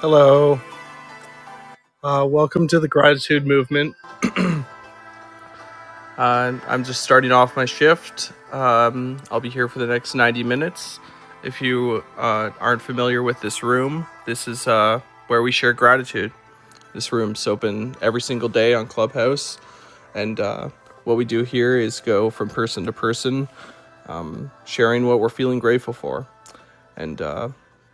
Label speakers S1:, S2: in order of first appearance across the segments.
S1: Hello. Uh, welcome to the Gratitude Movement. And I'm just starting off my shift. Um, I'll be here for the next 90 minutes. If you uh, aren't familiar with this room, this is uh, where we share gratitude. This room's open every single day on Clubhouse. And uh, what we do here is go from person to person, sharing what we're feeling grateful for. And uh,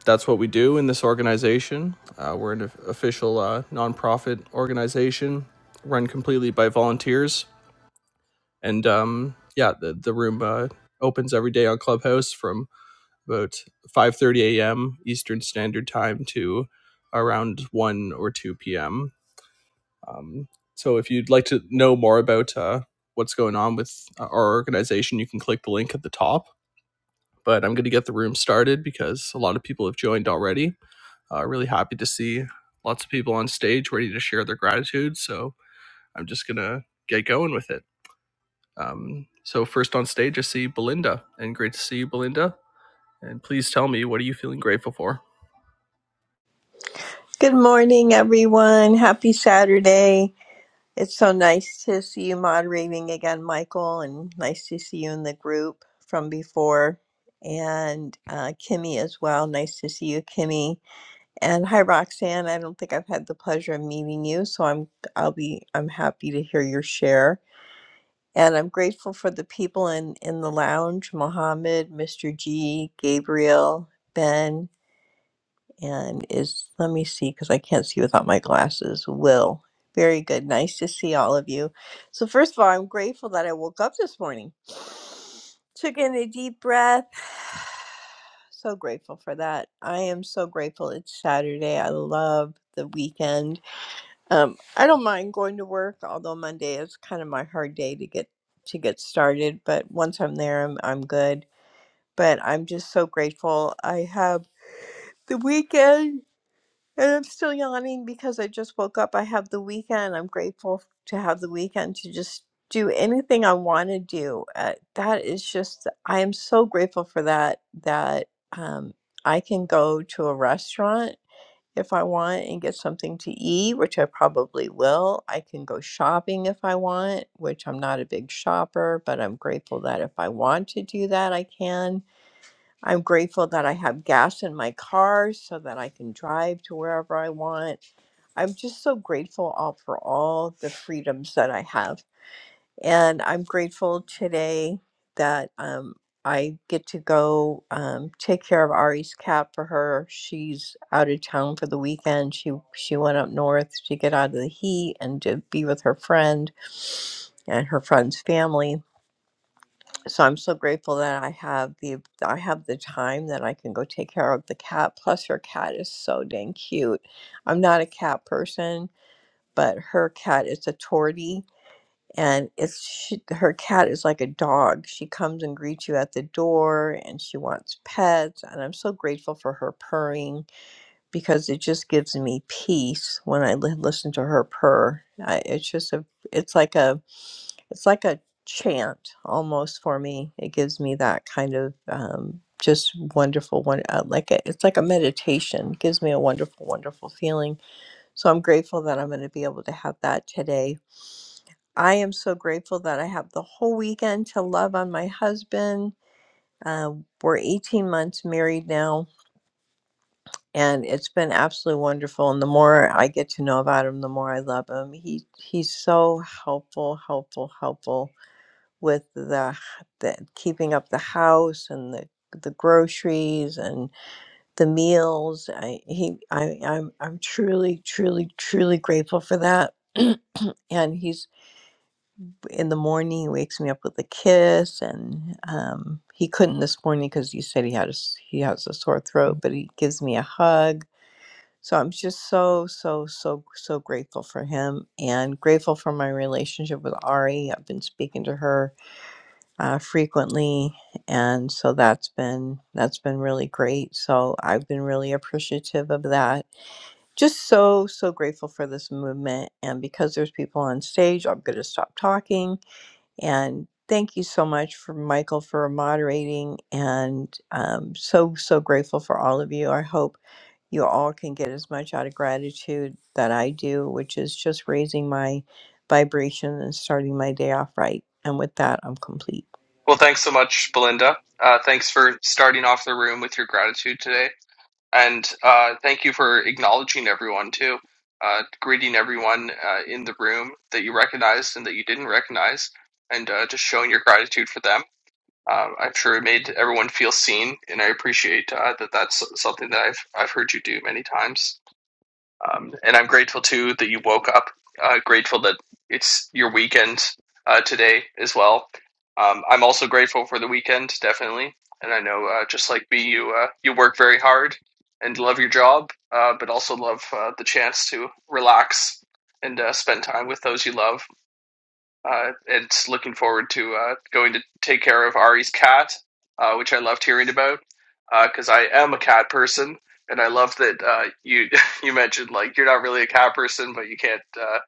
S1: that's what we do in this organization. Uh, we're an official uh, nonprofit organization run completely by volunteers and um, yeah, the the room uh, opens every day on Clubhouse from about 5:30 a.m. Eastern Standard Time to around 1 or 2 p.m. Um, so if you'd like to know more about uh, what's going on with uh, our organization, you can click the link at the top. But I'm going to get the room started because a lot of people have joined already. Uh, really happy to see lots of people on stage ready to share their gratitude. So I'm just going to get going with it. Um, so first on stage, I see Belinda, and great to see you, Belinda. And please tell me, what are you feeling grateful for?
S2: Good morning, everyone. Happy Saturday. It's so nice to see you moderating again, Michael, and nice to see you in the group from before. And uh, Kimmy as well. Nice to see you, Kimmy. And hi, Roxanne. I don't think I've had the pleasure of meeting you, so I'm I'll be I'm happy to hear your share. And I'm grateful for the people in in the lounge: Mohammed, Mr. G, Gabriel, Ben and is let me see because I can't see without my glasses. Will, very good. Nice to see all of you. So, first of all, I'm grateful that I woke up this morning. Took in a deep breath. So grateful for that. I am so grateful it's Saturday. I love the weekend. Um, I don't mind going to work, although Monday is kind of my hard day to get to get started. But once I'm there, I'm I'm good. But I'm just so grateful. I have the weekend and I'm still yawning because I just woke up. I have the weekend. I'm grateful to have the weekend to just do anything I want to do. Uh, that is just, I am so grateful for that, that um, I can go to a restaurant if I want and get something to eat, which I probably will. I can go shopping if I want, which I'm not a big shopper, but I'm grateful that if I want to do that, I can I'm grateful that I have gas in my car so that I can drive to wherever I want. I'm just so grateful all for all the freedoms that I have. And I'm grateful today that um, I get to go um, take care of Ari's cat for her. She's out of town for the weekend. She she went up north to get out of the heat and to be with her friend and her friend's family so I'm so grateful that I have the I have the time that I can go take care of the cat. Plus, her cat is so dang cute. I'm not a cat person, but her cat is a tortie, and it's she, her cat is like a dog. She comes and greets you at the door, and she wants pets. And I'm so grateful for her purring because it just gives me peace when I li- listen to her purr. I, it's just a it's like a it's like a chant almost for me. It gives me that kind of um, just wonderful one. Uh, like a, it's like a meditation. It gives me a wonderful, wonderful feeling. So I'm grateful that I'm going to be able to have that today. I am so grateful that I have the whole weekend to love on my husband. Uh, we're 18 months married now, and it's been absolutely wonderful. And the more I get to know about him, the more I love him. He he's so helpful, helpful, helpful with the, the keeping up the house and the the groceries and the meals. I he I I'm I'm truly truly truly grateful for that. and he's in the morning he wakes me up with a kiss and um he couldn't this morning because he said he had a s- he has a sore throat but he gives me a hug so i'm just so so so so grateful for him and grateful for my relationship with ari i've been speaking to her uh, frequently and so that's been that's been really great so i've been really appreciative of that just so so grateful for this movement and because there's people on stage i'm going to stop talking and thank you so much for michael for moderating and um, so so grateful for all of you i hope you all can get as much out of gratitude that I do, which is just raising my vibration and starting my day off right. And with that, I'm complete.
S1: Well, thanks so much, Belinda. Uh, thanks for starting off the room with your gratitude today. And uh, thank you for acknowledging everyone too, uh, greeting everyone uh, in the room that you recognized and that you didn't recognize, and uh, just showing your gratitude for them. Uh, I'm sure it made everyone feel seen, and I appreciate uh, that. That's something that I've I've heard you do many times. Um, and I'm grateful too that you woke up. Uh, grateful that it's your weekend uh, today as well. Um, I'm also grateful for the weekend, definitely. And I know, uh, just like me, you uh, you work very hard and love your job, uh, but also love uh, the chance to relax and uh, spend time with those you love. Uh, it's looking forward to uh, going to take care of Ari's cat, uh, which I loved hearing about because I am a cat person, and I love that uh, you you mentioned like you're not really a cat person, but you can't. Uh,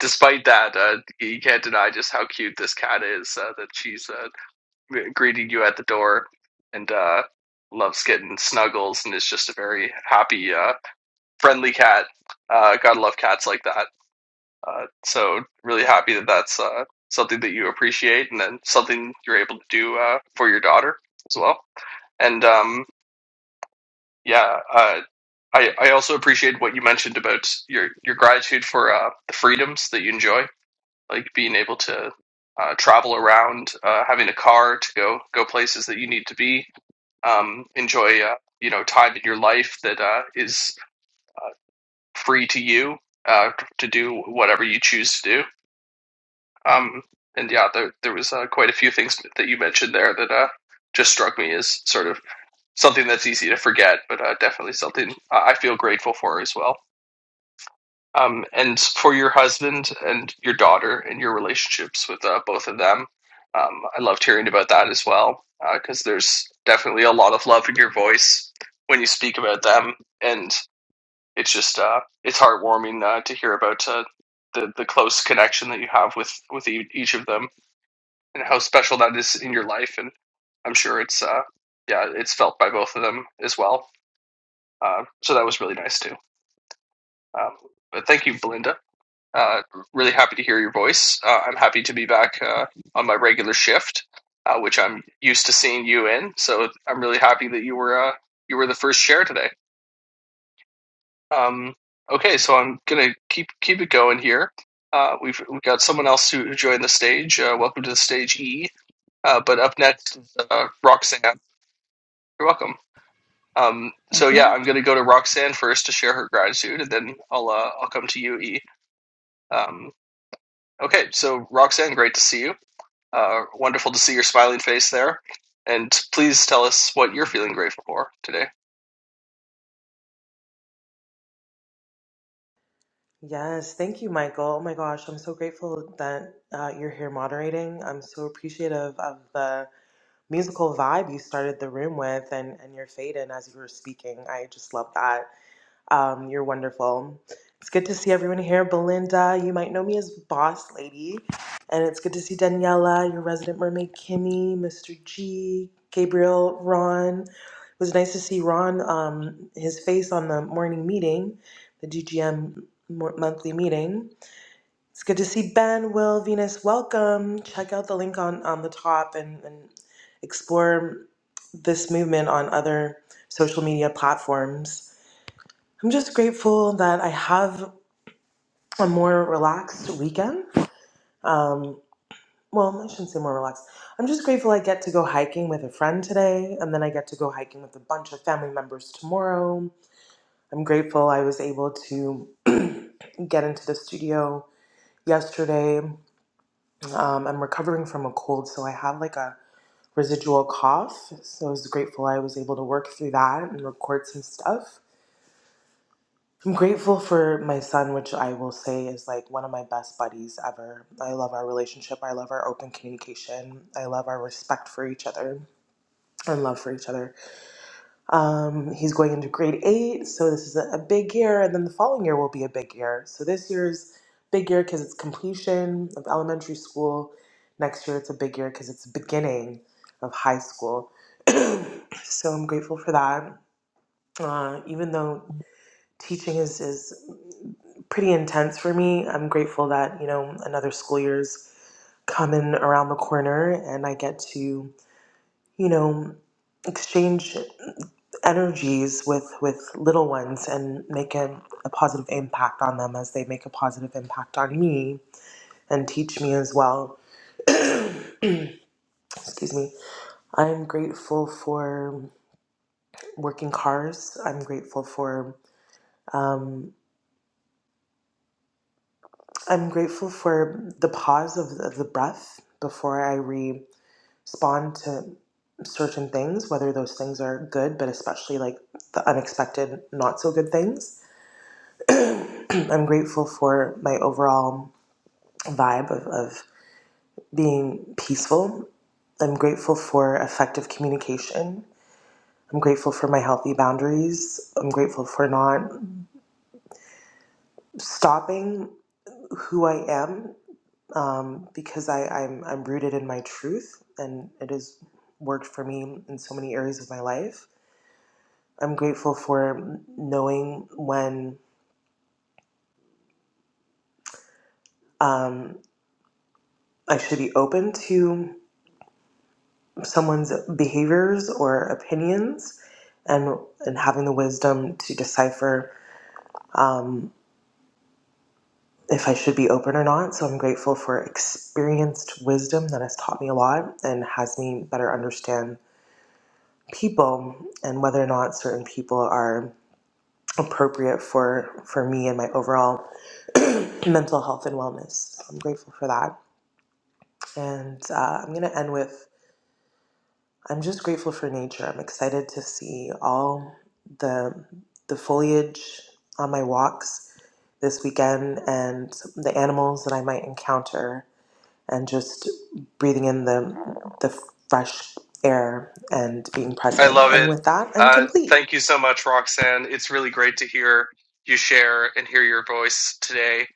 S1: despite that, uh, you can't deny just how cute this cat is. Uh, that she's uh, greeting you at the door and uh, loves getting snuggles and is just a very happy, uh, friendly cat. Uh, gotta love cats like that. Uh, so really happy that that's uh, something that you appreciate and then something you're able to do uh, for your daughter as well. And um, yeah, uh, I, I also appreciate what you mentioned about your, your gratitude for uh, the freedoms that you enjoy, like being able to uh, travel around, uh, having a car to go go places that you need to be, um, enjoy uh, you know time in your life that uh, is uh, free to you uh, to do whatever you choose to do Um, and yeah, there there was uh, quite a few things that you mentioned there that uh, just struck me as sort of something that's easy to forget, but uh, definitely something I feel grateful for as well. Um, and for your husband and your daughter and your relationships with uh, both of them, um, I loved hearing about that as well because uh, there's definitely a lot of love in your voice when you speak about them, and it's just uh, it's heartwarming uh, to hear about uh, the the close connection that you have with with e- each of them and how special that is in your life. And I'm sure it's uh, yeah, it's felt by both of them as well. Uh, so that was really nice too. Um, but thank you, Belinda. Uh, really happy to hear your voice. Uh, I'm happy to be back uh, on my regular shift, uh, which I'm used to seeing you in. So I'm really happy that you were uh, you were the first share today. Um, okay, so I'm gonna keep keep it going here. Uh, we've we've got someone else who who joined the stage. Uh, welcome to the stage, E. Uh, but up next uh, Roxanne. You're welcome. Um,
S3: Thank
S1: so yeah,
S3: you.
S1: I'm gonna go to Roxanne first to share her gratitude, and then I'll uh, I'll come to you, E. Um, okay, so Roxanne, great to see you. Uh, wonderful to see your smiling face there, and please tell us what you're feeling grateful for today.
S4: Yes, thank you, Michael. Oh my gosh, I'm so grateful that uh, you're here moderating. I'm so appreciative of the musical vibe you started the room with and, and your fade in as you were speaking. I just love that. Um, you're wonderful. It's good to see everyone here. Belinda, you might know me as Boss Lady. And it's good to see Daniela, your resident mermaid, Kimmy, Mr. G, Gabriel, Ron. It was nice to see Ron, um, his face on the morning meeting, the DGM mo- monthly meeting. It's good to see Ben, Will, Venus. Welcome. Check out the link on, on the top and, and explore this movement on other social media platforms. I'm just grateful that I have a more relaxed weekend. Um, well, I shouldn't say more relaxed. I'm just grateful I get to go hiking with a friend today, and then I get to go hiking with a bunch of family members tomorrow. I'm grateful I was able to get into the studio yesterday. Um, I'm recovering from a cold, so I have like a residual cough. So I was grateful I was able to work through that and record some stuff. I'm grateful for my son, which I will say is like one of my best buddies ever. I love our relationship. I love our open communication. I love our respect for each other and love for each other. Um, he's going into grade eight, so this is a, a big year, and then the following year will be a big year. So this year's big year because it's completion of elementary school. Next year it's a big year because it's beginning of high school. so I'm grateful for that. Uh, even though teaching is is pretty intense for me. I'm grateful that, you know, another school year's coming around the corner and I get to, you know, exchange energies with with little ones and make a, a positive impact on them as they make a positive impact on me and teach me as well. Excuse me. I'm grateful for working cars. I'm grateful for um. I'm grateful for the pause of the, of the breath before I respond to certain things, whether those things are good, but especially like the unexpected, not so good things. I'm grateful for my overall vibe of, of being peaceful. I'm grateful for effective communication. I'm grateful for my healthy boundaries. I'm grateful for not stopping who I am um, because I, I'm, I'm rooted in my truth and it has worked for me in so many areas of my life. I'm grateful for knowing when um, I should be open to someone's behaviors or opinions and, and having the wisdom to decipher um, if I should be open or not. So I'm grateful for experienced wisdom that has taught me a lot and has me better understand people and whether or not certain people are. appropriate for for me and my overall mental health and wellness. So I'm grateful for that, and uh, I'm gonna end with I'm just grateful for nature. I'm excited to see all the the foliage on my walks this weekend and the animals that I might encounter, and just breathing in the the fresh air and being
S1: I
S4: present.
S1: love
S4: And
S1: it.
S4: with that, I'm
S1: Uh,
S4: complete.
S1: thank you so much, Roxanne. It's really great to hear you share and hear your voice today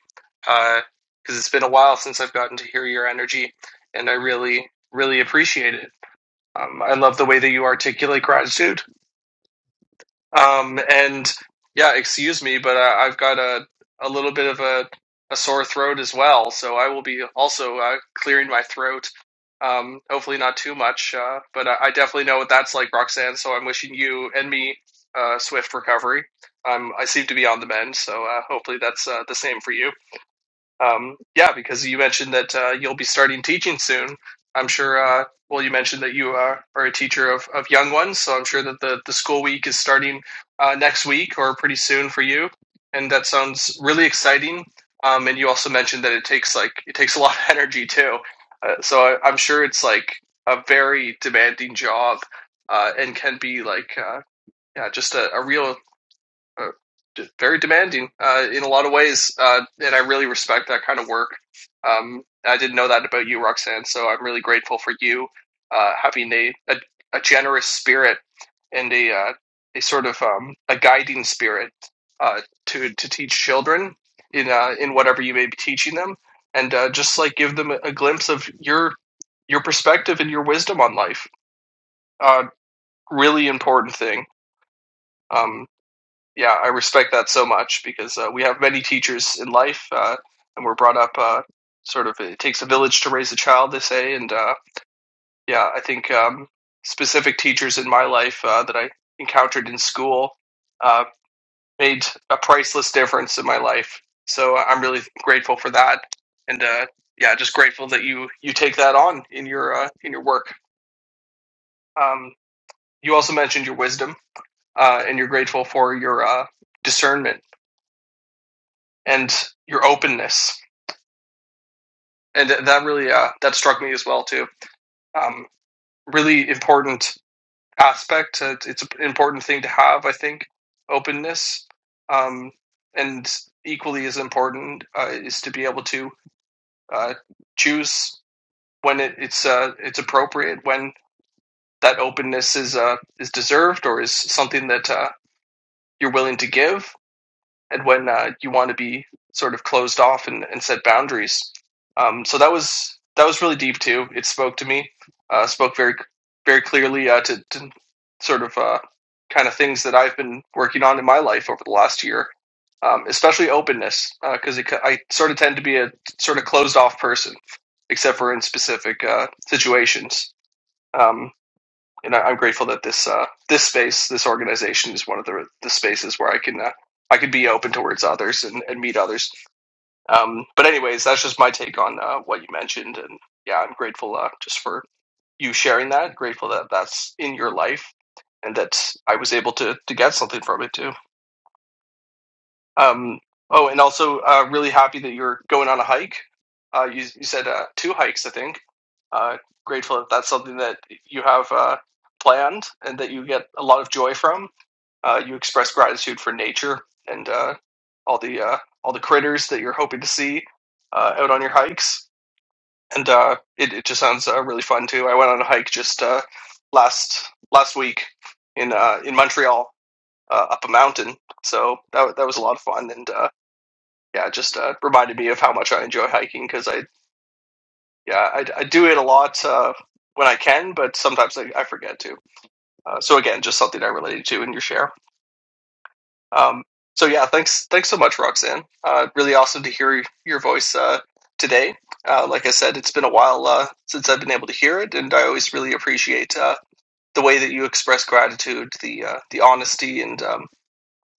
S1: because it's been a while since I've gotten to hear your energy, and I really, really appreciate it. Um, I love the way that you articulate gratitude. Um, and yeah, excuse me, but I, I've got a, a little bit of a, a sore throat as well, so I will be also uh, clearing my throat. Um, hopefully not too much, uh, but I, I definitely know what that's like, Roxanne. So I'm wishing you and me uh, swift recovery. Um, I seem to be on the mend, so uh, hopefully that's uh, the same for you. Um, yeah, because you mentioned that uh, you'll be starting teaching soon. I'm sure. Uh, well, you mentioned that you uh, are a teacher of, of young ones, so I'm sure that the, the school week is starting uh, next week or pretty soon for you, and that sounds really exciting. Um, and you also mentioned that it takes like it takes a lot of energy too. Uh, so I, I'm sure it's like a very demanding job, uh, and can be like uh, yeah, just a, a real uh, very demanding uh, in a lot of ways, uh, and I really respect that kind of work. Um, I didn't know that about you, Roxanne, so I'm really grateful for you uh, having a, a, a generous spirit and a, uh, a sort of um, a guiding spirit uh, to to teach children in uh, in whatever you may be teaching them, and uh, just like give them a glimpse of your your perspective and your wisdom on life. Uh, really important thing. Um, yeah, I respect that so much because uh, we have many teachers in life, uh, and we're brought up uh, sort of it takes a village to raise a child, they say, and uh, yeah, I think um, specific teachers in my life uh, that I encountered in school uh, made a priceless difference in my life. So uh, I'm really grateful for that, and uh, yeah, just grateful that you you take that on in your uh, in your work. Um, you also mentioned your wisdom, uh, and you're grateful for your uh, discernment and your openness and that really uh, that struck me as well too. Um, really important aspect. Uh, it's an important thing to have, I think. Openness, um, and equally as important uh, is to be able to uh, choose when it, it's uh, it's appropriate, when that openness is uh, is deserved or is something that uh, you're willing to give, and when uh, you want to be sort of closed off and, and set boundaries. Um, so that was that was really deep too. It spoke to me, uh, spoke very very clearly uh, to, to sort of uh, kind of things that I've been working on in my life over the last year, um, especially openness because uh, I sort of tend to be a sort of closed off person, except for in specific uh, situations. Um, and I, I'm grateful that this uh, this space, this organization, is one of the the spaces where I can uh, I can be open towards others and, and meet others. Um, but anyways, that's just my take on uh, what you mentioned, and yeah, I'm grateful uh, just for you sharing that. Grateful that that's in your life, and that I was able to to get something from it too. Um, oh, and also uh, really happy that you're going on a hike. Uh, you you said uh, two hikes, I think. Uh, grateful that that's something that you have uh, planned and that you get a lot of joy from. Uh, you express gratitude for nature and uh, all the uh, all the critters that you're hoping to see uh, out on your hikes. And uh, it it just sounds uh, really fun too. I went on a hike just uh, last last week in uh, in Montreal uh, up a mountain, so that that was a lot of fun and. uh, yeah, just uh, reminded me of how much I enjoy hiking because I yeah I, I do it a lot uh, when I can, but sometimes I, I forget to. Uh, so again, just something I related to in your share. Um, so yeah, thanks thanks so much, Roxanne. Uh, really awesome to hear your voice uh, today. Uh, like I said, it's been a while uh, since I've been able to hear it, and I always really appreciate uh, the way that you express gratitude, the uh, the honesty, and um,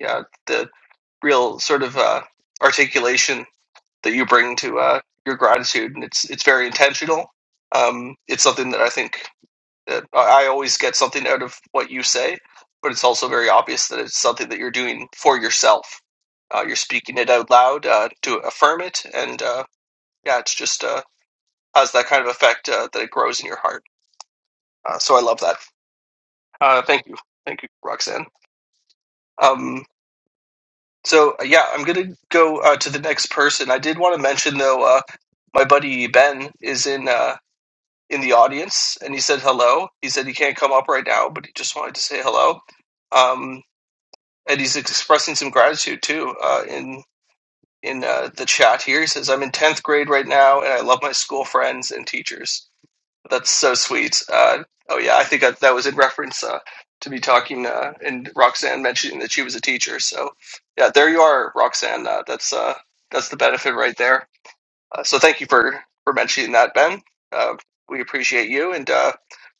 S1: yeah, the real sort of uh, articulation that you bring to uh, your gratitude, and it's it's very intentional. Um, it's something that I think that I I always get something out of what you say, but it's also very obvious that it's something that you're doing for yourself. Uh, you're speaking it out loud uh, to affirm it, and uh, yeah, it's just uh, has that kind of effect uh, that it grows in your heart. Uh, so I love that. Uh, thank you, thank you, Roxanne. Um, so uh, yeah, I'm gonna go uh, to the next person. I did want to mention though, uh, my buddy Ben is in. Uh, in the audience and he said hello. He said he can't come up right now, but he just wanted to say hello. Um, and he's expressing some gratitude too uh, in in uh, the chat here. He says, "I'm in tenth grade right now, and I love my school friends and teachers." That's so sweet. Uh, oh yeah, I think that, that was in reference uh, to me talking uh, and Roxanne mentioning that she was a teacher. So yeah, there you are, Roxanne. Uh, that's uh, that's the benefit right there. Uh, so thank you for for mentioning that, Ben. Uh, we appreciate you and. Uh,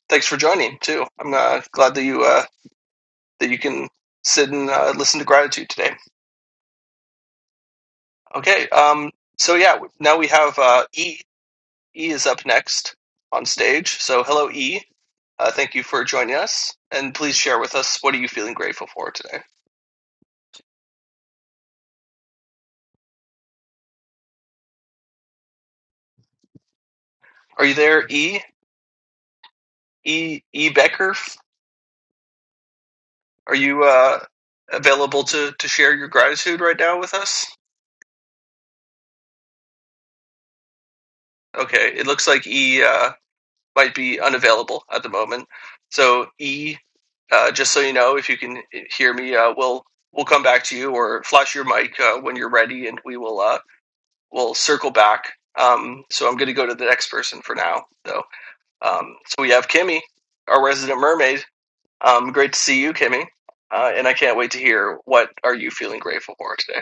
S1: Thanks for joining too. I'm uh, glad that you uh, that you can sit and uh, listen to gratitude today. Okay. Um, so yeah, now we have uh, E. E is up next on stage. So hello, E. Uh, thank you for joining us, and please share with us what are you feeling grateful for today. Are you there, E? E. E. Becker, are you uh, available to to share your gratitude right now with us? Okay, it looks like E. Uh, might be unavailable at the moment. So E, uh, just so you know, if you can hear me, uh, we'll we'll come back to you or flash your mic uh, when you're ready, and we will uh, we'll circle back. Um, so I'm going to go to the next person for now, though. Um, so we have Kimmy, our resident mermaid. Um, great to see you, Kimmy, uh, and I can't wait to hear what are you feeling grateful for today.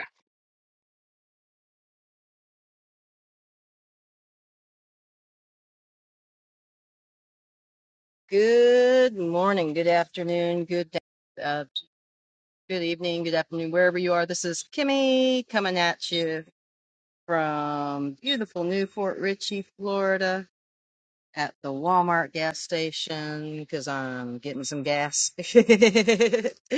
S5: Good morning, good afternoon, good da- uh, good evening, good afternoon, wherever you are. This is Kimmy coming at you from beautiful New Fort Ritchie, Florida, at the Walmart gas station because I'm getting some gas.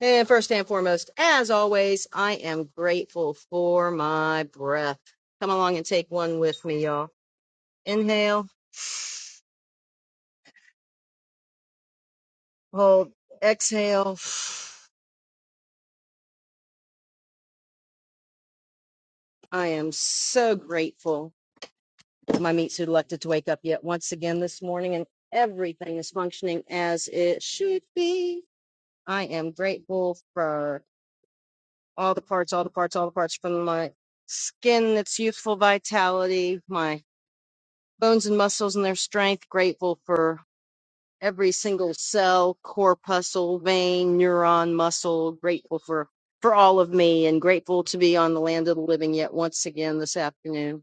S5: and first and foremost, as always, I am grateful for my breath. Come along and take one with me, y'all. Inhale, hold, exhale. I am so grateful my meat suit elected to wake up yet once again this morning and everything is functioning as it should be. I am grateful for all the parts, all the parts, all the parts from my skin, its youthful vitality, my bones and muscles and their strength. Grateful for every single cell, corpuscle, vein, neuron, muscle. Grateful for for all of me and grateful to be on the land of the living yet once again this afternoon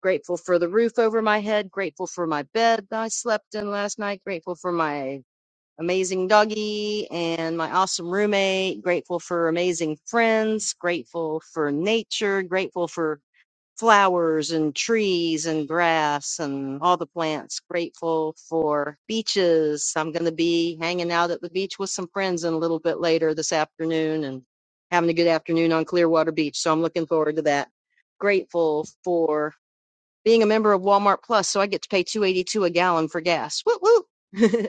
S5: Grateful for the roof over my head. Grateful for my bed that I slept in last night. Grateful for my amazing doggy and my awesome roommate. Grateful for amazing friends. Grateful for nature. Grateful for flowers and trees and grass and all the plants. Grateful for beaches. I'm going to be hanging out at the beach with some friends in a little bit later this afternoon and having a good afternoon on Clearwater Beach. So I'm looking forward to that. Grateful for being a member of Walmart Plus, so I get to pay two eighty two a gallon for gas. Woo woo!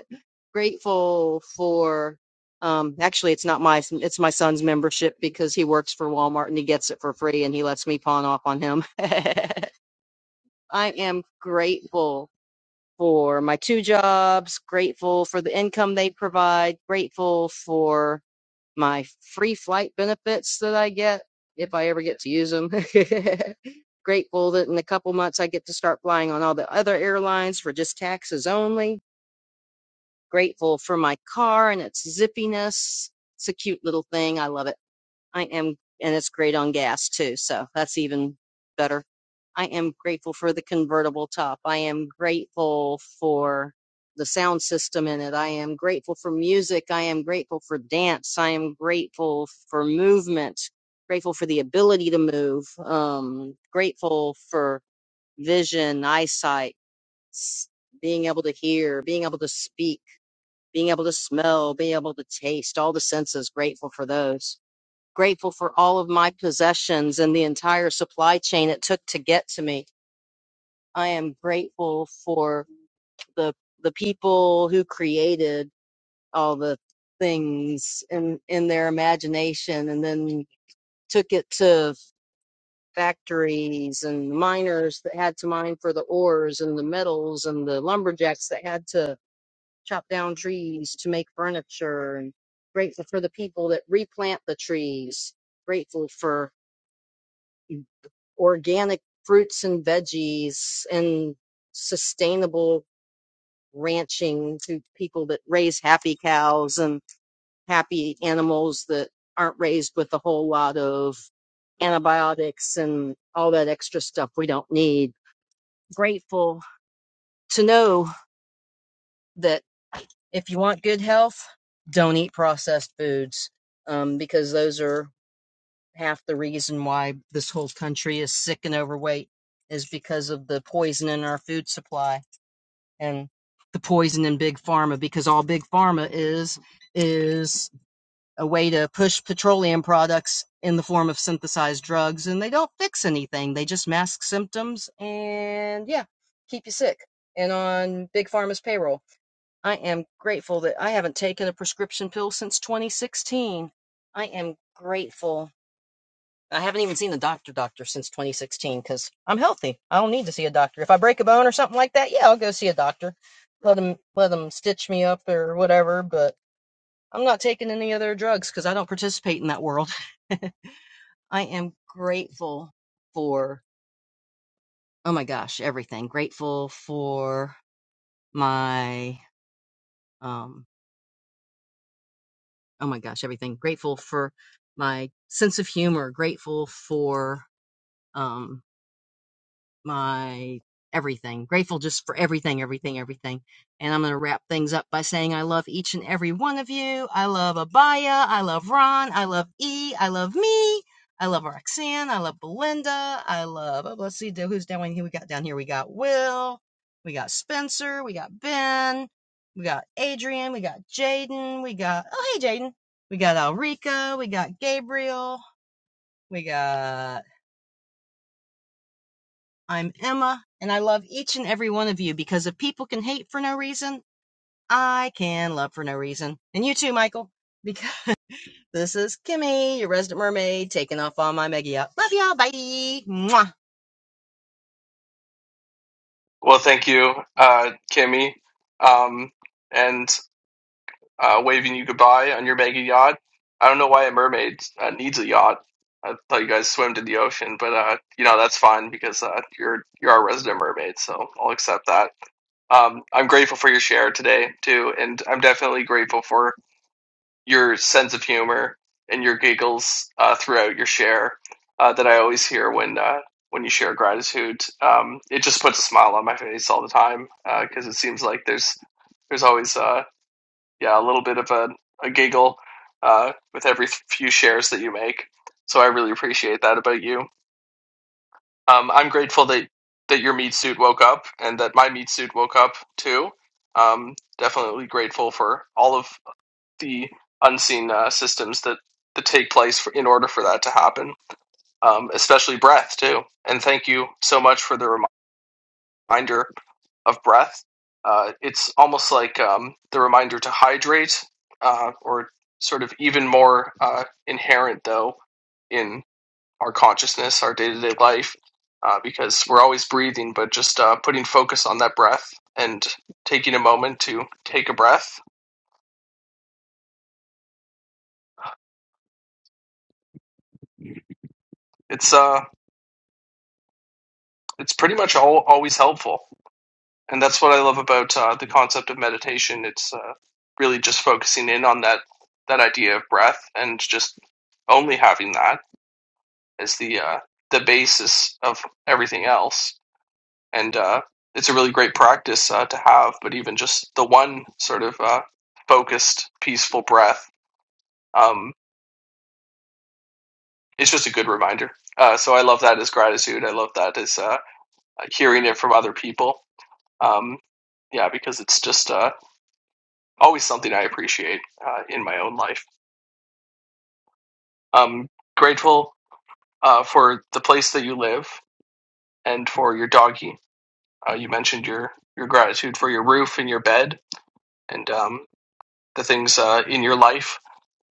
S5: Grateful for. Um, actually, it's not my it's my son's membership because he works for Walmart and he gets it for free and he lets me pawn off on him. I am grateful for my two jobs. Grateful for the income they provide. Grateful for my free flight benefits that I get if I ever get to use them. Grateful that in a couple months I get to start flying on all the other airlines for just taxes only. Grateful for my car and its zippiness. It's a cute little thing. I love it I am, and it's great on gas too, so that's even better. I am grateful for the convertible top. I am grateful for the sound system in it. I am grateful for music. I am grateful for dance. I am grateful for movement. Grateful for the ability to move. Um, grateful for vision, eyesight, s- being able to hear, being able to speak, being able to smell, being able to taste. All the senses. Grateful for those grateful for all of my possessions and the entire supply chain it took to get to me. I am grateful for the the people who created all the things in in their imagination and then took it to factories and miners that had to mine for the ores and the metals and the lumberjacks that had to chop down trees to make furniture and grateful for the people that replant the trees grateful for organic fruits and veggies and sustainable ranching to people that raise happy cows and happy animals that aren't raised with a whole lot of antibiotics and all that extra stuff we don't need. Grateful to know that if you want good health, don't eat processed foods um, because those are half the reason why this whole country is sick and overweight is because of the poison in our food supply and the poison in big pharma because all big pharma is is a way to push petroleum products in the form of synthesized drugs and they don't fix anything they just mask symptoms and yeah keep you sick and on big pharma's payroll i am grateful that i haven't taken a prescription pill since 2016 i am grateful I haven't even seen the doctor doctor since 2016 because I'm healthy. I don't need to see a doctor. If I break a bone or something like that, yeah, I'll go see a doctor. Let them let them stitch me up or whatever. But I'm not taking any other drugs because I don't participate in that world. I am grateful for oh my gosh everything. Grateful for my um oh my gosh everything. Grateful for my sense of humor. Grateful for um, my everything. Grateful just for everything, everything, everything. And I'm going to wrap things up by saying I love each and every one of you. I love Abaya. I love Ron. I love E. I love me. I love Roxanne. I love Belinda. I love, oh, let's see, who's down here? We got down here. We got Will. We got Spencer. We got Ben. We got Adrian. We got Jaden. We got, oh, hey, Jaden. We got Alrika. We got Gabriel. We got I'm Emma, and I love each and every one of you because if people can hate for no reason, I can love for no reason. And you too, Michael, because this is Kimmy, your resident mermaid, taking off on my mega yacht. Love y'all. Bye. Mwah.
S1: Well, thank you, uh, Kimmy. Um, and uh, waving you goodbye on your mega yacht. I don't know why a mermaid uh, needs a yacht. I thought you guys swam to the ocean, but uh, you know that's fine because uh, you're you're our resident mermaid, so I'll accept that. Um, I'm grateful for your share today too, and I'm definitely grateful for your sense of humor and your giggles uh, throughout your share uh, that I always hear when uh, when you share gratitude. Um, it just puts a smile on my face all the time because it seems like there's there's always uh, yeah, a little bit of a, a giggle uh, with every few shares that you make. So I really appreciate that about you. Um, I'm grateful that that your meat suit woke up and that my meat suit woke up too. Um, definitely grateful for all of the unseen uh, systems that that take place for, in order for that to happen. Um, especially breath too. And thank you so much for the reminder of breath. Uh, it's almost like um, the reminder to hydrate, uh, or sort of even more uh, inherent, though, in our consciousness, our day to day life, uh, because we're always breathing, but just uh, putting focus on that breath and taking a moment to take a breath. It's uh, it's pretty much all, always helpful, and that's what I love about uh, the concept of meditation. It's uh, really just focusing in on that that idea of breath and just only having that is the uh, the basis of everything else, and uh, it's a really great practice uh, to have. But even just the one sort of uh, focused, peaceful breath, um, it's just a good reminder. Uh, so I love that as gratitude. I love that as uh, hearing it from other people. Um, yeah, because it's just uh, always something I appreciate uh, in my own life. I'm grateful uh, for the place that you live and for your doggie. Uh, you mentioned your your gratitude for your roof and your bed and um, the things uh, in your life,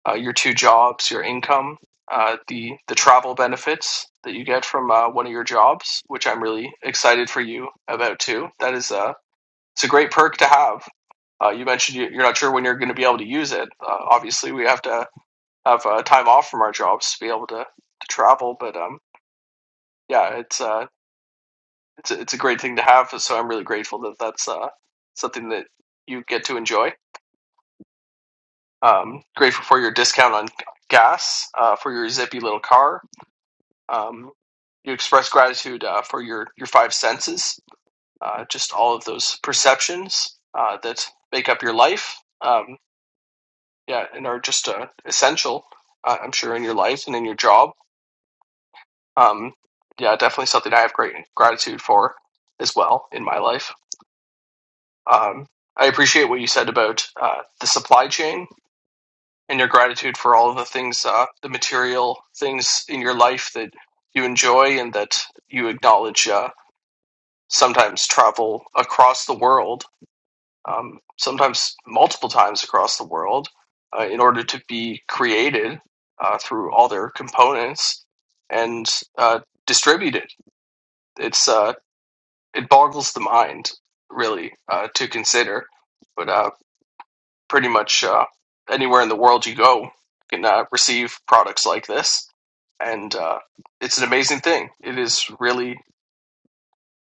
S1: uh, your two jobs, your income, uh, the the travel benefits that you get from uh, one of your jobs, which I'm really excited for you about too. That is a uh, it's a great perk to have. Uh, you mentioned you- you're not sure when you're going to be able to use it. Uh, obviously, we have to have uh, time off from our jobs to be able to, to travel. But um, yeah, it's uh, it's a, it's a great thing to have. So I'm really grateful that that's uh, something that you get to enjoy Um, grateful for your discount on gas uh, for your zippy little car. Um, you express gratitude uh, for your, your five senses, uh, just all of those perceptions uh, that make up your life, um, yeah, and are just uh, essential, uh, I'm sure, in your life and in your job. Um, yeah, definitely something I have great gratitude for as well in my life. Um, I appreciate what you said about uh, the supply chain and your gratitude for all of the things, uh, the material things in your life that you enjoy and that you acknowledge. Uh, sometimes travel across the world, um, sometimes multiple times across the world, uh, in order to be created uh, through all their components and uh, distributed. It's uh, it boggles the mind really uh, to consider. But uh, pretty much uh, anywhere in the world you go you can uh, receive products like this and uh, it's an amazing thing it is really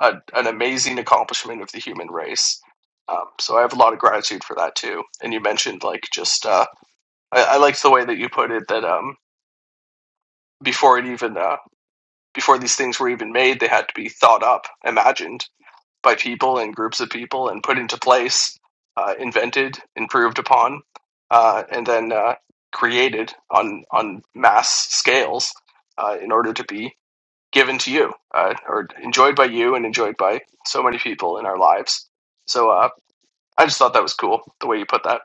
S1: a, an amazing accomplishment of the human race um, so i have a lot of gratitude for that too and you mentioned like just uh, I, I liked the way that you put it that um, before it even uh, before these things were even made they had to be thought up imagined by people and groups of people and put into place, uh, invented, improved upon, uh, and then uh, created on on mass scales uh, in order to be given to you uh, or enjoyed by you and enjoyed by so many people in our lives. So uh, I just thought that was cool the way you put that.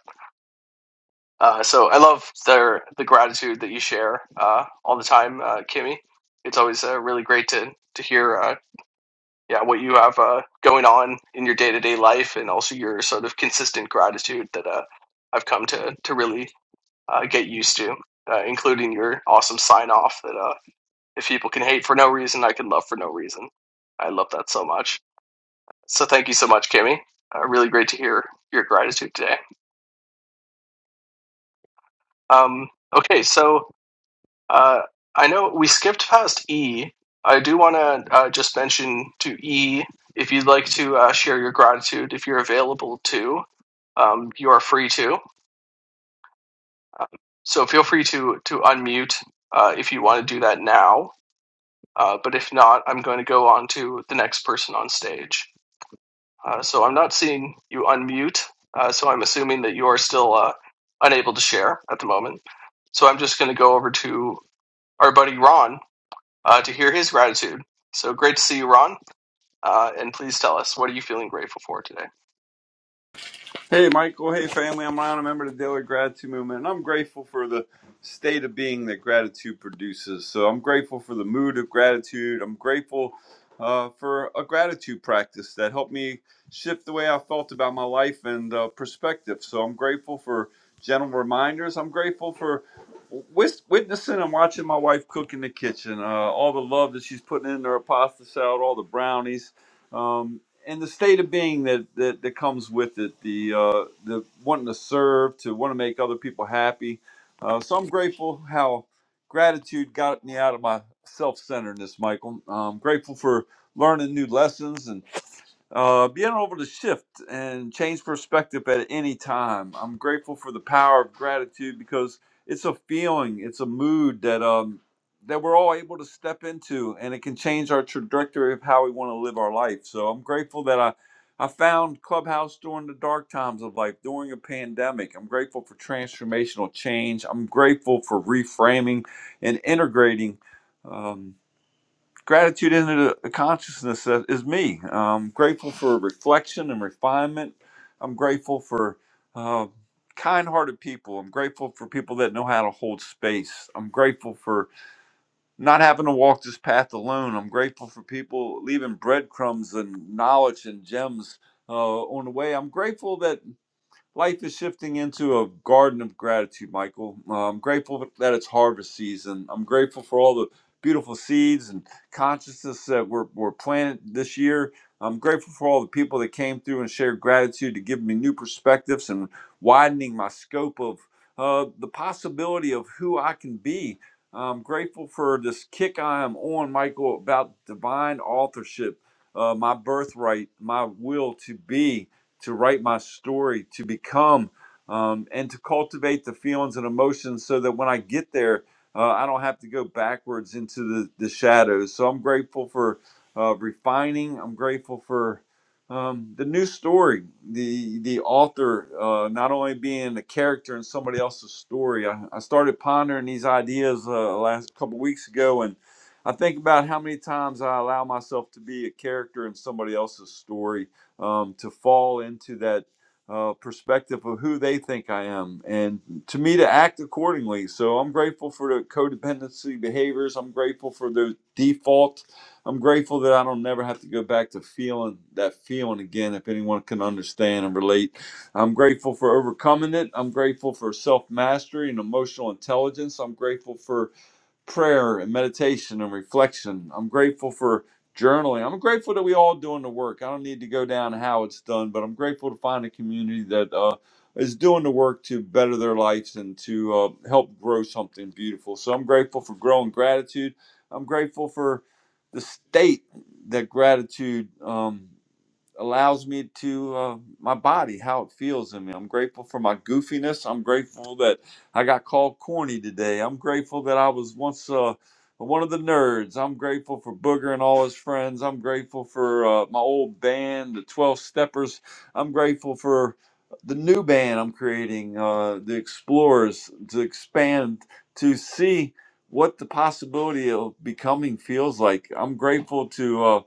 S1: Uh, so I love the the gratitude that you share uh, all the time, uh, Kimmy. It's always uh, really great to to hear uh, yeah, what you have uh, going on in your day to day life, and also your sort of consistent gratitude that uh, I've come to to really uh, get used to, uh, including your awesome sign off that uh, if people can hate for no reason, I can love for no reason. I love that so much. So thank you so much, Kimmy. Uh, really great to hear your gratitude today. Um, okay, so Uh, I know we skipped past E. I do want to uh, just mention to E if you'd like to uh, share your gratitude, if you're available to, um, you are free to. Um, so feel free to to unmute uh, if you want to do that now. Uh, but if not, I'm going to go on to the next person on stage. Uh, so I'm not seeing you unmute, uh, so I'm assuming that you are still uh, unable to share at the moment. So I'm just going to go over to our buddy Ron. uh, to hear his gratitude. So great to see you, Ron. Uh, and please tell us, what are you feeling grateful for today?
S6: Hey, Michael. Hey, family. I'm Ryan, a member of the Daily Gratitude Movement, and I'm grateful for the state of being that gratitude produces. So I'm grateful for the mood of gratitude. I'm grateful uh, for a gratitude practice that helped me shift the way I felt about my life and uh, perspective. So I'm grateful for gentle reminders. I'm grateful for wis- witnessing and watching my wife cook in the kitchen. Uh, all the love that she's putting in her pasta salad, all the brownies. Um, and the state of being that that, that comes with it, the uh, the wanting to serve, to want to make other people happy. Uh, so I'm grateful how gratitude got me out of my self-centeredness, Michael. I'm grateful for learning new lessons uh, being able to shift and change perspective at any time. I'm grateful for the power of gratitude because it's a feeling, it's a mood that um that we're all able to step into, and it can change our trajectory of how we want to live our life. So I'm grateful that I I found Clubhouse during the dark times of life, during a pandemic. I'm grateful for transformational change. I'm grateful for reframing and integrating. Um, Gratitude into the consciousness that is me. I'm grateful for reflection and refinement. I'm grateful for uh, kind hearted people. I'm grateful for people that know how to hold space. I'm grateful for not having to walk this path alone. I'm grateful for people leaving breadcrumbs and knowledge and gems uh, on the way. I'm grateful that. Life is shifting into a garden of gratitude, Michael. Uh, I'm grateful that it's harvest season. I'm grateful for all the beautiful seeds and consciousness that were, were planted this year. I'm grateful for all the people that came through and shared gratitude to give me new perspectives and widening my scope of uh, the possibility of who I can be. I'm grateful for this kick I am on, Michael, about divine authorship, uh, my birthright, my will to be to write my story, to become, um, and to cultivate the feelings and emotions so that when I get there, uh, I don't have to go backwards into the, the shadows. So I'm grateful for uh, refining. I'm grateful for um, the new story, the the author uh, not only being a character in somebody else's story. I, I started pondering these ideas uh, last couple weeks ago, and I think about how many times I allow myself to be a character in somebody else's story um, to fall into that uh, perspective of who they think I am and to me to act accordingly. So I'm grateful for the codependency behaviors. I'm grateful for the default. I'm grateful that I don't never have to go back to feeling that feeling again, if anyone can understand and relate. I'm grateful for overcoming it. I'm grateful for self mastery and emotional intelligence. I'm grateful for prayer and meditation and reflection. I'm grateful for journaling. I'm grateful that we all doing the work. I don't need to go down how it's done, but I'm grateful to find a community that uh, is doing the work to better their lives and to uh, help grow something beautiful. So I'm grateful for growing gratitude. I'm grateful for the state that gratitude. Um, allows me to uh, my body how it feels in me i'm grateful for my goofiness i'm grateful that i got called corny today i'm grateful that i was once uh, one of the nerds i'm grateful for booger and all his friends i'm grateful for uh, my old band the 12 steppers i'm grateful for the new band i'm creating uh, the explorers to expand to see what the possibility of becoming feels like i'm grateful to uh,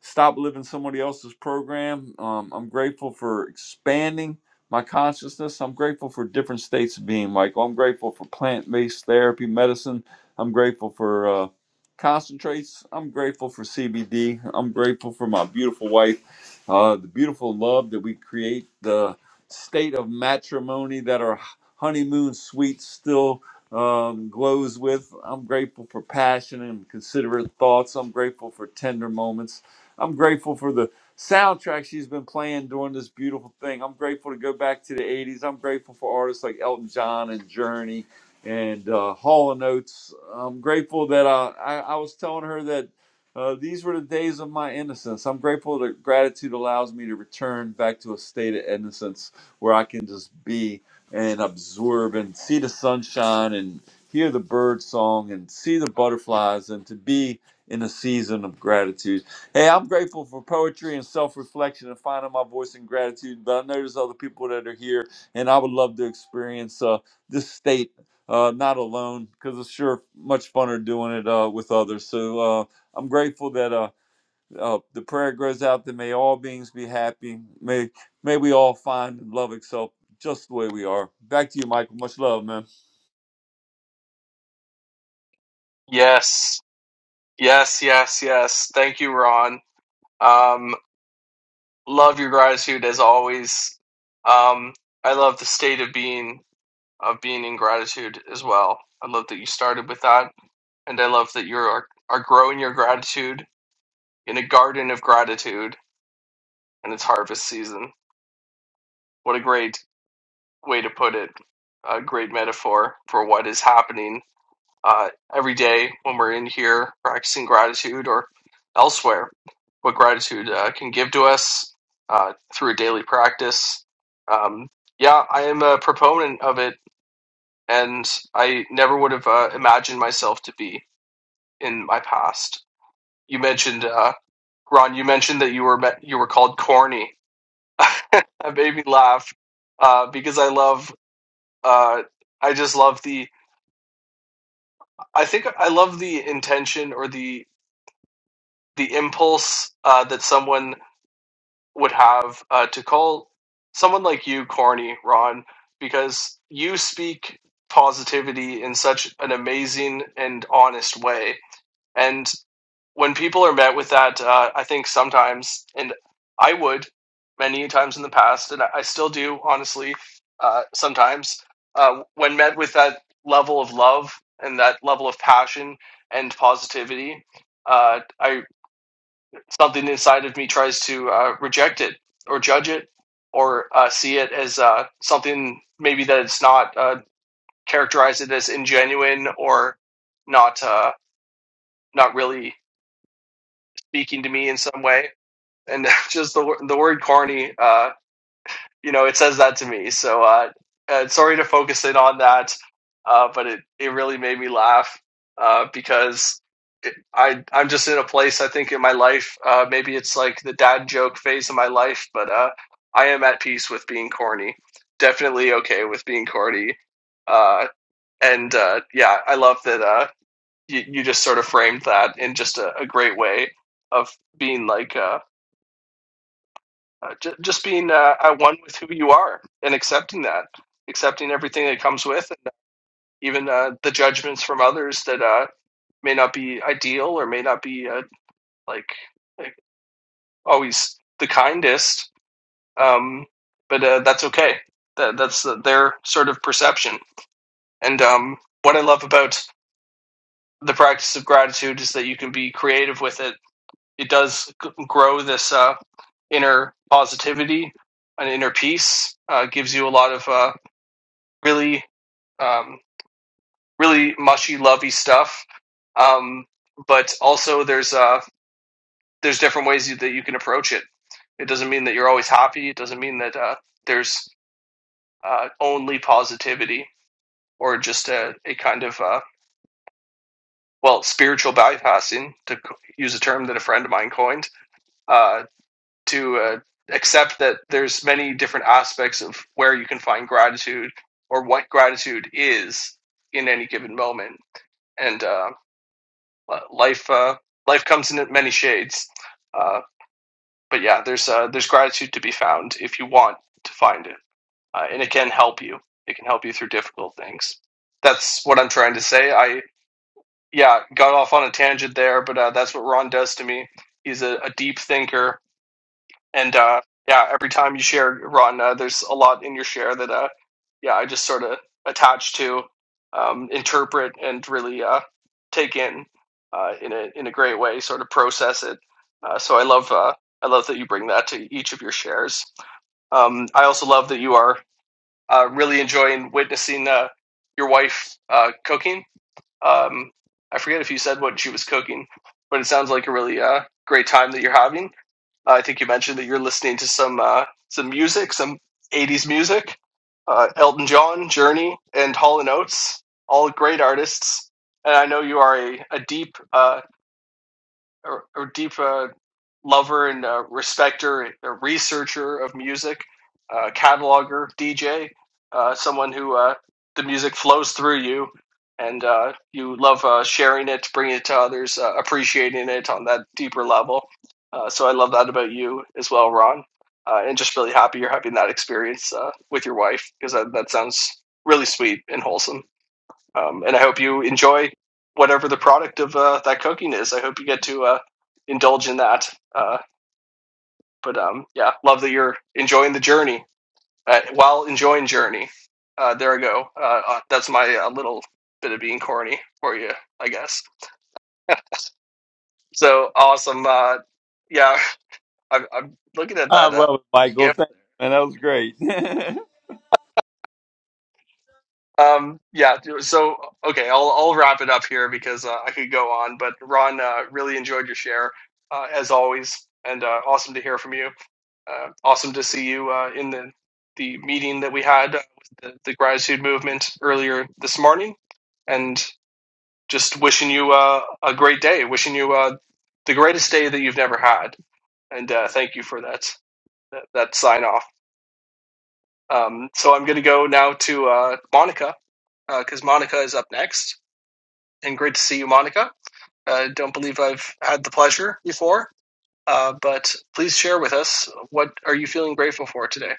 S6: stop living somebody else's program. Um, I'm grateful for expanding my consciousness. I'm grateful for different states of being, Michael. I'm grateful for plant based therapy, medicine. I'm grateful for uh, concentrates. I'm grateful for CBD. I'm grateful for my beautiful wife, uh, the beautiful love that we create, the state of matrimony that our honeymoon suite still. Um, glows with. I'm grateful for passion and considerate thoughts. I'm grateful for tender moments. I'm grateful for the soundtrack she's been playing during this beautiful thing. I'm grateful to go back to the 80s. I'm grateful for artists like Elton John and Journey and uh, Hall and Oates. I'm grateful that uh, I, I was telling her that uh, these were the days of my innocence. I'm grateful that gratitude allows me to return back to a state of innocence where I can just be and absorb and see the sunshine and hear the bird song and see the butterflies and to be in a season of gratitude Hey, I'm grateful for poetry and self reflection and finding my voice in gratitude. But I know there's other people that are here, and I would love to experience uh, this state uh, not alone because it's sure much funner doing it uh, with others. So uh, I'm grateful that uh, uh, the prayer goes out that may all beings be happy. May, may we all find and love itself just the way we are. Back to you, Michael. Much love, man.
S1: Yes, yes, yes, yes. Thank you, Ron. Um, love your gratitude as always. Um, I love the state of being of being in gratitude as well. I love that you started with that, and I love that you are are growing your gratitude in a garden of gratitude, and it's harvest season. What a great way to put it! A great metaphor for what is happening uh, every day when we're in here practicing gratitude or elsewhere, what gratitude uh, can give to us uh, through a daily practice. Um, yeah, I am a proponent of it, and I never would have uh, imagined myself to be in my past. You mentioned uh, Ron. You mentioned that you were met, you were called corny. that made me laugh uh, because I love. Uh, I just love the. I think I love the intention or the the impulse uh, that someone would have uh, to call someone like you corny, Ron, because you speak positivity in such an amazing and honest way. And when people are met with that, uh, I think sometimes, and I would many times in the past, and I still do, honestly, uh, sometimes, uh, when met with that level of love and that level of passion and positivity, uh, I something inside of me tries to uh, reject it or judge it or uh, see it as uh, something maybe that it's not uh, characterize it as ingenuine or not uh, not really speaking to me in some way. And just the the word corny. Uh, you know, it says that to me. So uh, uh, sorry to focus in on that, uh, but it, it really made me laugh uh, because it, I I'm just in a place I think in my life. Uh, maybe it's like the dad joke phase of my life, but uh, I am at peace with being corny. Definitely okay with being corny. Uh, and uh, yeah, I love that uh, you you just sort of framed that in just a, a great way of being like. uh, uh, j- just being uh, at one with who you are and accepting that, accepting everything that comes with, and uh, even uh, the judgments from others that uh, may not be ideal or may not be uh, like, like always the kindest. Um, but uh, that's okay. That, that's uh, their sort of perception. And um, what I love about the practice of gratitude is that you can be creative with it. It does g- grow this uh, inner positivity, an inner peace. Uh, gives you a lot of uh, really, um, really mushy, lovey stuff. Um, but also, there's uh, there's different ways you, that you can approach it. It doesn't mean that you're always happy. It doesn't mean that uh, there's uh, only positivity or just a, a kind of uh, well spiritual bypassing to use a term that a friend of mine coined uh, to uh, accept that there's many different aspects of where you can find gratitude or what gratitude is in any given moment. And uh, uh, life uh, life comes in many shades. Uh, but yeah, there's uh, there's gratitude to be found if you want to find it, uh, and it can help you. It can help you through difficult things. That's what I'm trying to say. I yeah got off on a tangent there, but uh, that's what Ron does to me. He's a, a deep thinker and uh, yeah, every time you share, Ron, uh, there's a lot in your share that uh, yeah, I just sort of attach to, um, interpret, and really uh, take in uh, in a in a great way, sort of process it. Uh, so I love uh, I love that you bring that to each of your shares. Um, I also love that you are uh, really enjoying witnessing uh, your wife uh, cooking. Um, I forget if you said what she was cooking, but it sounds like a really uh, great time that you're having uh, I think you mentioned that you're listening to some uh, some music, some '80s music. Uh, Elton John, Journey, and Hall and Oates, all great artists. And I know you are a, a deep, uh, a, a deep uh, lover and uh, respecter, a researcher of music, a cataloger, DJ, uh, someone who uh, the music flows through you and uh, you love uh, sharing it, bringing it to others, uh, appreciating it on that deeper level. Uh, so I love that about you as well, Ron. Uh, and just really happy you're having that experience uh, with your wife because that, that sounds really sweet and wholesome. Um, and I hope you enjoy whatever the product of uh, that cooking is. I hope you get to uh, indulge in that. Uh, but um, yeah, love that you're enjoying the journey uh, while enjoying journey. Uh, there I go. Uh, uh, that's my uh, little bit of being corny for you, I guess. So awesome. Uh, yeah, I'm, I'm looking at
S6: I
S1: that uh,
S6: love it, Michael.
S1: gift.
S6: Thanks,
S1: there.
S6: man. That was great.
S1: Um, yeah, so okay, I'll I'll wrap it up here because uh, I could go on, but Ron, uh, really enjoyed your share uh, as always, and uh, awesome to hear from you. Uh, awesome to see you uh, in the the meeting that we had uh, with the, the gratitude movement earlier this morning, and just wishing you uh, a great day, wishing you uh, the greatest day that you've never had, and uh, thank you for that that, that sign off. Um, so I'm going to go now to uh, Monica because Monica is up next. and great to see you, Monica. I Uh, don't believe I've had the pleasure before, uh, but please share with us what are you feeling grateful for today.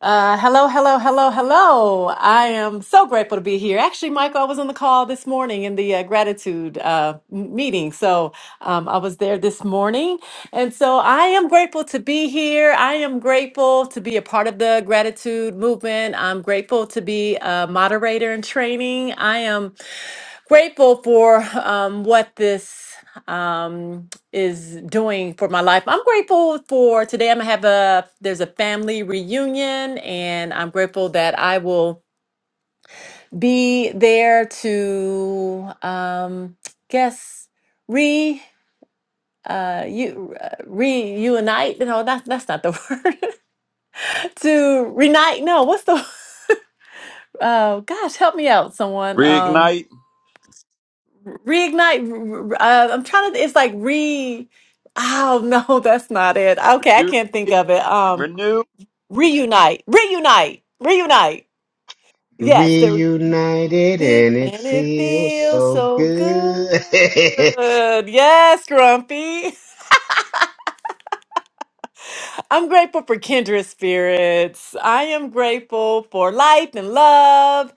S7: Uh, hello, hello, hello, hello. I am so grateful to be here. Actually, Michael, I was on the call this morning in the uh, gratitude uh, m- meeting. So um, I was there this morning. And so I am grateful to be here. I am grateful to be a part of the gratitude movement. I'm grateful to be a moderator in training. I am grateful for um, what this um, is doing for my life. I'm grateful for today. I'm gonna have a there's a family reunion, and I'm grateful that I will be there to um, guess re uh you uh, reunite no that's that's not the word to reunite no what's the oh gosh help me out someone Um
S6: Reignite,
S7: reignite. Uh, I'm trying to. It's like re. Oh no, that's not it. Okay, I
S6: reju-
S7: can't think of it. Um,
S6: renew.
S7: reunite, reunite, reunite. Yes, there.
S8: Reunited and it
S7: and it
S8: feels
S7: feels
S8: so
S7: so good.
S8: good.
S7: Yes, Grumpy. I'm grateful for kindred spirits. I am grateful for life and love.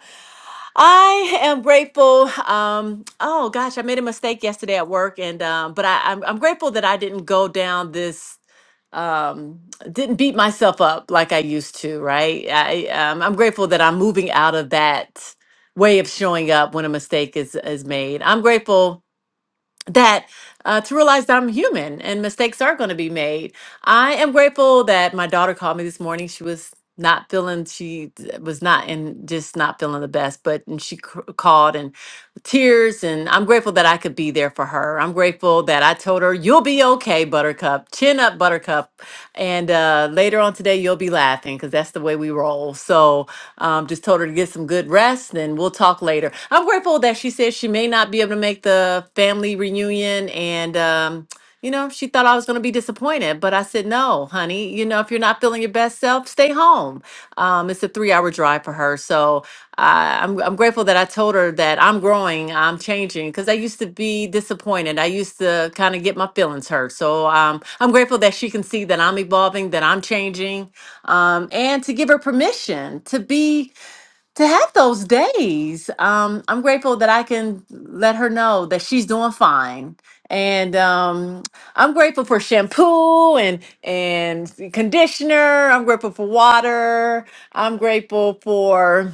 S7: I am grateful. Um, oh gosh, I made a mistake yesterday at work, and um, but I, I'm I'm grateful that I didn't go down this. Um, didn't beat myself up like I used to. Right. I um, I'm grateful that I'm moving out of that way of showing up when a mistake is is made. I'm grateful that uh, to realize that I'm human and mistakes are going to be made. I am grateful that my daughter called me this morning. She was not feeling, she was not and just not feeling the best, but and she c- called and tears. And I'm grateful that I could be there for her. I'm grateful that I told her, You'll be okay, Buttercup. Chin up, Buttercup and uh, later on today, you'll be laughing because that's the way we roll. So um, just told her to get some good rest and we'll talk later. I'm grateful that she said she may not be able to make the family reunion. And, um, you know, she thought I was going to be disappointed, but I said, no, honey, you know, if you're not feeling your best self, stay home stay home. Um, it's a three hour drive for her. So I, I'm, I'm grateful that I told her that I'm growing, I'm changing, because I used to be disappointed. I used to kind of get my feelings hurt. So um, I'm grateful that she can see that I'm evolving, that I'm changing, um, and to give her permission to be to have those days. Um, I'm grateful that I can let her know that she's doing fine. And um, I'm grateful for shampoo and and conditioner. I'm grateful for water. I'm grateful for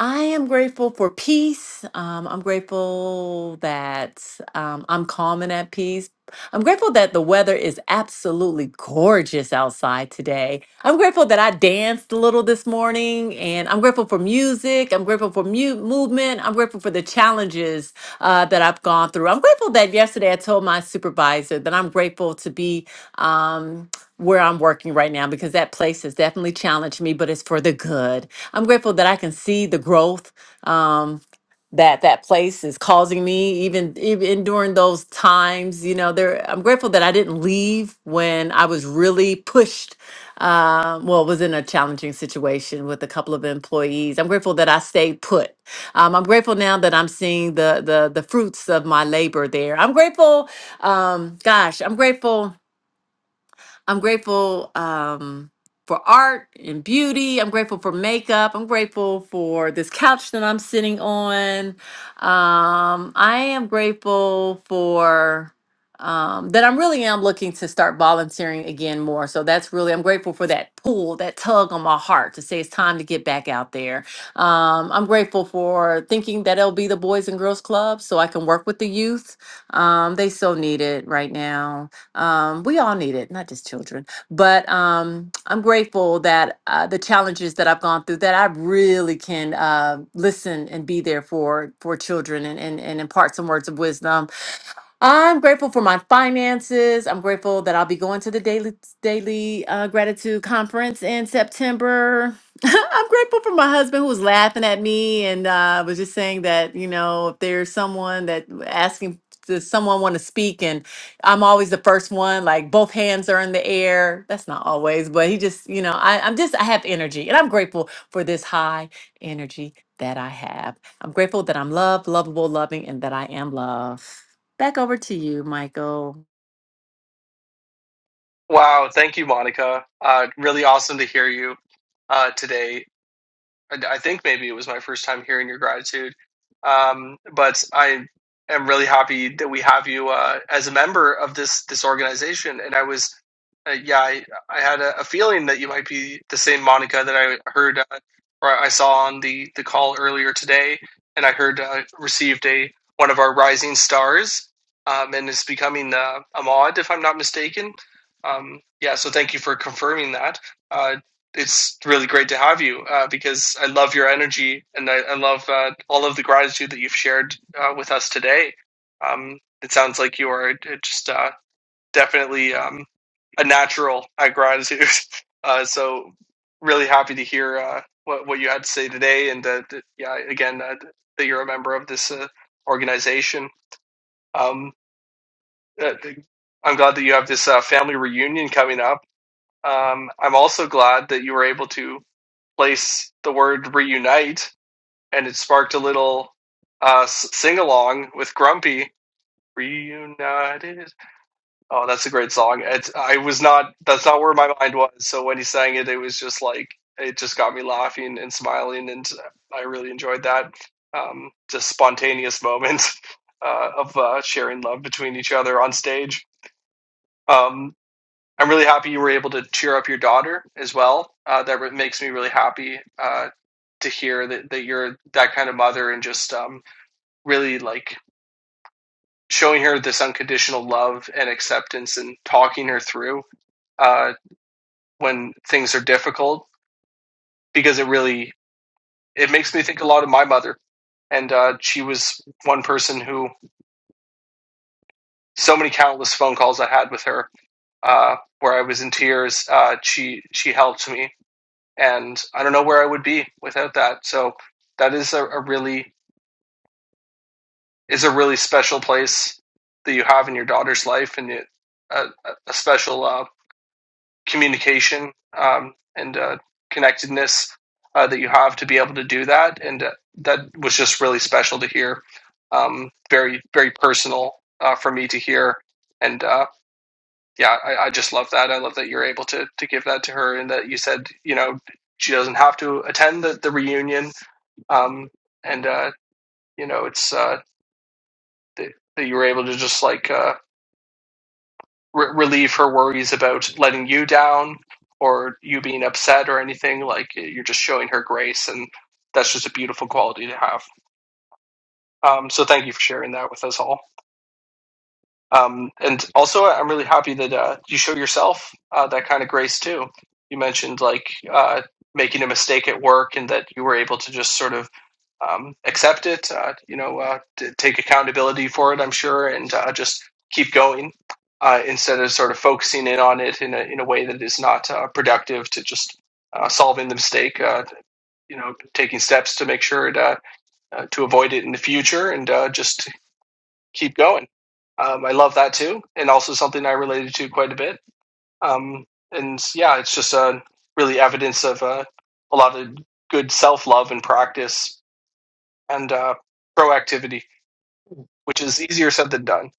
S7: I am grateful for peace. Um, I'm grateful that um, I'm calm and at peace. I'm grateful that the weather is absolutely gorgeous outside today. I'm grateful that I danced a little this morning, and I'm grateful for music. I'm grateful for mu- movement. I'm grateful for the challenges uh, that I've gone through. I'm grateful that yesterday I told my supervisor that I'm grateful to be. Um, where I'm working right now because that place has definitely challenged me, but it's for the good. I'm grateful that I can see the growth um, that that place is causing me, even even during those times. You know, there. I'm grateful that I didn't leave when I was really pushed. Uh, well, was in a challenging situation with a couple of employees. I'm grateful that I stayed put. Um, I'm grateful now that I'm seeing the the the fruits of my labor there. I'm grateful. Um, gosh, I'm grateful I'm grateful um, for art and beauty. I'm grateful for makeup. I'm grateful for this couch that I'm sitting on. Um, I am grateful for um, that. I'm really am looking to start volunteering again more. So that's really I'm grateful for that pull, that tug on my heart to say it's time to get back out there. Um, I'm grateful for thinking that it'll be the Boys and Girls Club so I can work with the youth. Um, they so need it right now. Um, we all need it, not just children. But um, I'm grateful that uh, the challenges that I've gone through, that I really can uh, listen and be there for for children and, and, and impart some words of wisdom I'm grateful for my finances. I'm grateful that I'll be going to the daily daily uh, gratitude conference in September. I'm grateful for my husband who was laughing at me and uh, was just saying that you know if there's someone that asking does someone want to speak and I'm always the first one like both hands are in the air. That's not always, but he just you know I, I'm just I have energy and I'm grateful for this high energy that I have. I'm grateful that I'm loved, lovable, loving, and that I am love. Back over to you, Michael.
S1: Wow, thank you, Monica. Uh, really awesome to hear you uh, today. I, I think maybe it was my first time hearing your gratitude. Um, but I am really happy that we have you uh, as a member of this this organization. And I was, uh, yeah, I, I had a, a feeling that you might be the same Monica that I heard uh, or I saw on the the call earlier today, and I heard uh, received a one of our rising stars, um, and is becoming uh, a mod if I'm not mistaken. Um, yeah, so thank you for confirming that. Uh, it's really great to have you uh, because I love your energy and I, I love uh, all of the gratitude that you've shared uh, with us today. Um, it sounds like you are uh, just uh, definitely um, a natural at gratitude. Uh, so really happy to hear uh, what what you had to say today, and uh, th- yeah, again uh, that you're a member of this uh, organization. Um, uh, I'm glad that you have this uh, family reunion coming up. Um, I'm also glad that you were able to place the word reunite, and it sparked a little uh, sing along with Grumpy. Reunited. Oh, that's a great song. It, I was not. That's not where my mind was. So when he sang it, it was just like it just got me laughing and smiling, and I really enjoyed that. Um, just spontaneous moment uh, of uh, sharing love between each other on stage. Um, I'm really happy you were able to cheer up your daughter as well. Uh, that makes me really happy uh, to hear that, that you're that kind of mother and just um, really like showing her this unconditional love and acceptance and talking her through uh, when things are difficult because it really it makes me think a lot of my mother and uh, she was one person who so many countless phone calls I had with her uh, where I was in tears. Uh, she she helped me and I don't know where I would be without that. So that is a, a really is a really special place that you have in your daughter's life, and it, a, a special uh, communication um, and uh, connectedness uh, that you have to be able to do that. And uh, that was just really special to hear. Um, very very personal uh, for me to hear, and uh, yeah, I, I just love that. I love that you're able to to give that to her, and that you said you know she doesn't have to attend the, the reunion um, and uh, you know it's uh, that you were able to just like uh, re- relieve her worries about letting you down or you being upset or anything. Like you're just showing her grace, and that's just a beautiful quality to have. Um, so thank you for sharing that with us all. Um, and also, I'm really happy that uh, you show yourself uh, that kind of grace too. You mentioned like uh, making a mistake at work, and that you were able to just sort of um, accept it, uh, you know, uh, t- take accountability for it, I'm sure, and uh, just keep going uh, instead of sort of focusing in on it in a, in a way that is not uh, productive to just uh, solving the mistake, uh, you know, taking steps to make sure it, uh, uh, to avoid it in the future and uh, just keep going. Um, I love that too, and also something I related to quite a bit. Um, and yeah, it's just uh, really evidence of uh, a lot of good self love and practice and uh, proactivity, which is easier said than done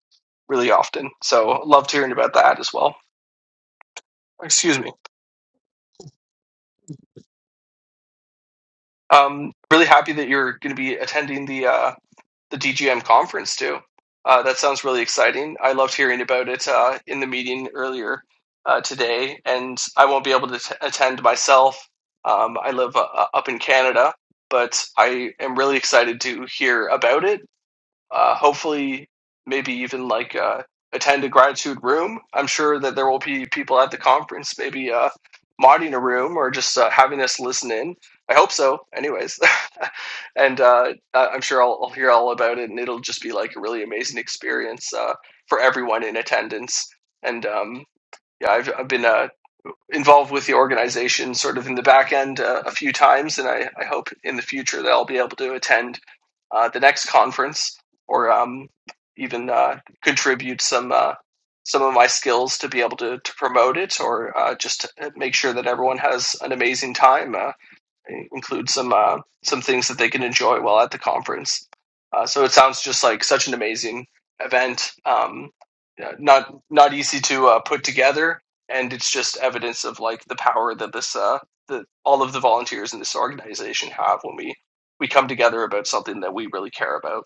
S1: really often. So loved hearing about that as well. Excuse me. Um, really happy that you're going to be attending the uh, the DGM conference too. Uh, that sounds really exciting. I loved hearing about it uh, in the meeting earlier uh, today, and I won't be able to t- attend myself. Um, I live uh, up in Canada, but I am really excited to hear about it Uh, hopefully, maybe even like uh, attend a gratitude room. I'm sure that there will be people at the conference, maybe uh, modding a room or just uh, having us listen in. I hope so, anyways. and uh, I- I'm sure I'll, I'll hear all about it, and it'll just be like a really amazing experience uh, for everyone in attendance. And um, yeah, I've, I've been uh, involved with the organization sort of in the back end uh, a few times, and I, I hope in the future that I'll be able to attend uh, the next conference, or um, even uh, contribute some uh, some of my skills to be able to, to promote it, or uh, just to make sure that everyone has an amazing time. Uh, include some uh, some things that they can enjoy while at the conference. Uh, so it sounds just like such an amazing event. Um, yeah, not not easy to uh, put together, and it's just evidence of like the power that this uh, that all of the volunteers in this organization have when we we come together about something that we really care about.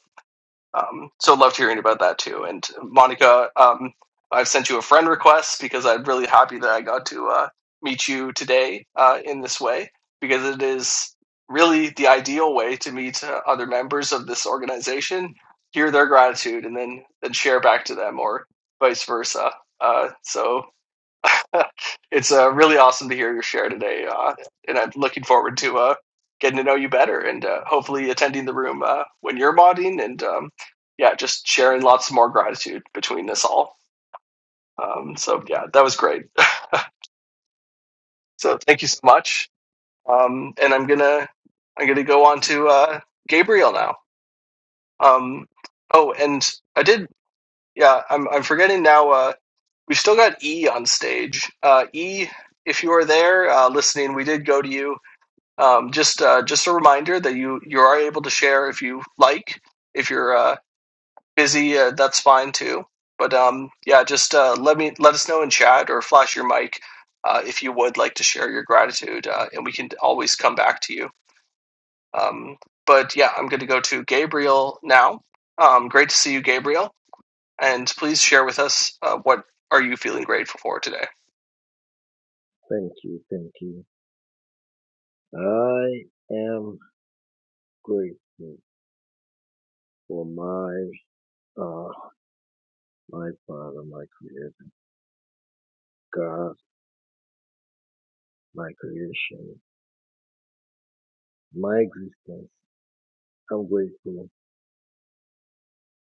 S1: Um, so loved hearing about that too. And Monica, um, I've sent you a friend request because I'm really happy that I got to uh, meet you today uh, in this way because it is really the ideal way to meet uh, other members of this organization, hear their gratitude, and then then share back to them or vice versa. Uh, so it's uh, really awesome to hear your share today, uh, and I'm looking forward to uh, getting to know you better and uh, hopefully attending the room uh, when you're modding and um, yeah, just sharing lots more gratitude between us all. Um, so yeah, that was great. So thank you so much, um, and I'm gonna I'm gonna go on to uh, Gabriel now. Um, oh, and I did yeah, I'm I'm forgetting now. Uh, we still got E on stage. Uh, e, if you are there uh, listening, we did go to you. Um, just uh, just a reminder that you you are able to share if you like. If you're uh, busy, uh, that's fine too. But um, yeah, just uh, let me let us know in chat or flash your mic uh, if you would like to share your gratitude, uh, and we can always come back to you. Um, but yeah, I'm going to go to Gabriel now. Um, great to see you, Gabriel, and please share with us uh, what are you feeling grateful for today.
S9: Thank you, thank you. I am grateful for my uh my father, my creator, God, my creation, my existence. I'm grateful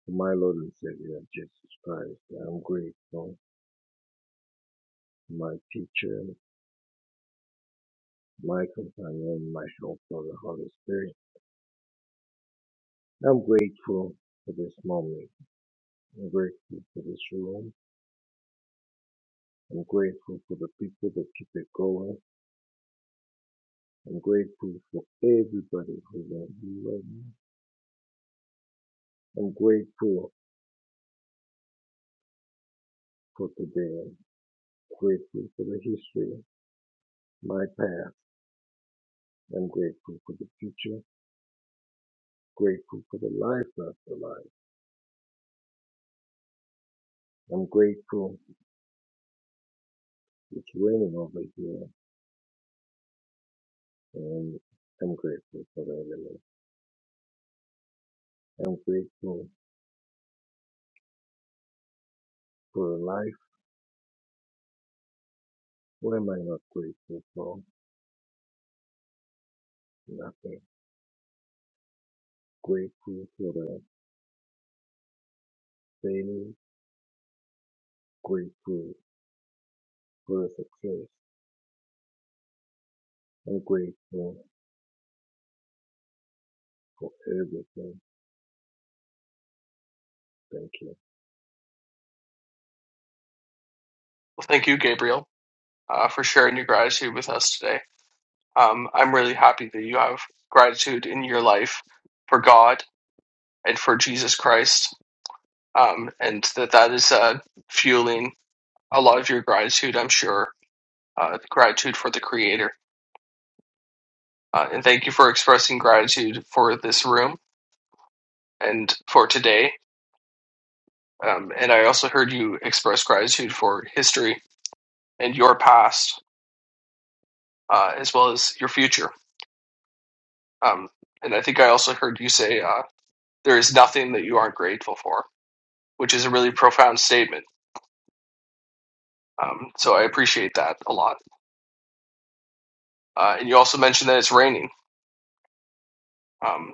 S9: for my Lord and Savior Jesus Christ. I'm grateful for my teacher, my companion, my helper, the Holy Spirit. I'm grateful for this moment. I'm grateful for this room. I'm grateful for the people that keep it going. I'm grateful for everybody who's on here right now. I'm grateful for today. I'm grateful for the history, my past. I'm grateful for the future. Grateful for the life after life. I'm grateful it's raining over here and I'm grateful for the element. I'm grateful for the life. What am I not grateful for? Nothing. Grateful for the failure. Grateful for the success. I'm grateful for everything. Thank you.
S1: Well, thank you, Gabriel, uh, for sharing your gratitude with us today. um, I'm really happy that you have gratitude in your life for God and for Jesus Christ, um, and that that is uh, fueling a lot of your gratitude. I'm sure uh, gratitude for the Creator, uh, and thank you for expressing gratitude for this room and for today. Um, and I also heard you express gratitude for history and your past, uh, as well as your future. Um, and I think I also heard you say uh, there is nothing that you aren't grateful for which is a really profound statement Um, so I appreciate that a lot. Uh, and you also mentioned that it's raining. Um,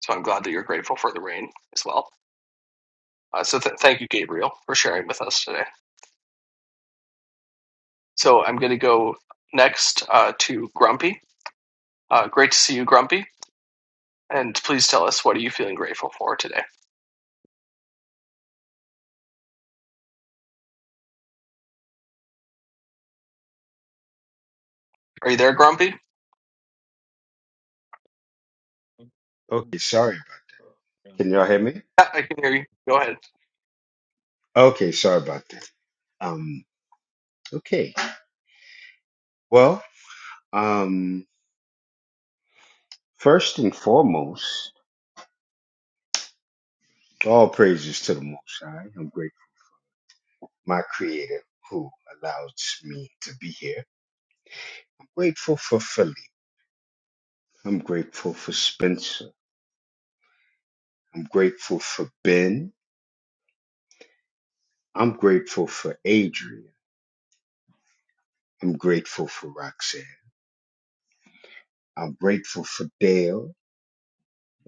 S1: so I'm glad that you're grateful for the rain as well. Uh, so th- thank you, Gabriel, for sharing with us today. So I'm going to go next uh, to Grumpy. Uh, great to see you, Grumpy. And please tell us what are you feeling grateful for today? Are you there, Grumpy?
S8: okay, sorry. about- Can y'all hear me?
S1: Yeah, I can hear you. Go ahead.
S8: Okay, sorry about that. Um, okay. Well, um, first and foremost, all praises to the Most High. I'm grateful, my Creator, who allows me to be here. I'm grateful for Philly. I'm grateful for Spencer. I'm grateful for Ben. I'm grateful for Adrian. I'm grateful for Roxanne. I'm grateful for Dale.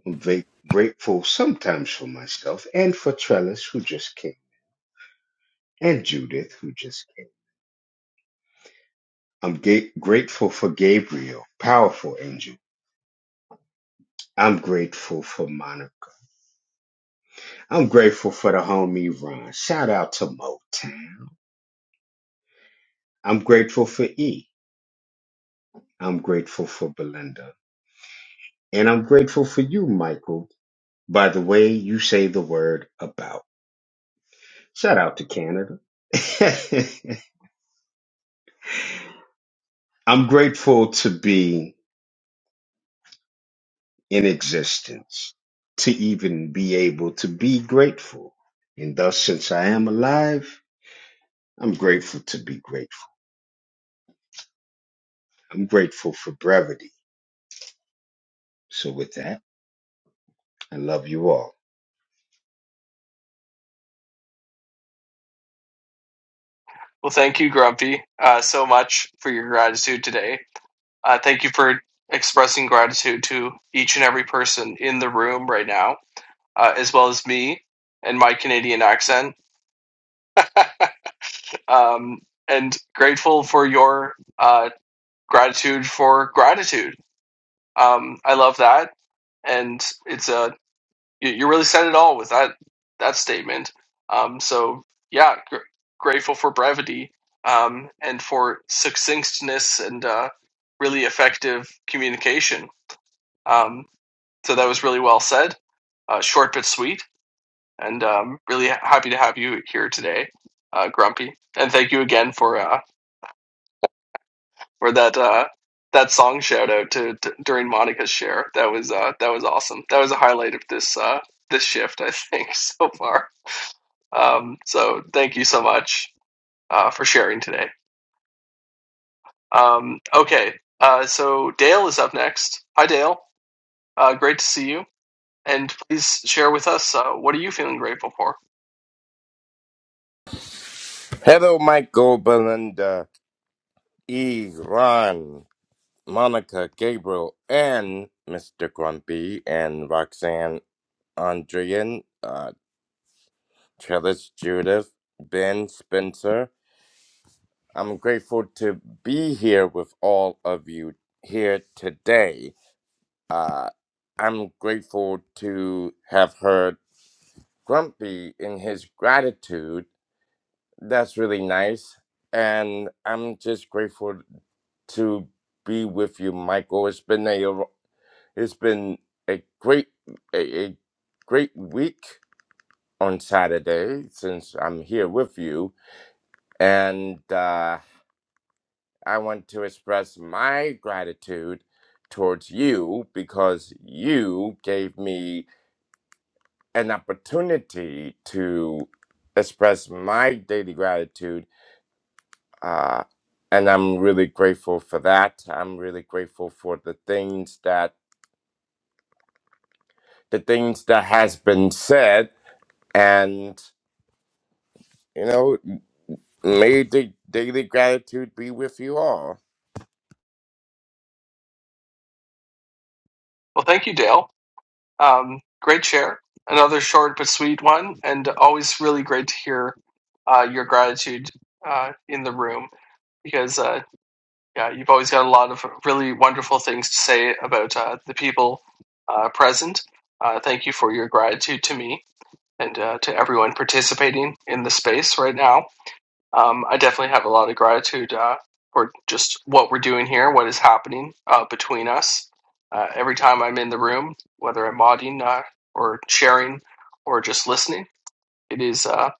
S8: I'm va- grateful sometimes for myself and for Trellis, who just came, and Judith, who just came. I'm ga- grateful for Gabriel, powerful angel. I'm grateful for Monica. I'm grateful for the homie Ron. Shout out to Motown. I'm grateful for E. I'm grateful for Belinda. And I'm grateful for you, Michael, by the way you say the word about. Shout out to Canada. I'm grateful to be in existence to even be able to be grateful. And thus, since I am alive, I'm grateful to be grateful. I'm grateful for brevity. So, with that, I love you all.
S1: Well, thank you, Grumpy, uh, so much for your gratitude today. Uh, thank you for expressing gratitude to each and every person in the room right now uh, as well as me and my Canadian accent. Um, and grateful for your uh, gratitude for gratitude. Um, I love that, and it's a you, you really said it all with that that statement. Um, so yeah, gr- grateful for brevity um, and for succinctness and uh, really effective communication. Um, so that was really well said, uh, short but sweet and um, really happy to have you here today, uh, Grumpy. And thank you again for uh, for that uh, that song shout out to, to during Monica's share. That was uh, that was awesome. That was a highlight of this uh, this shift, I think, so far. Um, so thank you so much uh, for sharing today. Um, okay, uh, so Dale is up next. Hi, Dale. Uh, great to see you. And please share with us uh, what are you feeling grateful for.
S10: Hello, Michael, Belinda, E, Ron, Monica, Gabriel, and Mr. Grumpy, and Roxanne, Andrian, uh, Trellis, Judith, Ben, Spencer. I'm grateful to be here with all of you here today. Uh, I'm grateful to have heard Grumpy in his gratitude. That's really nice. And I'm just grateful to be with you, Michael. It's been a it's been a great a, a great week on Saturday since I'm here with you, and uh, I want to express my gratitude towards you because you gave me an opportunity to express my daily gratitude. Uh, and I'm really grateful for that. I'm really grateful for the things that the things that has been said and you know may the daily gratitude be with you all
S1: Well, thank you, Dale. Um, great share. Another short but sweet one, and always really great to hear uh, your gratitude uh, in the room because uh, yeah, you've always got a lot of really wonderful things to say about uh, the people uh, present. Uh, thank you for your gratitude to me and uh, to everyone participating in the space right now um, I definitely have a lot of gratitude uh, for just what we're doing here, what is happening uh, between us. Uh, every time I'm in the room, whether I'm modding uh, or sharing or just listening, it is uh,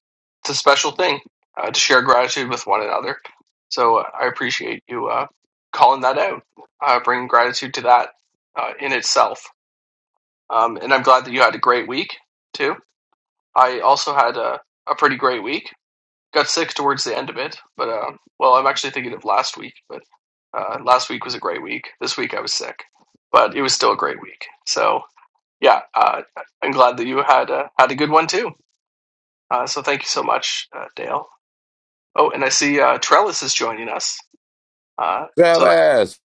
S1: it's a special thing uh, to share gratitude with one another. So uh, I appreciate you uh, calling that out, uh, bringing gratitude to that uh, in itself. Um, and I'm glad that you had a great week too. I also had a, a pretty great week got sick towards the end of it, but uh, well, I'm actually thinking of last week. But uh, last week was a great week. This week I was sick, but it was still a great week. So yeah, uh, I'm glad that you had uh, had a good one too. Uh, so thank you so much, uh, Dale. Oh, and I see uh, Trellis is joining us. Uh, so th-
S10: Fellas,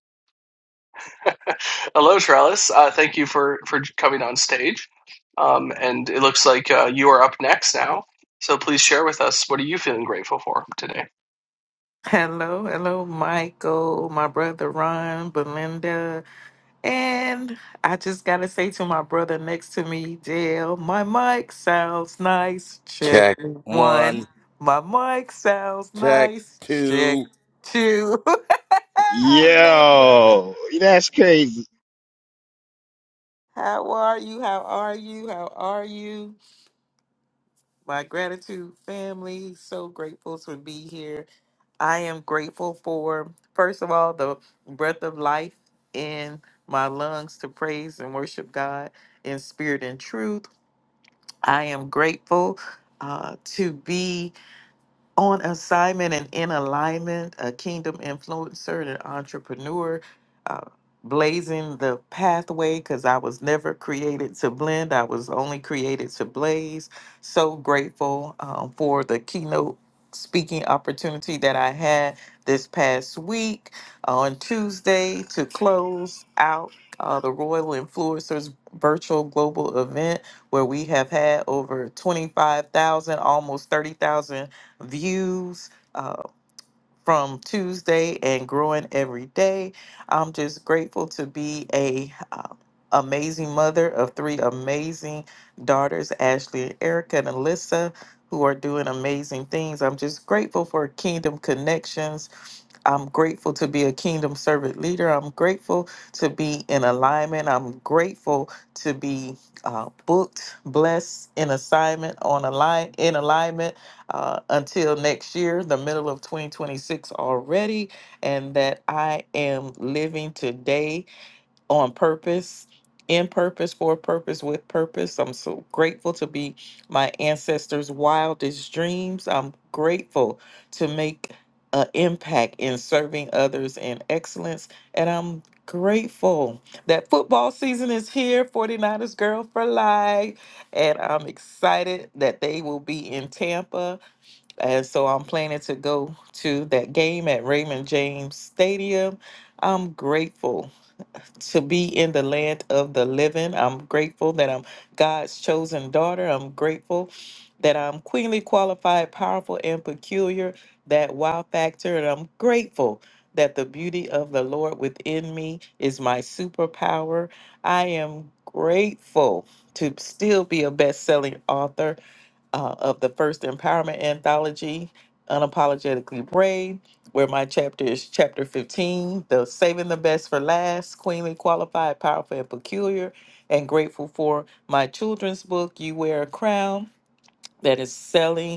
S1: hello, Trellis. Uh, thank you for for coming on stage. Um, and it looks like uh, you are up next now. So please share with us what are you feeling grateful for today.
S11: Hello, hello, Michael, my brother Ron, Belinda, and I just gotta say to my brother next to me, Dale, my mic sounds nice. Check
S10: check
S11: one.
S10: one
S11: My mic sounds
S10: check
S11: nice. Check
S10: two
S11: two. I love you. I love.
S8: Yo, that's crazy.
S11: How are you? How are you? How are you? My gratitude family. So grateful to be here. I am grateful for, first of all, the breath of life in my lungs to praise and worship God in spirit and truth. I am grateful uh, to be on assignment and in alignment, a kingdom influencer and an entrepreneur, uh, blazing the pathway because I was never created to blend. I was only created to blaze. So grateful um, for the keynote speaking opportunity that I had this past week on Tuesday to close out. Uh, the Royal Influencers virtual global event, where we have had over 25,000, almost 30,000 views uh, from Tuesday and growing every day. I'm just grateful to be a uh, amazing mother of three amazing daughters, Ashley and Erica and Alyssa, who are doing amazing things. I'm just grateful for Kingdom Connections. I'm grateful to be a kingdom servant leader. I'm grateful to be in alignment. I'm grateful to be uh, booked, blessed in assignment on align in alignment uh, until next year, the middle of 2026 already, and that I am living today on purpose, in purpose, for purpose, with purpose. I'm so grateful to be my ancestors' wildest dreams. I'm grateful to make an impact in serving others in excellence, and I'm grateful that football season is here 49ers girl for life and i'm excited that they will be in tampa and so I'm planning to go to that game at Raymond James Stadium. I'm grateful to be in the land of the living. I'm grateful that I'm God's chosen daughter. I'm grateful that I'm queenly qualified, powerful, and peculiar, that wow factor. And I'm grateful that the beauty of the Lord within me is my superpower. I am grateful to still be a best selling author uh, of the first empowerment anthology, Unapologetically Brave, where my chapter is chapter 15, the Saving the Best for Last, Queenly Qualified, Powerful and Peculiar, and grateful for my children's book, You Wear a Crown, that is selling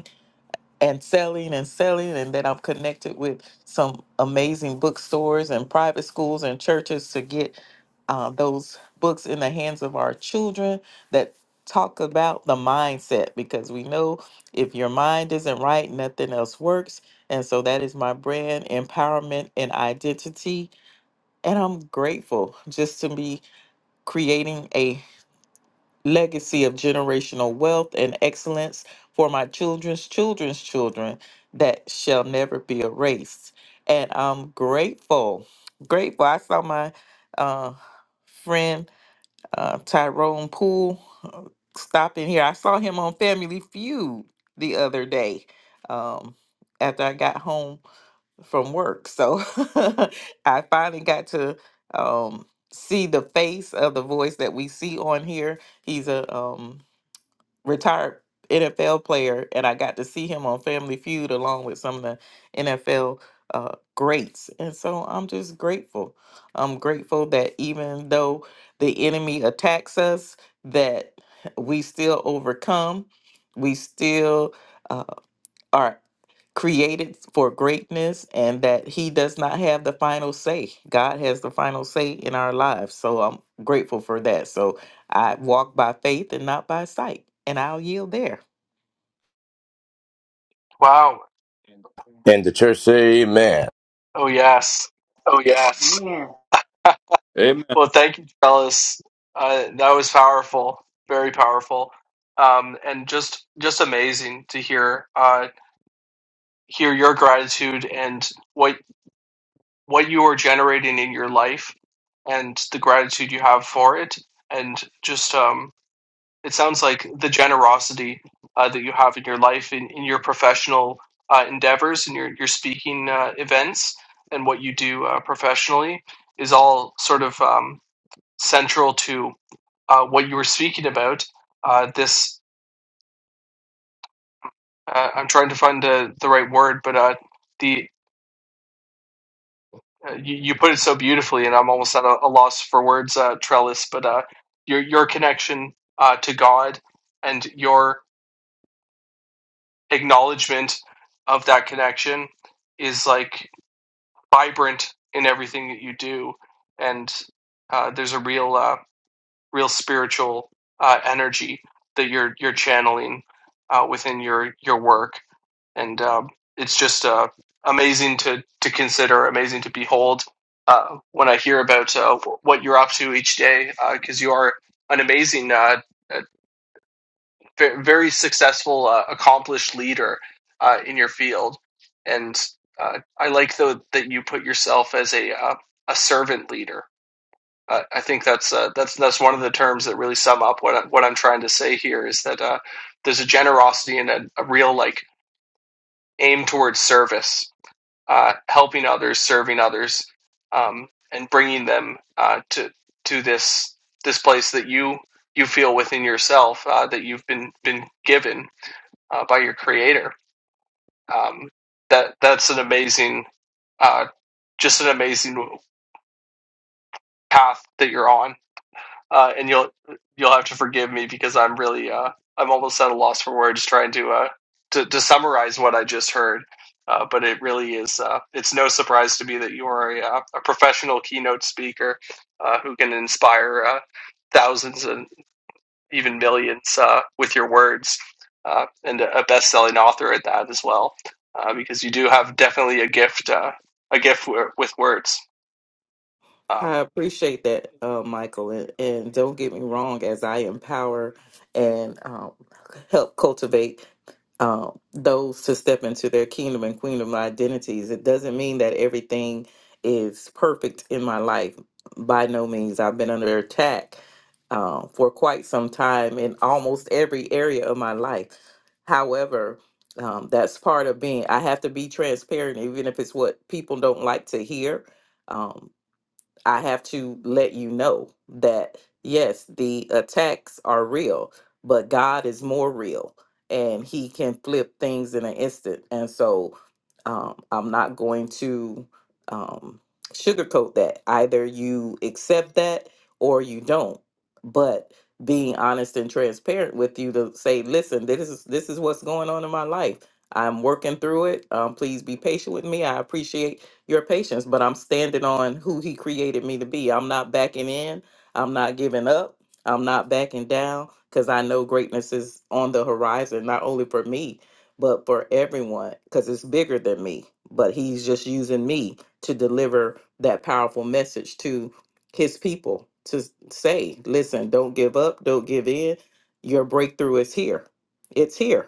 S11: and selling and selling and that I'm connected with some amazing bookstores and private schools and churches to get uh, those books in the hands of our children that talk about the mindset because we know if your mind isn't right nothing else works and so that is my brand empowerment and identity and I'm grateful just to be creating a legacy of generational wealth and excellence for my children's children's children that shall never be erased. And I'm grateful, grateful. I saw my uh, friend uh, Tyrone Poole uh, stop in here. I saw him on Family Feud the other day um, after I got home from work. So I finally got to um, see the face of the voice that we see on here. He's a um, retired NFL player, and I got to see him on Family Feud along with some of the NFL uh, greats. And so I'm just grateful. I'm grateful that even though the enemy attacks us, that we still overcome. We still uh, are created for greatness and that he does not have the final say. God has the final say in our lives. So I'm grateful for that. So I walk by faith and not by sight. And I'll yield there.
S1: Wow.
S10: and the church say amen
S1: Oh yes.
S7: Oh, yes.
S6: Amen.
S1: Well, thank you, Trellis. Uh, that was powerful, very powerful, um, and just just amazing to hear uh, hear your gratitude and what what you are generating in your life, and the gratitude you have for it, and just um, it sounds like the generosity uh, that you have in your life, in, in your professional uh, endeavors, in your your speaking uh, events, and what you do uh, professionally is all sort of um, central to uh, what you were speaking about. Uh, this uh, I'm trying to find uh, the right word, but uh, the uh, you, you put it so beautifully, and I'm almost at a, a loss for words, uh, Trellis. But uh, your your connection uh, to God and your acknowledgement of that connection is like vibrant in everything that you do, and uh, there's a real uh, real spiritual uh, energy that you're you're channeling uh, within your your work and um, it's just uh, amazing to to consider, amazing to behold. Uh, when I hear about uh, what you're up to each day, because uh, you are an amazing, uh, uh, very successful, uh, accomplished leader uh, in your field, and uh, I like though that you put yourself as a uh, a servant leader. Uh, I think that's uh, that's that's one of the terms that really sum up what I, what I'm trying to say here is that uh, there's a generosity and a, a real like aim towards service uh, helping others, serving others, um, and bringing them uh, to to this this place that you you feel within yourself uh, that you've been been given uh, by your Creator. Um, that that's an amazing, uh, just an amazing path that you're on uh, and you'll you'll have to forgive me because I'm really uh, I'm almost at a loss for words trying to uh, to, to summarize what I just heard. Uh, but it really is uh, it's no surprise to me that you are a, uh, a professional keynote speaker uh, who can inspire uh, thousands and even millions uh, with your words, uh, and a best-selling author at that as well, uh, because you do have definitely a gift uh, a gift w- with words. Um,
S11: I appreciate that, uh, Michael. And, and don't get me wrong, as I empower and um, help cultivate uh, those to step into their kingdom and queendom identities. It doesn't mean that everything is perfect in my life. By no means. I've been under attack uh, for quite some time in almost every area of my life. However, um, that's part of being. I have to be transparent, even if it's what people don't like to hear. Um, I have to let you know that yes, the attacks are real, but God is more real and he can flip things in an instant. And so um, I'm not going to um, sugarcoat that. Either you accept that or you don't. But being honest and transparent with you to say, listen, this is this is what's going on in my life. I'm working through it. Um, please be patient with me. I appreciate your patience, but I'm standing on who he created me to be. I'm not backing in. I'm not giving up. I'm not backing down because I know greatness is on the horizon, not only for me, but for everyone because it's bigger than me. But he's just using me to deliver that powerful message to his people to s- say, listen, don't give up, don't give in. Your breakthrough is here. It's here.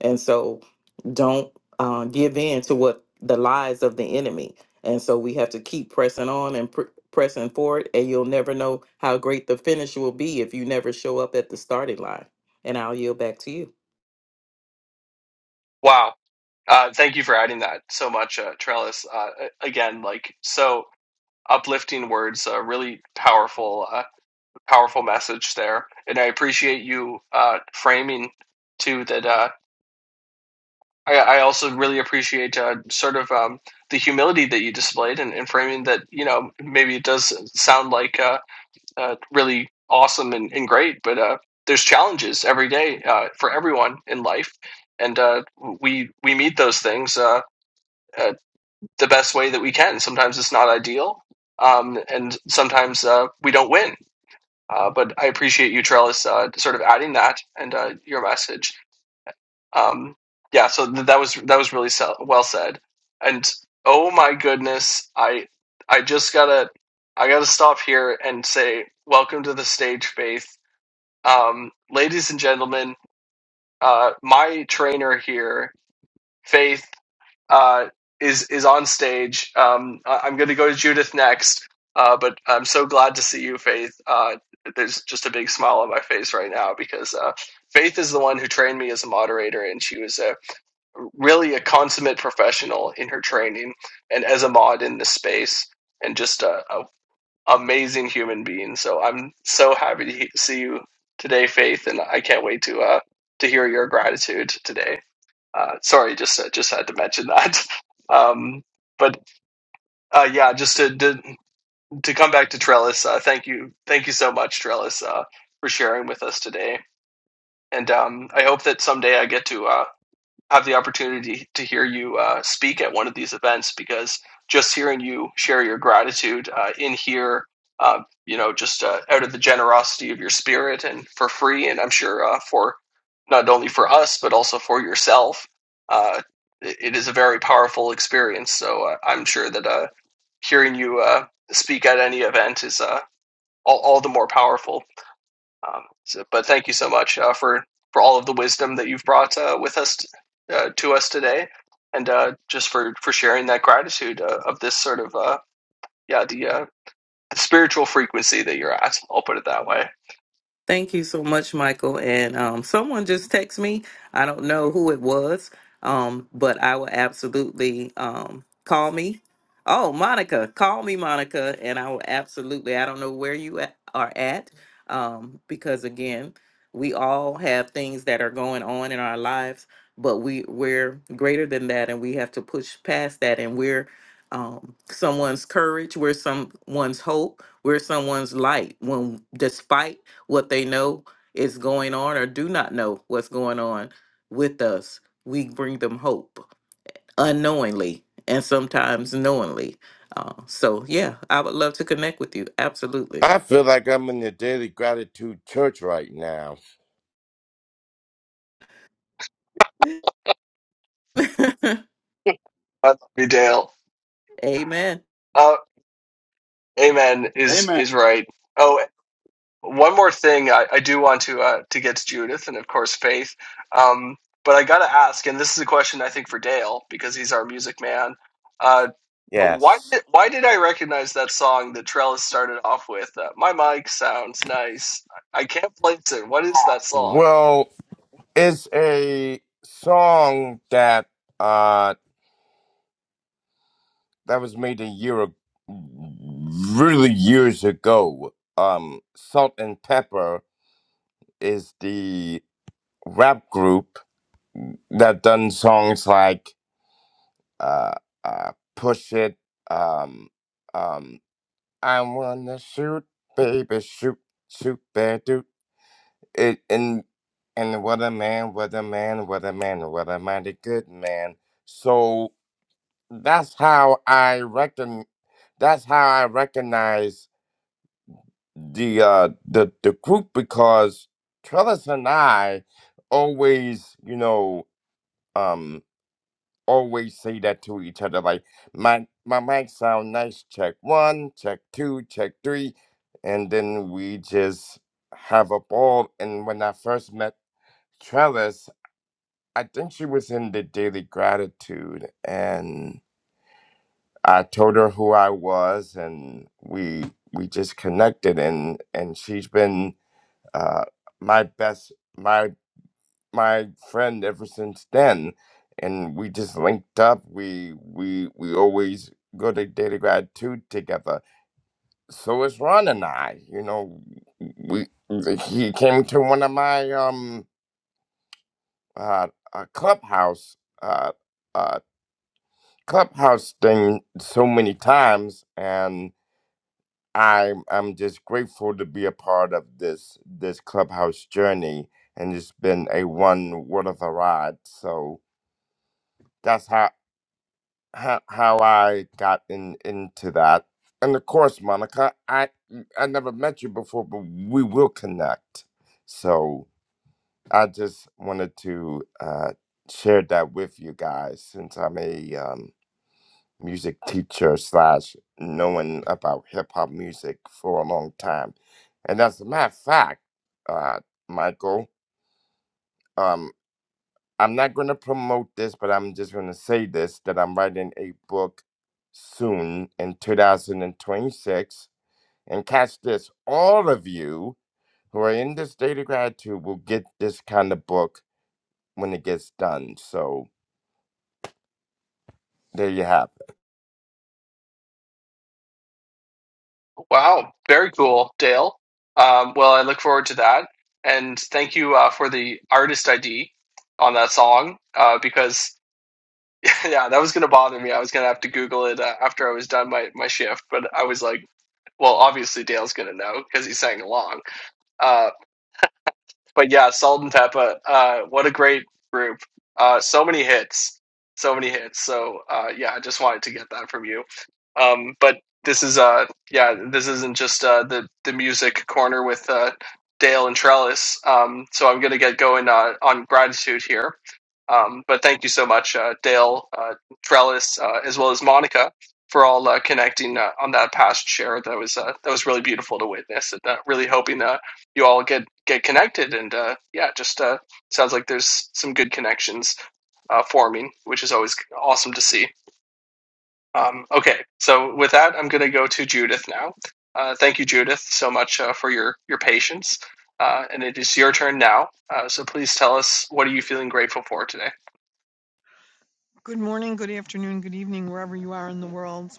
S11: And so don't uh, give in to what the lies of the enemy. And so we have to keep pressing on and pr- pressing forward. And you'll never know how great the finish will be if you never show up at the starting line. And I'll yield back to you.
S1: wow. Uh, thank you for adding that so much, uh, Trellis. Uh, again, like so uplifting words, uh, really powerful, uh, powerful message there. And I appreciate you uh, framing too that. Uh, I, I also really appreciate uh, sort of um, the humility that you displayed and, and framing that. You know, maybe it does sound like uh, uh, really awesome and, and great, but uh, there's challenges every day uh, for everyone in life, and uh, we we meet those things. Uh, uh, the best way that we can. Sometimes it's not ideal, um, and sometimes uh, we don't win. Uh, but I appreciate you, Trellis, uh, sort of adding that and uh, your message. Um, yeah, so th- that was that was really se- well said. And oh my goodness, I I just gotta I gotta stop here and say welcome to the stage, Faith, um, ladies and gentlemen. Uh, my trainer here, Faith uh, is is on stage. Um, I- am going to go to Judith next, uh, but I'm so glad to see you, Faith. Uh, there's just a big smile on my face right now because uh, Faith is the one who trained me as a moderator, and she was a really a consummate professional in her training and as a mod in this space, and just a, a amazing human being. So I'm so happy to he- see you today, Faith, and I can't wait to uh, to hear your gratitude today. Uh, sorry, just uh, just had to mention that. Um, but uh, yeah, just to, to to come back to Trellis, uh, thank you, thank you so much, Trellis, uh, for sharing with us today. And um, I hope that someday I get to. uh, have the opportunity to hear you uh, speak at one of these events because just hearing you share your gratitude uh, in here, uh, you know, just uh, out of the generosity of your spirit and for free, and I'm sure uh, for not only for us but also for yourself, uh, it, it is a very powerful experience. So uh, I'm sure that uh, hearing you uh, speak at any event is uh, all, all the more powerful. Um, so, but thank you so much uh, for for all of the wisdom that you've brought uh, with us t- uh, to us today, and uh, just for for sharing that gratitude uh, of this sort of uh, yeah the, uh, the spiritual frequency that you're at. I'll put it that way.
S11: Thank you so much, Michael. And um, someone just texted me. I don't know who it was, um, but I will absolutely um, call me. Oh, Monica, call me, Monica, and I will absolutely. I don't know where you at, are at, um, because again, we all have things that are going on in our lives, but we we're greater than that, and we have to push past that, and we're um, someone's courage, we're someone's hope, we're someone's light when despite what they know is going on or do not know what's going on with us. We bring them hope unknowingly and sometimes knowingly. Uh, so, yeah, I would love to connect with you. Absolutely.
S10: i feel like i'm in the daily gratitude church right now
S1: I love you, Dale.
S11: Amen.
S1: Uh, amen is
S6: Amen.
S1: is right. Oh. one more thing I, I do want to uh, to get to Judith and of course Faith, um, but I got to ask, and this is a question I think for Dale because he's our music man. Uh, why
S10: yes
S1: did why did I recognize that song that Trellis started off with? Uh, My mic sounds nice. I can't place it. What is that song?
S10: well it's a song that uh that was made a year ago, really years ago um salt and pepper is the rap group that done songs like uh, uh, "Push It," um, um, "I Wanna Shoot," "Baby Shoot," "Shoot Bear Dude," it, and and what a man, what a man, what a man, what a mighty good man. So that's how I reckon. That's how I recognize the uh, the the group because Trellis and I always, you know. um. always say that to each other like my my mic sound nice check one check two check three and then we just have a ball and when i first met trellis i think she was in the daily gratitude and i told her who i was and we we just connected and and she's been uh my best my my friend ever since then, and we just linked up. We we we always go to data grad two together. So is Ron and I. You know, we he came to one of my um uh, uh clubhouse uh uh clubhouse thing so many times, and I'm I'm just grateful to be a part of this this clubhouse journey, and it's been a one what of a ride. So that's how how how I got in into that. And of course, Monica, I I never met you before, but we will connect. So I just wanted to uh, share that with you guys, since I'm a um, music teacher slash knowing about hip hop music for a long time. And as a matter of fact, uh, Michael. um. I'm not going to promote this, but I'm just going to say this that I'm writing a book soon in 2026. And catch this all of you who are in the state of gratitude will get this kind of book when it gets done. So there you have it.
S1: Wow, very cool, Dale. Um, well, I look forward to that, and thank you uh, for the artist ID on that song uh, because. Yeah, that was gonna bother me. I was gonna have to Google it uh, after I was done my, my shift, but I was like, well, obviously Dale's gonna know because he sang along. Uh, but yeah, Salt and Peppa, uh, what a great group. Uh, so many hits. So many hits. So uh, yeah, I just wanted to get that from you. Um, but this is uh yeah, this isn't just uh the, the music corner with uh Dale and Trellis. Um, so I'm gonna get going uh, on gratitude here. Um, but thank you so much, uh, Dale, uh, Trellis, uh, as well as Monica, for all uh, connecting uh, on that past share. That was uh, that was really beautiful to witness, and uh, really hoping uh, you all get get connected and uh yeah just uh sounds like there's some good connections uh forming which is always awesome to see um okay so with that i'm gonna go to judith now uh thank you judith so much uh, for your your patience uh and it is your turn now uh so please tell us what are you feeling grateful for today
S12: Good morning, good afternoon, good evening, wherever you are in the world.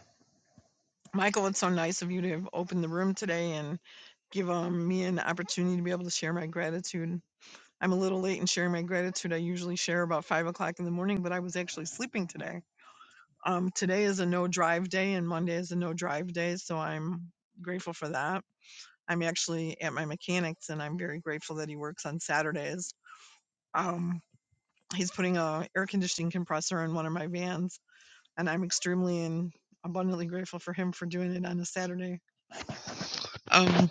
S12: Michael, it's so nice of you to have opened the room today and give um, me an opportunity to be able to share my gratitude. I'm a little late in sharing my gratitude. I usually share about five o'clock in the morning, but I was actually sleeping today. Um, today is a no drive day, and Monday is a no drive day, so I'm grateful for that. I'm actually at my mechanic's, and I'm very grateful that he works on Saturdays. Um, he's putting a air conditioning compressor in one of my vans, and I'm extremely and abundantly grateful for him for doing it on a Saturday. Um,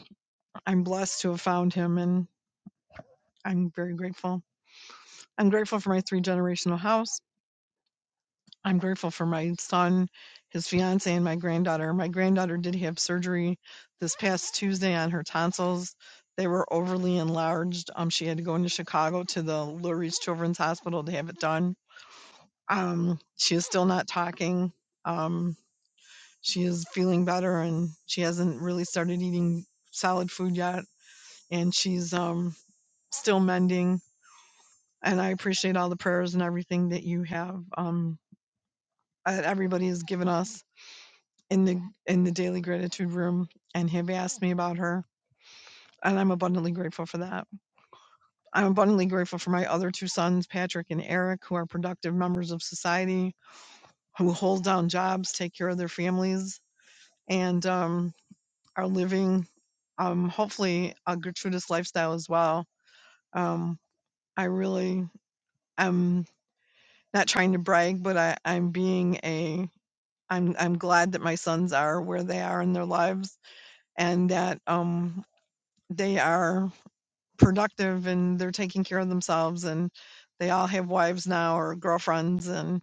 S12: I'm blessed to have found him, and I'm very grateful. I'm grateful for my three generational house. I'm grateful for my son, his fiance, and my granddaughter. My granddaughter did have surgery this past Tuesday on her tonsils. They were overly enlarged. Um, she had to go into Chicago to the Lurie's Children's Hospital to have it done. Um, she is still not talking. Um, she is feeling better and she hasn't really started eating solid food yet and she's um still mending and i appreciate all the prayers and everything that you have um that everybody has given us in the in the daily gratitude room and have asked me about her and i'm abundantly grateful for that i'm abundantly grateful for my other two sons patrick and eric who are productive members of society who hold down jobs take care of their families and um are living, um, hopefully, a gratuitous lifestyle as well. Um, I really am not trying to brag, but I, I'm being a I'm I'm glad that my sons are where they are in their lives and that um, they are productive and they're taking care of themselves and they all have wives now or girlfriends and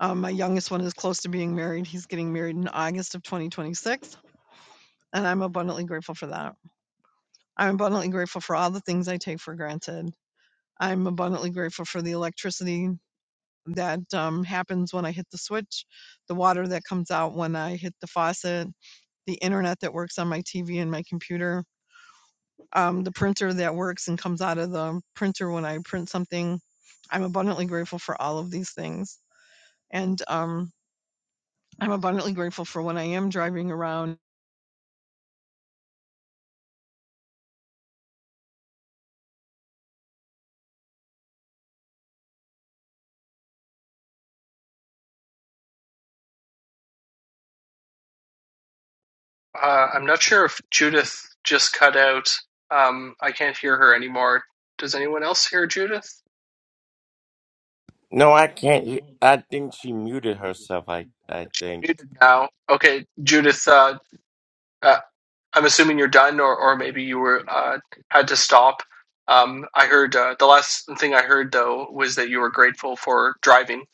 S12: um, my youngest one is close to being married. He's getting married in August of 2026, and I'm abundantly grateful for that. I'm abundantly grateful for all the things I take for granted. I'm abundantly grateful for the electricity that um, happens when I hit the switch, the water that comes out when I hit the faucet, the internet that works on my TV and my computer, um, the printer that works and comes out of the printer when I print something. I'm abundantly grateful for all of these things. And um, I'm abundantly grateful for when I am driving around.
S1: uh i'm not sure if judith just cut out um i can't hear her anymore does anyone else hear judith
S10: No, I can't. he- I think she muted herself. I, I
S1: She's
S10: think.
S1: muted now okay judith uh uh, I'm assuming you're done, or, or maybe you were uh, had to stop. Um, I heard uh, the last thing I heard though was that you were grateful for driving,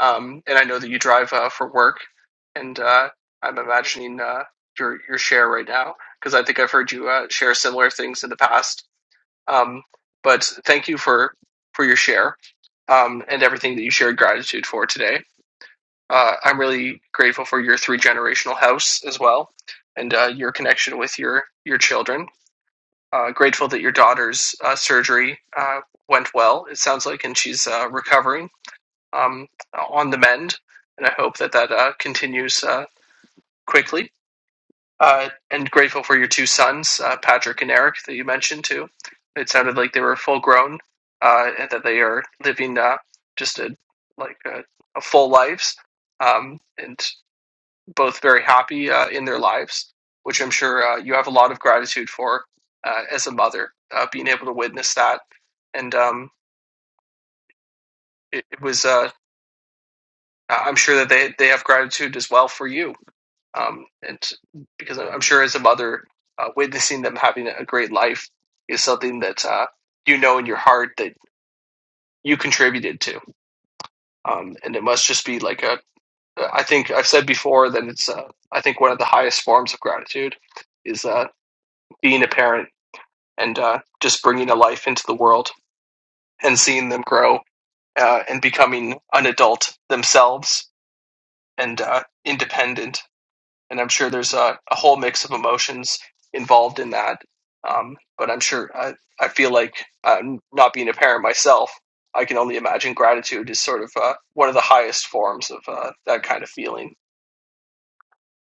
S1: um, and I know that you drive uh, for work, and uh, I'm imagining uh, your your share right now because I think I've heard you uh, share similar things in the past. Um, but thank you for for your share um, and everything that you shared gratitude for today. Uh, I'm really grateful for your three generational house as well, and uh, your connection with your your children. Uh, grateful that your daughter's uh, surgery uh, went well. It sounds like, and she's uh, recovering um, on the mend. And I hope that that uh, continues uh, quickly. Uh, and grateful for your two sons, uh, Patrick and Eric, that you mentioned too. It sounded like they were full grown, uh, and that they are living uh, just a like a, a full lives. Um, and both very happy uh, in their lives, which I'm sure uh, you have a lot of gratitude for uh, as a mother, uh, being able to witness that. And um, it, it was, uh, I'm sure that they, they have gratitude as well for you. Um, and because I'm sure as a mother, uh, witnessing them having a great life is something that uh, you know in your heart that you contributed to. Um, and it must just be like a, I think I've said before that it's, uh, I think one of the highest forms of gratitude is uh, being a parent and uh, just bringing a life into the world and seeing them grow uh, and becoming an adult themselves and uh, independent. And I'm sure there's a, a whole mix of emotions involved in that. Um, but I'm sure I, I feel like uh, not being a parent myself, I can only imagine gratitude is sort of uh, one of the highest forms of uh, that kind of feeling.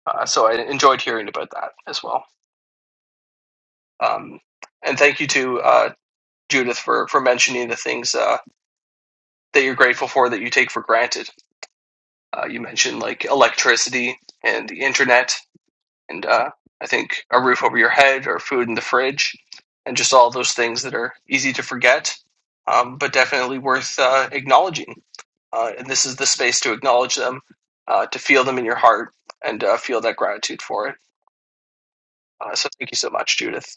S1: Uh, so I enjoyed hearing about that as well. Um, and thank you to uh, Judith for for mentioning the things. uh, that you're grateful for that you take for granted. Uh, you mentioned like electricity and the internet, and uh, I think a roof over your head or food in the fridge, and just all those things that are easy to forget, um, but definitely worth uh, acknowledging. Uh, and this is the space to acknowledge them, uh, to feel them in your heart, and uh, feel that gratitude for it. Uh, so thank you so much, Judith.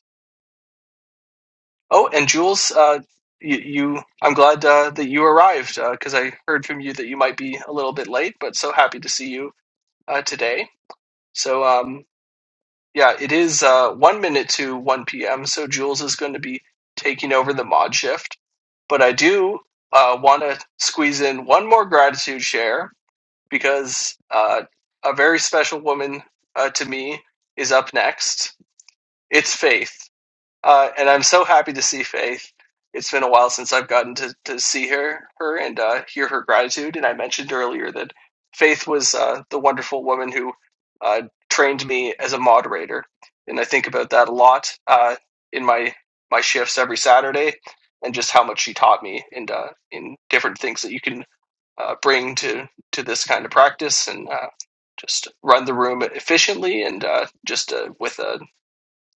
S1: Oh, and Jules, uh, you, you I'm glad uh, that you arrived because uh, I heard from you that you might be a little bit late, but so happy to see you uh, today. So um, yeah, it is uh, one minute to one p.m. So Jules is going to be taking over the mod shift, but I do uh, want to squeeze in one more gratitude share because uh, a very special woman uh, to me is up next. It's Faith. Uh, and I'm so happy to see Faith. It's been a while since I've gotten to, to see her, her and uh, hear her gratitude. And I mentioned earlier that Faith was uh, the wonderful woman who uh, trained me as a moderator, and I think about that a lot uh, in my my shifts every Saturday, and just how much she taught me and uh, in different things that you can uh, bring to to this kind of practice and. Uh, just run the room efficiently and uh, just uh, with a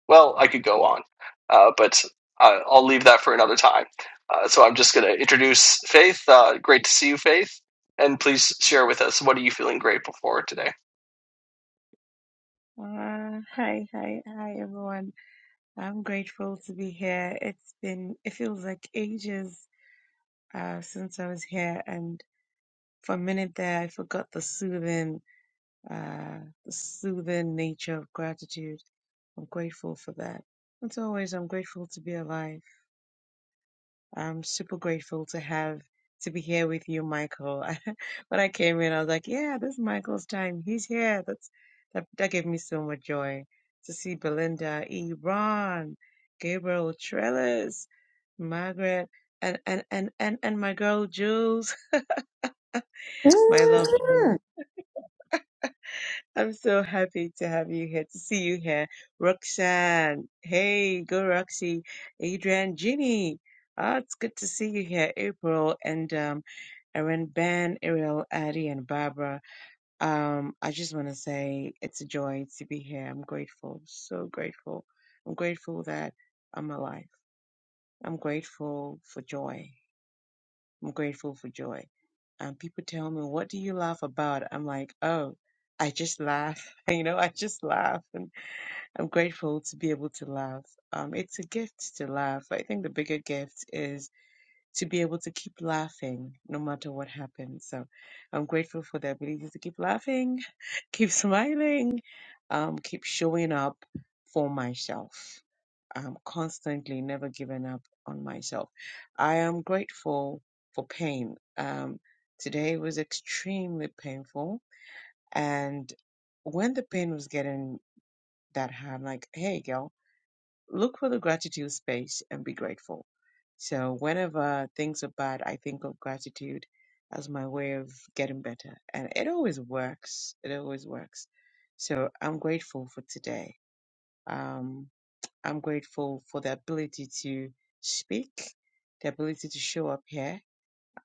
S1: well, I could go on, uh, but uh, I'll leave that for another time. Uh, so I'm just going to introduce Faith. Uh, great to see you, Faith. And please share with us what are you feeling grateful for today?
S13: Uh, hi, hi, hi, everyone. I'm grateful to be here. It's been, it feels like ages uh, since I was here, and for a minute there, I forgot the soothing, uh, the soothing nature of gratitude. I'm grateful for that. As always, I'm grateful to be alive. I'm super grateful to have to be here with you, Michael. When I came in, I was like, "Yeah, this is Michael's time. He's here." That's that. That gave me so much joy to see Belinda, Iran, Gabriel, Trellis, Margaret, and and and and and my girl Jules, my love
S14: Mm.
S13: Jules. I'm so happy to have you here, to see you here. Roxanne, hey, go Roxy. Adrian, Ginny, ah, it's good to see you here. April and um, Erin, Ben, Ariel, Addie, and Barbara. Um, I just want to say it's a joy to be here. I'm grateful, so grateful. I'm grateful that I'm alive. I'm grateful for joy. I'm grateful for joy. And people tell me, "What do you laugh about?" I'm like, "Oh, I just laugh." You know, I just laugh, and I'm grateful to be able to laugh. Um, it's a gift to laugh. I think the bigger gift is to be able to keep laughing no matter what happens. So, I'm grateful for the ability to keep laughing, keep smiling, um, keep showing up for myself um, constantly never given up on myself. I am grateful for pain. Um, today was extremely painful. And when the pain was getting that hard, I'm like, hey, girl, look for the gratitude space and be grateful. So whenever things are bad, I think of gratitude as my way of getting better. And it always works. It always works. So I'm grateful for today. Um, I'm grateful for the ability to speak, the ability to show up here,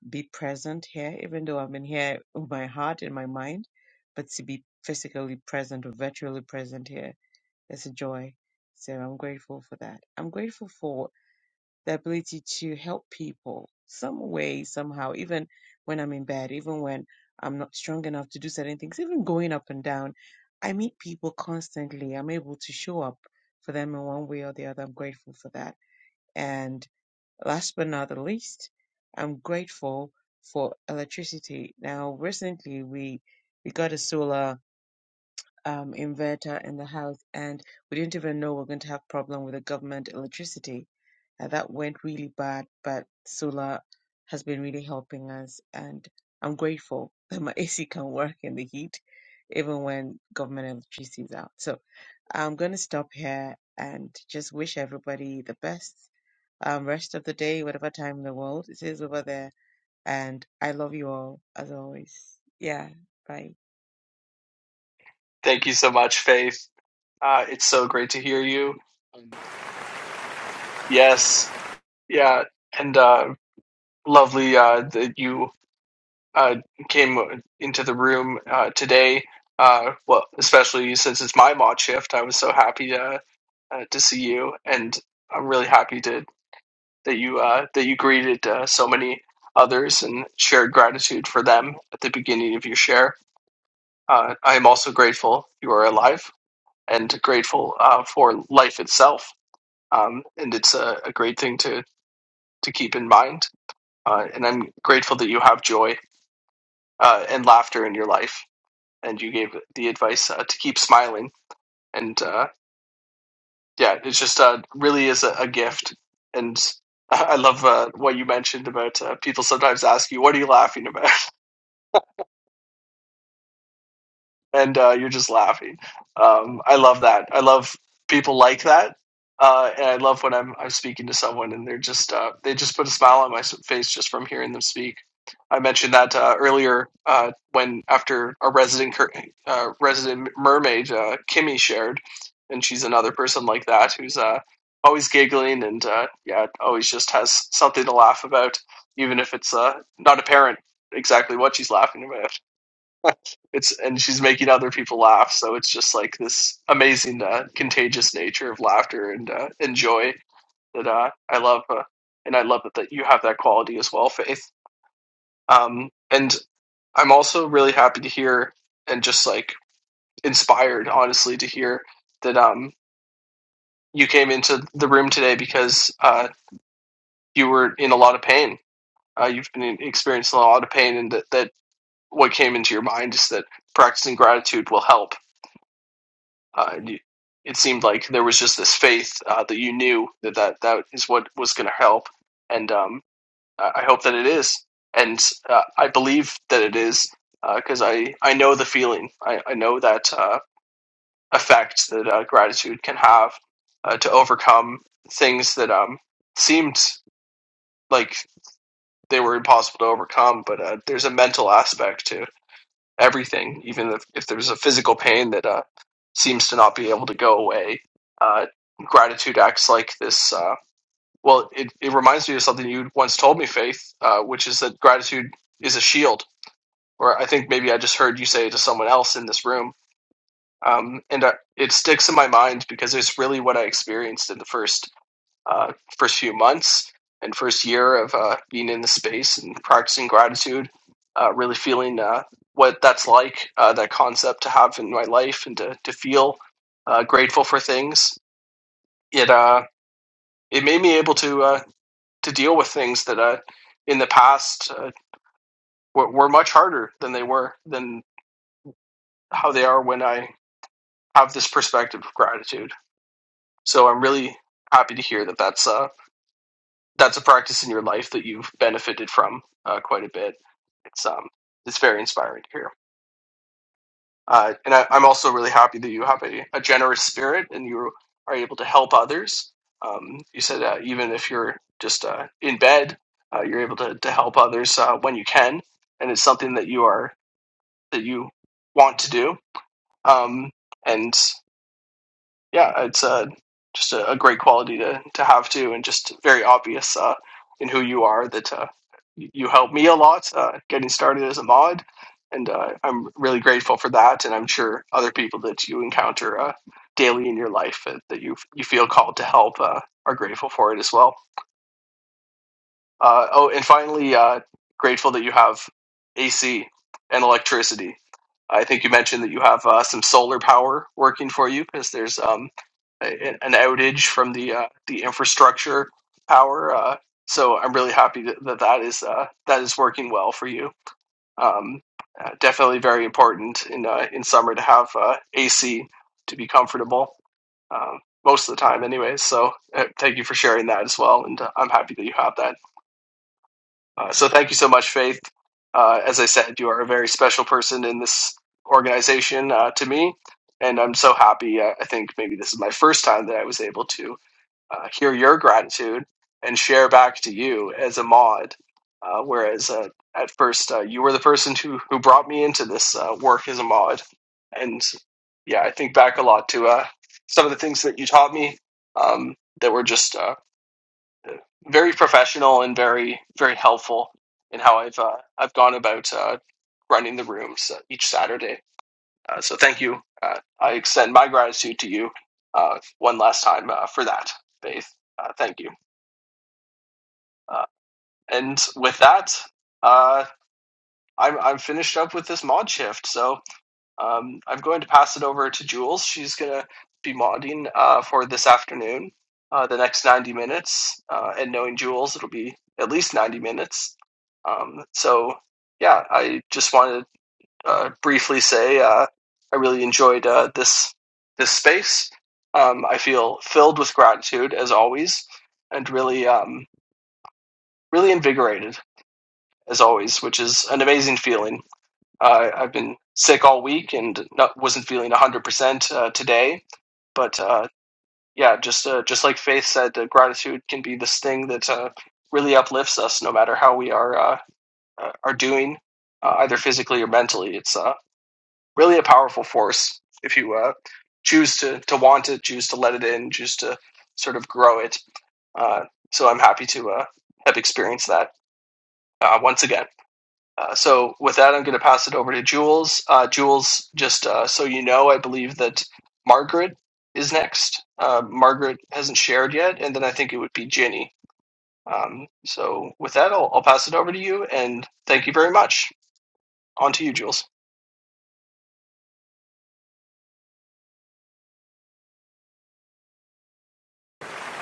S13: be present here, even though I'm in here with my heart and my mind, but to be physically present or virtually present here, that's a joy. So I'm grateful for that. I'm grateful for the ability to help people some way, somehow, even when I'm in bed, even when I'm not strong enough to do certain things, even going up and down. I meet people constantly. I'm able to show up for them in one way or the other. I'm grateful for that. And last but not the least, I'm grateful for electricity. Now, recently we we got a solar um, inverter in the house, and we didn't even know we are going to have problem with the government electricity. Uh, that went really bad, but solar has been really helping us, and I'm grateful that my AC can work in the heat, even when government electricity is out. So I'm going to stop here and just wish everybody the best um, rest of the day, whatever time in the world it is over there. And I love you all as always. Yeah, bye.
S1: Thank you so much, Faith. Uh, it's so great to hear you. Yes, yeah, and uh, lovely uh, that you uh, came into the room uh, today. Uh, well, especially since it's my mod shift, I was so happy to uh, to see you, and I'm really happy to that you uh, that you greeted uh, so many others and shared gratitude for them at the beginning of your share. Uh, I am also grateful you are alive and grateful uh, for life itself. Um, and it's a, a great thing to to keep in mind. Uh, and I'm grateful that you have joy uh, and laughter in your life. And you gave the advice uh, to keep smiling. And uh, yeah, it's just uh, really is a, a gift. And I I love uh, what you mentioned about uh, people sometimes ask you, "What are you laughing about?" and uh, you're just laughing. Um, I love that. I love people like that, uh, and I love when I'm I'm speaking to someone and they're just uh, they just put a smile on my face just from hearing them speak. I mentioned that uh, earlier uh, when after our resident uh, resident mermaid uh, Kimmy shared, and she's another person like that who's uh, always giggling and uh, yeah, always just has something to laugh about, even if it's uh, not apparent exactly what she's laughing about. it's and she's making other people laugh so it's just like this amazing uh, contagious nature of laughter and uh, and joy that uh, i love uh, and i love that, that you have that quality as well faith um, and i'm also really happy to hear and just like inspired honestly to hear that um, you came into the room today because uh, you were in a lot of pain uh, you've been experiencing a lot of pain and that, that what came into your mind is that practicing gratitude will help Uh, it seemed like there was just this faith uh, that you knew that that, that is what was going to help, and um, I hope that it is, and uh, I believe that it is because uh, I I know the feeling. I, I know that uh, effect that uh, gratitude can have uh, to overcome things that um seemed like they were impossible to overcome, but uh, there's a mental aspect to everything, even if, if there's a physical pain that uh, seems to not be able to go away. Uh, gratitude acts like this. Uh, well, it, it reminds me of something you once told me, Faith, uh, which is that gratitude is a shield. Or I think maybe I just heard you say it to someone else in this room. Um, and uh, it sticks in my mind because it's really what I experienced in the first uh, first few months and first year of uh, being in the space and practicing gratitude, uh, really feeling uh, what that's like, uh, that concept to have in my life and to, to feel uh, grateful for things. It uh, it made me able to uh, to deal with things that uh, in the past uh, were, were much harder than they were than how they are when I have this perspective of gratitude. So I'm really happy to hear that that's uh, that's a practice in your life that you've benefited from uh, quite a bit. It's um, it's very inspiring to hear. Uh, and I, I'm also really happy that you have a, a generous spirit and you are able to help others. Um, you said uh, even if you're just uh, in bed, uh, you're able to, to help others uh, when you can, and it's something that you are that you want to do. Um, and yeah, it's uh, just a, a great quality to, to have too, and just very obvious uh, in who you are that uh, y- you helped me a lot uh, getting started as a mod, and uh, I'm really grateful for that, and I'm sure other people that you encounter uh, daily in your life uh, that you you feel called to help uh, are grateful for it as well. Uh, oh, and finally, uh, grateful that you have AC and electricity. I think you mentioned that you have uh, some solar power working for you because there's um, a- an outage from the uh, the infrastructure power. Uh, so I'm really happy that that that is uh, that is working well for you. Um, uh, definitely very important in uh, in summer to have uh, AC to be comfortable um, most of the time, anyways. So uh, thank you for sharing that as well, and uh, I'm happy that you have that. Uh, so thank you so much, Faith. Uh, as I said, you are a very special person in this organization uh, to me, and I'm so happy. Uh, I think maybe this is my first time that I was able to uh, hear your gratitude and share back to you as a mod. Uh, whereas uh, at first uh, you were the person who who brought me into this uh, work as a mod, and yeah, I think back a lot to uh, some of the things that you taught me um, that were just uh, very professional and very very helpful in how I've uh, I've gone about uh, running the rooms uh, each Saturday. Uh, so thank you. Uh, I extend my gratitude to you uh, one last time uh, for that, Faith. Uh, thank you. Uh, and with that, uh, I'm I'm finished up with this mod shift. So Um, I'm going to pass it over to Jules. She's going to be modding uh, for this afternoon, uh, the next 90 minutes. Uh, and knowing Jules, it'll be at least 90 minutes. Um, so, yeah, I just wanted to uh, briefly say uh, I really enjoyed uh, this this space. Um, I feel filled with gratitude as always, and really um, really invigorated as always, which is an amazing feeling. Uh, I've been sick all week and not, wasn't feeling 100% uh, today. But uh, yeah, just uh, just like Faith said, uh, gratitude can be this thing that uh, really uplifts us, no matter how we are uh, uh, are doing, uh, either physically or mentally. It's uh, really a powerful force if you uh, choose to to want it, choose to let it in, choose to sort of grow it. Uh, so I'm happy to uh, have experienced that uh, once again. Uh, so with that, I'm going to pass it over to Jules. Uh, Jules, just uh, so you know, I believe that Margaret is next. Uh, Margaret hasn't shared yet, and then I think it would be Ginny. Um, so with that, I'll, I'll pass it over to you, and thank you very much. On to you, Jules.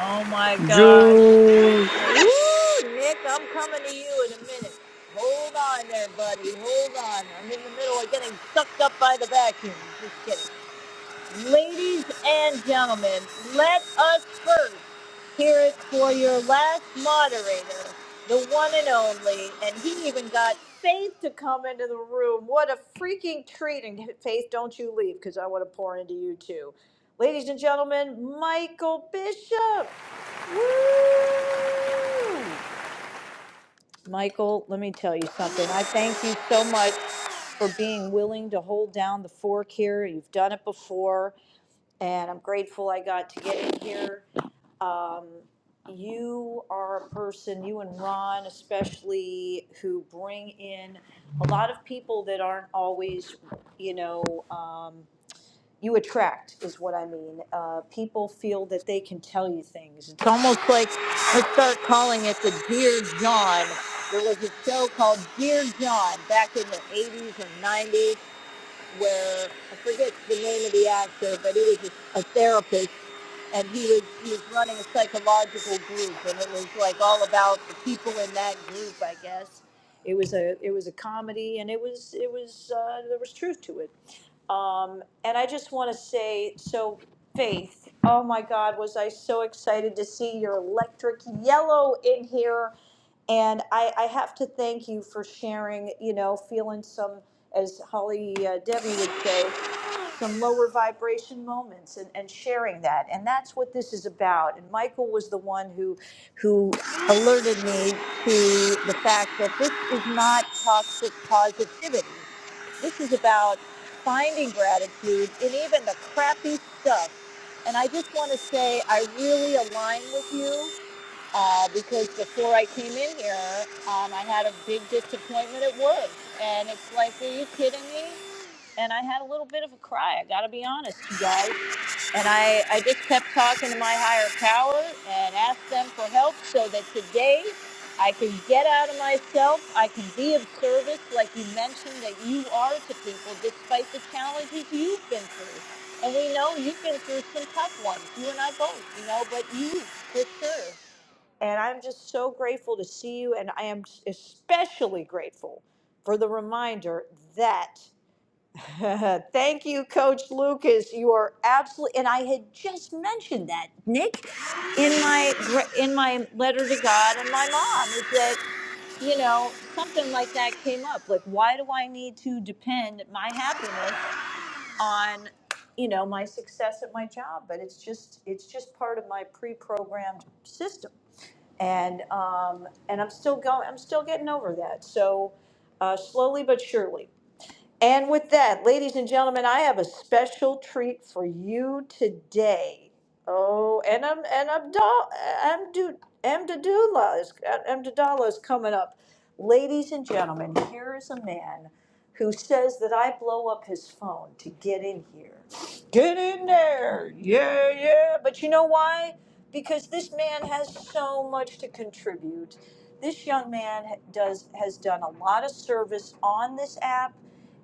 S14: Oh my gosh.
S15: Jules,
S14: Woo, Nick, I'm coming to you in a minute. Hold on there, buddy. Hold on. I'm in the middle of getting sucked up by the vacuum. Just kidding. Ladies and gentlemen, let us first hear it for your last moderator, the one and only. And he even got Faith to come into the room. What a freaking treat. And Faith, don't you leave because I want to pour into you too. Ladies and gentlemen, Michael Bishop. Woo! Michael, let me tell you something. I thank you so much for being willing to hold down the fork here. You've done it before and I'm grateful I got to get in here. Um, you are a person, you and Ron especially, who bring in a lot of people that aren't always, you know, um, you attract, is what I mean. Uh, people feel that they can tell you things. It's almost like, let's start calling it the Dear John. There was a show called Dear John back in the 80s or 90s where I forget the name of the actor, but he was a, a therapist, and he was he was running a psychological group, and it was like all about the people in that group, I guess. It was a it was a comedy, and it was it was uh, there was truth to it. Um, and I just want to say, so Faith, oh my God, was I so excited to see your electric yellow in here. And I, I have to thank you for sharing, you know, feeling some, as Holly uh, Debbie would say, some lower vibration moments and, and sharing that. And that's what this is about. And Michael was the one who, who alerted me to the fact that this is not toxic positivity. This is about finding gratitude in even the crappy stuff. And I just want to say, I really align with you uh, because before I came in here, um, I had a big disappointment at work. And it's like, are you kidding me? And I had a little bit of a cry. I got to be honest, you guys. And I, I just kept talking to my higher power and asked them for help so that today I can get out of myself. I can be of service, like you mentioned, that you are to people despite the challenges you've been through. And we know you've been through some tough ones, you and I both, you know, but you, for sure. And I'm just so grateful to see you. And I am especially grateful for the reminder that thank you, Coach Lucas. You are absolutely, and I had just mentioned that, Nick, in my gra- in my letter to God and my mom is that you know something like that came up. Like, why do I need to depend my happiness on you know my success at my job? But it's just it's just part of my pre-programmed system and um, and I'm still going. I'm still getting over that. So uh, slowly but surely. And with that, ladies and gentlemen, I have a special treat for you today. Oh, and I'm and Abdul Amdu Amdadullah is Amdadullah is coming up. Ladies and gentlemen, here is a man who says that I blow up his phone to get in here. Get in there. Yeah, yeah. But you know why? Because this man has so much to contribute. This young man ha- does has done a lot of service on this app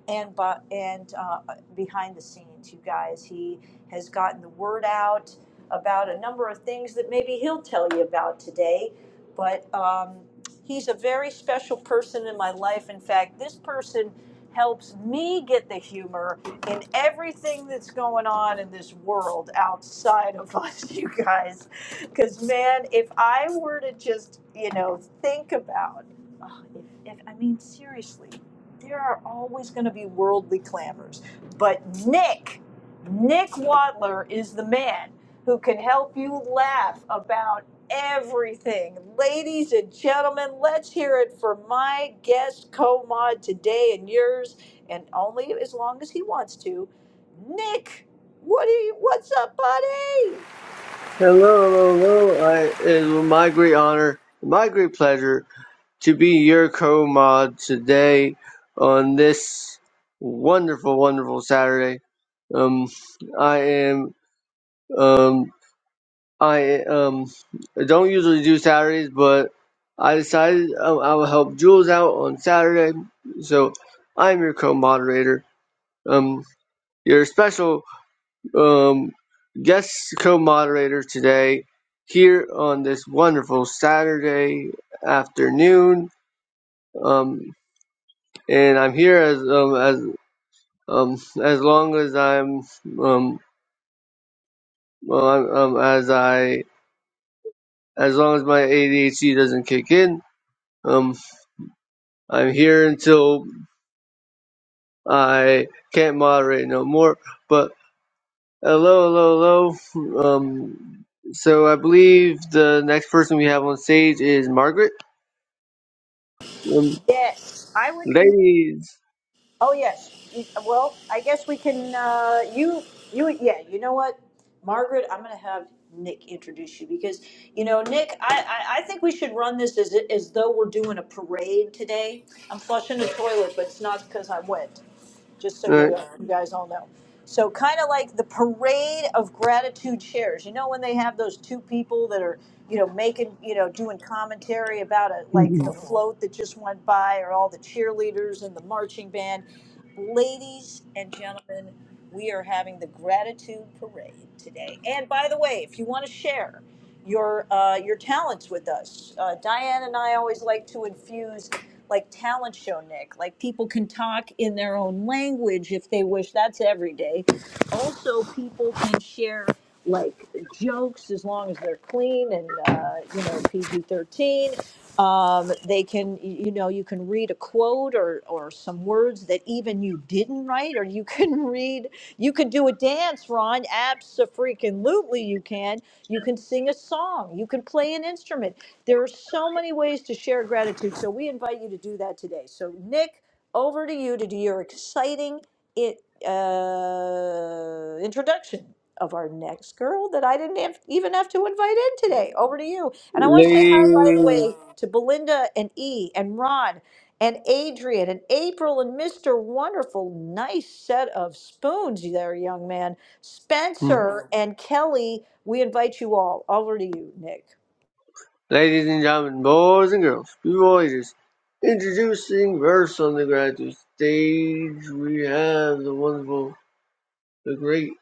S14: and but and uh, behind the scenes, you guys. He has gotten the word out about a number of things that maybe he'll tell you about today. But um, he's a very special person in my life. In fact, this person helps me get the humor in everything that's going on in this world outside of us, you guys. Because man, if I were to just you know think about, oh, if, if I mean seriously there are always going to be worldly clamors. But Nick, Nick Wadler is the man who can help you laugh about everything. Ladies and gentlemen, let's hear it for my guest co mod today and yours, and only as long as he wants to. Nick, what do you, what's up, buddy?
S15: hello, hello, hello. I, it was my great honor, my great pleasure to be your co-mod today on this wonderful, wonderful Saturday. Um, I am, um, I um, don't usually do Saturdays, but I decided um, I will help Jules out on Saturday, so I'm your co-moderator. Um, your special um, guest co-moderator today here on this wonderful Saturday afternoon. Um, and I'm here as um, as um, as long as I'm um, well, I'm- um as I as long as my ADHD doesn't kick in. Um, I'm here until I can't moderate no more. But hello, hello, hello. Um, so I believe the next person we have on stage is Margaret. Um,
S14: Yes, I would.
S15: Ladies,
S14: Oh yes. You- Well, I guess we can. Uh, you, you, yeah. You know what, Margaret? I'm going to have Nick introduce you because you know, Nick. I, I, I think we should run this as as though we're doing a parade today. I'm flushing the toilet, but it's not because I am wet just so
S15: uh,
S14: you, you guys all know. So kind of like the parade of gratitude shares. You know when they have those two people that are, you know, making, you know, doing commentary about it, like the float that just went by, or all the cheerleaders and the marching band. Ladies and gentlemen, we are having the gratitude parade today. And by the way, if you want to share your uh, your talents with us, uh, Diane and I always like to infuse like talent show Nick. Like people can talk in their own language if they wish. That's every day. Also, people can share like jokes as long as they're clean and uh, you know PG thirteen. Um, they can you know you can read a quote or or some words that even you didn't write, or you can read you can do a dance, Ron. Absolutely, you can. You can sing a song. You can play an instrument there are so many ways to share gratitude, so we invite you to do that today. So, Nick, over to you to do your exciting it, uh, introduction of our next girl that I didn't have, even have to invite in today. Over to you. And I want to say hi, by the
S15: ladies,
S14: way, to Belinda and E and Ron and Adrian and April and Mr. Wonderful. Nice set of spoons there, young man.
S15: hmm,
S14: Spencer and Kelly, we invite you all. Over to you, Nick.
S15: ladies and gentlemen, boys and girls, boys, introducing first on the graduate stage, we have the wonderful, the great,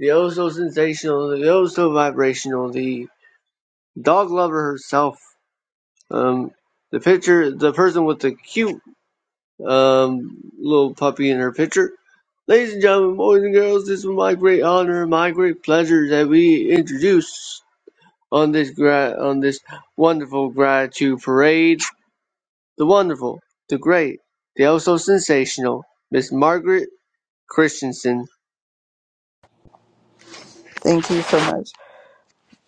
S15: the oh so sensational, the oh so vibrational, the dog lover herself, um, the picture, the person with the cute, um, little puppy in her picture. Ladies and gentlemen, boys and girls, this is my great honor, my great pleasure that we introduce. on this gra- on this wonderful gratitude parade. The wonderful, the great, the oh so sensational Miss Margaret Christensen.
S16: Thank you so much.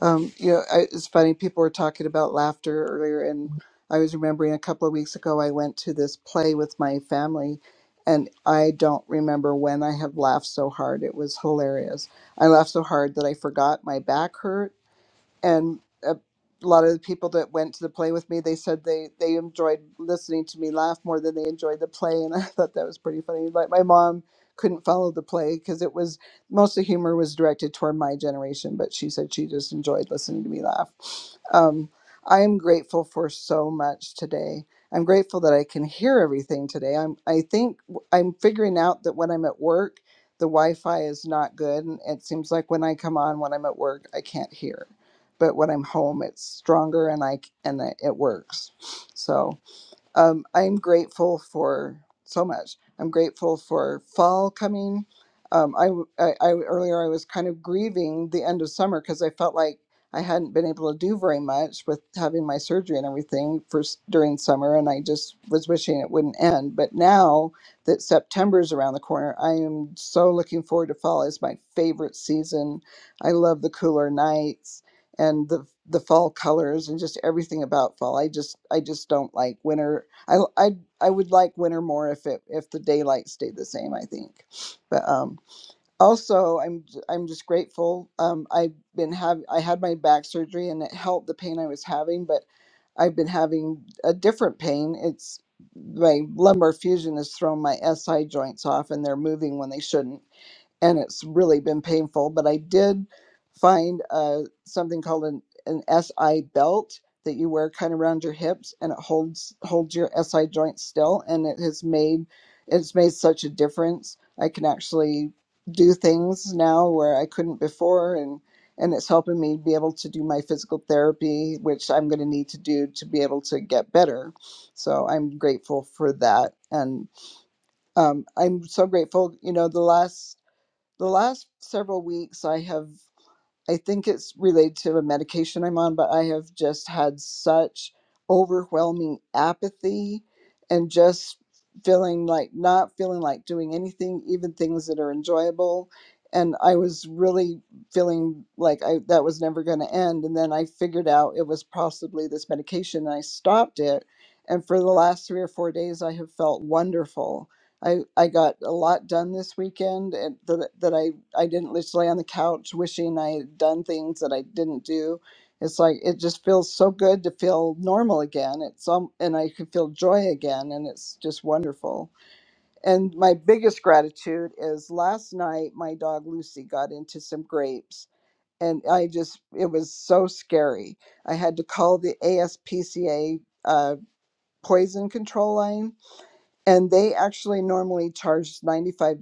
S16: Um, you know, I, it's funny. People were talking about laughter earlier, and I was remembering a couple of weeks ago I went to this play with my family, and I don't remember when I have laughed so hard. It was hilarious. I laughed so hard that I forgot my back hurt and uh, a lot of the people that went to the play with me they said they they enjoyed listening to me laugh more than they enjoyed the play and i thought that was pretty funny like my mom couldn't follow the play because it was most of the humor was directed toward my generation but she said she just enjoyed listening to me laugh um, i am grateful for so much today i'm grateful that i can hear everything today i'm i think w- i'm figuring out that when i'm at work the wi-fi is not good and it seems like when i come on when i'm at work i can't hear but when I'm home, it's stronger and I c- and it works. So um, I'm grateful for so much. I'm grateful for fall coming. Um, I, w- I- I- earlier I was kind of grieving the end of summer because I felt like I hadn't been able to do very much with having my surgery and everything for s- during summer, and I just was wishing it wouldn't end. But now that September's around the corner, I am so looking forward to fall. It's my favorite season. I love the cooler nights and the the fall colors and just everything about fall. I just I just don't like winter I I I would like winter more if it if the daylight stayed the same. I think, but um, also I'm j- I'm just grateful. Um, I've been have I had my back surgery and it helped the pain I was having, but I've been having a different pain. It's my lumbar fusion has thrown my SI joints off and they're moving when they shouldn't and it's really been painful. But I did find uh, something called an, an SI belt that you wear kind of around your hips, and it holds holds your SI joint still, and it has made it's made such a difference. I can actually do things now where I couldn't before, and and it's helping me be able to do my physical therapy, which I'm going to need to do to be able to get better. So I'm grateful for that, and um, I'm so grateful. You know, the last the last several weeks i have i think it's related to a medication i'm on but i have just had such overwhelming apathy and just feeling like not feeling like doing anything even things that are enjoyable and i was really feeling like i that was never going to end and then i figured out it was possibly this medication and i stopped it and for the last three or four days i have felt wonderful I, I got a lot done this weekend and that, that I, I didn't just lay on the couch wishing I had done things that I didn't do. It's like it just feels so good to feel normal again. It's um, and I could feel joy again and it's just wonderful. And my biggest gratitude is last night my dog Lucy got into some grapes and I just it was so scary. I had to call the ASPCA uh, poison control line and they actually normally charge $95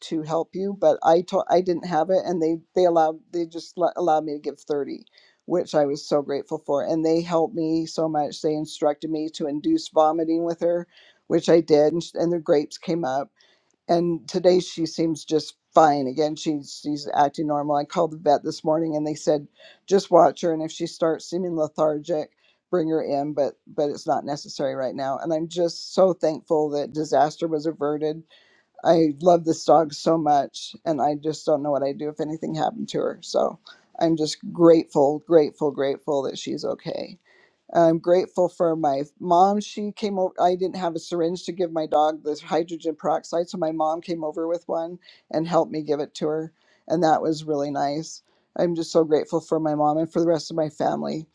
S16: to help you but i told i didn't have it and they they allowed they just let, allowed me to give 30 which i was so grateful for and they helped me so much they instructed me to induce vomiting with her which i did and, sh- and the grapes came up and today she seems just fine again she's she's acting normal i called the vet this morning and they said just watch her and if she starts seeming lethargic bring her in but but it's not necessary right now and i'm just so thankful that disaster was averted i love this dog so much and i just don't know what i'd do if anything happened to her so i'm just grateful grateful grateful that she's okay I'm grateful for my mom. She came over. I didn't have a syringe to give my dog the hydrogen peroxide, so my mom came over with one and helped me give it to her, and that was really nice. I'm just so grateful for my mom and for the rest of my family.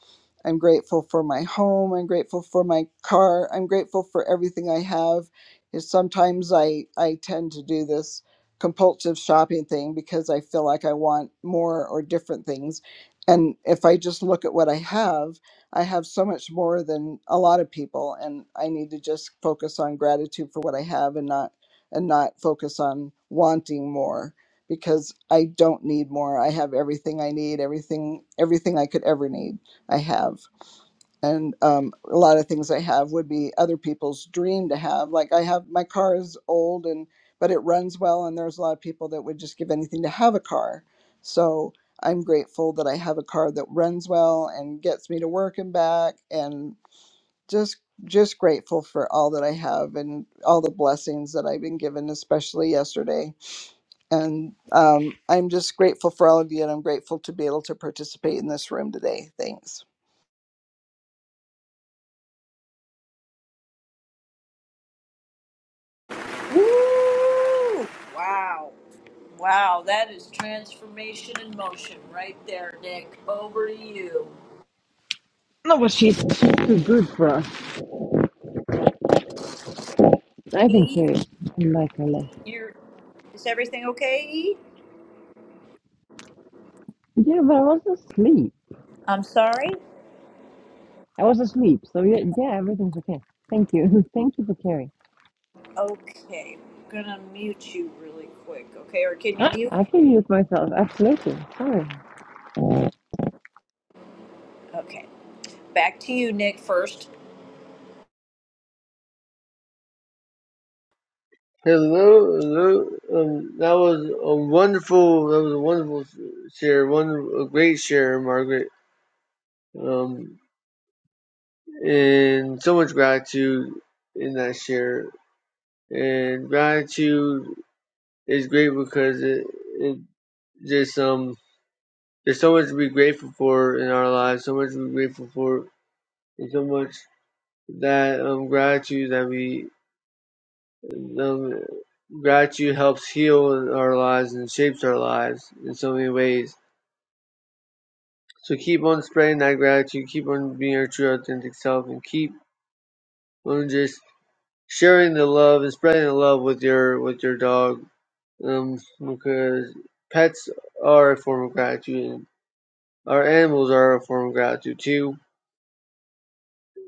S16: I'm grateful for my home. I'm grateful for my car. I'm grateful for everything I have. Is sometimes I I tend to do this compulsive shopping thing because I feel like I want more or different things, and if I just look at what I have I have so much more than a lot of people, and I need to just focus on gratitude for what I have and not and not focus on wanting more because I don't need more. I have everything I need, everything everything I could ever need. I have and um, a lot of things I have would be other people's dream to have. Like I have my car is old and but it runs well, and there's a lot of people that would just give anything to have a car. So I'm grateful that I have a car that runs well and gets me to work and back, and just just grateful for all that I have and all the blessings that I've been given, especially yesterday. And um, I'm just grateful for all of you, and I'm grateful to be able to participate in this room today. Thanks.
S14: Woo! Wow. Wow, that is transformation in motion right there, Nick. Over to you.
S3: No, but she's she's too good for us. I think
S14: E,
S3: she I like her less.
S14: you're, is everything okay, E?
S3: Yeah, but I was asleep.
S14: I'm sorry?
S3: I was asleep. So yeah, yeah, everything's okay. Thank you. Thank you for caring.
S14: Okay, I'm gonna mute you really quick, okay? Or can you mute?
S3: I can mute myself. Absolutely. Sorry.
S14: Okay, back to you, Nick, first.
S15: Hello, hello. Um, that was a wonderful. That was a wonderful share. One a great share, Margaret. Um, and so much gratitude in that share. And gratitude is great because it it just um there's so much to be grateful for in our lives. So much to be grateful for And so much that um, gratitude that we um, gratitude helps heal our lives and shapes our lives in so many ways. So keep on spreading that gratitude, keep on being your true authentic self, and keep on just sharing the love and spreading the love with your with your dog. Um, because pets are a form of gratitude, and our animals are a form of gratitude too.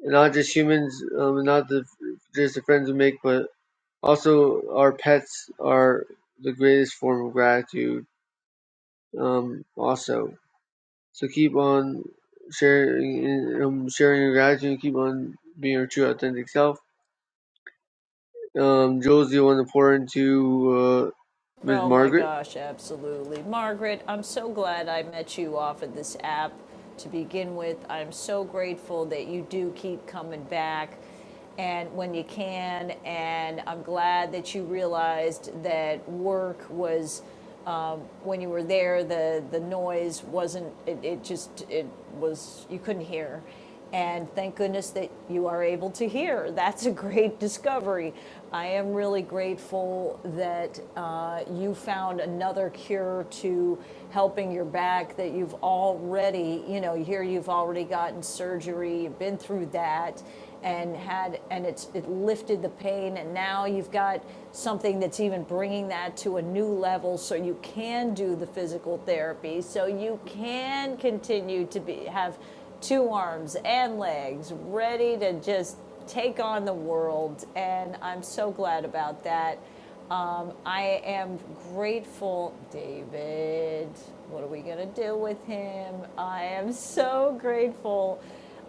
S15: And not just humans, um, not the just the friends we make, but Also, our pets are the greatest form of gratitude, um, also. So keep on sharing, um, sharing your gratitude, keep on being your true, authentic self. Um, Jules, do you to pour into, uh, Ms.
S14: Oh my
S15: Margaret?
S14: gosh, absolutely. Margaret, I'm so glad I met you off of this app to begin with. I'm so grateful that you do keep coming back and when you can and I'm glad that you realized that work was um, when you were there, the, the noise wasn't, it, it just, it was, you couldn't hear. And thank goodness that you are able to hear. That's a great discovery. I am really grateful that uh, you found another cure to helping your back, that you've already, you know, here you've already gotten surgery, you've been through that and had and it's it lifted the pain and now you've got something that's even bringing that to a new level so you can do the physical therapy so you can continue to be have two arms and legs ready to just take on the world and I'm so glad about that um, I am grateful, David. What are we going to do with him? I am so grateful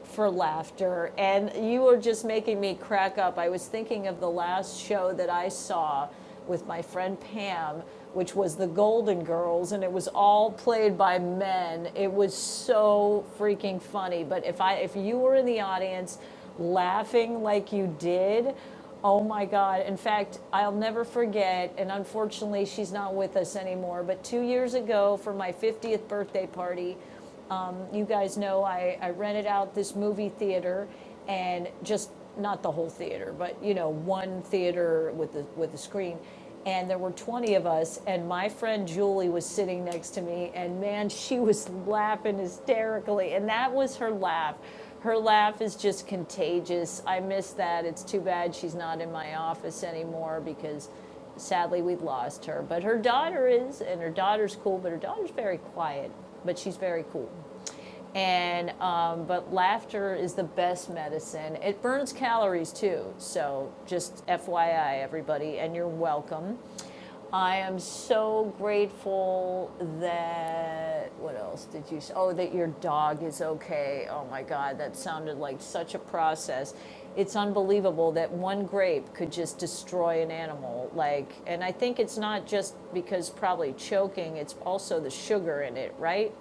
S14: for laughter. And you are just making me crack up. I was thinking of the last show that I saw with my friend Pam, which was The Golden Girls, and it was all played by men. It was so freaking funny. But if I if you were in the audience laughing like you did, Oh my God. In fact, I'll never forget, and unfortunately, she's not with us anymore, but two years ago for my 50th birthday party, um, you guys know I, I rented out this movie theater and just not the whole theater, but you know, one theater with the with the screen. And there were 20 of us, and my friend Julie was sitting next to me, and man, she was laughing hysterically. And that was her laugh. Her laugh is just contagious. I miss that. It's too bad she's not in my office anymore because sadly we lost her but her daughter is and her daughter's cool but her daughter's very quiet but she's very cool and um, but laughter is the best medicine. It burns calories too. So just FYI, everybody, and you're welcome. I am so grateful that what else did you? say? Oh, that your dog is okay. Oh my God, that sounded like such a process. It's unbelievable that one grape could just destroy an animal. Like, and I think it's not just because probably choking. It's also the sugar in it, right?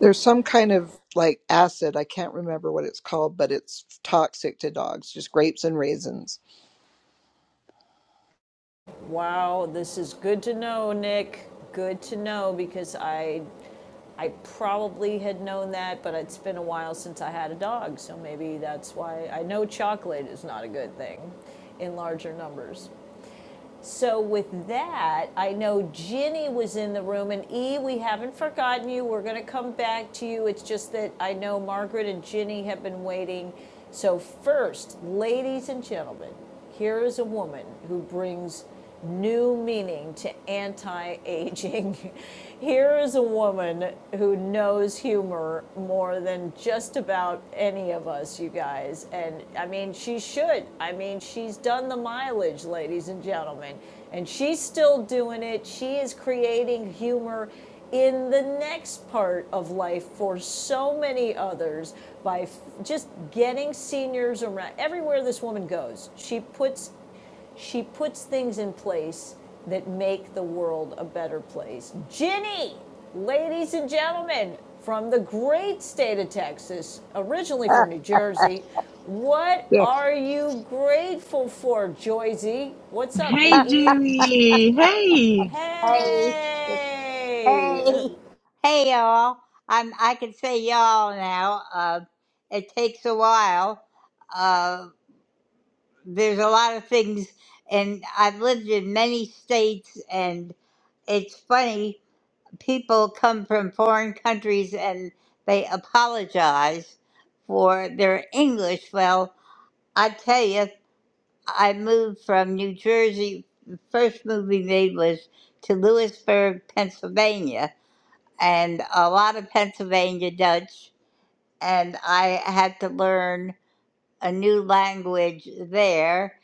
S16: There's some kind of like acid, I can't remember what it's called, but it's toxic to dogs, just grapes and raisins.
S14: Wow, this is good to know, Nick. Good to know because I I probably had known that, but it's been a while since I had a dog, so maybe that's why I know chocolate is not a good thing in larger numbers. So with that, I know Ginny was in the room, and E, we haven't forgotten you. We're going to come back to you. It's just that I know Margaret and Ginny have been waiting. So first, ladies and gentlemen, here is a woman who brings new meaning to anti-aging. Here is a woman who knows humor humor more than just about any of us, you guys. And I mean, she should. I mean, she's done the mileage, ladies and gentlemen. And she's still doing it. She is creating humor in the next part of life for so many others by f- just getting seniors around everywhere this woman goes she puts she puts things in place that make the world a better place. Ginny, ladies and gentlemen, from the great state of Texas, originally from New Jersey, what
S17: Yes.
S14: are you grateful for, Joyzy? What's up? And
S3: Hey,
S14: E,
S3: Julie. Hey.
S17: Hey. Yes.
S14: hey,
S17: Hey. Hey, y'all. I'm. I can say y'all now. Uh, it takes a while. Uh, there's a lot of things, and I've lived in many states, and it's funny. People come from foreign countries, and they apologize for their English. Well, I tell you, I moved from New Jersey. The first move we made was to Lewisburg, Pennsylvania and a lot of Pennsylvania Dutch, and I had to learn a new language there.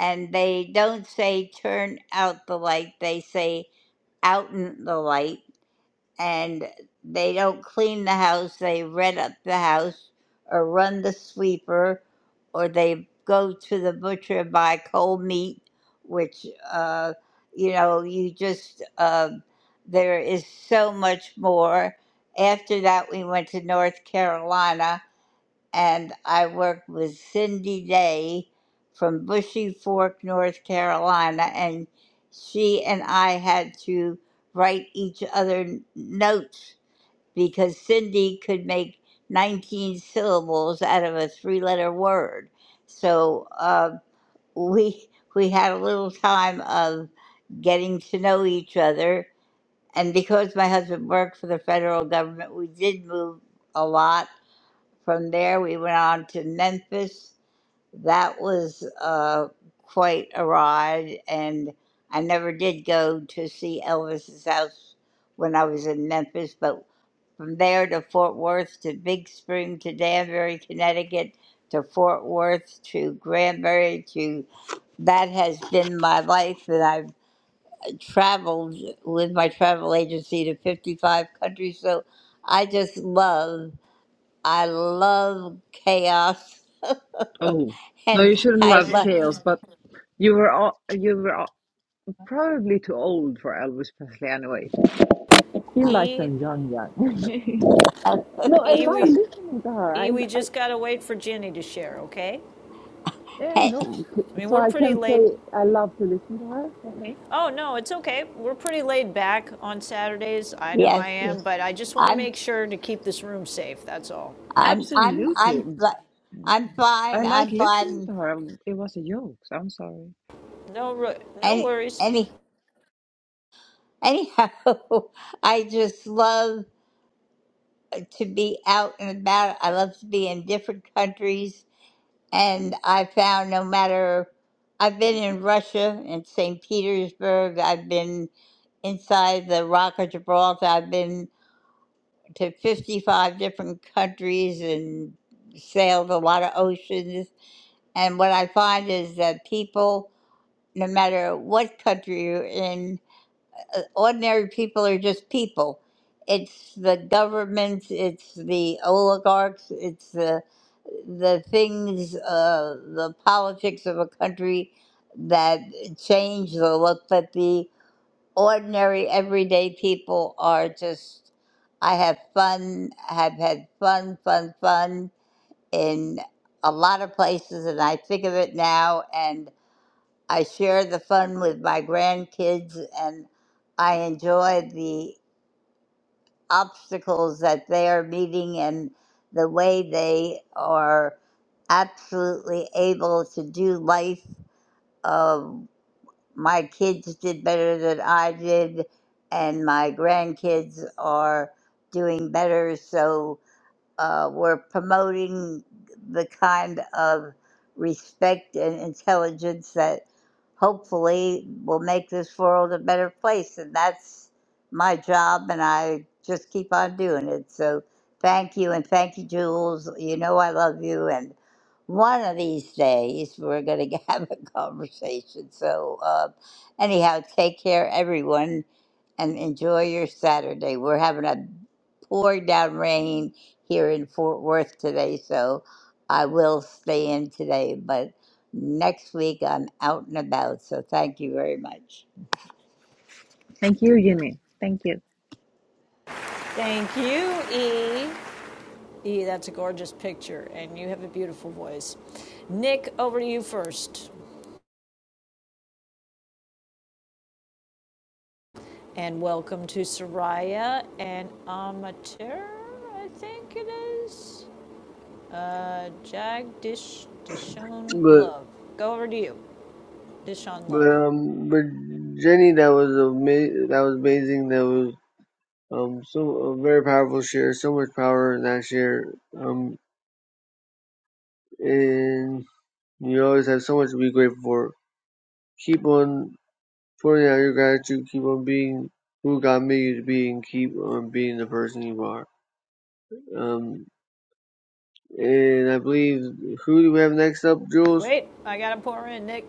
S17: And they don't say turn out the light, they say out in the light and they don't clean the house, they rent up the house or run the sweeper or they go to the butcher and buy cold meat, which, uh, you know, you just, uh, there is so much more. After that, we went to North Carolina and I worked with Cindy Day from Bushy Fork, North Carolina, and she and I had to write each other n- notes because Cindy could make 19 syllables out of a three-letter word. So uh, we we had a little time of getting to know each other, and because my husband worked for the federal government, we did move a lot from there, we went on to Memphis. That was uh, quite a ride, and I never did go to see Elvis's house when I was in Memphis. But from there to Fort Worth to Big Spring to Danbury, Connecticut to Fort Worth to Granbury to that has been my life and I've traveled with my travel agency to 55 countries. So I just love I love chaos,
S3: Oh, no,
S17: and
S3: you shouldn't
S17: I
S3: love chaos,
S17: love
S3: but you were all, you were all, probably too old for Elvis Presley anyway. He
S17: Uh,
S3: liked
S14: E,
S3: them young, young. no, I
S14: E,
S3: love
S14: we,
S3: listening to her.
S14: E,
S3: I,
S14: we
S3: I
S14: just gotta wait for Ginny to share, okay?
S3: Yeah,
S17: hey,
S3: no.
S14: I mean,
S3: So
S14: we're
S3: I
S14: pretty
S3: can
S14: late
S3: say I love to listen to her. Okay.
S14: Oh, no, it's okay. We're pretty laid back on Saturdays. I know
S17: yes,
S14: I am,
S17: yes.
S14: but I just want to
S17: I'm
S14: make sure to keep this room safe. That's all.
S17: I'm I'm I'm
S3: Absolutely.
S17: fi- I'm
S3: I
S17: fine.
S3: like
S17: I'm
S3: listening
S17: fine.
S3: to her. Um, It was a joke. so I'm sorry.
S14: No, no
S17: Any
S14: worries.
S17: any anyhow, I just love to be out and about. I love to be in different countries, and I found no matter. I've been in Russia in St. Petersburg. I've been inside the Rock of Gibraltar. I've been to 55 different countries and sailed a lot of oceans. And what I find is that people, no matter what country you're in, uh, ordinary people are just people. It's the governments, it's the oligarchs, it's the the things, uh, the politics of a country that change the look, but the ordinary, everyday people are just. I have fun, have had fun, fun, fun in a lot of places, and I think of it now, and I share the fun with my grandkids, and I enjoy the obstacles that they are meeting and the way they are absolutely able to do life uh, my kids did better than I did, and my grandkids are doing better. So uh, we're promoting the kind of respect and intelligence that hopefully will make this world a better place. And that's my job, and I just keep on doing it. So thank you, and thank you, Jules. You know I love you, and one of these days we're going to have a conversation. So, uh, anyhow, take care, everyone, and enjoy your Saturday. We're having a poured down rain here in Fort Worth today, so I will stay in today. But next week I'm out and about, so thank you very much.
S3: Thank you, Jimmy. Thank you.
S14: Thank you, E. E, that's a gorgeous picture, and you have a beautiful voice. Nick, over to you first. And welcome to Soraya and Amateur, I think it is. Uh, Jagdish Dishon
S15: But,
S14: Love. Go over to you, Dishon
S15: but,
S14: Love.
S15: um, but Jenny, that was ama- that was amazing. That was, um, so, a very powerful share, so much power in that share. Um, and you always have so much to be grateful for. Keep on Pour out your gratitude. Keep on being who God made you to be, and keep on being the person you are. Um, and I believe who do we have next up, Jules?
S14: Wait, I gotta pour in, Nick.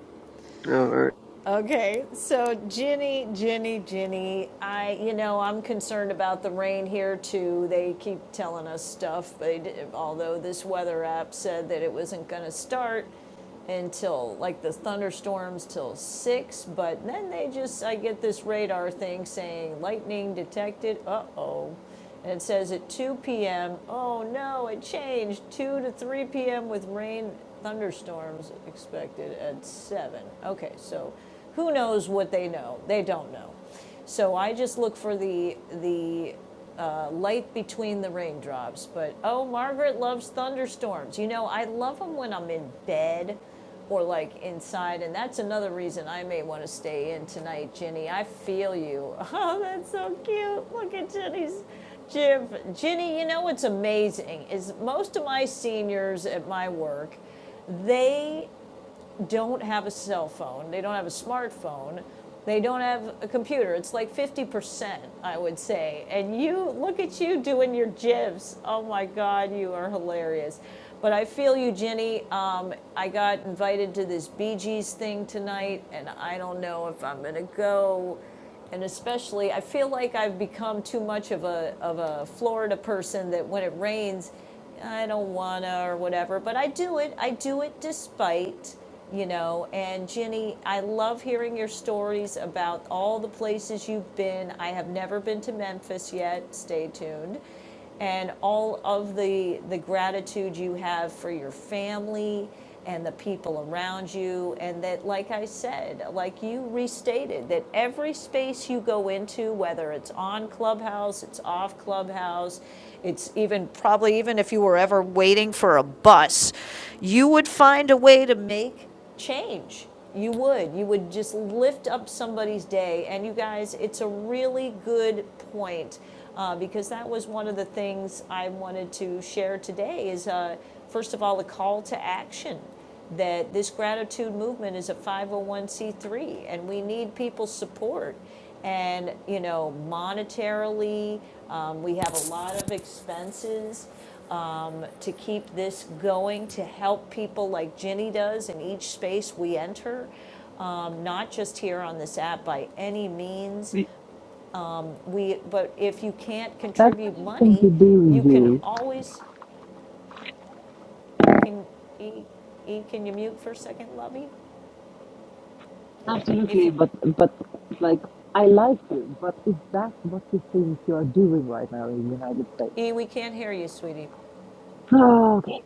S15: Oh, all right.
S14: Okay, so Ginny, Ginny, Ginny, I, you know, I'm concerned about the rain here too. They keep telling us stuff. They, d- although this weather app said that it wasn't going to start until like the thunderstorms till six, but then they just, I get this radar thing saying lightning detected. Uh oh. And it says at 2 p.m., oh no, it changed, 2 to 3 p.m. with rain, thunderstorms expected at 7. Okay, so who knows what they know? They don't know. So I just look for the, the uh, light between the raindrops. But oh, Margaret loves thunderstorms. You know, I love them when I'm in bed or like inside. And that's another reason I may want to stay in tonight, Ginny. I feel you. Oh, that's so cute. Look at Ginny's Jim. Ginny, you know what's amazing is most of my seniors at my work, they don't have a cell phone, they don't have a smartphone, they don't have a computer. It's like 50%, I would say. And you look at you doing your jibs. Oh my God, you are hilarious. But I feel you, Jenny. Um, I got invited to this Bee Gees thing tonight, and I don't know if I'm going to go. And especially, I feel like I've become too much of a, of a Florida person that when it rains, I don't wanna or whatever, but I do it. I do it despite, you know. And Ginny, I love hearing your stories about all the places you've been. I have never been to Memphis yet. Stay tuned and all of the, the gratitude you have for your family and the people around you. And that, like I said, like you restated, that every space you go into, whether it's on Clubhouse, it's off Clubhouse, it's even probably even if you were ever waiting for a bus, you would find a way to make change. You would. You would just lift up somebody's day. And you guys, it's a really good point uh, because that was one of the things I wanted to share today is, uh, first of all, the call to action that this gratitude movement is a 501c3 and we need people's support and you know monetarily um, we have a lot of expenses um, to keep this going, to help people like Ginny does in each space we enter, um, not just here on this app by any means.
S3: Y-
S14: We, but if you can't
S3: That's what
S14: contribute
S3: you think
S14: money,
S3: you do,
S14: you can
S3: you.
S14: always can e, e can you mute for a second, Lovey? If
S3: Absolutely,
S14: you
S3: but but like I like you, but is that what you think you are doing right now in the United States?
S14: e we can't hear you, sweetie.
S3: Oh, okay,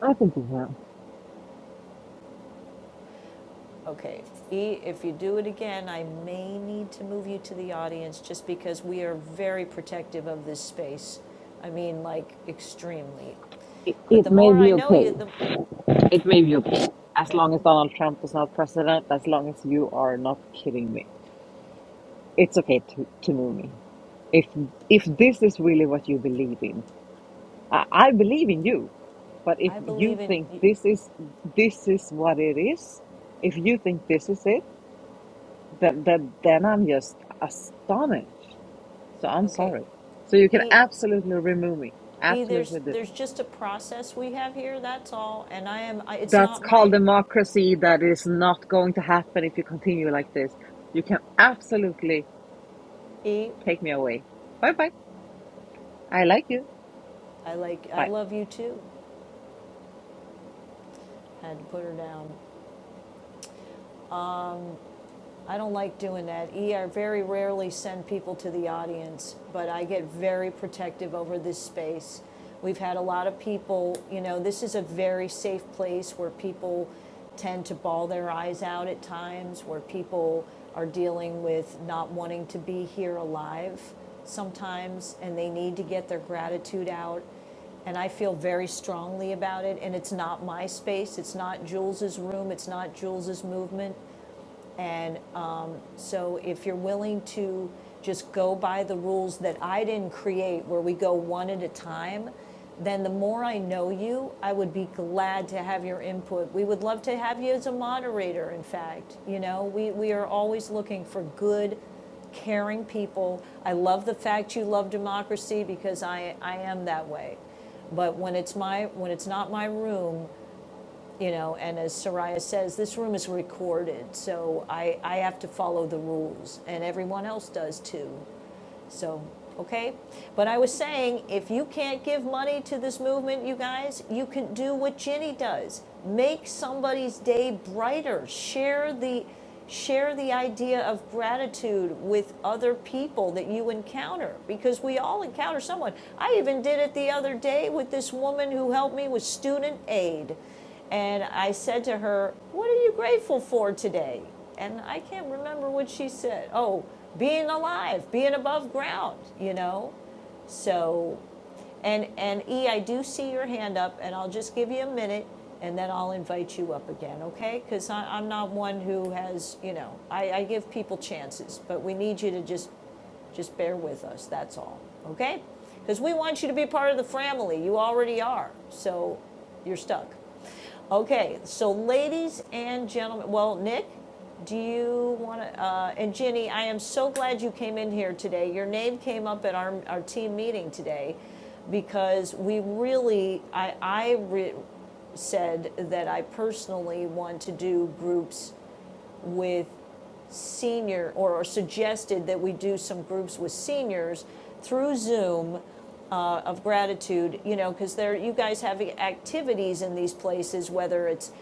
S3: I think you know.
S14: Okay, E, if you do it again, I may need to move you to the audience just because we are very protective of this space. I mean, like, extremely.
S3: It,
S14: But the
S3: it may
S14: more I
S3: be
S14: know you,
S3: okay.
S14: the,
S3: It may be okay as
S14: okay,
S3: long as Donald Trump is not president. As long as you are not kidding me. it's okay to, to move me. If if this is really what you believe in, I, I believe in you. But if
S14: I
S3: you
S14: believe in,
S3: think this is this is what it is, if you think this is it, then then, then I'm just astonished. So I'm
S14: okay,
S3: sorry. So you can
S14: E,
S3: absolutely remove me.
S14: E, there's,
S3: Absolutely do.
S14: there's just a process we have here, that's all, and I am, I- it's
S3: That's
S14: not
S3: called
S14: my,
S3: democracy. That is not going to happen if you continue like this. You can absolutely
S14: E,
S3: take me away. Bye bye. I like you.
S14: I like, I
S3: Bye.
S14: love you too, I had to put her down. I don't like doing that. ER very rarely send people to the audience, but I get very protective over this space. We've had a lot of people, you know, this is a very safe place where people tend to ball their eyes out at times, where people are dealing with not wanting to be here alive sometimes, and they need to get their gratitude out. And I feel very strongly about it. And it's not my space. It's not Jules's room. It's not Jules's movement. And so if you're willing to just go by the rules that I didn't create, where we go one at a time, then the more I know you, I would be glad to have your input. We would love to have you as a moderator, in fact. You know, we, we are always looking for good, caring people. I love the fact you love democracy because I, I am that way. But when it's my when it's not my room, you know, and as Soraya says, this room is recorded, so I, I have to follow the rules, and everyone else does too. So, okay? But I was saying, if you can't give money to this movement, you guys, you can do what Ginny does make somebody's day brighter, share the share the idea of gratitude with other people that you encounter because we all encounter someone. I even did it the other day with this woman who helped me with student aid. And I said to her, What are you grateful for today? And I can't remember what she said. Oh, being alive, being above ground, you know? So, and, and E, I do see your hand up, and I'll just give you a minute and then I'll invite you up again, okay? Because I'm not one who has, you know, I, I give people chances, but we need you to just just bear with us. That's all, okay? Because we want you to be part of the family. You already are, so you're stuck. Okay, so ladies and gentlemen, well, Nick, do you want to, uh, and Ginny, I am so glad you came in here today. Your name came up at our, our team meeting today because we really, I, I re- said that I personally want to do groups with senior, or, or suggested that we do some groups with seniors through Zoom uh, of gratitude, you know, because there, you guys have activities in these places, whether it's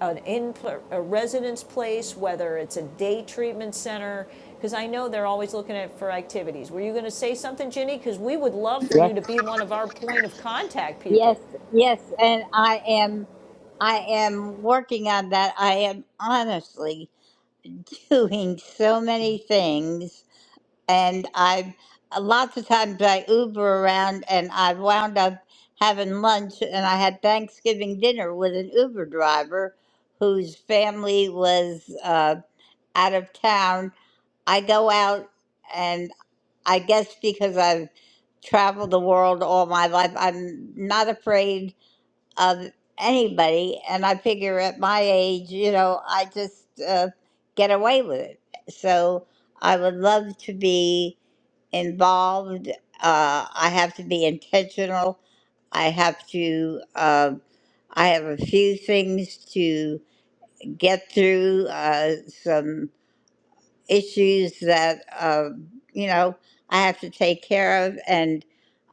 S14: an in, a residence place, whether it's a day treatment center, because I know they're always looking at, for activities. Were you going to say something, Ginny? Because we would love for
S17: Yes,
S14: you to be one of our point of contact
S17: Yes,
S14: people.
S17: yes, and I am. I am working on that. I am honestly doing so many things and I lots of times I Uber around, and I wound up having lunch, and I had Thanksgiving dinner with an Uber driver whose family was uh, out of town. I go out, and I guess because I've traveled the world all my life, I'm not afraid of anybody, and I figure at my age, you know, I just uh, get away with it. So I would love to be involved. Uh, I have to be intentional. I have to. Uh, I have a few things to get through. Uh, some issues that uh, you know I have to take care of, and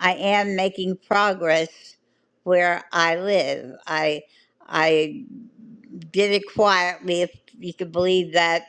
S17: I am making progress where I live. I I did it quietly, if you could believe that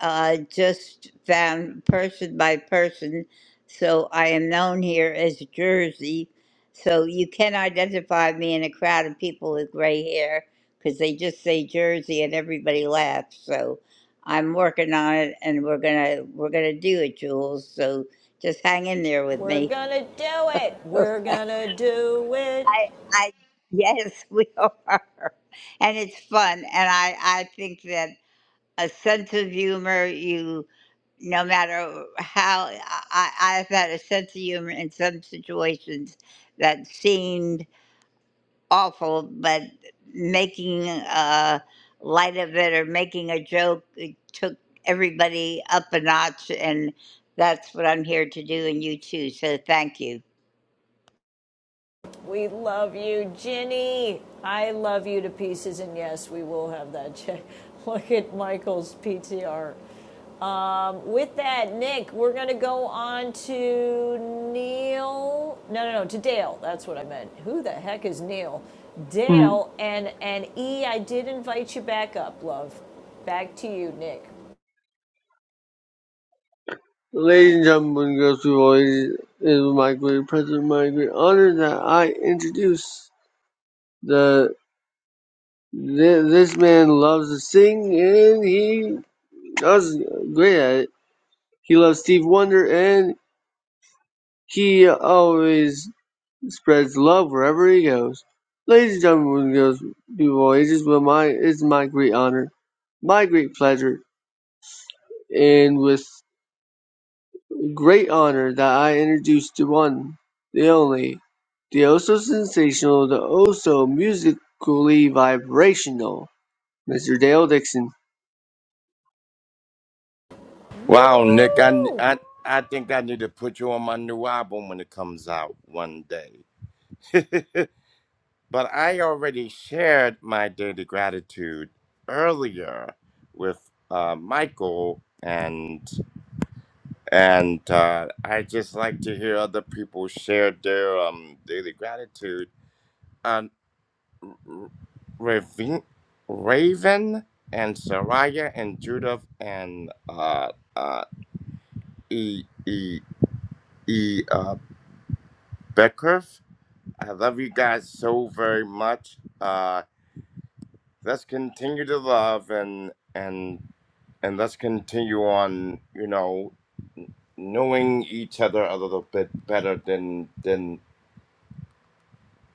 S17: uh, just found person by person. So I am known here as Jersey. So you can identify me in a crowd of people with gray hair because they just say Jersey and everybody laughs. So I'm working on it, and we're gonna we're gonna do it, Jules. So just hang in there with
S14: We're
S17: me.
S14: gonna do it. We're
S17: I
S14: gonna do it.
S17: I yes, we are, and it's fun, and I I think that a sense of humor. You, no matter how, I, I- have had a sense of humor in some situations that seemed awful, but making uh, light of it or making a joke it took everybody up a notch. And that's what I'm here to do, and you too. So thank you.
S14: We love you, Ginny. I love you to pieces, and yes, we will have that check. Look at Michael's PTR. Um, with that, Nick, we're going to go on to Neil. No, no, no, to Dale. That's what I meant. Who the heck is Neil?
S15: Hmm.
S14: Dale and and E. I did invite you back up, love. Back to you, Nick.
S15: Ladies and gentlemen, girls who always it is my great pleasure, my great honor that I introduce the th- this man loves to sing and he does great at it. He loves Steve Wonder and he always spreads love wherever he goes. Ladies and gentlemen, goes people of all ages, well, my it's my great honor, my great pleasure, and with great honor that I introduce to one, the only, the oh so sensational, the oh so musically vibrational, Mr. Dale Dixon.
S10: Wow, Nick, I,
S14: Woo!
S10: I, I think I need to put you on my new album when it comes out one day. But I already shared my daily gratitude earlier with uh, Michael, and and uh, I just like to hear other people share their um, daily gratitude. Um, R- Ravin, Raven and Saraya and Judith and uh, uh, E E E uh, Beckerf. I love you guys so very much. Uh, let's continue to love and and and let's continue on. You know, knowing each other a little bit better than than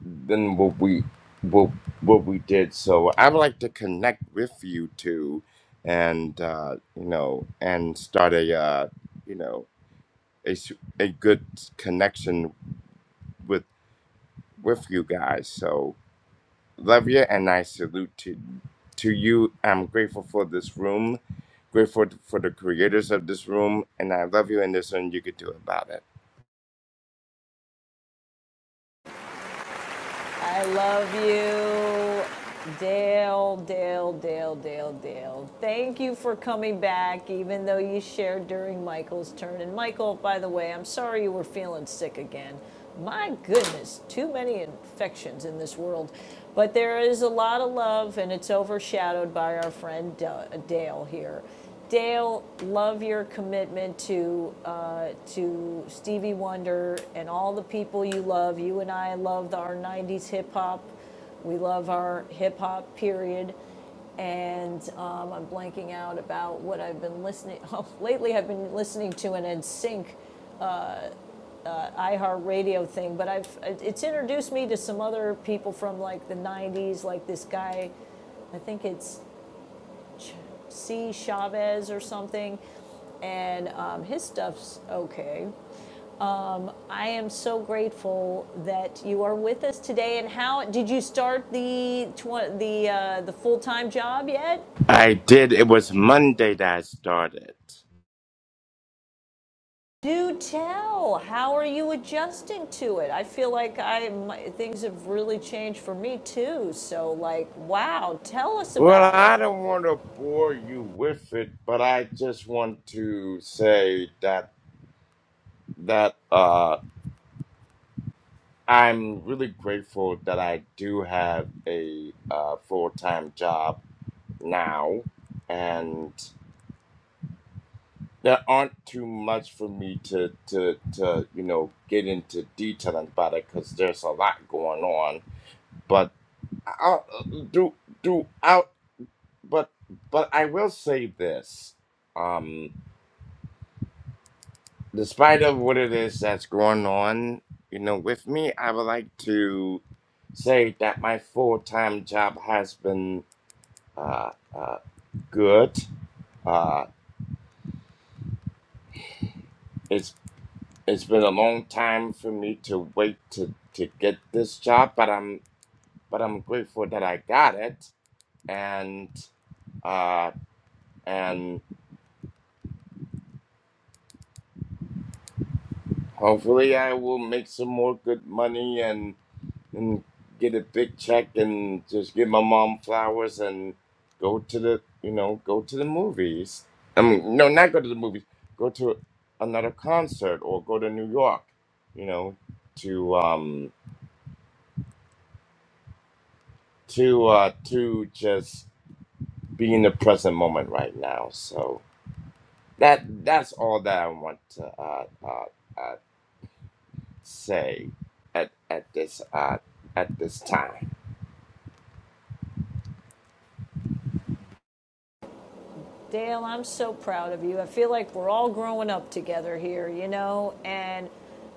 S10: than what we what what we did. So I would like to connect with you two, and uh, you know, and start a uh, you know a s- a good connection with with you guys. So love you, and I salute to to you. I'm grateful for this room Grateful for the creators of this room, and I love you, and there's nothing you could do about it.
S14: I love you. Dale, Dale, Dale, Dale, Dale. Thank you for coming back, even though you shared during Michael's turn. And Michael, by the way, I'm sorry you were feeling sick again. My goodness, too many infections in this world. But there is a lot of love, and it's overshadowed by our friend uh, Dale here. Dale, love your commitment to, uh, to Stevie Wonder and all the people you love. You and I love our 90s hip hop. We love our hip hop period. And um, I'm blanking out about what I've been listening. Oh, lately, I've been listening to an NSYNC iHeartRadio thing, but I've it's introduced me to some other people from like the 90s, like this guy. I think it's See Chavez or something, and um, his stuff's okay. I am so grateful that you are with us today. And how did you start the tw- the uh, the full time job yet?
S10: I did. It was Monday that I started.
S14: Do tell. How are you adjusting to it? I feel like I my, things have really changed for me too. So like, wow, tell us
S10: Well,
S14: about it.
S10: I don't want to bore you with it, but I just want to say that that uh, I'm really grateful that I do have a uh, full time job now, and there aren't too much for me to to to you know get into detail about it because there's a lot going on but I'll, through throughout but but i will say this um despite of what it is that's going on you know with me i would like to say that my full-time job has been uh, uh good uh it's it's been a long time for me to wait to to get this job but i'm but i'm grateful that i got it and uh, and Hopefully, I will make some more good money and, and get a big check and just give my mom flowers and go to the you know go to the movies. I mean, no, not go to the movies. Go to another concert or go to New York. You know, to um to uh to just be in the present moment right now. So that that's all that I want to uh, uh, uh, say at at this uh, at this time.
S14: Dale, I'm so proud of you. I feel like we're all growing up together here, you know, and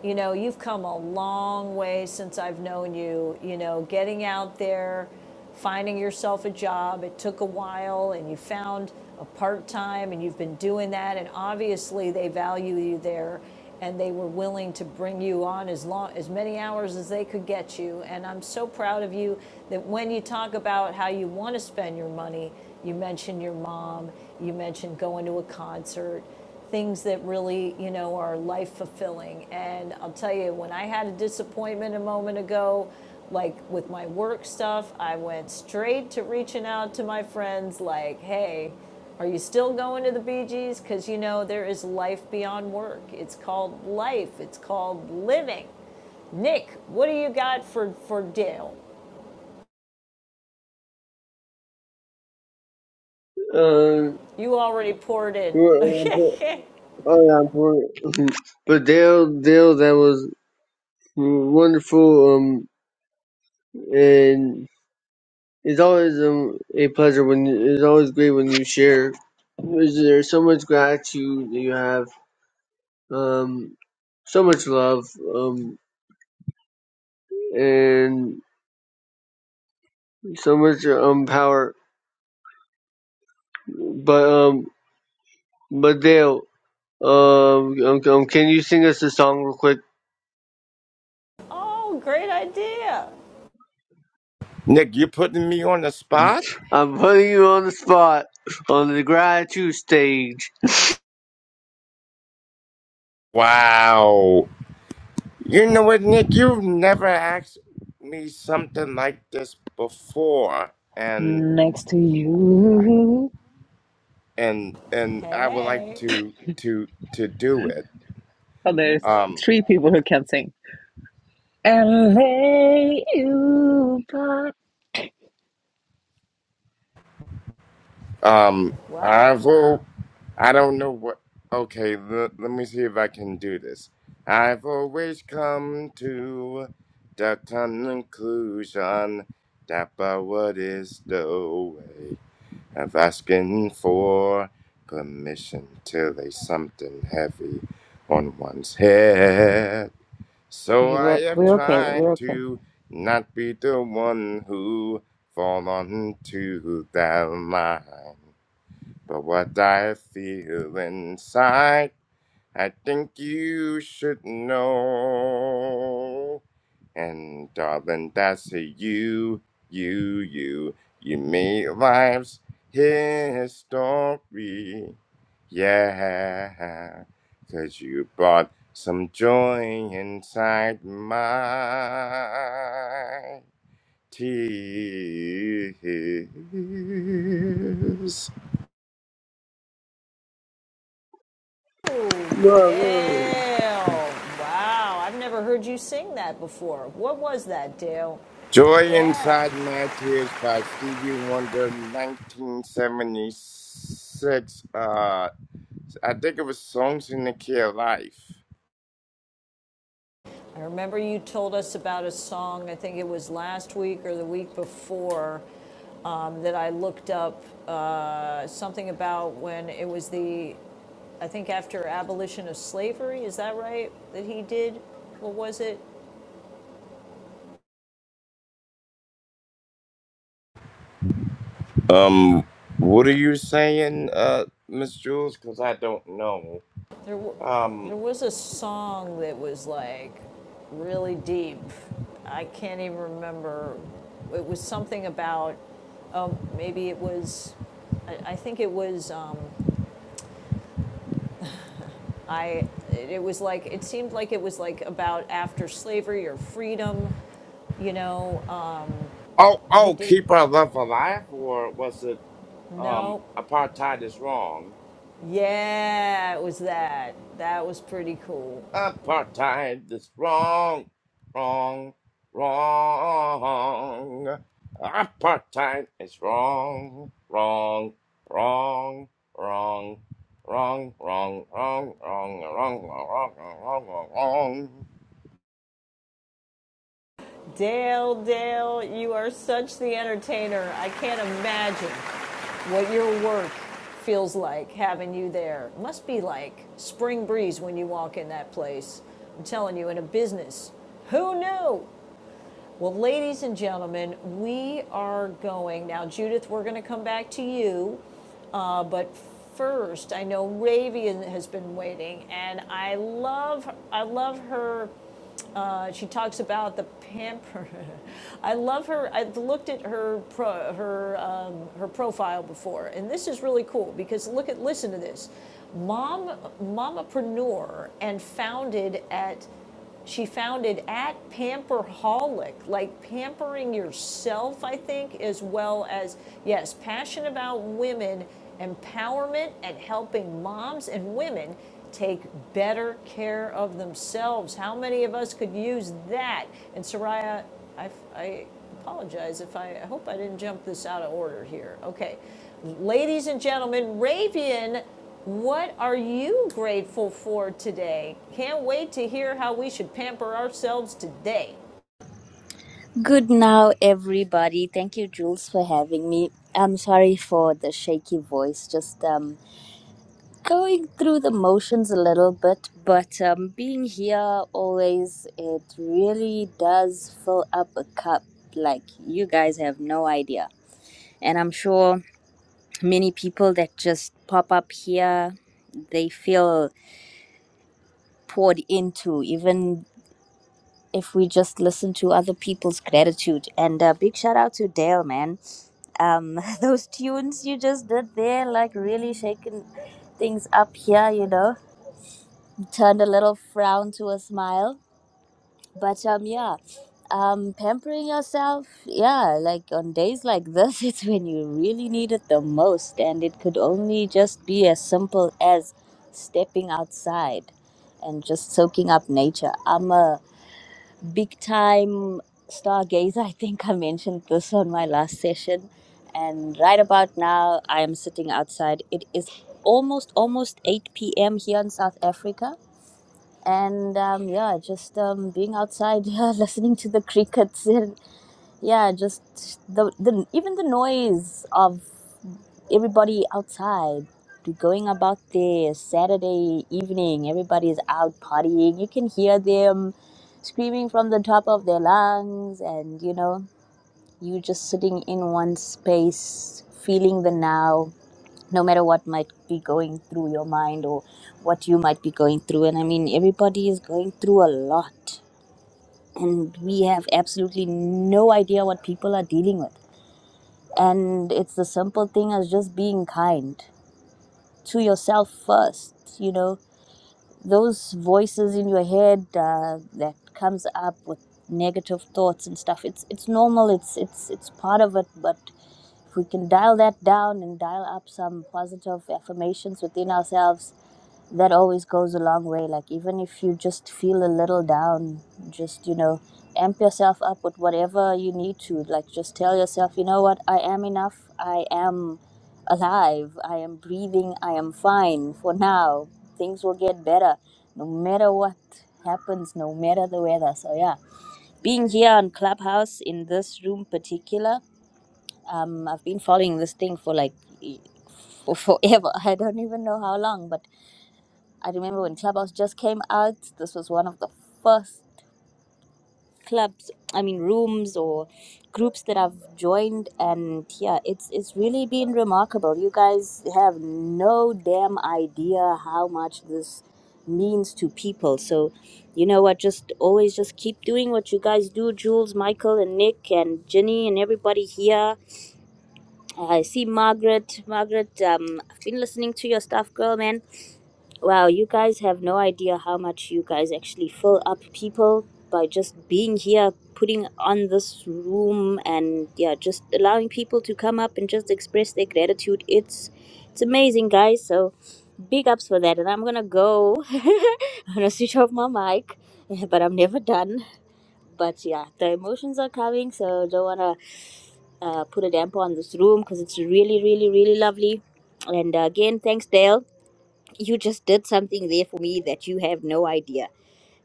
S14: you know, you've come a long way since I've known you, you know, getting out there, finding yourself a job. It took a while and you found a part-time and you've been doing that and obviously they value you there and they were willing to bring you on as long as many hours as they could get you and i'm so proud of you that when you talk about how you want to spend your money you mentioned your mom you mentioned going to a concert things that really, you know, are life fulfilling. And I'll tell you, when I had a disappointment a moment ago, like with my work stuff, I went straight to reaching out to my friends, like, hey, are you still going to the Bee Gees? Because, you know, there is life beyond work. It's called life, it's called living. Nick, what do you got for, for Dale?
S15: Uh,
S14: You already poured in.
S15: oh,
S14: Okay.
S15: yeah, I'm poor. but Dale, Dale, that was wonderful. Um, and It's always um, a pleasure when it's always great when you share. There's there's so much gratitude that you have, um, so much love, um, and so much um power. But um, but Dale, um, um, um, can you sing us a song real quick?
S14: oh, great idea.
S10: Nick, you're putting me on the spot?
S15: I'm putting you on the spot on the gratitude stage.
S10: Wow. You know what, Nick? You've never asked me something like this before, and
S3: next to you.
S10: and and I would like
S14: Hey,
S10: to to to do it.
S3: Oh, there's
S10: Um
S3: three people who can sing. And lay you by.
S10: um
S14: wow.
S10: I will. I don't know what. Okay, le- let me see if I can do this. I've always come to the conclusion that but what is the way. of asking for permission till there's something heavy on one's head. So
S3: Okay,
S10: I
S3: we're,
S10: have
S3: we're okay. We're
S10: tried
S3: okay.
S10: to not be the one who fall onto that line. But what I feel inside I think you should know. And darling, that's a you, you, you. You made life's history. yeah, 'cause you brought some joy inside my tears.
S14: Oh,
S15: Whoa, whoa.
S14: Dale. Wow, I've never heard you sing that before. What was that, Dale?
S10: Joy
S14: Yeah.
S10: Inside My Tears by Stevie Wonder, 1976. Uh, I think it was Songs in the Key of Life.
S14: I remember you told us about a song, I think it was last week or the week before, um, that I looked up uh, something about when it was the, I think after abolition of slavery, is that right? That he did? What was it?
S10: Um, what are you saying, uh, Miss Jules? Because I don't know.
S14: There, w-
S10: Um,
S14: there was a song that was like really deep. I can't even remember. It was something about um, maybe it was. I, I think it was. Um, I. It was like it seemed like it was like about after slavery or freedom. You know, uh,
S10: oh,
S14: he
S10: oh,
S14: did.
S10: Keep Our Love Alive, or was it, um,
S14: No.
S10: Apartheid is Wrong?
S14: Yeah, it was that. That was pretty cool.
S10: Apartheid is wrong, wrong, wrong. Apartheid is wrong, wrong, wrong, wrong, wrong, wrong, wrong, wrong, wrong, wrong, wrong, wrong, wrong.
S14: Dale, Dale, you are such the entertainer. I can't imagine what your work feels like having you there. It Must be like spring breeze when you walk in that place. I'm telling you, in a business, who knew? Well, ladies and gentlemen, we are going. Now, Judith, we're going to come back to you, uh, but first, I know Ravian has been waiting, and I love, I love her uh, she talks about the pamper. I love her. I've looked at her pro, her um, her profile before, and this is really cool because look at listen to this, mom mamapreneur and founded at she founded at Pamperholic, like pampering yourself, I think, as well as, yes, passion about women, empowerment, and helping moms and women take better care of themselves. How many of us could use that? And Soraya, I, I apologize if I, I hope I didn't jump this out of order here. Okay. Ladies and gentlemen, Ravian, what are you grateful for today? Can't wait to hear how we should pamper ourselves today.
S18: Good now, everybody. Thank you, Jules, for having me. I'm sorry for the shaky voice, just um, going through the motions a little bit, but um, being here always, it really does fill up a cup like you guys have no idea. And I'm sure many people that just pop up here, they feel poured into, even if we just listen to other people's gratitude. And uh, big shout out to Dale, man. Um, those tunes you just did there, like really shaking things up here, you know, turned a little frown to a smile. But um, yeah, um, pampering yourself, yeah, like on days like this, it's when you really need it the most. And it could only just be as simple as stepping outside and just soaking up nature. I'm a big time stargazer. I think I mentioned this on my last session. And right about now, I am sitting outside. It is almost almost 8 p.m. here in South Africa. And um, yeah, just um, being outside, yeah, listening to the crickets, and yeah, just the, the even the noise of everybody outside going about their Saturday evening. Everybody's out partying. You can hear them screaming from the top of their lungs, and you know, you just sitting in one space, feeling the now, no matter what might be going through your mind or what you might be going through. And I mean, everybody is going through a lot, and we have absolutely no idea what people are dealing with. And it's the simple thing as just being kind to yourself first you know those voices in your head uh, that comes up with negative thoughts and stuff it's it's normal it's it's it's part of it but if we can dial that down and dial up some positive affirmations within ourselves that always goes a long way like even if you just feel a little down just you know amp yourself up with whatever you need to like just tell yourself you know what i am enough i am alive i am breathing i am fine for now things will get better no matter what happens no matter the weather so yeah being here on clubhouse in this room particular um i've been following this thing for like e- for forever i don't even know how long but I remember when Clubhouse just came out, this was one of the first clubs, I mean rooms or groups that I've joined and yeah, it's it's really been remarkable. You guys have no damn idea how much this means to people. So, you know what, just always just keep doing what you guys do, Jules, Michael and Nick and Jenny and everybody here. I see Margaret. Margaret, um, I've been listening to your stuff, girl, man Wow, you guys have no idea how much you guys actually fill up people by just being here, putting on this room, and yeah, just allowing people to come up and just express their gratitude. It's it's amazing, guys. So big ups for that. And I'm gonna go. I'm gonna switch off my mic, but I'm never done. But yeah, the emotions are coming, so don't wanna uh, put a damper on this room because it's really, really, really lovely. And uh, again, thanks, Dale you just did something there for me that you have no idea.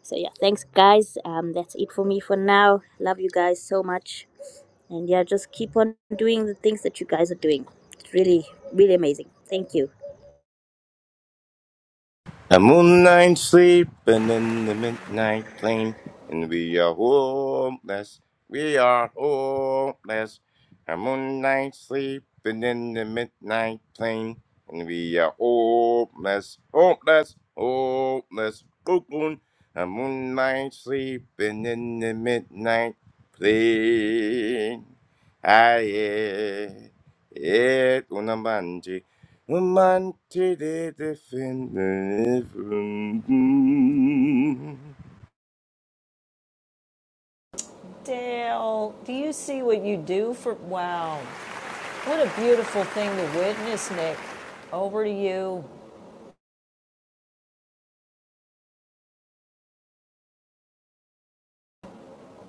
S18: So yeah, thanks guys. Um, that's it for me for now. Love you guys so much, and yeah, just keep on doing the things that you guys are doing. It's really, really amazing. Thank you.
S10: The moonlight sleeping in the midnight plane, and we are homeless. We are homeless. The moonlight sleeping in the midnight plane, and we are homeless, homeless, homeless. Cocoon. The moonlight sleeping in the midnight plane. Aye, eh, eh, Romante de defender.
S14: Dale, do you see what you do for? Wow. What a beautiful thing to witness, Nick. Over to you.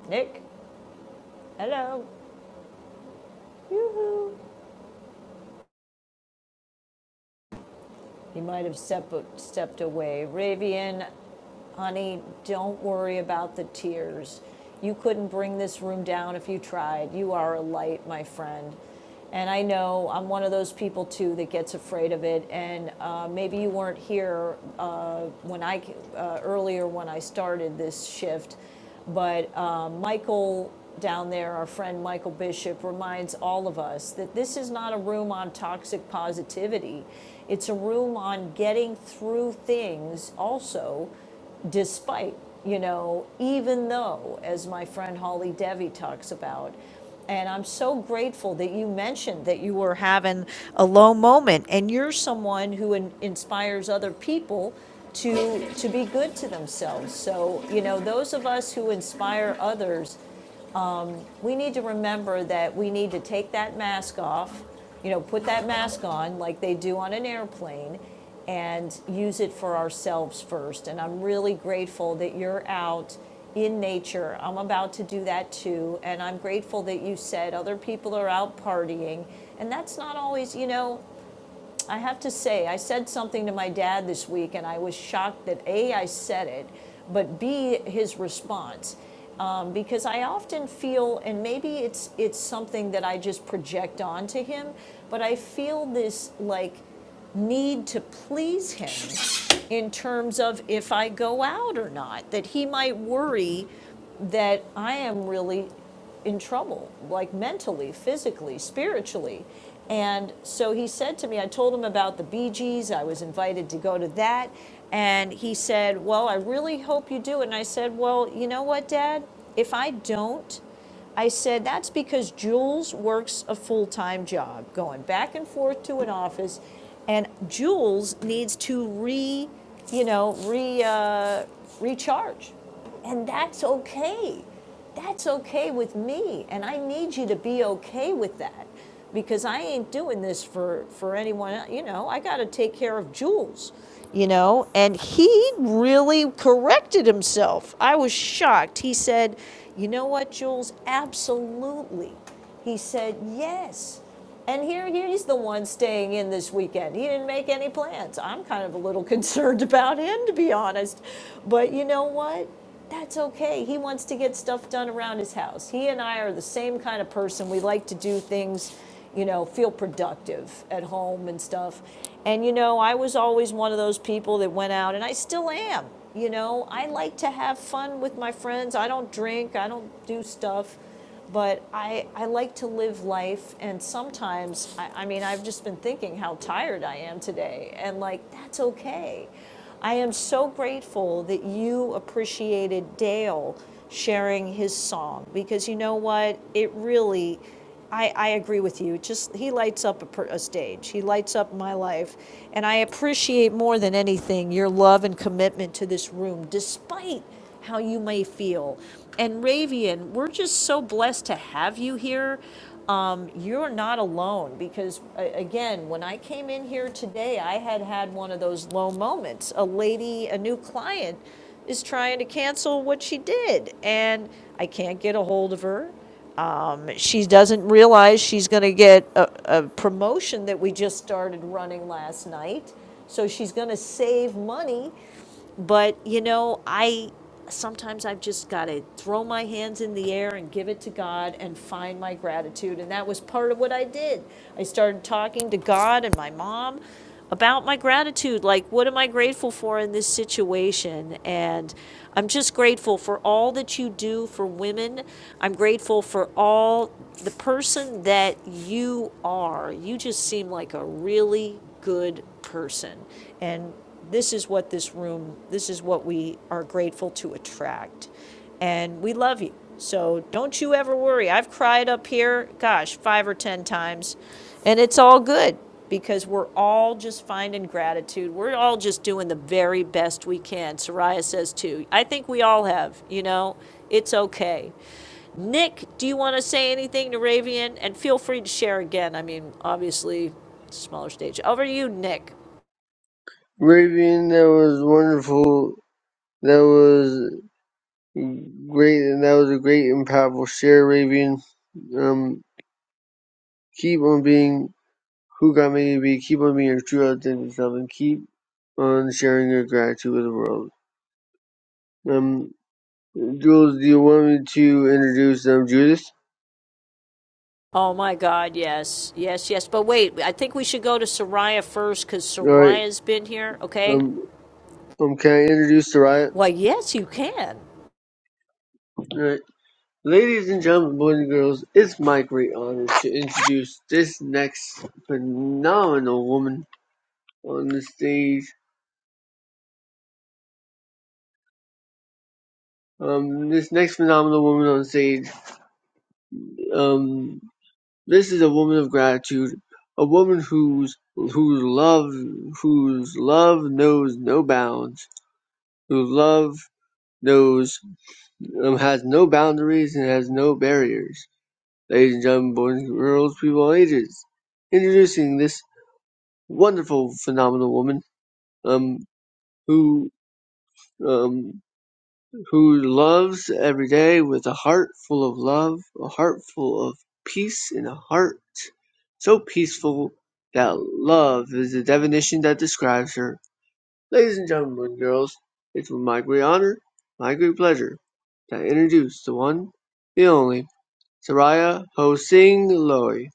S14: Nick, hello. Yoo-hoo. He might have stepped stepped away. Ravian, honey, don't worry about the tears. You couldn't bring this room down if you tried. You are a light, my friend. And I know I'm one of those people too that gets afraid of it. And uh, maybe you weren't here uh, when I uh, earlier when I started this shift, but uh, Michael down there, our friend Michael Bishop, reminds all of us that this is not a room on toxic positivity. It's a room on getting through things also despite, you know, even though, as my friend Holly Devi talks about, and I'm so grateful that you mentioned that you were having a low moment, and you're someone who in- inspires other people to to be good to themselves. So you know, those of us who inspire others we need to remember that we need to take that mask off, you know, put that mask on like they do on an airplane and use it for ourselves first. And I'm really grateful that you're out in nature. I'm about to do that too. And I'm grateful that you said other people are out partying. And that's not always, you know, I have to say, I said something to my dad this week, and I was shocked that A, I said it, but B, his response. Um, because I often feel, and maybe it's it's something that I just project onto him, but I feel this like need to please him in terms of if I go out or not, that he might worry that I am really in trouble, like mentally, physically, spiritually. And so he said to me, I told him about the Bee Gees. I was invited to go to that. And he said, Well, I really hope you do. And I said, Well, you know what, Dad? If I don't, I said, that's because Jules works a full time job, going back and forth to an office, and Jules needs to re, you know, re, uh, recharge. And that's okay. That's okay with me, and I need you to be okay with that because I ain't doing this for, for anyone. You know, I got to take care of Jules, you know. And he really corrected himself. I was shocked. He said, You know what, Jules? Absolutely. He said, Yes. And here, he's the one staying in this weekend. He didn't make any plans. I'm kind of a little concerned about him, to be honest. But you know what? That's okay. He wants to get stuff done around his house. He and I are the same kind of person. We like to do things, you know, feel productive at home and stuff. And you know, I was always one of those people that went out, and I still am. You know, I like to have fun with my friends. I don't drink, I don't do stuff but I, I like to live life, and sometimes, I, I mean, I've just been thinking how tired I am today, and like, that's okay. I am so grateful that you appreciated Dale sharing his song because you know what? It really I, I agree with you. Just he lights up a, per, a stage. He lights up my life, and I appreciate more than anything your love and commitment to this room, despite how you may feel. And Ravian, we're just so blessed to have you here. Um, you're not alone because, a- again, when I came in here today, I had had one of those low moments. A lady, a new client, is trying to cancel what she did, and I can't get a hold of her um, she doesn't realize she's going to get a, a promotion that we just started running last night. So she's going to save money but you know, I sometimes I've just got to throw my hands in the air and give it to God and find my gratitude. And that was part of what I did. I started talking to God and my mom about my gratitude like what am i grateful for in this situation and i'm just grateful for all that you do for women i'm grateful for all the person that you are you just seem like a really good person. And this is what this room, this is what we are grateful to attract. And we love you. So don't you ever worry. I've cried up here, gosh, five or 10 times, and it's all good because we're all just finding gratitude. We're all just doing the very best we can. Soraya says too. I think we all have, you know, it's okay. Nick, do you want to say anything to Ravian? And feel free to share again. I mean, obviously, it's a smaller stage. Over to you, Nick.
S15: Raven, that was wonderful. That was Great, and that was a great and powerful share, Raven. Um, keep on being who God made you to be. Keep on being your true authentic self, and keep on sharing your gratitude with the world. Um, Jules, do you want me to introduce um Judith?
S14: Oh my God, yes, yes, yes. But wait, I think we should go to Soraya first because
S15: All right.
S14: Soraya's been here, okay?
S15: Um, um, can I introduce Soraya?
S14: Well, yes, you can.
S15: All right. Ladies and gentlemen, boys and girls, it's my great honor to introduce this next phenomenal woman on the stage. Um, this next phenomenal woman on stage Um, this is a woman of gratitude, a woman whose whose love whose love knows no bounds, whose love knows um, has no boundaries and has no barriers. Ladies and gentlemen, boys and girls, people of all ages, introducing this wonderful, phenomenal woman um, who. um. who loves every day with a heart full of love, a heart full of peace, and a heart so peaceful that love is the definition that describes her. Ladies and gentlemen, girls, it's with my great honor, my great pleasure, to introduce the one, the only, Saraya Hosing Loy.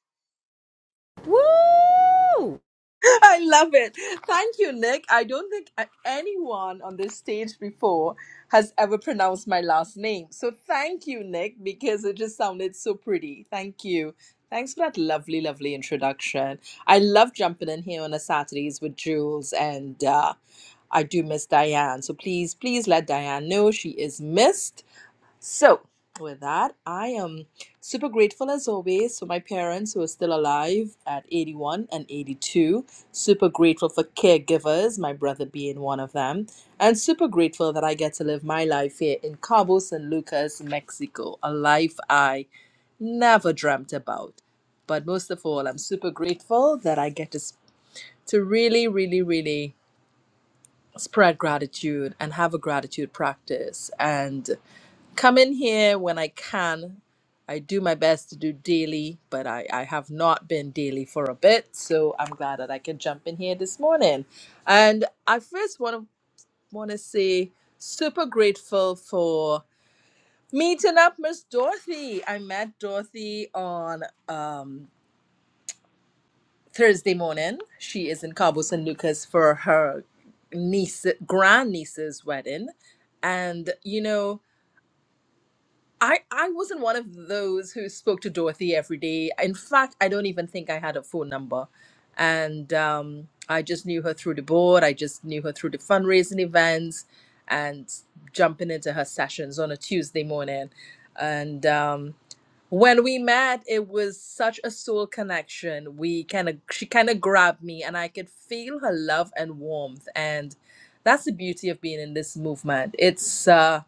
S14: Woo!
S19: I love it. Thank you, Nick. I don't think a- anyone on this stage before has ever pronounced my last name. So thank you, Nick, because it just sounded so pretty. Thank you. Thanks for that lovely, lovely introduction. I love jumping in here on a Saturdays with Jules, and uh, I do miss Diane. So please, please let Diane know she is missed so, with that, I am super grateful as always for my parents who are still alive at 81 and 82. Super grateful for caregivers, my brother being one of them. And super grateful that I get to live my life here in Cabo San Lucas, Mexico, a life I never dreamt about. But most of all, I'm super grateful that I get to, s- to really, really, really spread gratitude and have a gratitude practice. And come in here when I can. I do my best to do daily, but I, I have not been daily for a bit, so I'm glad that I can jump in here this morning. And I first want to want to say super grateful for meeting up Miss Dorothy. I met Dorothy on um, Thursday morning. She is in Cabo San Lucas for her niece grand niece's wedding, and you know I I wasn't one of those who spoke to Dorothy every day. In fact, I don't even think I had a phone number, and um, I just knew her through the board. I just knew her through the fundraising events, and jumping into her sessions on a Tuesday morning. And um, when we met, it was such a soul connection. We kind of she kind of grabbed me, and I could feel her love and warmth. And that's the beauty of being in this movement. It's uh,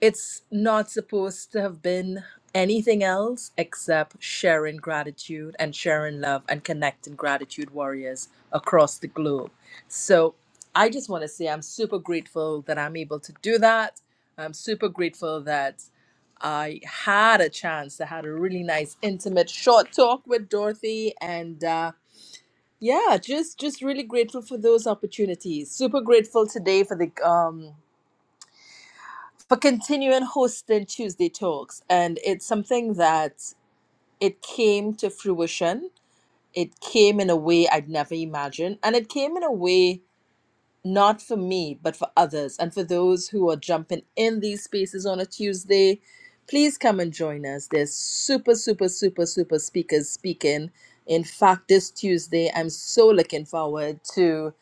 S19: it's not supposed to have been anything else except sharing gratitude and sharing love and connecting gratitude warriors across the globe. So I just want to say I'm super grateful that I'm able to do that. I'm super grateful that I had a chance. I had a really nice, intimate, short talk with Dorothy, and uh, yeah, just just really grateful for those opportunities. Super grateful today for the um for continuing hosting Tuesday Talks. And it's something that it came to fruition. It came in a way I'd never imagined. And it came in a way not for me, but for others and for those who are jumping in these spaces on a Tuesday. Please come and join us. There's super, super, super, super speakers speaking. In fact, this Tuesday, I'm so looking forward to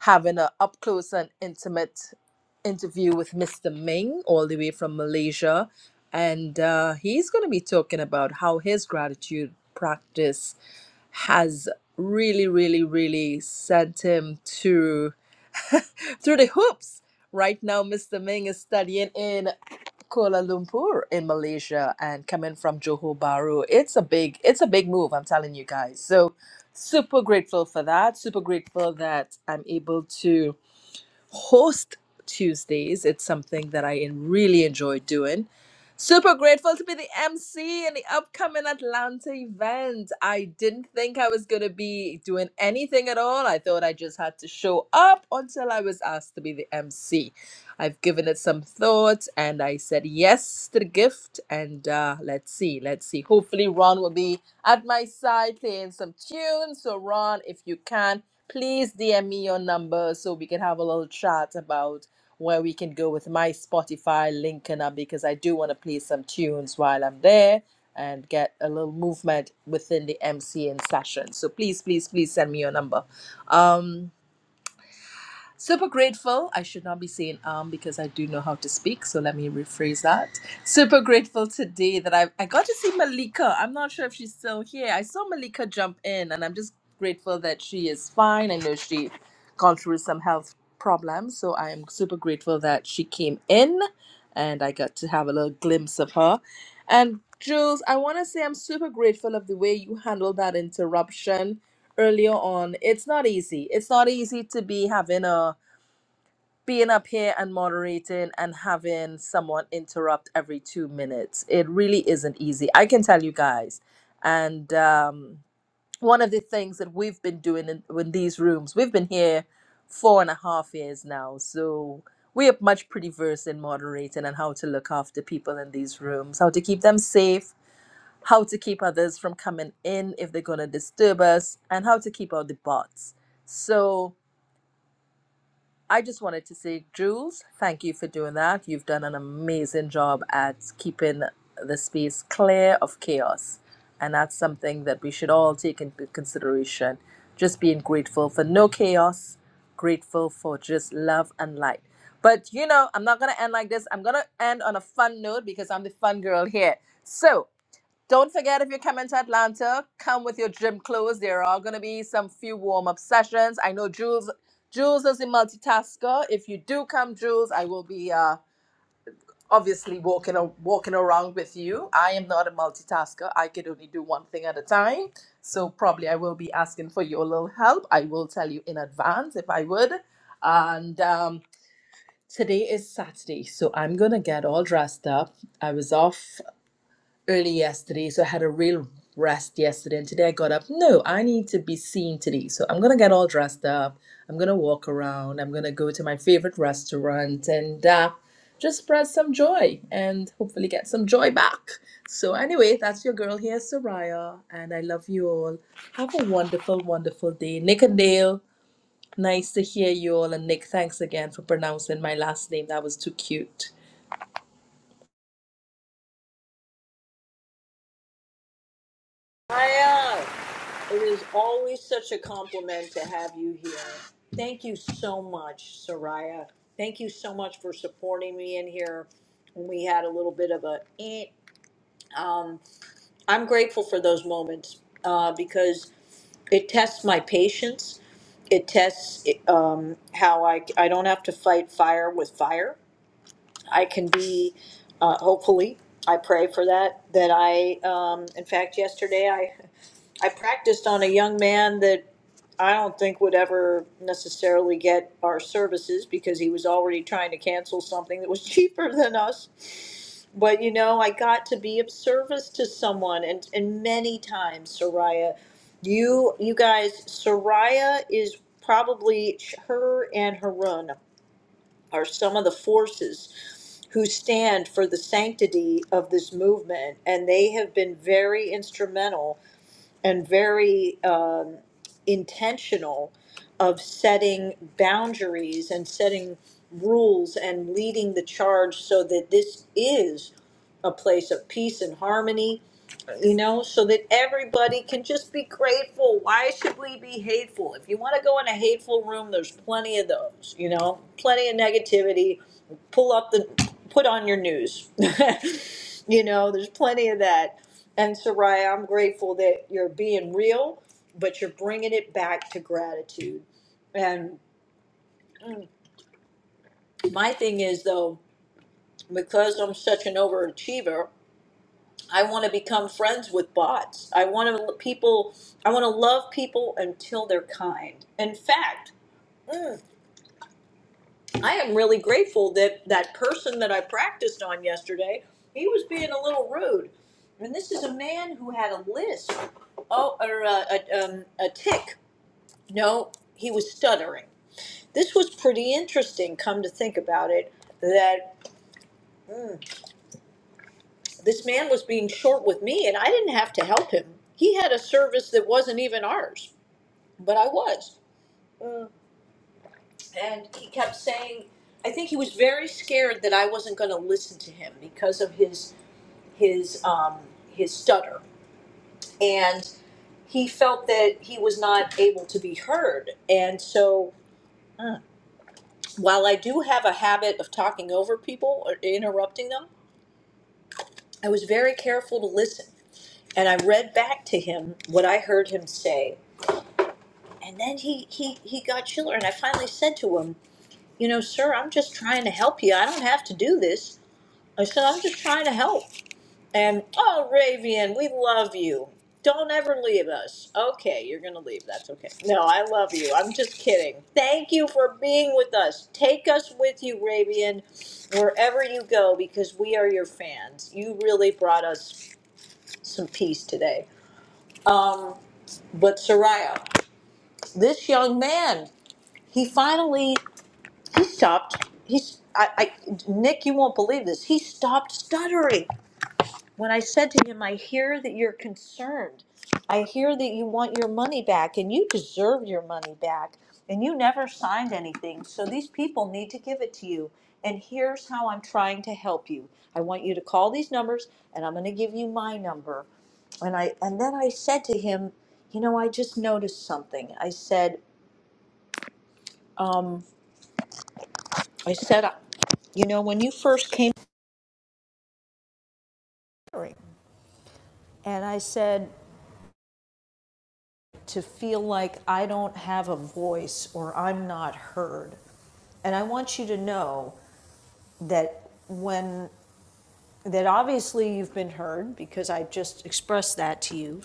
S19: having an up close and intimate interview with Mr. Ming, all the way from Malaysia. And uh, he's going to be talking about how his gratitude practice has really, really, really sent him to through the hoops. Right now, Mr. Ming is studying in Kuala Lumpur in Malaysia and coming from Johor Bahru. It's a big, it's a big move, I'm telling you guys. So super grateful for that. Super grateful that I'm able to host Tuesdays. It's something that I really enjoy doing. Super grateful to be the MC in the upcoming Atlanta event. I didn't think I was going to be doing anything at all. I thought I just had to show up until I was asked to be the MC. I've given it some thought and I said yes to the gift. And uh, let's see, let's see. Hopefully, Ron will be at my side playing some tunes. So, Ron, if you can, please DM me your number so we can have a little chat about where we can go with my Spotify link and up because I do want to play some tunes while I'm there and get a little movement within the MCN session. So please, please, please send me your number. Um, Super grateful. I should not be saying um because I do know how to speak. So let me rephrase that. Super grateful today that I I got to see Malika. I'm not sure if she's still here. I saw Malika jump in, and I'm just grateful that she is fine. I know she gone through some health problems, so I am super grateful that she came in, and I got to have a little glimpse of her. And Jules, I want to say I'm super grateful of the way you handled that interruption earlier on. It's not easy. It's not easy to be having a being up here and moderating and having someone interrupt every two minutes. It really isn't easy. I can tell you guys. And um, one of the things that we've been doing in, in these rooms, we've been here four and a half years now. So we are much pretty versed in moderating and how to look after people in these rooms, how to keep them safe, how to keep others from coming in if they're going to disturb us, and how to keep out the bots. So, I just wanted to say, Jules, thank you for doing that. You've done an amazing job at keeping the space clear of chaos. And that's something that we should all take into consideration. Just being grateful for no chaos, grateful for just love and light. But you know, I'm not going to end like this. I'm going to end on a fun note because I'm the fun girl here. So, don't forget if you're coming to Atlanta, come with your gym clothes. There are gonna be some few warm up sessions. I know Jules. Jules is a multitasker. If you do come, Jules, I will be uh, obviously walking a- walking around with you. I am not a multitasker. I can only do one thing at a time. So probably I will be asking for your little help. I will tell you in advance if I would. And um, today is Saturday, so I'm gonna get all dressed up. I was off early yesterday, so I had a real rest yesterday. And today I got up. No, I need to be seen today. So I'm gonna get all dressed up. I'm gonna walk around. I'm gonna go to my favorite restaurant and uh, just spread some joy and hopefully get some joy back. So anyway, that's your girl here, Soraya, and I love you all. Have a wonderful, wonderful day, Nick and Dale. Nice to hear you all, and Nick, thanks again for pronouncing my last name. That was too cute.
S14: Soraya, it is always such a compliment to have you here. Thank you so much, Soraya. Thank you so much for supporting me in here when we had a little bit of a eh I'm grateful for those moments uh, because it tests my patience. It tests it, um, how I I don't have to fight fire with fire. I can be, uh, hopefully, I pray for that, that I, um, in fact, yesterday I, I practiced on a young man that I don't think would ever necessarily get our services because he was already trying to cancel something that was cheaper than us. But you know, I got to be of service to someone, and and many times, Soraya, you you guys, Soraya is probably her and Harun are some of the forces who stand for the sanctity of this movement, and they have been very instrumental and very uh, intentional of setting boundaries and setting rules and leading the charge so that this is a place of peace and harmony, you know, so that everybody can just be grateful. Why should we be hateful? If you want to go in a hateful room, there's plenty of those, you know, plenty of negativity. Pull up the, put on your news. you know, there's plenty of that. And Soraya, I'm grateful that you're being real but you're bringing it back to gratitude. And my thing is though, because I'm such an overachiever, I want to become friends with bots. I want to people. I want to love people until they're kind. In fact, I am really grateful that that person that I practiced on yesterday, he was being a little rude. And this is a man who had a lisp, oh, or a, a, um, a tick. No, he was stuttering this was pretty interesting come to think about it that this man was being short with me and i didn't have to help him he had a service that wasn't even ours but i was and he kept saying i think he was very scared that i wasn't going to listen to him because of his his um his stutter and he felt that he was not able to be heard and so mm, while i do have a habit of talking over people or interrupting them i was very careful to listen and I read back to him what I heard him say. And then he, he, he got chiller. And I finally said to him, You know, sir, I'm just trying to help you. I don't have to do this. I said, I'm just trying to help. And, oh, Ravian, we love you. Don't ever leave us. Okay, you're going to leave. That's okay. No, I love you. I'm just kidding. Thank you for being with us. Take us with you, Ravian, wherever you go, because we are your fans. You really brought us some peace today. Um, but, Soraya, this young man, he finally he stopped. He's I, I Nick, you won't believe this. He stopped stuttering when I said to him, "I hear that you're concerned. I hear that you want your money back, and you deserve your money back, and you never signed anything. So these people need to give it to you. And here's how I'm trying to help you. I want you to call these numbers, and I'm going to give you my number." And I and then I said to him, "You know, I just noticed something." I said. I said, you know, when you first came, And I said, to feel like I don't have a voice or I'm not heard. And I want you to know that when, that obviously you've been heard because I just expressed that to you.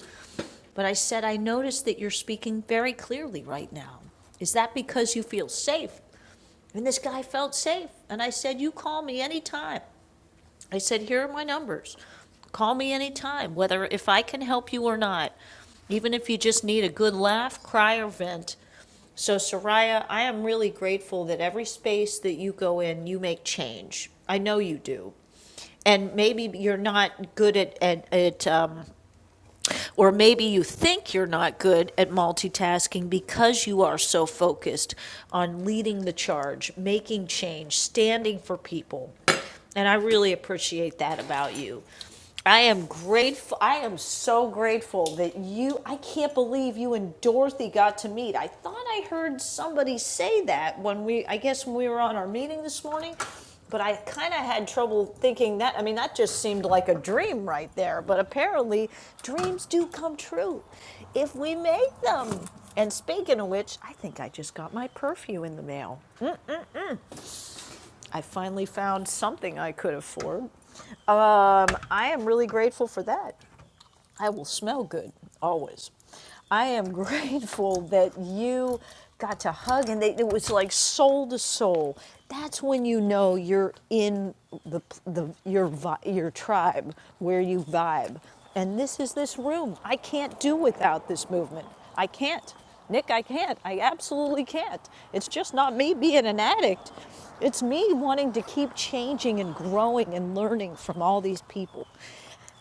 S14: But I said, I noticed that you're speaking very clearly right now. Is that because you feel safe? And this guy felt safe. And I said, You call me anytime. I said, here are my numbers. Call me anytime, whether, if I can help you or not. Even if you just need a good laugh, cry, or vent. So Soraya, I am really grateful that every space that you go in, you make change. I know you do. And maybe you're not good at, at, at um, or maybe you think you're not good at multitasking because you are so focused on leading the charge, making change, standing for people. And I really appreciate that about you. I am grateful. I am so grateful that you, I can't believe you and Dorothy got to meet. I thought I heard somebody say that when we, I guess when we were on our meeting this morning. But I kind of had trouble thinking that. I mean, that just seemed like a dream right there. But apparently, dreams do come true if we make them. And speaking of which, I think I just got my perfume in the mail. I finally found something I could afford. Um, I am really grateful for that. I will smell good always. I am grateful that you got to hug and they, it was like soul to soul. That's when you know you're in the, the your your tribe where you vibe. And this is this room. I can't do without this movement. I can't. Nick, I can't. I absolutely can't. It's just not me being an addict. It's me wanting to keep changing and growing and learning from all these people.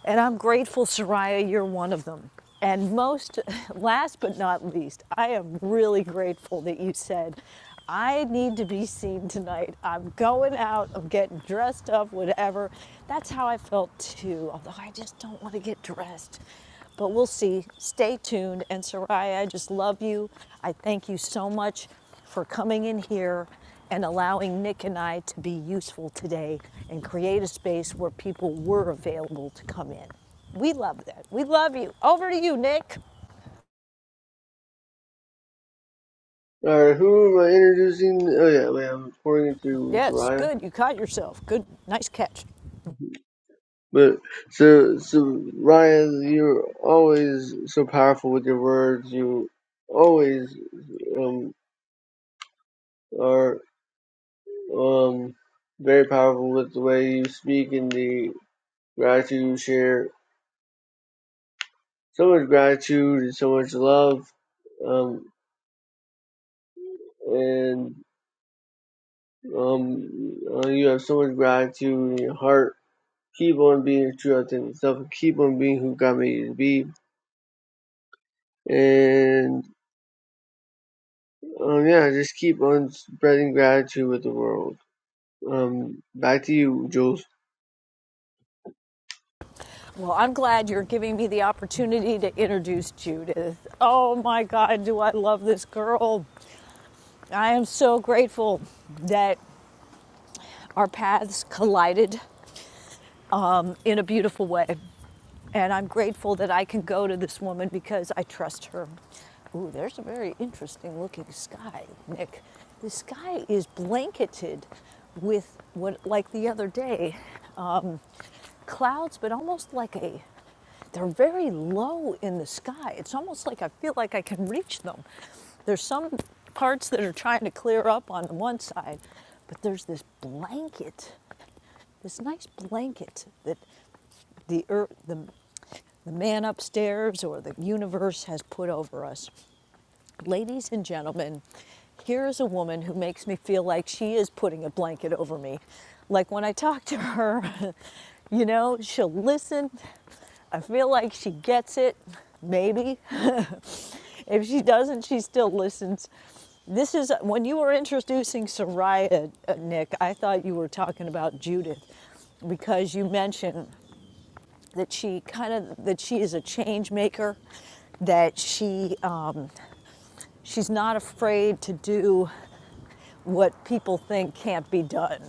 S14: And I'm grateful, Soraya, you're one of them. And most, last but not least, I am really grateful that you said, I need to be seen tonight. I'm going out, I'm getting dressed up, whatever. That's how I felt too, although I just don't want to get dressed. But we'll see. Stay tuned. And Soraya, I just love you. I thank you so much for coming in here and allowing Nick and I to be useful today and create a space where people were available to come in. We love that. We love you. Over to you, Nick.
S15: Alright, who am I introducing? Oh yeah, wait, I'm pouring it to
S14: Yes,
S15: Saraya.
S14: good. You caught yourself. Good. Nice catch.
S15: But so so Ryan, you're always so powerful with your words. You always um are um very powerful with the way you speak and the gratitude you share. So much gratitude and so much love. Um and um uh, you have so much gratitude in your heart. Keep on being true to yourself. and Keep on being who God made you to be. And um yeah, just keep on spreading gratitude with the world. Um, back to you, Jules.
S14: Well, I'm glad you're giving me the opportunity to introduce Judith. Oh my God, do I love this girl. I am so grateful that our paths collided in a beautiful way. And I'm grateful that I can go to this woman because I trust her. Ooh, there's a very interesting looking sky, Nick. The sky is blanketed with what, like the other day, clouds, but almost like a, they're very low in the sky. It's almost like I feel like I can reach them. There's some parts that are trying to clear up on the one side, but there's this blanket, this nice blanket that the earth, the the man upstairs or the universe has put over us. Ladies and gentlemen, here is a woman who makes me feel like she is putting a blanket over me. Like when I talk to her, you know, she'll listen. I feel like she gets it, maybe. if she doesn't, she still listens. This is when you were introducing Soraya, uh, Nick, I thought you were talking about Judith because you mentioned that she kind of that she is a change maker that she um, she's not afraid to do what people think can't be done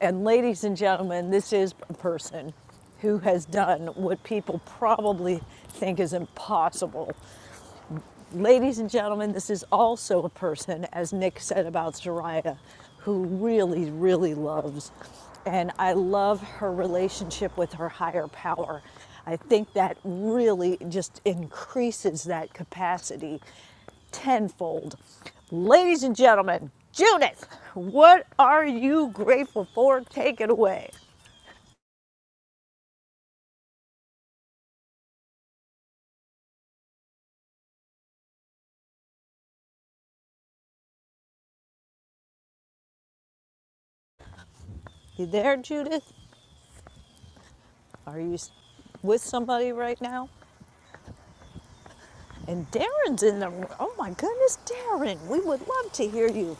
S14: and ladies and gentlemen this is a person who has done what people probably think is impossible Ladies and gentlemen, this is also a person, as Nick said about Soraya, who really, really loves. And I love her relationship with her higher power. I think that really just increases that capacity tenfold. Ladies and gentlemen, Judith, what are you grateful for? Take it away. You there, Judith? Are you with somebody right now? And Darren's in the room. Oh my goodness, Darren, we would love to hear you.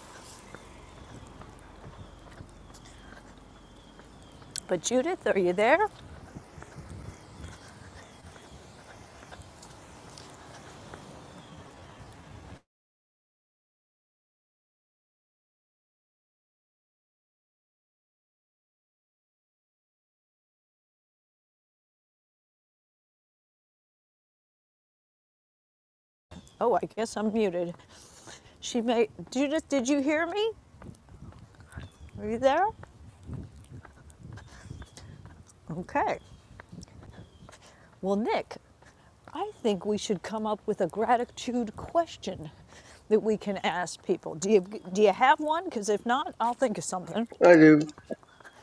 S14: But Judith, are you there? Oh, I guess I'm muted. She may. Judith, did you hear me? Are you there? Okay. Well, Nick, I think we should come up with a gratitude question that we can ask people. Do you do you have one? Because if not, I'll think of something.
S15: I do.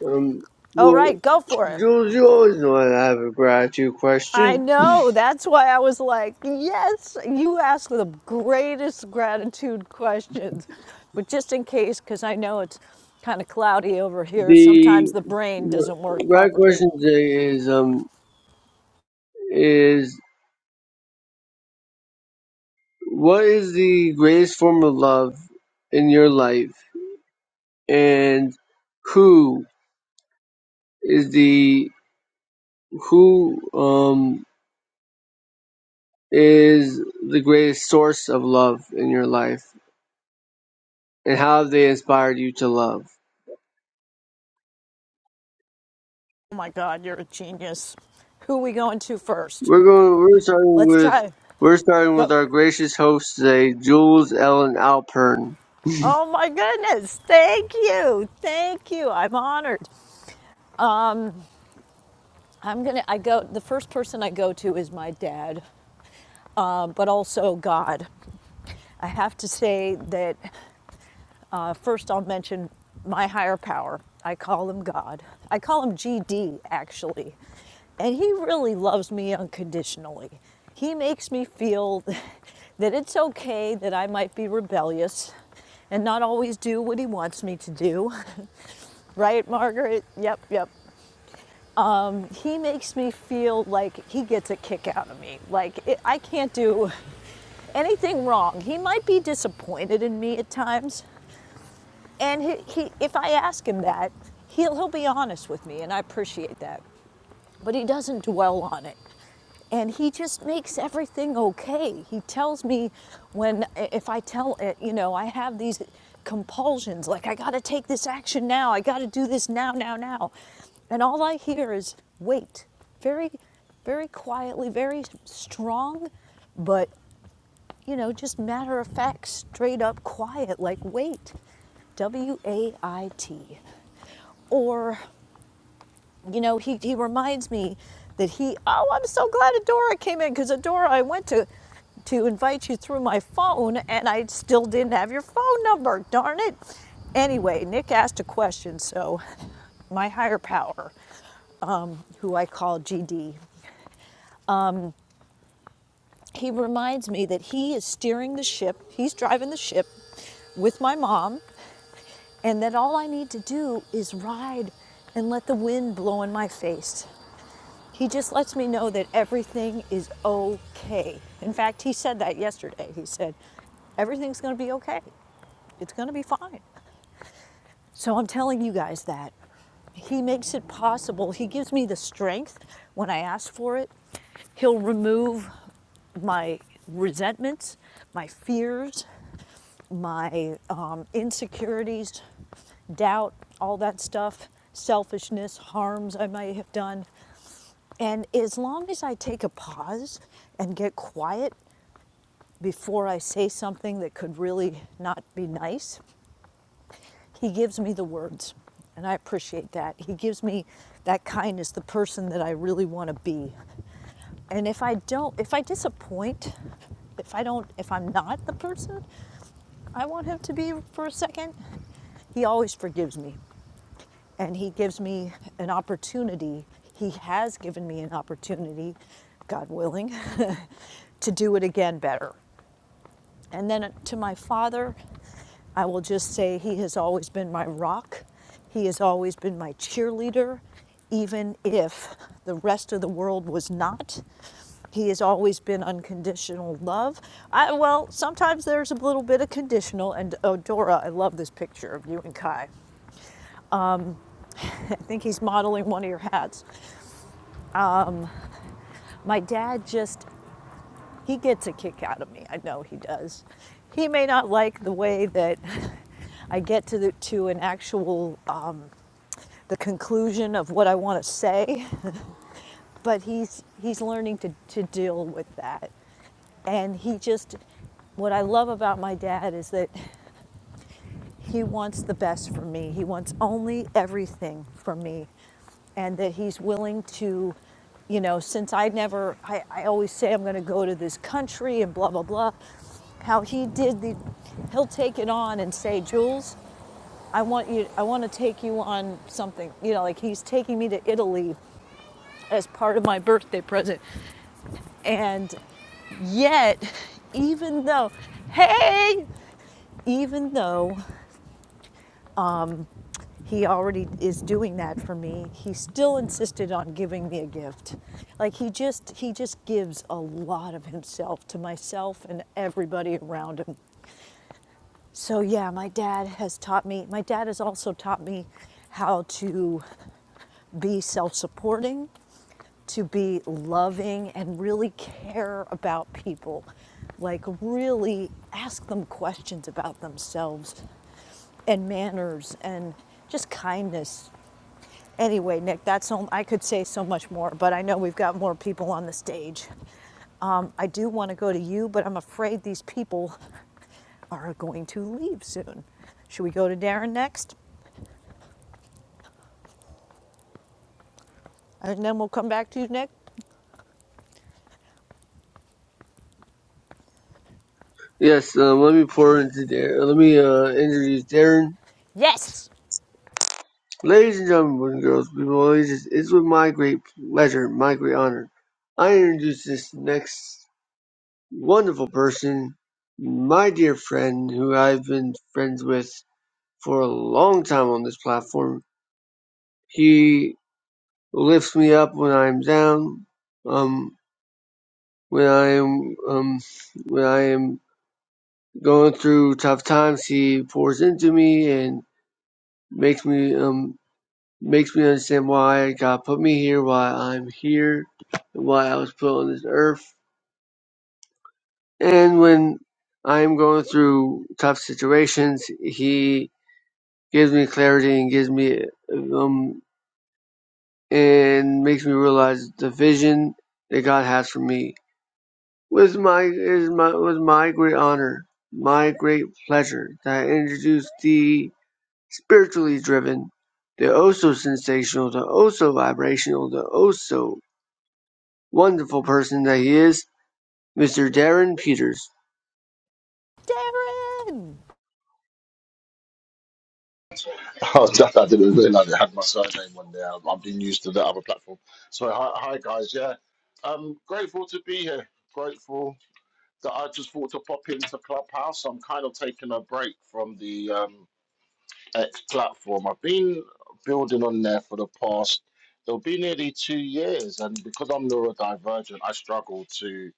S15: Um,
S14: All
S15: well,
S14: right, go for it.
S15: Jules, you always know I have a gratitude
S14: I
S15: question.
S14: know. That's why I was like, yes, you ask the greatest gratitude questions. But just in case, because I know it's kind of cloudy over here, sometimes
S15: The
S14: the brain doesn't work
S15: right
S14: properly.
S15: question today is um is what is the greatest form of love in your life, and who is the who um is the greatest source of love in your life, and how have they inspired you to love?
S14: Oh my God, you're a genius. Who are we going to first?
S15: We're going. We're starting
S14: Let's
S15: with.
S14: try.
S15: We're starting with
S14: Go.
S15: our gracious host today, Jules Ellen Alpern.
S14: Oh my goodness. Thank you. Thank you. I'm honored. Um, I'm going to, I go, the first person I go to is my dad, um, but also God. I have to say that First, I'll mention my higher power. I call him God. I call him GD, actually. And he really loves me unconditionally. He makes me feel that it's okay that I might be rebellious and not always do what he wants me to do. Right, Margaret? Yep, yep. He makes me feel like he gets a kick out of me. Like it, I can't do anything wrong. He might be disappointed in me at times, and he, he, if I ask him that, he'll, he'll be honest with me, and I appreciate that. But he doesn't dwell on it. And he just makes everything okay. He tells me when, if I tell, uh, you know, I have these compulsions, like I gotta take this action now, I gotta do this now, now, now. And all I hear is wait. Very, very quietly, very strong, but you know, just matter of fact, straight up quiet, like wait, W A I T. Or, you know, he, he reminds me that he, oh, I'm so glad Adora came in because Adora, I went to, to invite you through my phone and I still didn't have your phone number, darn it. Anyway, Nick asked a question, so my higher power, who I call GD, he reminds me that he is steering the ship, he's driving the ship with my mom and that all I need to do is ride and let the wind blow in my face. He just lets me know that everything is okay. In fact, he said that yesterday. He said, Everything's going to be okay. It's going to be fine. So I'm telling you guys that. He makes it possible. He gives me the strength when I ask for it. He'll remove my resentments, my fears, my um, insecurities, doubt, all that stuff, selfishness, harms I might have done. And as long as I take a pause and get quiet before I say something that could really not be nice, he gives me the words. And I appreciate that. He gives me that kindness, the person that I really want to be. And if I don't, if I disappoint, if I don't, if I'm not the person I want him to be for a second, he always forgives me. and he gives me an opportunity. He has given me an opportunity, God willing, to do it again better. And then to my father, I will just say he has always been my rock. He has always been my cheerleader, even if the rest of the world was not. He has always been unconditional love. I, well, sometimes there's a little bit of conditional. And oh, Dora, I love this picture of you and Kai. I think he's modeling one of your hats. My dad just, he gets a kick out of me. I know he does. He may not like the way that I get to the, to an actual uh, the conclusion of what I want to say, but he's he's learning to to deal with that. And he just what I love about my dad is that He wants the best for me. He wants only everything for me. And that he's willing to, you know, since I never, I, I always say I'm going to go to this country and blah, blah, blah. How he did the, he'll take it on and say, Jules, I want you, I want to take you on something. You know, like he's taking me to Italy as part of my birthday present. And yet, even though, hey, even though he already is doing that for me he still insisted on giving me a gift like he just he just gives a lot of himself to myself and everybody around him so yeah my dad has taught me my dad has also taught me how to be self-supporting to be loving and really care about people like really ask them questions about themselves and manners and just kindness Anyway, Nick, that's all, I could say so much more, but I know we've got more people on the stage. Um, I do want to go to you, but I'm afraid these people are going to leave soon. Should we go to Darren next? And then we'll come back to you, Nick?
S15: Yes, um, let me pour into Darren. Let me uh, introduce Darren.
S14: Yes.
S15: Ladies and gentlemen, boys and girls, people of all ages, it's with my great pleasure, my great honor, I introduce this next wonderful person, my dear friend, who I've been friends with for a long time on this platform. He lifts me up when I'm down. Um, When I am um, when I am going through tough times, He pours into me and makes me um makes me understand why God put me here, why I'm here, and why I was put on this earth. And when I am going through tough situations, He gives me clarity and gives me um and makes me realize the vision that God has for me With my is my with my great honor, my great pleasure that I introduce the spiritually driven, the oh so sensational, the oh so vibrational, the oh so wonderful person that he is, Mr. Darren Peters.
S14: Darren!
S20: Oh, that, I didn't realize it had my surname on there. I've I've been used to the other platform. So, hi, hi guys. Yeah, I'm grateful to be here. Grateful that I just thought to pop into Clubhouse. I'm kind of taking a break from the um, X platform. I've been building on there for the past, it'll be nearly two years. And because I'm neurodivergent, I struggle to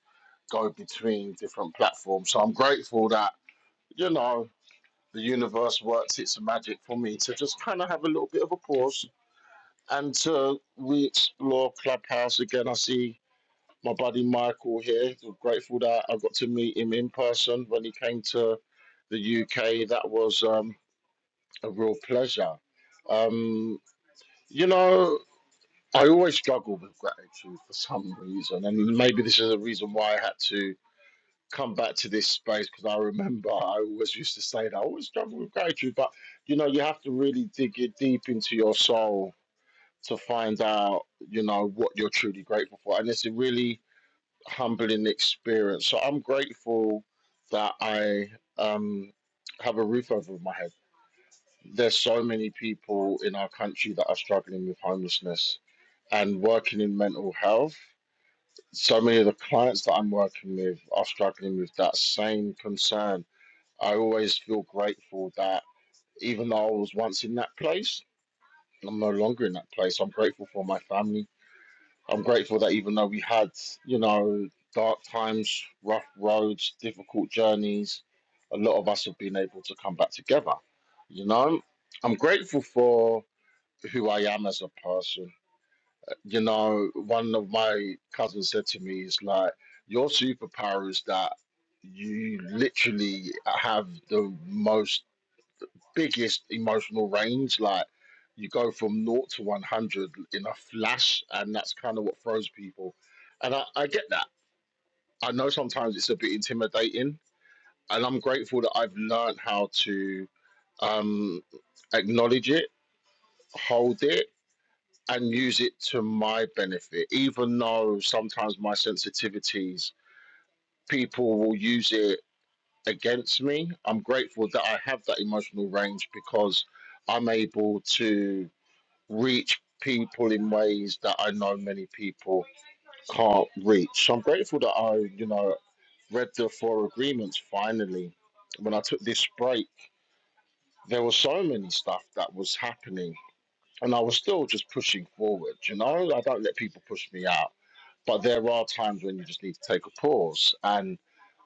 S20: go between different platforms. So, I'm grateful that, you know, the universe works its magic for me to just kind of have a little bit of a pause until we explore Clubhouse again, I see my buddy Michael here. We're grateful that I got to meet him in person when he came to the UK. That was um, a real pleasure. Um, you know, I always struggle with gratitude for some reason, and maybe this is a reason why I had to come back to this space because I remember I always used to say that I always struggle with gratitude, but you know, you have to really dig it deep into your soul to find out, you know, what you're truly grateful for. And it's a really humbling experience. So I'm grateful that I um, have a roof over my head. There's so many people in our country that are struggling with homelessness and working in mental health. So many of the clients that I'm working with are struggling with that same concern. I always feel grateful that even though I was once in that place, I'm no longer in that place. I'm grateful for my family I'm grateful that even though we had, you know, dark times, rough roads, difficult journeys, a lot of us have been able to come back together. You know, I'm grateful for who I am as a person. You know, one of my cousins said to me, "Is like your superpower is that you literally have the most biggest emotional range. Like you go from naught to one hundred in a flash, and that's kind of what throws people. And I, I get that. I know sometimes it's a bit intimidating, and I'm grateful that I've learned how to um, acknowledge it, hold it, and use it to my benefit. Even though sometimes my sensitivities, people will use it against me. I'm grateful that I have that emotional range because I'm able to reach people in ways that I know many people can't reach. So I'm grateful that I, you know, read the four agreements finally. When I took this break, there was so many stuff that was happening, and I was still just pushing forward. You know, I don't let people push me out, but there are times when you just need to take a pause. And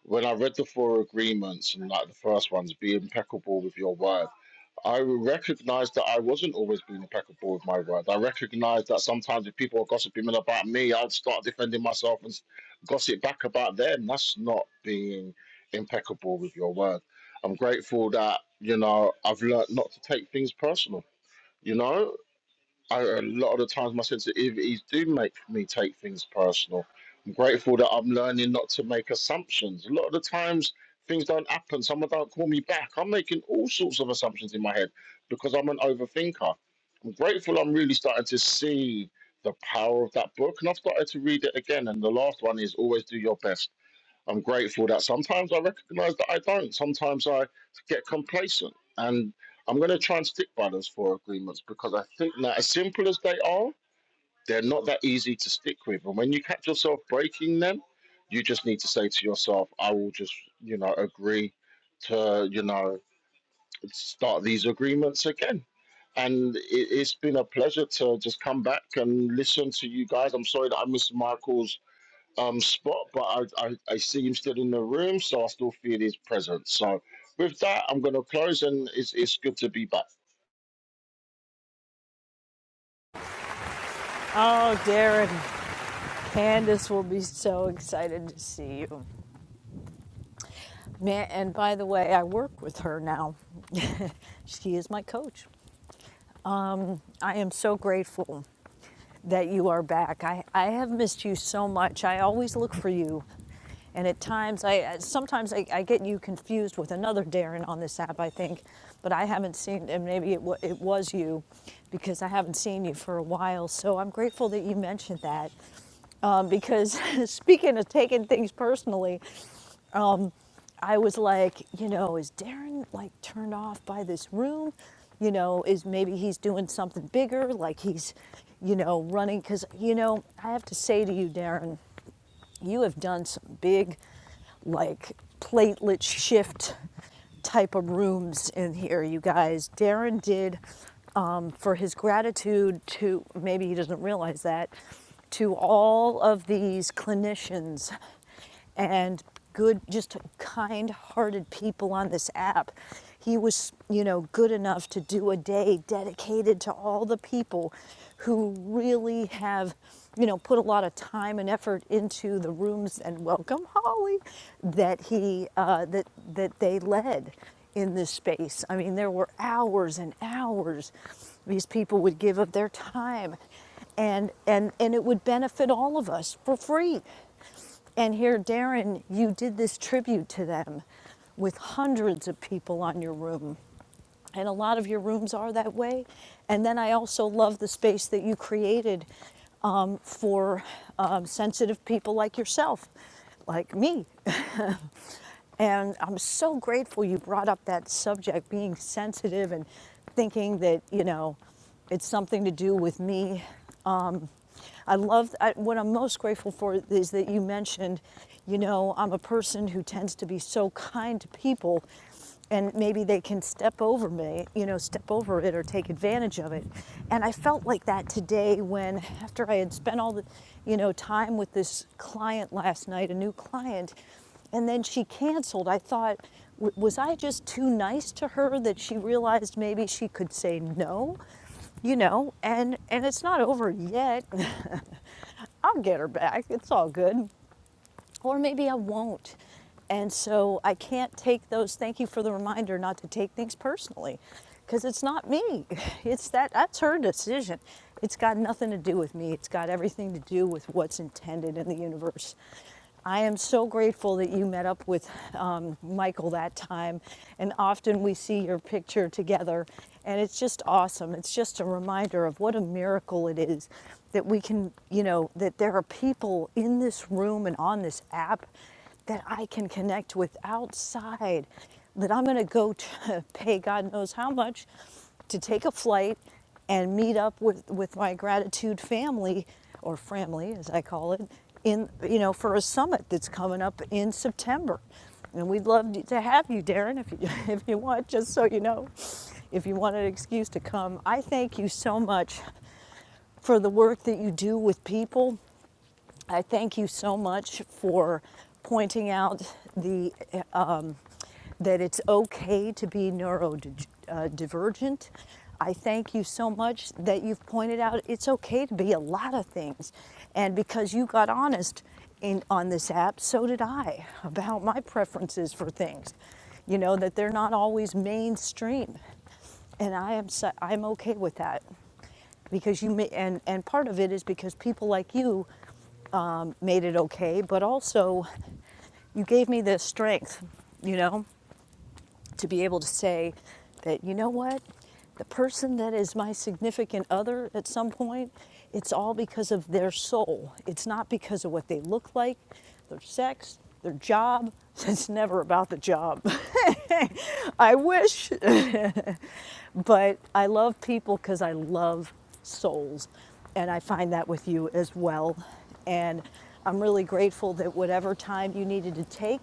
S20: when I read the four agreements, and like the first one's be impeccable with your word I recognized that I wasn't always being impeccable with my words. I recognized that sometimes if people are gossiping about me, I'd start defending myself and s- gossip back about them. That's not being impeccable with your word. I'm grateful that, you know, I've learned not to take things personal. You know, I, a lot of the times my sensitivities do make me take things personal. I'm grateful that I'm learning not to make assumptions. A lot of the times things don't happen. Someone don't call me back. I'm making all sorts of assumptions in my head because I'm an overthinker. I'm grateful I'm really starting to see the power of that book and I've started to read it again. And the last one is always do your best. I'm grateful that sometimes I recognize that I don't. Sometimes I get complacent. And I'm going to try and stick by those four agreements because I think that, as simple as they are, they're not that easy to stick with. And when you catch yourself breaking them, you just need to say to yourself, I will just, you know, agree to, you know, start these agreements again. And it, it's been a pleasure to just come back and listen to you guys. I'm sorry that I missed Michael's um spot, but I, I, I see him still in the room, so I still feel his presence. So with that, I'm going to close, and it's, it's good to be back.
S14: Oh, Darren, Candace will be so excited to see you. Man, and by the way, I work with her now. she is my coach. I am so grateful that you are back. I, I have missed you so much. I always look for you. And at times, I uh, sometimes I, I get you confused with another Darren on this app, I think. But I haven't seen, and maybe it, wa it was you because I haven't seen you for a while. So I'm grateful that you mentioned that. Um, because speaking of taking things personally, I was like, you know, is Darren like turned off by this room? You know, is maybe he's doing something bigger, like he's, you know, running? Because, you know, I have to say to you, Darren, you have done some big, like, platelet shift type of rooms in here, you guys. Darren did um, for his gratitude to, maybe he doesn't realize that, to all of these clinicians and good, just kind hearted people on this app. He was, you know, good enough to do a day dedicated to all the people who really have, you know, put a lot of time and effort into the rooms and welcome Holly that he uh, that that they led in this space. I mean, there were hours and hours these people would give of their time, and and and it would benefit all of us for free. And here, Darren, you did this tribute to them with hundreds of people on your room. And a lot of your rooms are that way. And then I also love the space that you created um, for um, sensitive people like yourself, like me. And I'm so grateful you brought up that subject, being sensitive and thinking that, you know, it's something to do with me. Um, I love, I, what I'm most grateful for is that you mentioned, you know, I'm a person who tends to be so kind to people and maybe they can step over me, you know, step over it or take advantage of it. And I felt like that today when, after I had spent all the, you know, time with this client last night, a new client, and then she canceled, I thought, was I just too nice to her that she realized maybe she could say no? You know, and and it's not over yet. I'll get her back. It's all good or maybe I won't. And so I can't take those. Thank you for the reminder not to take things personally because it's not me. It's that that's her decision. It's got nothing to do with me. It's got everything to do with what's intended in the universe. I am so grateful that you met up with um, Michael that time. And often we see your picture together, and it's just awesome. It's just a reminder of what a miracle it is that we can, you know, that there are people in this room and on this app that I can connect with outside, that I'm going to go to pay God knows how much to take a flight and meet up with, with my gratitude family or family as I call it in you know for a summit that's coming up in September. And we'd love to have you, Darren, if you, if you want, just so you know, if you want an excuse to come. I thank you so much for the work that you do with people. I thank you so much for pointing out the um, that it's okay to be neurodivergent. Uh, I thank you so much that you've pointed out it's okay to be a lot of things, and because you got honest in on this app, so did I about my preferences for things. You know that they're not always mainstream, and I am so, I'm okay with that because you ma- and and part of it is because people like you made it okay but also you gave me the strength you know to be able to say that you know what the person that is my significant other at some point it's all because of their soul it's not because of what they look like their sex their job it's never about the job i wish But I love people because I love souls. And I find that with you as well. And I'm really grateful that whatever time you needed to take,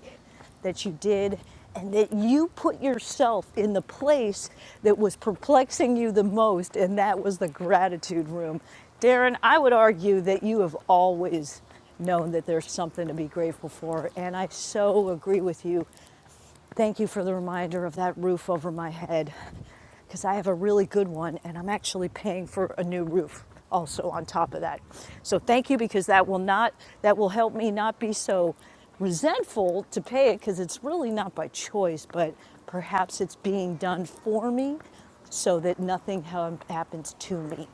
S14: that you did, and that you put yourself in the place that was perplexing you the most, and that was the gratitude room. Darren, I would argue that you have always known that there's something to be grateful for, and I so agree with you Thank you for the reminder of that roof over my head because I have a really good one and I'm actually paying for a new roof also on top of that. So thank you because that will not that will help me not be so resentful to pay it because it's really not by choice, but perhaps it's being done for me so that nothing ha- happens to me.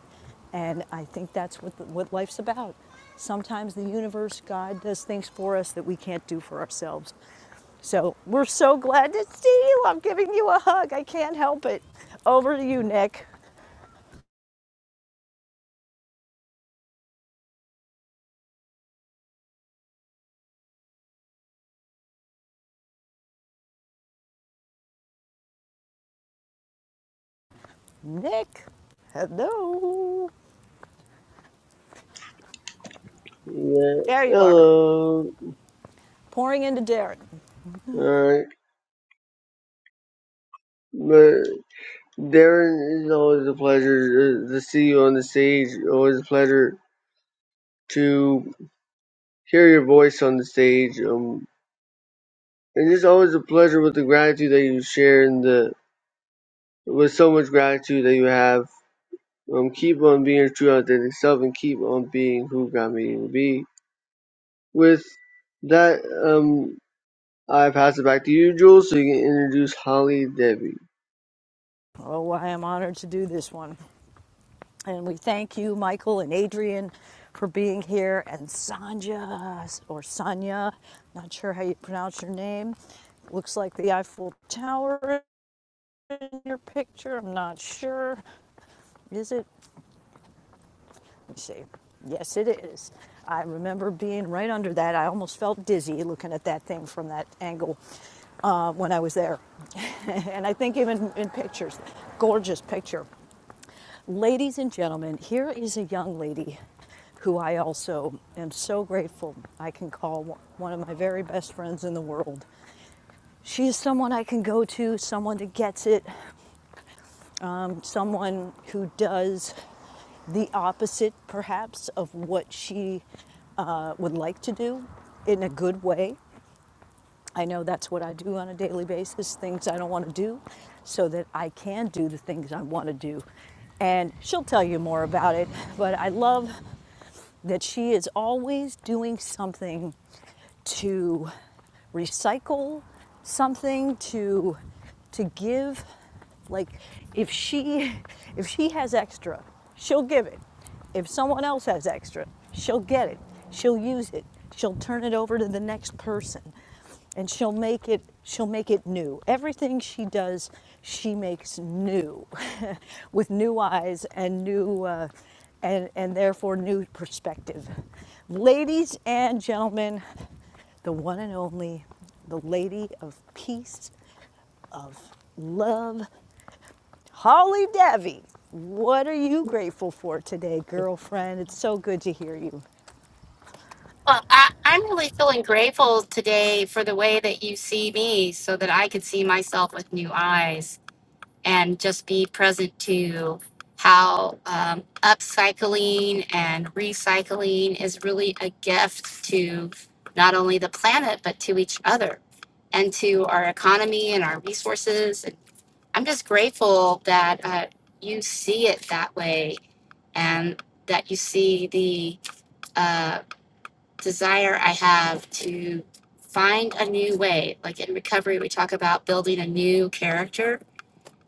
S14: And I think that's what, what life's about. Sometimes the universe, God does things for us that we can't do for ourselves. So we're so glad to see you. I'm giving you a hug. I can't help it. Over to you, Nick. Nick, hello.
S15: Yeah,
S14: There you are,
S15: hello.
S14: pouring into Darren.
S15: Alright, but Darren, it's always a pleasure to to see you on the stage. Always a pleasure to hear your voice on the stage. Um, and it's always a pleasure with the gratitude that you share and the with so much gratitude that you have. Um, keep on being your true authentic self and keep on being who God made you to be. With that, um, I pass it back to you, Jules, so you can introduce Holly Debbie.
S14: Oh, I am honored to do this one. And we thank you, Michael and Adrian, for being here, and Sanja or Sonia, not sure how you pronounce your name. Looks like the Eiffel Tower in your picture. I'm not sure. Is it? See, yes, it is. I remember being right under that. I almost felt dizzy looking at that thing from that angle uh, when I was there. and I think even in pictures, gorgeous picture. Ladies and gentlemen, here is a young lady who I also am so grateful I can call one one of my very best friends in the world. She is someone I can go to, someone that gets it, someone who does the opposite, perhaps, of what she uh, would like to do in a good way. I know that's what I do on a daily basis, things I don't want to do, so that I can do the things I want to do. And she'll tell you more about it, but I love that she is always doing something to recycle something to to give like if she if she has extra she'll give it if someone else has extra she'll get it she'll use it she'll turn it over to the next person and she'll make it she'll make it new everything she does she makes new with new eyes and new uh, and and therefore new perspective ladies and gentlemen the one and only the lady of peace of love holly davy what are you grateful for today girlfriend it's so good to hear you
S21: Well, I, I'm really feeling grateful today for the way that you see me so that I could see myself with new eyes and just be present to how um, upcycling and recycling is really a gift to not only the planet, but to each other and to our economy and our resources. And I'm just grateful that uh, you see it that way and that you see the uh, desire I have to find a new way. Like in recovery, we talk about building a new character.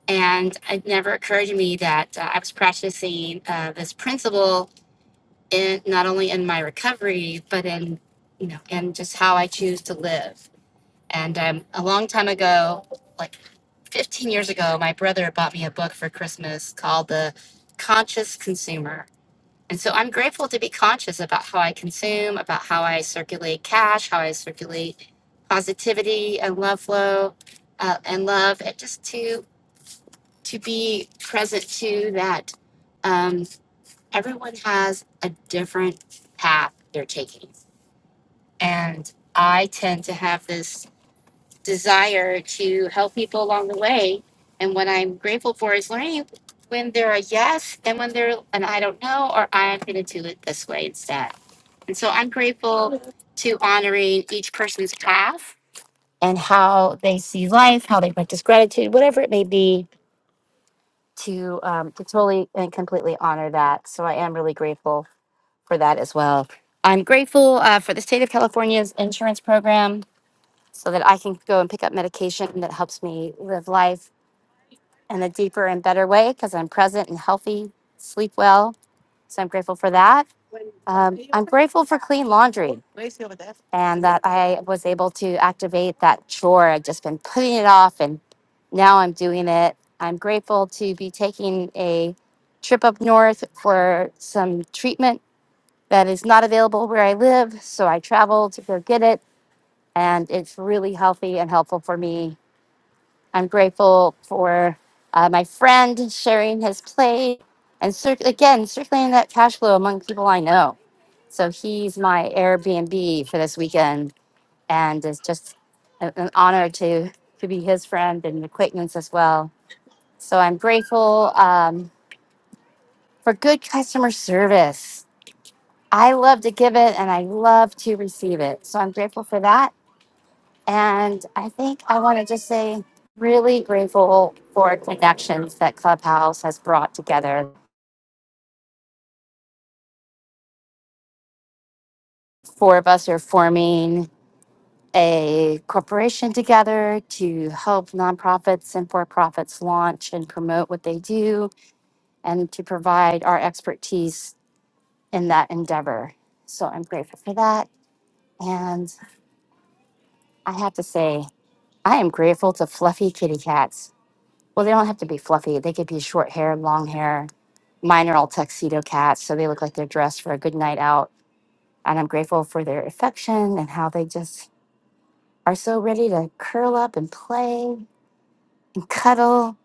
S21: And it never occurred to me that uh, I was practicing uh, this principle in not only in my recovery, but in you know, in just how I choose to live. And um, a long time ago, like 15 years ago, my brother bought me a book for Christmas called The Conscious Consumer and so I'm grateful to be conscious about how I consume, about how I circulate cash, how I circulate positivity and love flow uh, and love, and just to to be present to that. Um, everyone has a different path they're taking, and I tend to have this desire to help people along the way. And what I'm grateful for is learning when they're a yes and when they're an I don't know, or I'm going to do it this way instead and so I'm grateful to honoring each person's path and how they see life, how they practice gratitude, whatever it may be, to um, to totally and completely honor that. So I am really grateful for that as well. I'm grateful uh, for the state of California's insurance program so that I can go and pick up medication that helps me live life in a deeper and better way because I'm present and healthy, sleep well. So I'm grateful for that. Um, I'm grateful for clean laundry. and that I was able to activate that chore. I'd just been putting it off, and now I'm doing it. I'm grateful to be taking a trip up north for some treatment that is not available where I live. So I travel to go get it, and it's really healthy and helpful for me. I'm grateful for uh, my friend sharing his plate and cir- again, circulating that cash flow among people I know. So he's my Airbnb for this weekend and it's just a- an honor to to be his friend and acquaintance as well. So I'm grateful um, for good customer service. I love to give it and I love to receive it. So I'm grateful for that. And I think I want to just say, really grateful for connections that Clubhouse has brought together. Four of us are forming a corporation together to help nonprofits and for profits launch and promote what they do and to provide our expertise in that endeavor. So I'm grateful for that. And I have to say, I am grateful to fluffy kitty cats. Well, they don't have to be fluffy, they could be short hair, long hair. Mine are all tuxedo cats, so they look like they're dressed for a good night out. And I'm grateful for their affection and how they just are so ready to curl up and play and cuddle.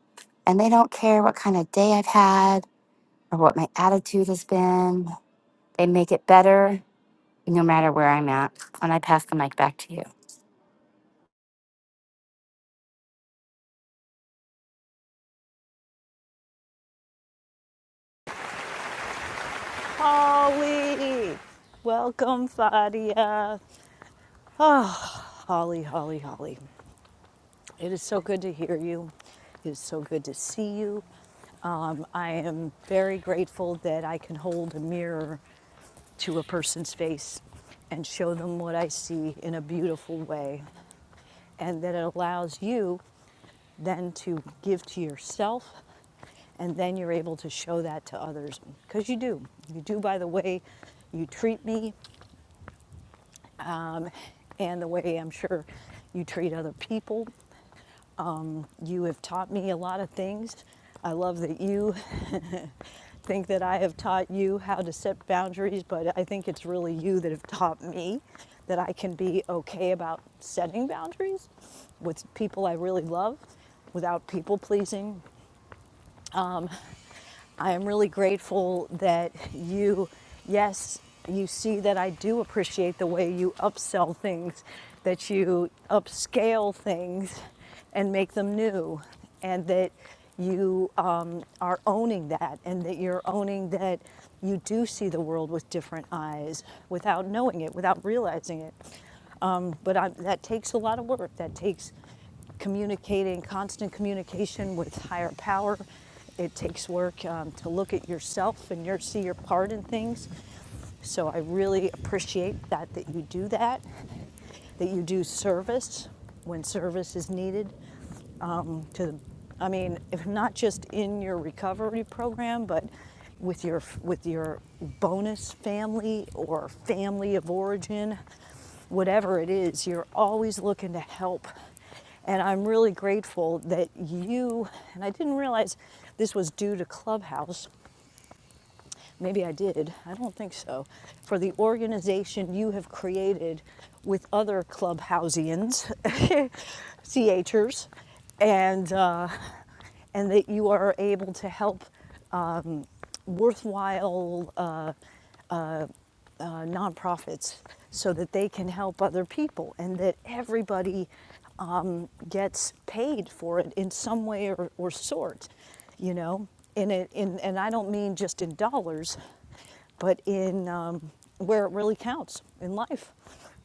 S21: And they don't care what kind of day I've had or what my attitude has been. They make it better no matter where I'm at. And I pass the mic back to you.
S14: holly welcome fadia Oh, Holly, Holly, Holly. It is so good to hear you. It is so good to see you. Um, I am very grateful that I can hold a mirror to a person's face and show them what I see in a beautiful way, and that it allows you then to give to yourself, and then you're able to show that to others because you do. You do by the way you treat me um, and the way I'm sure you treat other people Um, You have taught me a lot of things. I love that you think that I have taught you how to set boundaries, but I think it's really you that have taught me that I can be okay about setting boundaries with people I really love without people pleasing, um, I am really grateful that you, yes, you see that I do appreciate the way you upsell things, that you upscale things and make them new, and that you um, are owning that, and that you're owning that you do see the world with different eyes without knowing it, without realizing it. Um, but I, that takes a lot of work. That takes communicating, constant communication with higher power. It takes work um, to look at yourself and your see your part in things. So I really appreciate that that you do that, that you do service when service is needed, um, to, I mean, if not just in your recovery program, but with your with your bonus family or family of origin, whatever it is, you're always looking to help. And I'm really grateful that you and I didn't realize this was due to Clubhouse maybe I did, I don't think so, for the organization you have created with other clubhousians, CHers, and, uh, and that you are able to help um, worthwhile uh, uh, nonprofits so that they can help other people and that everybody um, gets paid for it in some way or, or sort, you know. And, it, in, and I don't mean just in dollars, but in um, where it really counts in life.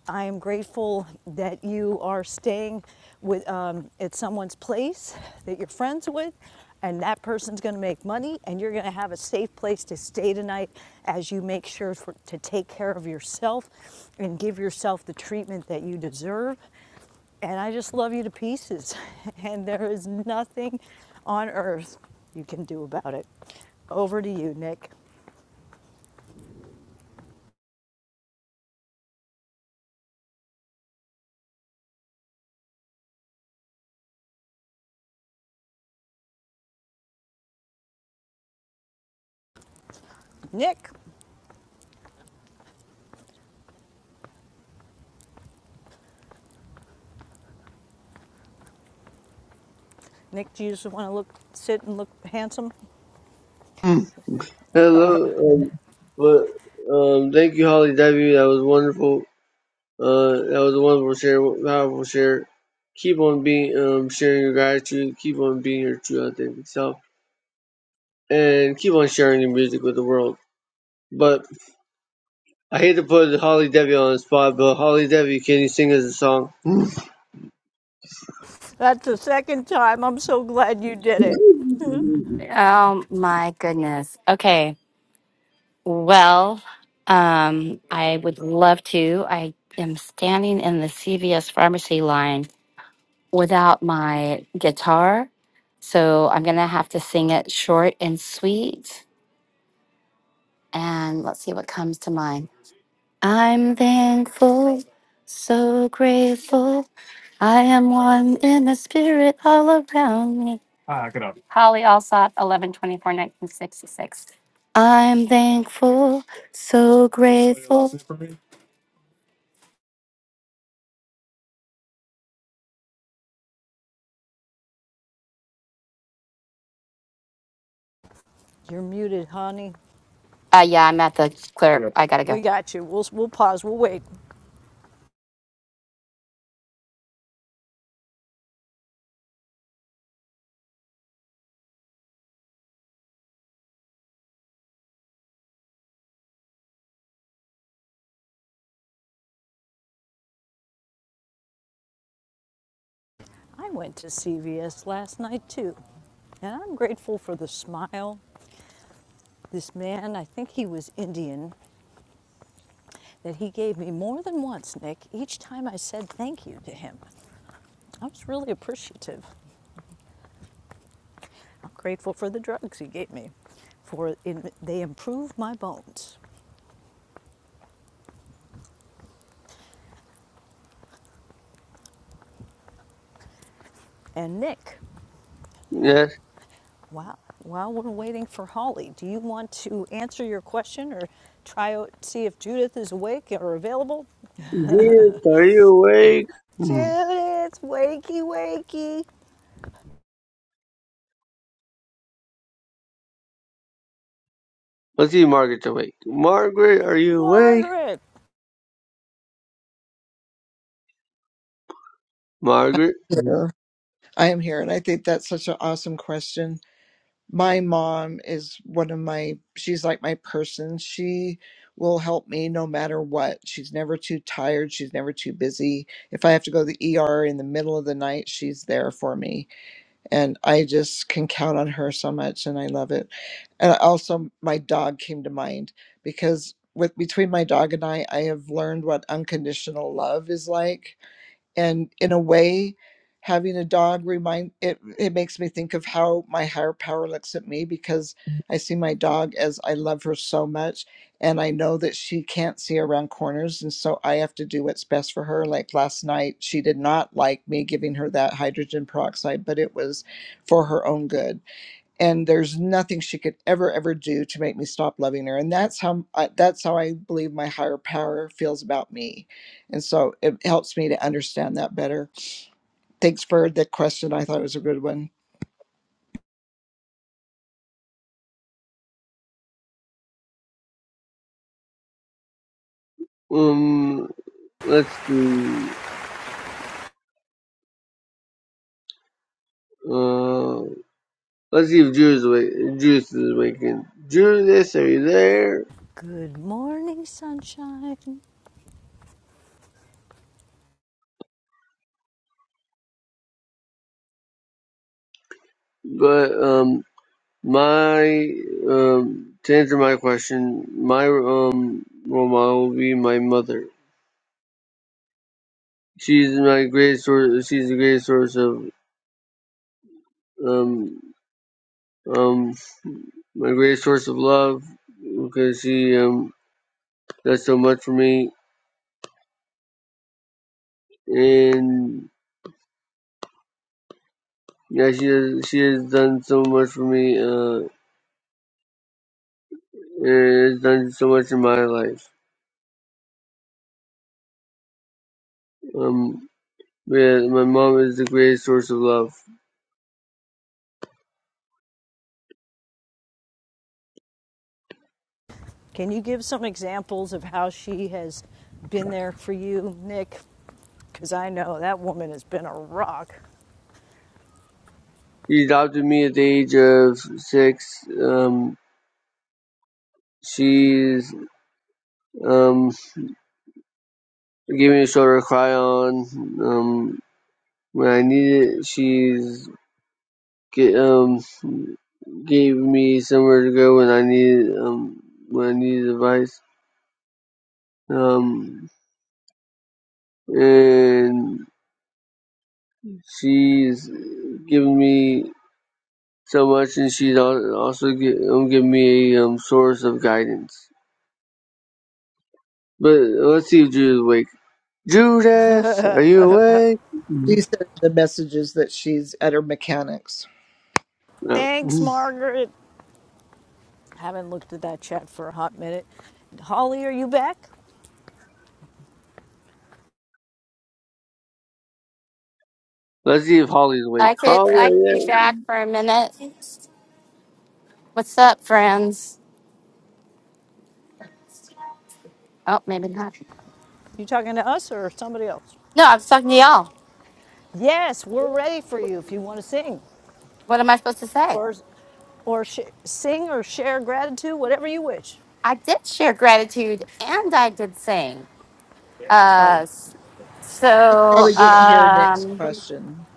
S14: I am grateful that you are staying with um, at someone's place that you're friends with, and that person's going to make money, and you're going to have a safe place to stay tonight as you make sure for, to take care of yourself and give yourself the treatment that you deserve. And I just love you to pieces. And there is nothing on earth you can do about it. Over to you, Nick. Nick, Nick, do you just want to look, sit and look handsome?
S15: Hello, um, but um, thank you, Holly Debbie. That was wonderful. Uh, that was a wonderful share, powerful share. Keep on being um sharing your gratitude. Keep on being your true authentic self, and keep on sharing your music with the world. But I hate to put Holly Debbie on the spot, but Holly Debbie, can you sing us a song?
S14: That's the second time. I'm so glad you did it.
S21: Oh my goodness. Okay. Well, um, I would love to. I am standing in the CVS pharmacy line without my guitar. So I'm going to have to sing it short and sweet. And let's see what comes to mind. I'm thankful, so grateful. I am one in the spirit all around me. Holly Alsop, eleven twenty four, nineteen sixty six. I'm thankful, so grateful.
S14: You're muted, honey.
S21: Uh, yeah, I'm at the clerk. I gotta
S14: We
S21: go.
S14: got you. We'll, we'll pause. We'll wait. I went to CVS last night too. And I'm grateful for the smile. This man, I think he was Indian, that he gave me more than once, Nick, each time I said thank you to him. I was really appreciative. I'm grateful for the drugs he gave me, for in, they improved my bones. And Nick,
S15: Yes.
S14: wow, while we're waiting for Holly, do you want to answer your question or try out see if Judith is awake or available?
S15: Dearest, are you awake? Mm.
S14: Judith, wakey, wakey,
S15: Let's see, if Margaret's awake. Margaret, are you awake?
S14: Margaret.
S16: I'm
S15: Margaret. Mm.
S16: here. I am here. And I think that's such an awesome question. My mom is one of my, she's like my person. She will help me no matter what. She's never too tired. She's never too busy. If I have to go to the ER in the middle of the night, she's there for me and I just can count on her so much, and I love it. And also, my dog came to mind because with between my dog and I, I have learned what unconditional love is like and in a way having a dog remind it it makes me think of how my higher power looks at me because i see my dog as i love her so much and i know that she can't see around corners and so i have to do what's best for her like last night she did not like me giving her that hydrogen peroxide but it was for her own good and there's nothing she could ever ever do to make me stop loving her and that's how I, that's how i believe my higher power feels about me and so it helps me to understand that better thanks for the question i thought it was a good one
S15: Um. Let's see. Uh. Let's see if Judith is awake. Judas is waking. Judas, are you there?
S14: Good morning, sunshine.
S15: But um, my um, to answer my question, my um role model will be my mother. She's my great source. She's the great source of um um my great source of love because she um does so much for me and yeah she has she has done so much for me uh and has done so much in my life um yeah my mom is the greatest source of love
S14: Can you give some examples of how she has been there for you, Nick? Because I know that woman has been a rock.
S15: she adopted me at the age of six um she's um gave me a shoulder to cry on um when I needed it. She's g- um, gave me somewhere to go when I needed um, when I needed advice. Um, and she's given me so much, and she's al- also gi- um, given me a um, source of guidance. But let's see if Judith's awake. Judith, are you awake?
S16: she said the messages that she's at her mechanics
S15: No.
S14: Thanks, Margaret. Haven't looked at that chat for a hot minute. Holly, are you back?
S15: Let's see if Holly's awake.
S21: I could,
S15: Holly,
S21: I
S15: are
S21: could be
S15: you
S21: back for a minute. What's up, friends? Oh, maybe not.
S14: You talking to us or somebody else?
S21: No, I'm talking to y'all.
S14: Yes, we're ready for you if you want to sing,
S21: What am I supposed to say?
S14: or, or sh- sing or share gratitude, whatever you wish.
S21: I did share gratitude and I did sing. Uh,
S14: Oh,
S21: so,
S16: probably didn't hear nick's
S21: um,
S16: question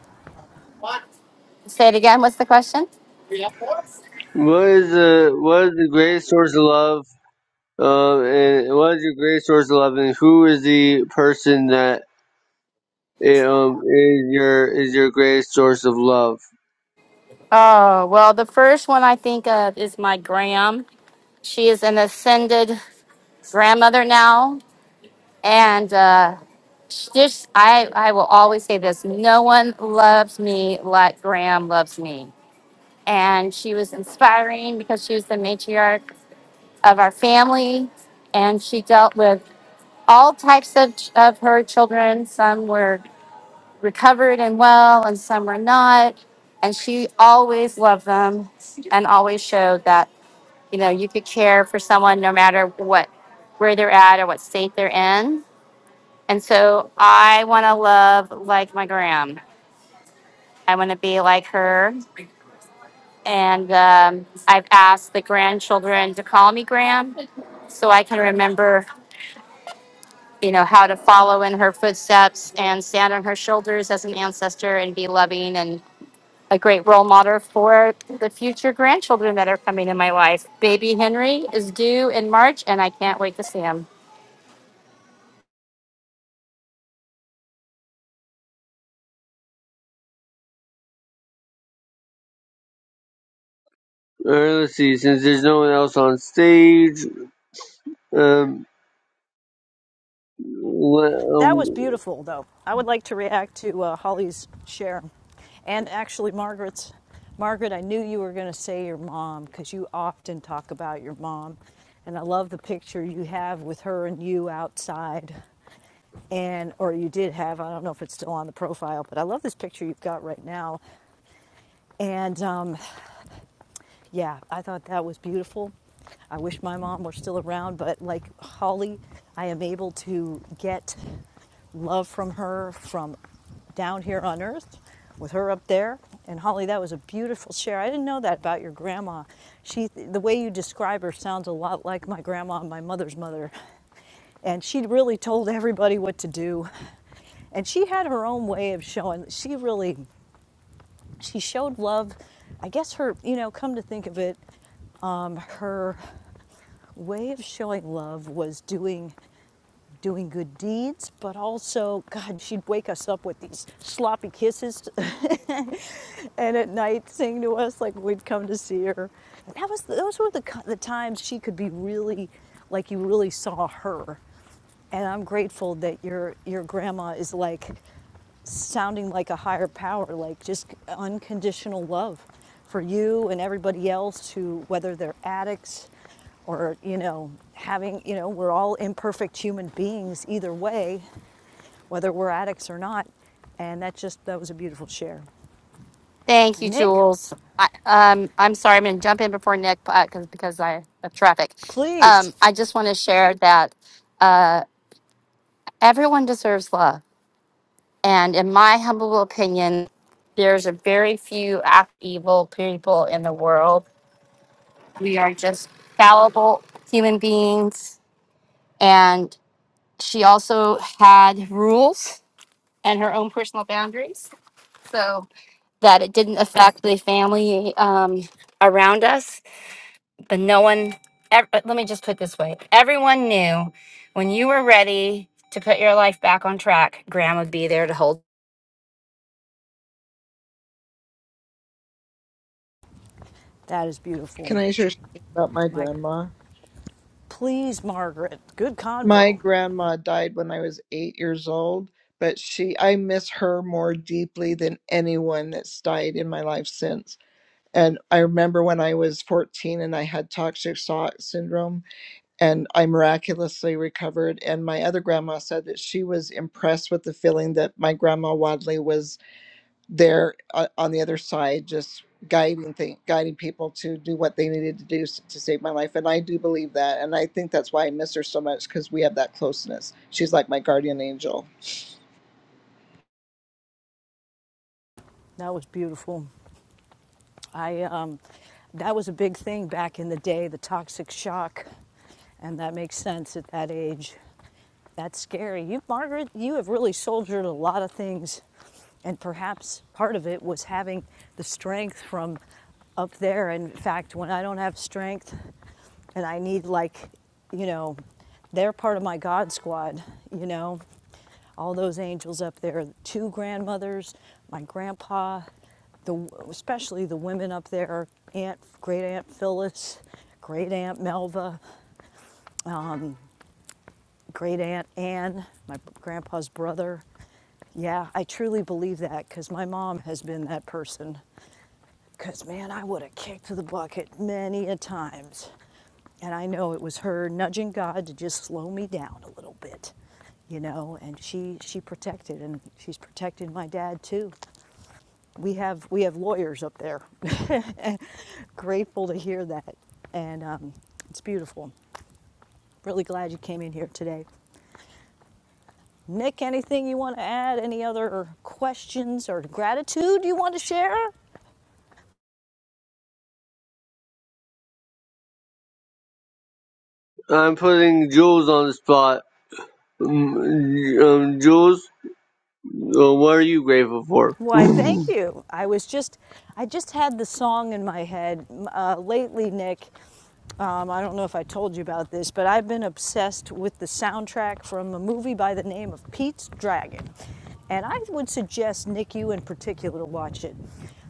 S21: say it again. What's the question?
S15: there? What is the what is the greatest source of love Um, and what is your greatest source of love, and who is the person that eh, um is your is your greatest source of love?
S21: Oh, well, the first one I think of is my gram. She is an ascended grandmother now, and uh, she just I I will always say this: no one loves me like Graham loves me. And she was inspiring because she was the matriarch of our family, and she dealt with all types of of her children. Some were recovered and well, and some were not. And she always loved them, and always showed that you know you could care for someone no matter what where they're at or what state they're in and so i want to love like my gram i want to be like her and um, i've asked the grandchildren to call me gram so i can remember you know how to follow in her footsteps and stand on her shoulders as an ancestor and be loving and a great role model for the future grandchildren that are coming in my life baby henry is due in march and i can't wait to see him
S15: Uh, let's see, since there's no one else on stage, um, le-
S14: that was
S15: um
S14: beautiful, though. I would like to react to uh, Holly's share, and actually Margaret's. Margaret, I knew you were going to say your mom because you often talk about your mom, and I love the picture you have with her and you outside. and or you did have i don't know if it's still on the profile but i love this picture you've got right now and um, yeah i thought that was beautiful i wish my mom were still around but like holly i am able to get love from her from down here on earth with her up there. And Holly, that was a beautiful share. I didn't know that about your grandma. She, the way you describe her sounds a lot like my grandma, and my mother's mother. And she really told everybody what to do. And she had her own way of showing. She really, she showed love. I guess her, you know, come to think of it, um, her way of showing love was doing doing good deeds, but also, God, she'd wake us up with these sloppy kisses and at night sing to us like we'd come to see her. That was, those were the, the times she could be really, like you really saw her. And I'm grateful that your, your grandma is like sounding like a higher power, like just unconditional love for you and everybody else who, whether they're addicts or, you know, having, you know, we're all imperfect human beings either way, whether we're addicts or not. And that just, that was a beautiful share.
S21: Thank you,
S14: Nick,
S21: Jules. I, um, I'm sorry, I'm going to jump in before Nick uh, 'cause because I of traffic.
S14: please.
S21: Um, I just want to share that uh, everyone deserves love, and in my humble opinion, there's a very few act evil people in the world. We are just fallible human beings, and she also had rules and her own personal boundaries, so that it didn't affect the family um, around us but no one ev- uh, let me just put it this way everyone knew when you were ready to put your life back on track graham would be there to hold
S14: That is beautiful.
S16: can i share something about my
S14: Mike,
S16: grandma
S14: please, Margaret. Good
S16: My
S14: convo.
S16: grandma died when I was eight years old, but she, I miss her more deeply than anyone that's died in my life since. And I remember when I was 14 and I had toxic shock syndrome, and I miraculously recovered. And my other grandma said that she was impressed with the feeling that my grandma Wadley was there uh, on the other side just guiding thing, guiding people to do what they needed to do s- to save my life and i do believe that and i think that's why i miss her so much because we have that closeness she's like my guardian angel
S14: That was beautiful. I um, that was a big thing back in the day, the toxic shock, and that makes sense at that age. That's scary. You, Margaret, you have really soldiered a lot of things. And perhaps part of it was having the strength from up there. In fact, when I don't have strength and I need, like, you know, they're part of my God squad, you know, all those angels up there, two grandmothers, my grandpa, the, especially the women up there, Aunt, great Aunt Phyllis, great Aunt Melva, great aunt Anne, my grandpa's brother. Yeah, I truly believe that because my mom has been that person. Because, man, I would have kicked the bucket many a times. And I know it was her nudging God to just slow me down a little bit, you know, and she, she protected and she's protected my dad too. We have, we have lawyers up there. Grateful to hear that. And um, it's beautiful. Really glad you came in here today. Nick, anything you want to add? Any other questions or gratitude you want to share?
S15: I'm putting Jules on the spot. Um, um, Jules, uh, what are you grateful for?
S14: Why, thank you. I was just, I just had the song in my head uh, lately, Nick. Um, I don't know if I told you about this, but I've been obsessed with the soundtrack from a movie by the name of Pete's Dragon. And I would suggest, Nick, you in particular, watch it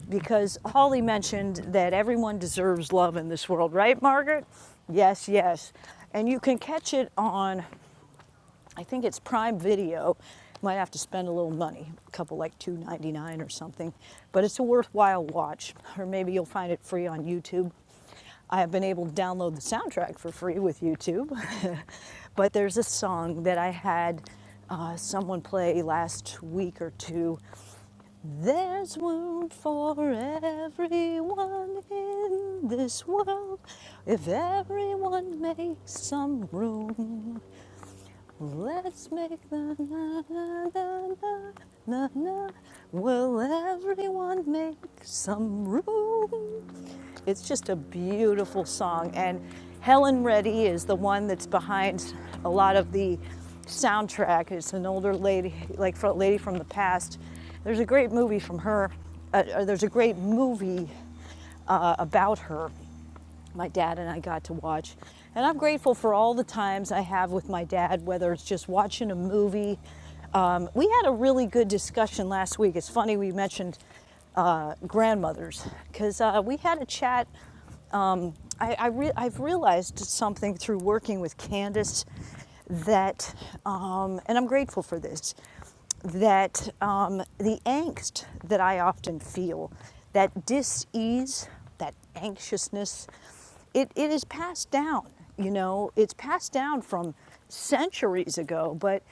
S14: because Holly mentioned that everyone deserves love in this world, right, Margaret? Yes, yes. And you can catch it on I think it's Prime Video. Might have to spend a little money, a couple like 2.99 or something, but it's a worthwhile watch. Or maybe you'll find it free on YouTube. I have been able to download the soundtrack for free with YouTube, but there's a song that I had uh, someone play last week or two. There's room for everyone in this world if everyone makes some room. Let's make the na na na na na. na. Will everyone make some room? It's just a beautiful song, and Helen Reddy is the one that's behind a lot of the soundtrack. It's an older lady, like fro- lady from the past. There's a great movie from her. Uh, uh, there's a great movie uh, about her my dad and I got to watch. And I'm grateful for all the times I have with my dad, whether it's just watching a movie. Um, we had a really good discussion last week. It's funny we mentioned uh, grandmothers because uh, we had a chat I, I re- I've realized something through working with Candace that, um, and I'm grateful for this, that um, the angst that I often feel, that dis ease, that anxiousness, it, it is passed down. You know, it's passed down from centuries ago, but,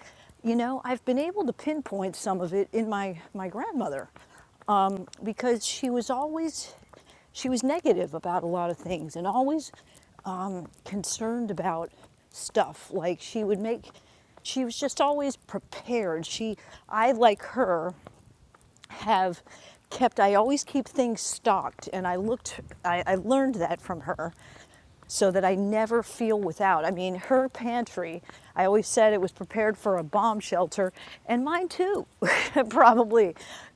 S14: you know, I've been able to pinpoint some of it in my, my grandmother um, because she was always she was negative about a lot of things and always um, concerned about stuff. Like she would make, she was just always prepared. She, I like her, have kept i always keep things stocked and i looked I, I learned that from her so that i never feel without i mean her pantry i always said it was prepared for a bomb shelter and mine too probably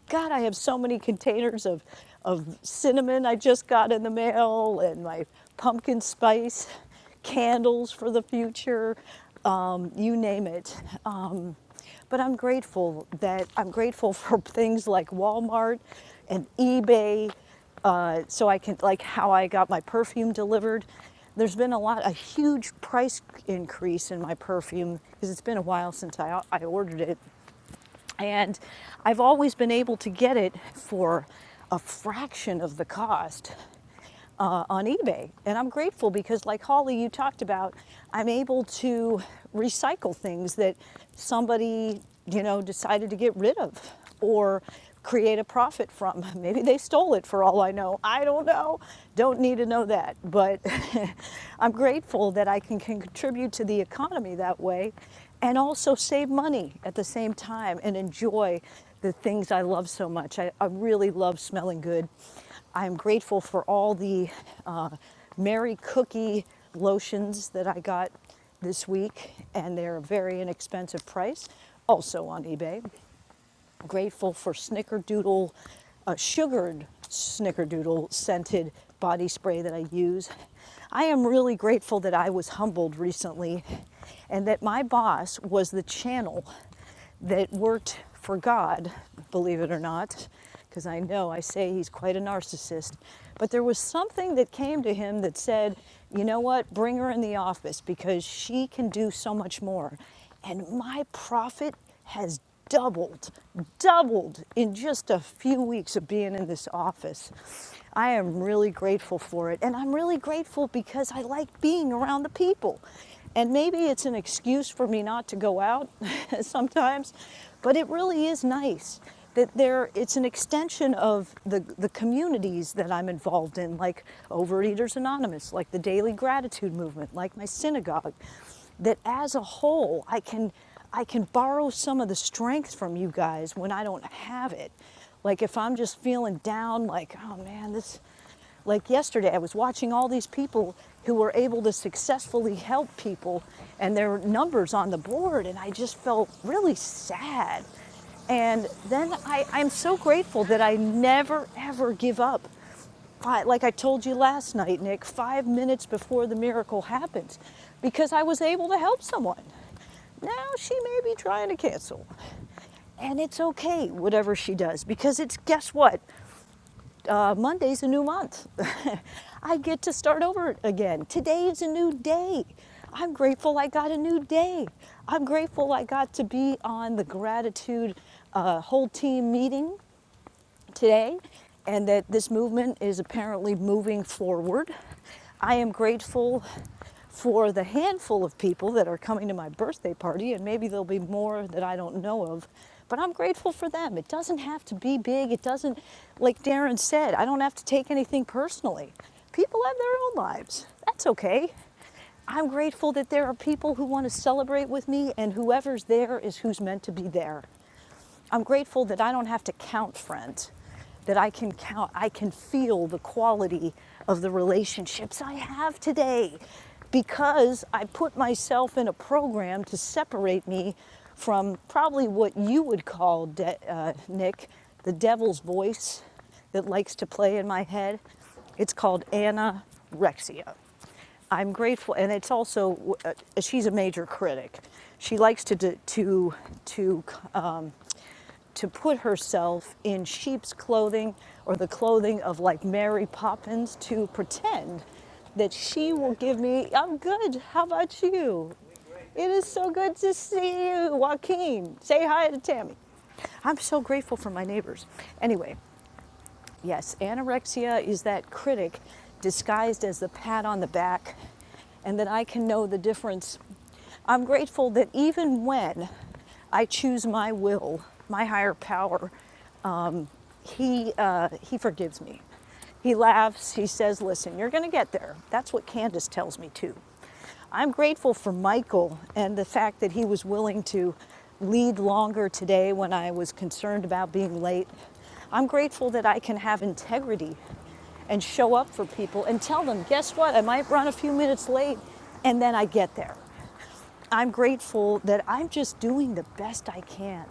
S14: god i have so many containers of of cinnamon i just got in the mail and my pumpkin spice candles for the future um, you name it Um, but I'm grateful that I'm grateful for things like Walmart and eBay. Uh, so I can, like, how I got my perfume delivered. There's been a lot, a huge price increase in my perfume because it's been a while since I, I ordered it. And I've always been able to get it for a fraction of the cost uh, on eBay. And I'm grateful because, like Holly, you talked about, I'm able to recycle things that somebody, you know, decided to get rid of or create a profit from. Maybe they stole it for all I know. I don't know. Don't need to know that. But I'm grateful that I can can contribute to the economy that way and also save money at the same time and enjoy the things I love so much. I, I really love smelling good. I'm grateful for all the uh, Mary Cookie lotions that I got this week, and they're a very inexpensive price, also on eBay grateful for snickerdoodle, uh, sugared snickerdoodle scented body spray that I use. I am really grateful that I was humbled recently and that my boss was the channel that worked for God, believe it or not, because I know I say he's quite a narcissist. But there was something that came to him that said, you know what, bring her in the office because she can do so much more and my profit has doubled, doubled in just a few weeks of being in this office. I am really grateful for it, and I'm really grateful because I like being around the people. And maybe it's an excuse for me not to go out sometimes, but it really is nice that there it's an extension of the, the communities that I'm involved in, like Overeaters Anonymous, like the Daily Gratitude Movement, like my synagogue that as a whole, I can, I can borrow some of the strength from you guys when I don't have it. Like if I'm just feeling down, like, oh man, this, like yesterday, I was watching all these people who were able to successfully help people and their numbers on the board, and I just felt really sad. And then I, I'm so grateful that I never ever give up I, like I told you last night, Nick, five minutes before the miracle happens because I was able to help someone. Now she may be trying to cancel. And it's okay, whatever she does, because it's guess what? Uh, Monday's a new month. I get to start over again. Today is a new day. I'm grateful I got a new day. I'm grateful I got to be on the gratitude uh, whole team meeting today and that this movement is apparently moving forward. I am grateful for the handful of people that are coming to my birthday party, and maybe there'll be more that I don't know of. But I'm grateful for them. It doesn't have to be big. It doesn't, like Darren said, I don't have to take anything personally. People have their own lives. That's okay. I'm grateful that there are people who want to celebrate with me, and whoever's there is who's meant to be there. I'm grateful that I don't have to count friend, that I can count, I can feel the quality of the relationships I have today because I put myself in a program to separate me from probably what you would call, de- uh, Nick, the devil's voice that likes to play in my head. It's called anorexia. I'm grateful, and it's also uh, she's a major critic. She likes to to to um, to put herself in sheep's clothing or the clothing of like Mary Poppins to pretend that she will give me. I'm good. How about you? It is so good to see you, Joaquin. Say hi to Tammy. I'm so grateful for my neighbors. Anyway, Yes, anorexia is that critic disguised as the pat on the back, and that I can know the difference. I'm grateful that even when I choose my will, my higher power, um, he, uh, he forgives me. He laughs, he says, Listen, you're going to get there. That's what Candace tells me too. I'm grateful for Michael and the fact that he was willing to lead longer today when I was concerned about being late. I'm grateful that I can have integrity and show up for people and tell them, guess what, I might run a few minutes late and then I get there. I'm grateful that I'm just doing the best I can.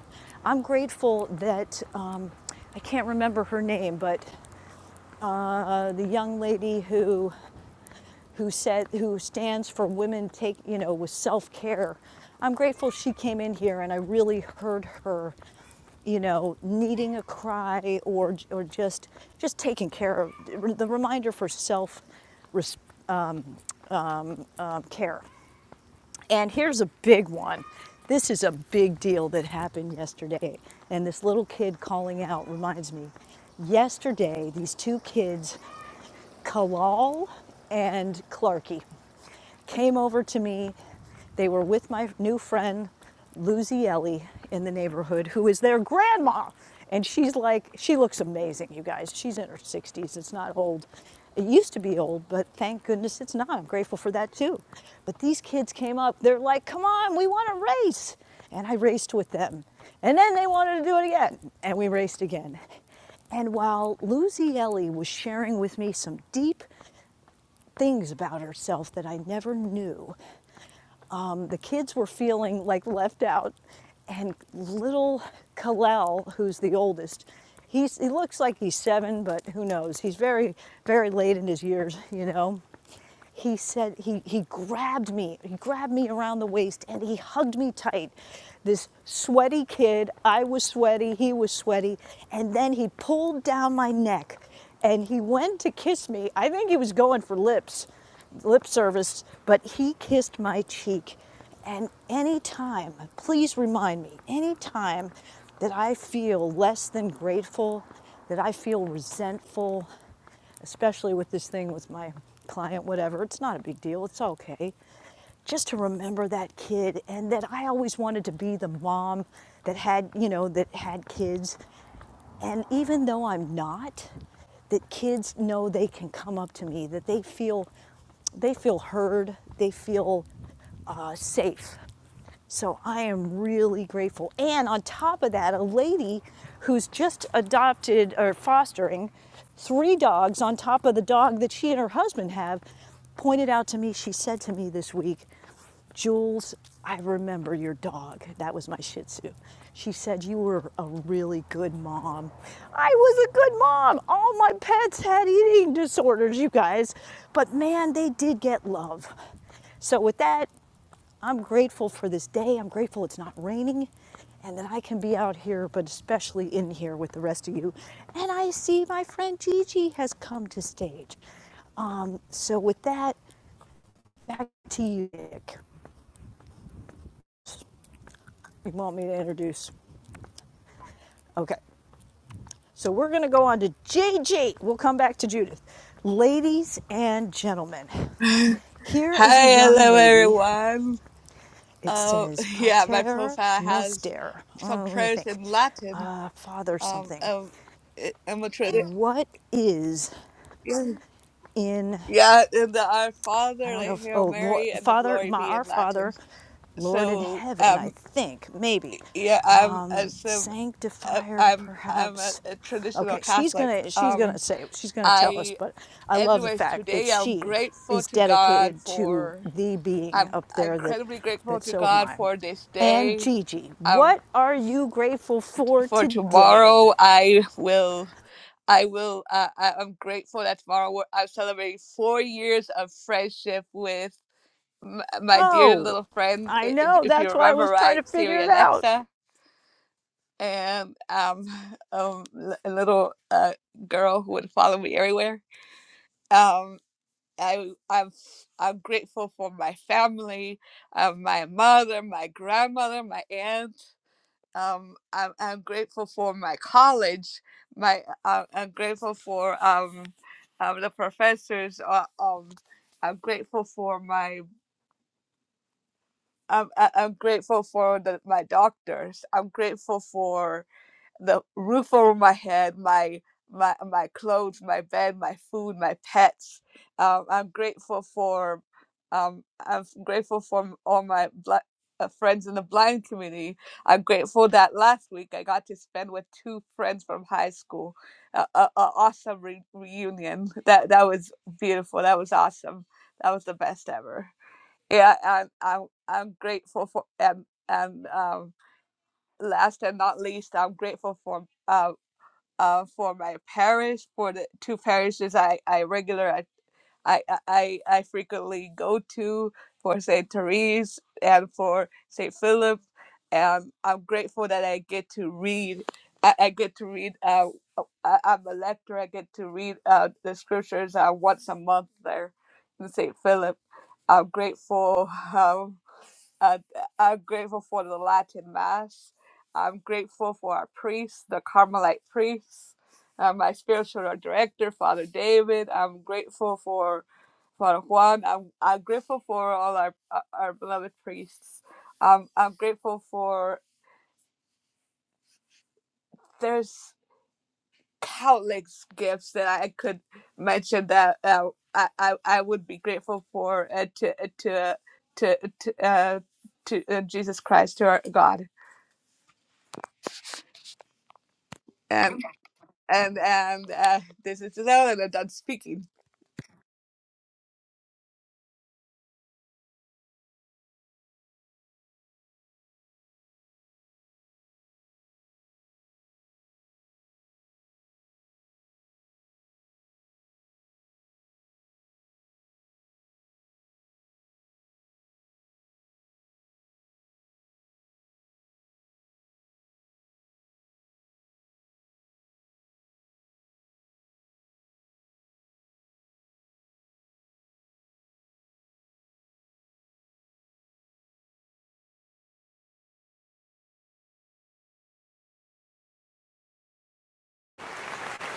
S14: I'm grateful that um, I can't remember her name, but uh, the young lady who who said who stands for women take you know with self-care i'm grateful she came in here and i really heard her you know needing a cry or or just just taking care of the reminder for self um, care and here's a big one this is a big deal that happened yesterday and this little kid calling out reminds me yesterday these two kids kalal and clarky came over to me. They were with my new friend, Lucy Ellie, in the neighborhood, who is their grandma. And she's like, she looks amazing, you guys. She's in her 60s. It's not old. It used to be old, but thank goodness it's not. I'm grateful for that too. But these kids came up. They're like, come on, we want to race. And I raced with them. And then they wanted to do it again. And we raced again. And while Lucy Ellie was sharing with me some deep things about herself that I never knew, um, the kids were feeling like left out. And little Kalel, who's the oldest, he's, he looks like he's seven, but who knows? He's very, very late in his years, you know he said he, he grabbed me he grabbed me around the waist and he hugged me tight this sweaty kid i was sweaty he was sweaty and then he pulled down my neck and he went to kiss me. I think he was going for lips, lip service, but he kissed my cheek. And anytime, please remind me, anytime that I feel less than grateful, that I feel resentful, especially with this thing with my client, whatever, it's not a big deal, it's okay just to remember that kid and that I always wanted to be the mom that had, you know, that had kids and even though I'm not, that kids know they can come up to me, that they feel, they feel heard, they feel uh, safe. So I am really grateful. And on top of that, a lady who's just adopted or fostering three dogs on top of the dog that she and her husband have pointed out to me, she said to me this week, Jules, I remember your dog. That was my Shih Tzu. She said, You were a really good mom. I was a good mom. All my pets had eating disorders, you guys. But man, they did get love. So, with that, I'm grateful for this day. I'm grateful it's not raining and that I can be out here, but especially in here with the rest of you. And I see my friend Gigi has come to stage. Um, so, with that, back to you, Nick. You want me to introduce? Okay. So, we're going to go on to Gigi. We'll come back to Judith. Ladies and gentlemen,
S22: Hi,
S14: here is a young
S22: hello
S14: lady.
S22: everyone.
S14: It
S22: Uh,
S14: says
S22: yeah, my
S14: Pater
S22: profile has
S14: Noster.
S22: some
S14: Uh, let me
S22: prayers
S14: think.
S22: in Latin.
S14: Uh, father
S22: Um,
S14: something.
S22: um I- I'm a tra-
S14: What is
S22: Oh.
S14: in,
S22: yeah, and the Our Father,
S14: I don't know
S22: the
S14: if,
S22: Hail
S14: oh, Lord,
S22: Mary, and the
S14: Father,
S22: Glory
S14: my,
S22: be
S14: our
S22: in
S14: Father,
S22: Latin.
S14: Lord in
S22: So,
S14: heaven, I
S22: um,
S14: think, maybe.
S22: yeah, I'm uh,
S14: Um,
S22: some, uh,
S14: sanctifier,
S22: I'm I'm a,
S14: perhaps.
S22: a traditional
S14: Okay, she's
S22: Catholic.
S14: gonna, she's gonna
S22: Um,
S14: say, she's gonna tell us,
S22: I,
S14: but I love the
S22: anyways,
S14: fact that
S22: today I'm
S14: she
S22: grateful
S14: is
S22: to God
S14: dedicated to
S22: for.
S14: the being
S22: I'm
S14: up there that,
S22: incredibly grateful
S14: that
S22: to
S14: so am
S22: God
S14: I.
S22: for this
S14: And
S22: day.
S14: Gigi,
S22: Um,
S14: what are you grateful for
S22: for
S14: today?
S22: tomorrow i will i will uh, I, i'm grateful that tomorrow we're- i'm celebrating four years of friendship with m- my dear
S14: Oh,
S22: little friend
S14: I
S22: i- i-
S14: know.
S22: if you
S14: That's why I
S22: remember
S14: was trying to
S22: right
S14: figure
S22: siri
S14: it out.
S22: alexa and um, um l- a little uh, girl who would follow me everywhere um I, I'm f- I'm grateful for my family, uh, my mother, my grandmother, my aunt. um, I'm, I'm grateful for my college. My uh, I'm grateful for um, um, the professors. Uh, um, I'm grateful for my. I'm, I- I'm grateful for the, my doctors. I'm grateful for the roof over my head, my my my clothes, my bed, my food, my pets. Um, I'm grateful for um, I'm grateful for all my bl- uh, friends in the blind community. I'm grateful that last week I got to spend with two friends from high school. A, a, a awesome re- reunion. That that was beautiful. That was awesome. That was the best ever. Yeah, I'm I'm, I'm grateful for and and um, last and not least, I'm grateful for. uh, uh, for my parish, for the two parishes I, I regular I, I, I, I frequently go to for St. Therese and for St. Philip. And I'm grateful that I get to read. I, I get to read. Uh, oh, I, I'm a lector. I get to read uh, the scriptures uh, once a month there in St. Philip. I'm grateful. Uh, uh, I'm grateful for the Latin Mass. I'm grateful for our priests, the Carmelite priests, uh, my spiritual director, Father David. I'm grateful for Father Juan. I'm, I'm grateful for all our, uh, our beloved priests. Um, I'm grateful for, there's countless gifts that I could mention that uh, I, I, I would be grateful for uh, to, to, to, to, uh, to uh, Jesus Christ, to our God. Um, and and uh, this is Leonard that I'm speaking.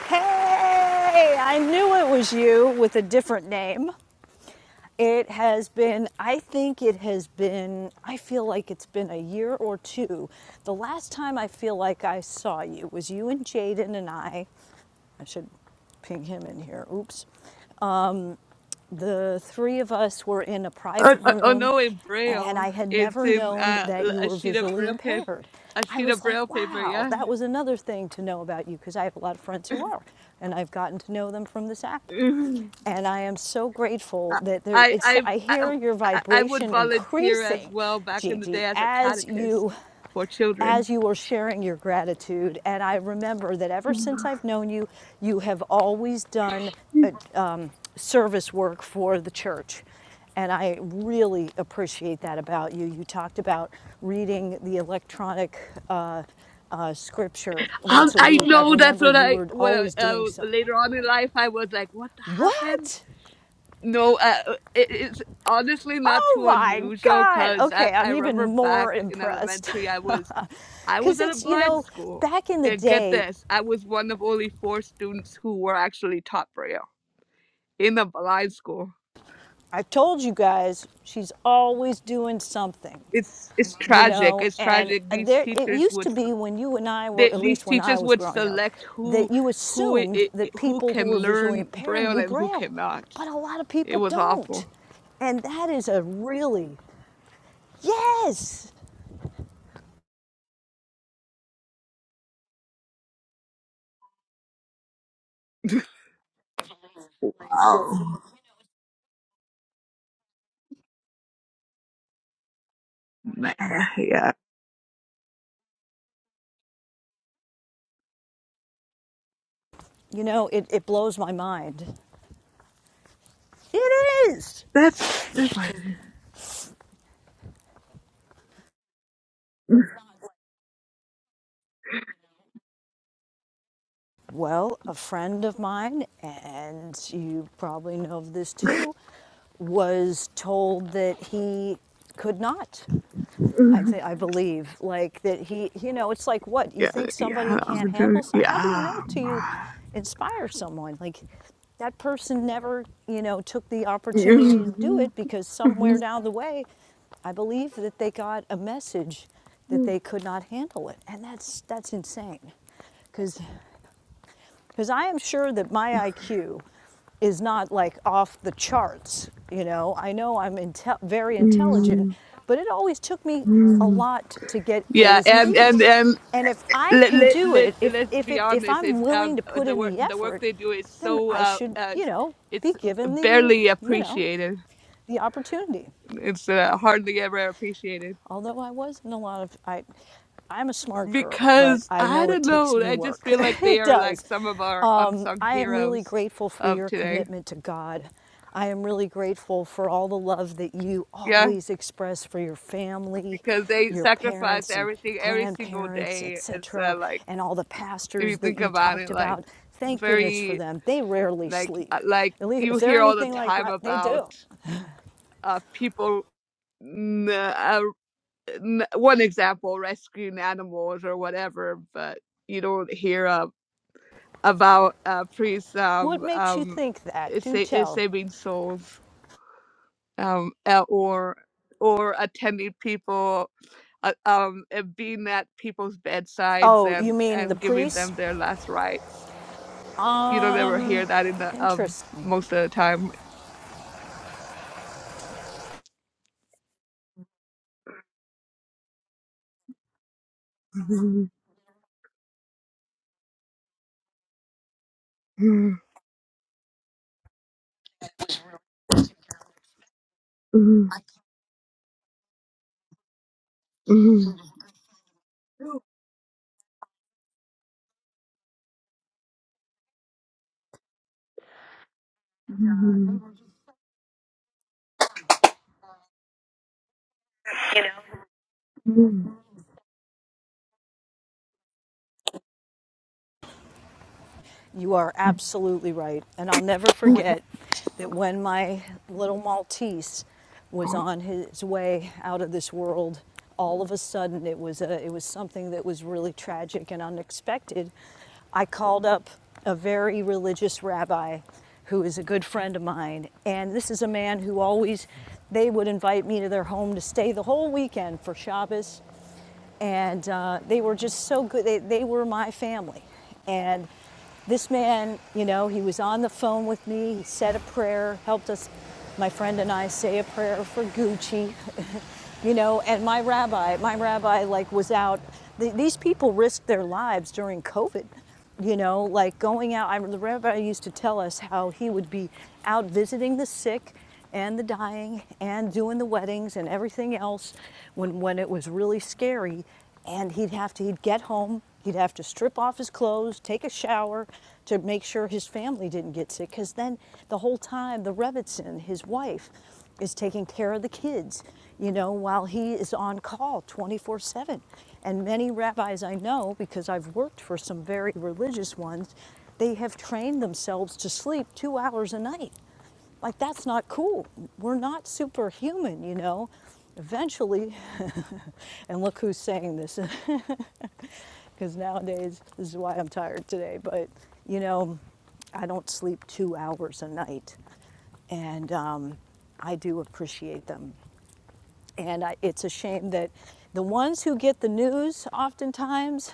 S14: Hey, I knew it was you with a different name. It has been, I think it has been, I feel like it's been a year or two. The last time I feel like I saw you was you and Jaden and I I should ping him in here. Oops. Um, the three of us were in a
S22: Oh,
S14: private
S22: oh, oh,
S14: room,
S22: no, in
S14: and
S22: Braille.
S14: I had
S22: It's
S14: never
S22: in
S14: known
S22: uh,
S14: that
S22: l-
S14: you
S22: a
S14: were
S22: sheet of
S14: visually
S22: Braille paper.
S14: impaired.
S22: A
S14: I
S22: sheet of
S14: was
S22: Braille
S14: like,
S22: paper.
S14: wow,
S22: Yeah.
S14: that was another thing to know about you because I have a lot of friends who are, and I've gotten to know them from this app.
S22: Mhm.
S14: And I am so grateful
S22: I
S14: that there,
S22: I
S14: it's,
S22: I
S14: I
S22: I
S14: hear your
S22: I- I would
S14: vibration
S22: volunteer as
S14: increasing,
S22: well back in the
S14: Gigi,
S22: day as a
S14: as you
S22: catechist for children.
S14: as you are sharing your gratitude. And I remember that ever since
S22: Mhm.
S14: I've known you, you have always done uh um, service work for the church. And I really appreciate that about you. You talked about reading the electronic uh, uh, scripture
S22: Um,
S14: once a
S22: I
S14: week. I
S22: know that's
S14: remember
S22: what
S14: you
S22: I
S14: were
S22: what I,
S14: always doing
S22: uh,
S14: some.
S22: later on in life I was like, what happened?
S14: What?
S22: No, uh, uh, it, it's honestly not
S14: Oh
S22: too
S14: my
S22: unusual
S14: God.
S22: because I,
S14: Okay, I'm
S22: I
S14: even
S22: remember back
S14: more
S22: in
S14: impressed.
S22: elementary, I was I was
S14: Because
S22: at a
S14: it's, you
S22: blind
S14: know,
S22: school,
S14: back in the
S22: and get
S14: day,
S22: this, I was one of only four students who were actually taught Braille in a blind school.
S14: I told you guys she's always doing something,
S22: It's it's
S14: you
S22: tragic.
S14: know.
S22: It's
S14: And
S22: tragic.
S14: uh,
S22: These
S14: there, it
S22: teachers
S14: used to
S22: would
S14: be when you and I were,
S22: they,
S14: at
S22: these
S14: least when I
S22: teachers
S14: was
S22: would
S14: growing up,
S22: select
S14: that
S22: who
S14: you
S22: who i
S14: assumed
S22: i-
S14: that
S22: who
S14: people who
S22: can
S14: were visually
S22: learn
S14: impaired
S22: Braille
S14: knew
S22: and who
S14: Braille,
S22: cannot.
S14: but a lot of
S22: It
S14: people
S22: was
S14: don't,
S22: awful.
S14: and that is a really yes,
S22: Oh yeah,
S14: you know, it, it blows my mind. It is.
S22: that's.
S14: Well, a friend of mine, and you probably know of this too, was told that he could not. I think I believe like that he, you know, it's like what you
S22: Yeah,
S14: think somebody
S22: yeah,
S14: can't
S22: I'm
S14: handle.
S22: doing.
S14: something. how do you know
S22: Yeah,
S14: till you
S22: man.
S14: inspire someone? Like that person never, you know, took the opportunity to do it because somewhere down the way, I believe that they got a message that they could not handle it, and that's that's insane because because I am sure that my IQ is not like off the charts. You know, I know I'm inte- very intelligent, but it always took me a lot to get
S22: yeah,
S14: A's and
S22: and and
S14: B's.
S22: and
S14: And if I
S22: let
S14: can
S22: let
S14: do
S22: let
S14: it, if,
S22: let's
S14: if,
S22: be
S14: it, if
S22: honest.
S14: I'm
S22: It's
S14: willing
S22: um
S14: to put
S22: the
S14: in
S22: work
S14: the
S22: the work
S14: effort,
S22: they do is
S14: then
S22: so
S14: I
S22: uh,
S14: should,
S22: uh
S14: you know, be
S22: it's
S14: given the,
S22: barely
S14: you know,
S22: appreciated.
S14: the opportunity.
S22: It's uh, hardly ever appreciated
S14: Although I wasn't a lot of I, I'm a smart girl, but
S22: because
S14: I
S22: I
S14: know it
S22: don't
S14: takes
S22: know.
S14: me
S22: I just
S14: work.
S22: feel like they
S14: it
S22: are like
S14: does.
S22: some of our
S14: Um,
S22: unsung
S14: I am really
S22: heroes
S14: grateful for
S22: of
S14: your
S22: today.
S14: commitment to God. I am really grateful for all the love that you
S22: Yeah.
S14: always express for your family,
S22: because they
S14: your
S22: sacrifice
S14: parents and
S22: everything every single
S14: grandparents,
S22: day. It's
S14: etc.,
S22: uh, like
S14: and all the
S22: if you
S14: pastors that
S22: think
S14: you
S22: about
S14: talked
S22: it, like
S14: about. Thank goodness for
S22: very
S14: them. They rarely
S22: like uh,
S14: sleep.
S22: like
S14: At least
S22: you
S14: if they're
S22: hear all the
S14: anything like
S22: time
S14: they
S22: about
S14: do.
S22: uh people. mm, Uh, n- one example, rescuing animals or whatever, but you don't hear uh, about uh priests
S14: What
S22: um
S14: makes you
S22: um
S14: think that? Do
S22: sa-
S14: tell.
S22: saving souls. um, uh, or or attending people uh, um, and being at people's bedsides
S14: Oh, you
S22: and
S14: mean the
S22: and giving
S14: priests?
S22: them their last rites. You don't ever
S14: Um,
S22: hear that in the um
S14: interesting.
S22: most of the time.
S14: You are absolutely right. And I'll never forget that when my little Maltese was on his way out of this world, all of a sudden it was a, it was something that was really tragic and unexpected. I called up a very religious rabbi who is a good friend of mine. And this is a man who always, they would invite me to their home to stay the whole weekend for Shabbos. and uh, they were just so good. They, they were my family. And this man, you know, he was on the phone with me. He said a prayer, helped us, my friend and I, say a prayer for Gucci, you know. And my rabbi, my rabbi, like was out. Th- these people risked their lives during COVID you know, like going out. I, the rabbi used to tell us how he would be out visiting the sick and the dying and doing the weddings and everything else when, when it was really scary. And he'd have to, he'd get home, he'd have to strip off his clothes, take a shower to make sure his family didn't get sick. Because then the whole time, the Rebbitson, his wife, is taking care of the kids, you know, while he is on call 24 7. And many rabbis I know, because I've worked for some very religious ones, they have trained themselves to sleep two hours a night. Like, that's not cool. We're not superhuman, you know. Eventually, and look who's saying this because nowadays this is why I'm tired today. But you know, I don't sleep two hours a night, and um, I do appreciate them. And I, it's a shame that the ones who get the news oftentimes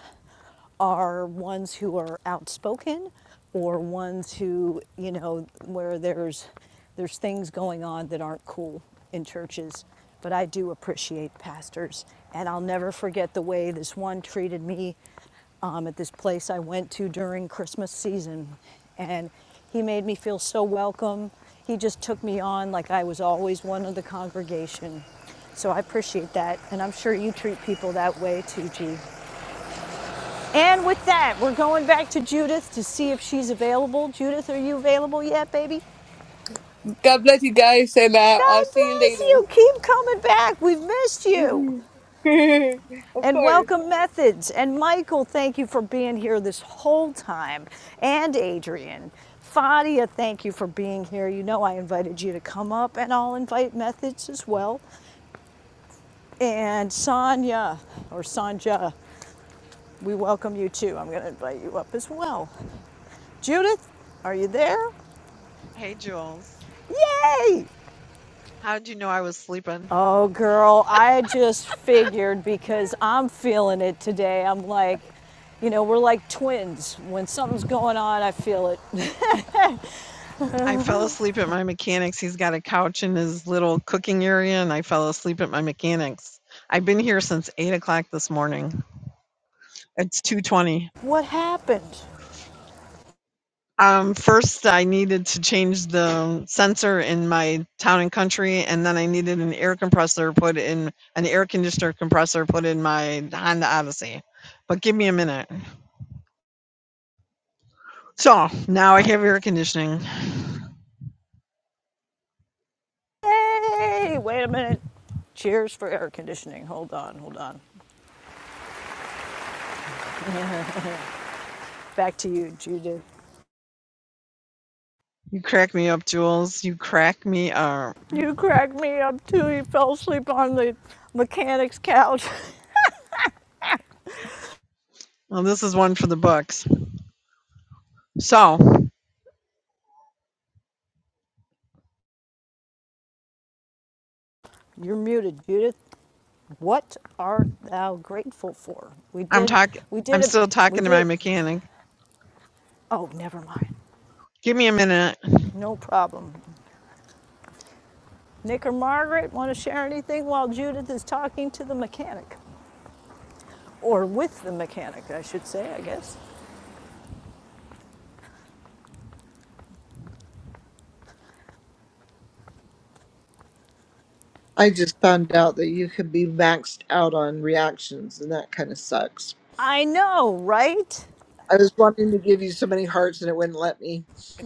S14: are ones who are outspoken or ones who, you know, where there's there's things going on that aren't cool in churches. But I do appreciate pastors, and I'll never forget the way this one treated me um, at this place I went to during Christmas season, and he made me feel so welcome. He just took me on like I was always one of the congregation. So I appreciate that, and I'm sure you treat people that way too, G. And with that, we're going back to Judith to see if she's available. Judith, are you available yet, baby?
S22: God bless you guys, and uh, I'll
S14: God
S22: see you
S14: bless
S22: later.
S14: you. Keep coming back. We've missed you.
S22: of
S14: And
S22: course.
S14: welcome, Methods. And Michael, thank you for being here this whole time. And Adrian. Fadia, thank you for being here. You know I invited you to come up, and I'll invite Methods as well. And Sonia, or Sanja, we welcome you too. I'm going to invite you up as well. Judith, are you there?
S12: Hey, Jules.
S14: Yay!
S12: how did you know I was sleeping?
S14: Oh, girl, I just figured because I'm feeling it today. I'm like, you know, we're like twins. When something's going on, I feel it.
S12: I fell asleep at my mechanic's. He's got a couch in his little cooking area, and I fell asleep at my mechanic's. I've been here since eight o'clock this morning. It's two twenty.
S14: what happened?
S12: Um, first, I needed to change the sensor in my town and country, and then I needed an air compressor put in an air conditioner compressor put in my Honda Odyssey. But give me a minute. So now I have air conditioning.
S14: Hey, wait a minute. Cheers for air conditioning. Hold on, hold on. Back to you, Judy.
S12: You crack me up, Jules. You crack me up.
S14: You cracked me up too. You fell asleep on the mechanic's couch.
S12: Well, this is one for the books. So
S14: You're muted, Judith. What art thou grateful for? We
S12: I'm
S14: did,
S12: talking.
S14: we
S12: I'm
S14: did it,
S12: still
S14: we
S12: talking to
S14: did
S12: my
S14: it.
S12: mechanic.
S14: Oh, never mind.
S12: Give me a minute.
S14: No problem. Nick or Margaret want to share anything while Judith is talking to the mechanic? Or with the mechanic, I should say, I guess.
S16: i just found out that you can be maxed out on reactions and that kind of sucks
S14: I know, right?
S16: i was wanting to give you so many hearts and it wouldn't let me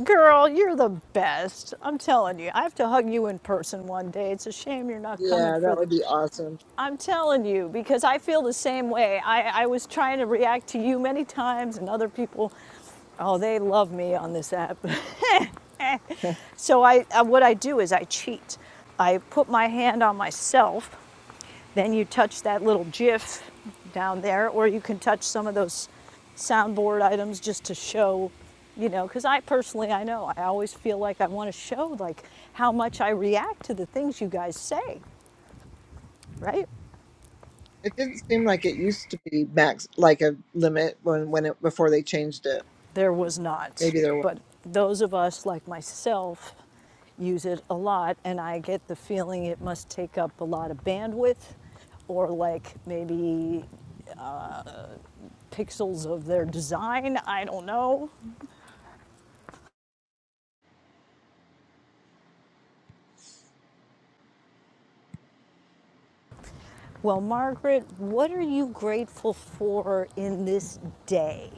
S14: Girl, you're the best. I'm telling you, I have to hug you in person one day. It's a shame you're not coming
S16: Yeah,
S14: for
S16: that
S14: the.
S16: would be awesome.
S14: I'm telling you, because I feel the same way. I, I was trying to react to you many times and other people. Oh, they love me on this app. so I, uh, what I do is I cheat. I put my hand on myself Then you touch that little GIF down there, or you can touch some of those soundboard items just to show, you know, because I personally, I know, I always feel like I want to show like how much I react to the things you guys say, right?
S16: It didn't seem like it used to be max like a limit when when it before they changed it.
S14: There was not,
S16: Maybe there was.
S14: but those of us like myself use it a lot, and I get the feeling it must take up a lot of bandwidth or like maybe pixels of their design. I don't know. Well, Margaret, what are you grateful for in this day?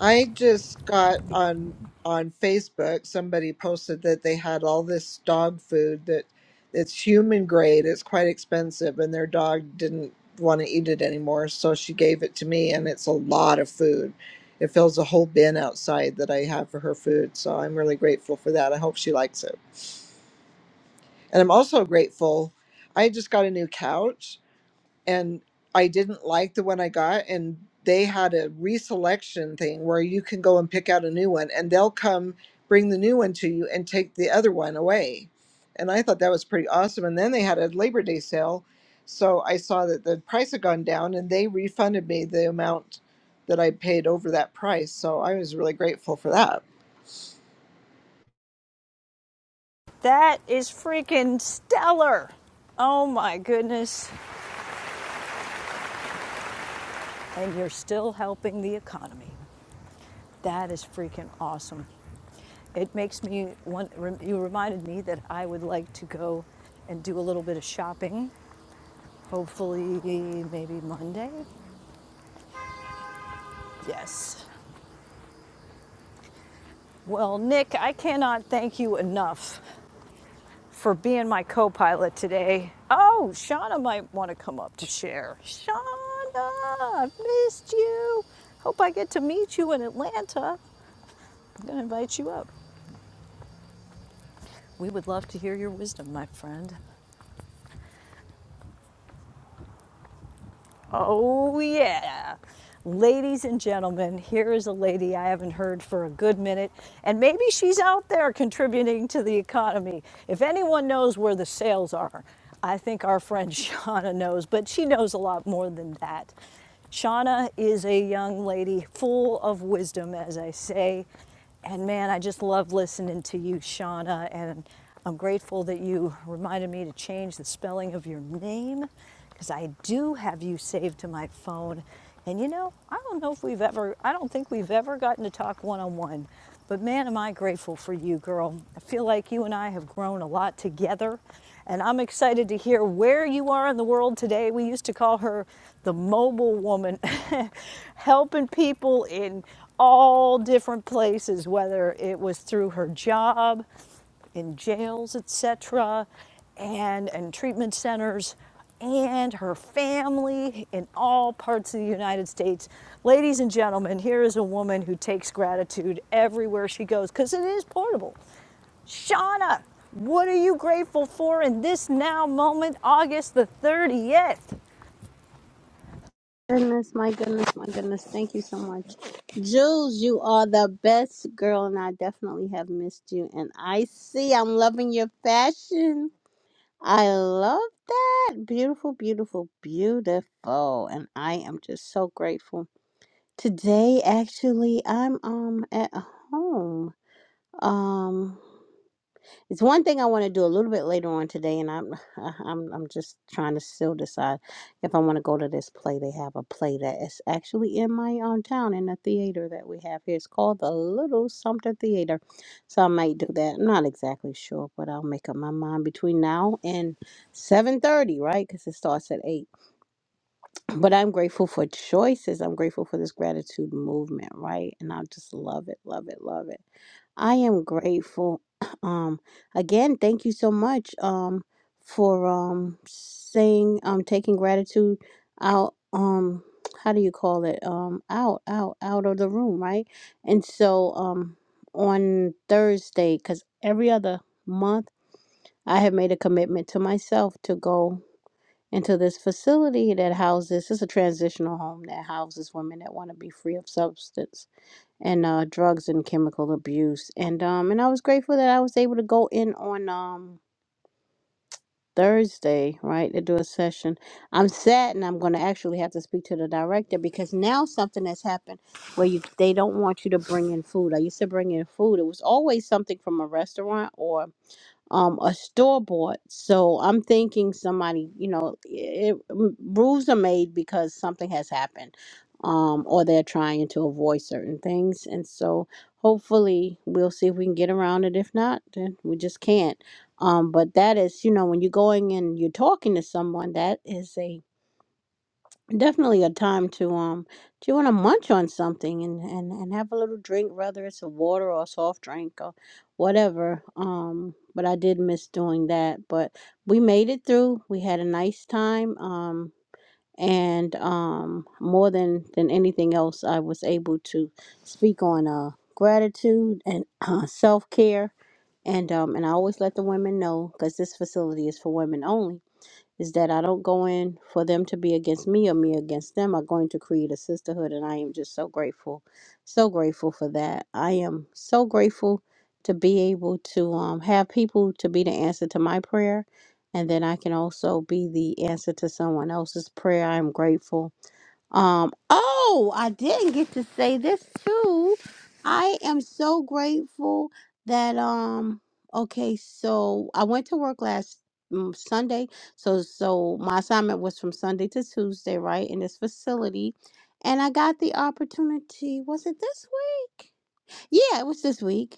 S16: I just got on on Facebook somebody posted that they had all this dog food that it's human grade, it's quite expensive and their dog didn't want to eat it anymore, so she gave it to me and it's a lot of food. It fills a whole bin outside that I have for her food, so I'm really grateful for that. I hope she likes it. And I'm also grateful. I just got a new couch and I didn't like the one I got. And they had a reselection thing where you can go and pick out a new one and they'll come bring the new one to you and take the other one away. And I thought that was pretty awesome. And then they had a Labor Day sale. So I saw that the price had gone down and they refunded me the amount that I paid over that price. So I was really grateful for that.
S14: That is freaking stellar. Oh my goodness. And you're still helping the economy. That is freaking awesome. It makes me want, you reminded me that I would like to go and do a little bit of shopping, hopefully, maybe Monday. Yes. Well, Nick, I cannot thank you enough for being my co pilot today. Oh, Shauna might want to come up to share. Shauna, I've missed you. Hope I get to meet you in Atlanta. I'm going to invite you up. We would love to hear your wisdom, my friend. Oh, yeah. Ladies and gentlemen, here is a lady I haven't heard for a good minute, and maybe she's out there contributing to the economy. If anyone knows where the sales are, I think our friend Shauna knows, but she knows a lot more than that. Shauna is a young lady full of wisdom, as I say, and man, I just love listening to you, Shauna. And I'm grateful that you reminded me to change the spelling of your name because I do have you saved to my phone. And you know, I don't know if we've ever, I don't think we've ever gotten to talk one on one. But man, am I grateful for you, girl. I feel like you and I have grown a lot together. And I'm excited to hear where you are in the world today. We used to call her the mobile woman, helping people in all different places, whether it was through her job, in jails, etc., and and treatment centers, and her family in all parts of the United States. Ladies and gentlemen, here is a woman who takes gratitude everywhere she goes because it is portable. Shauna, what are you grateful for in this now moment, August the 30th?
S23: Goodness, my goodness, my goodness. Thank you so much. Jules, you are the best girl, and I definitely have missed you. And I see, I'm loving your fashion. I love that. Beautiful, beautiful, beautiful. And I am just so grateful. Today, actually, I'm um at home. Um, it's one thing I want to do a little bit later on today, and I'm I- I'm I'm just trying to still decide if I want to go to this play. They have a play that is actually in my own town in the theater that we have here. It's called the Little Something Theater, so I might do that. I'm not exactly sure, but I'll make up my mind between now and seven thirty, right? Because it starts at eight but I'm grateful for choices. I'm grateful for this gratitude movement, right? And I just love it, love it, love it. I am grateful. Um, again, thank you so much. Um, for um saying um taking gratitude out um how do you call it um out out out of the room right and so um on thursday because every other month i have made a commitment to myself to go into this facility that houses it's a transitional home that houses women that want to be free of substance and uh, drugs and chemical abuse and um and I was grateful that I was able to go in on um Thursday right to do a session I'm sad and I'm going to actually have to speak to the director because now something has happened where you they don't want you to bring in food I used to bring in food it was always something from a restaurant or um a store bought so i'm thinking somebody you know it, it- rules are made because something has happened um or they're trying to avoid certain things and so hopefully we'll see if we can get around it if not then we just can't um but that is you know when you're going and you're talking to someone that is a Definitely a time to um do you want to munch on something and, and and have a little drink, whether it's a water or a soft drink or whatever. Um, but I did miss doing that. But we made it through. We had a nice time. Um, and um, more than than anything else, I was able to speak on uh gratitude and uh, self care. And um, and I always let the women know because this facility is for women only is that I don't go in for them to be against me or me against them. I'm going to create a sisterhood, and I am just so grateful, so grateful for that. I am so grateful to be able to um, have people to be the answer to my prayer, and then I can also be the answer to someone else's prayer. I am grateful um, oh, I didn't get to say this too. I am so grateful that um okay, so I went to work last mm, Sunday. So so my assignment was from Sunday to Tuesday, right, in this facility. And I got the opportunity, was it this week? Yeah, it was this week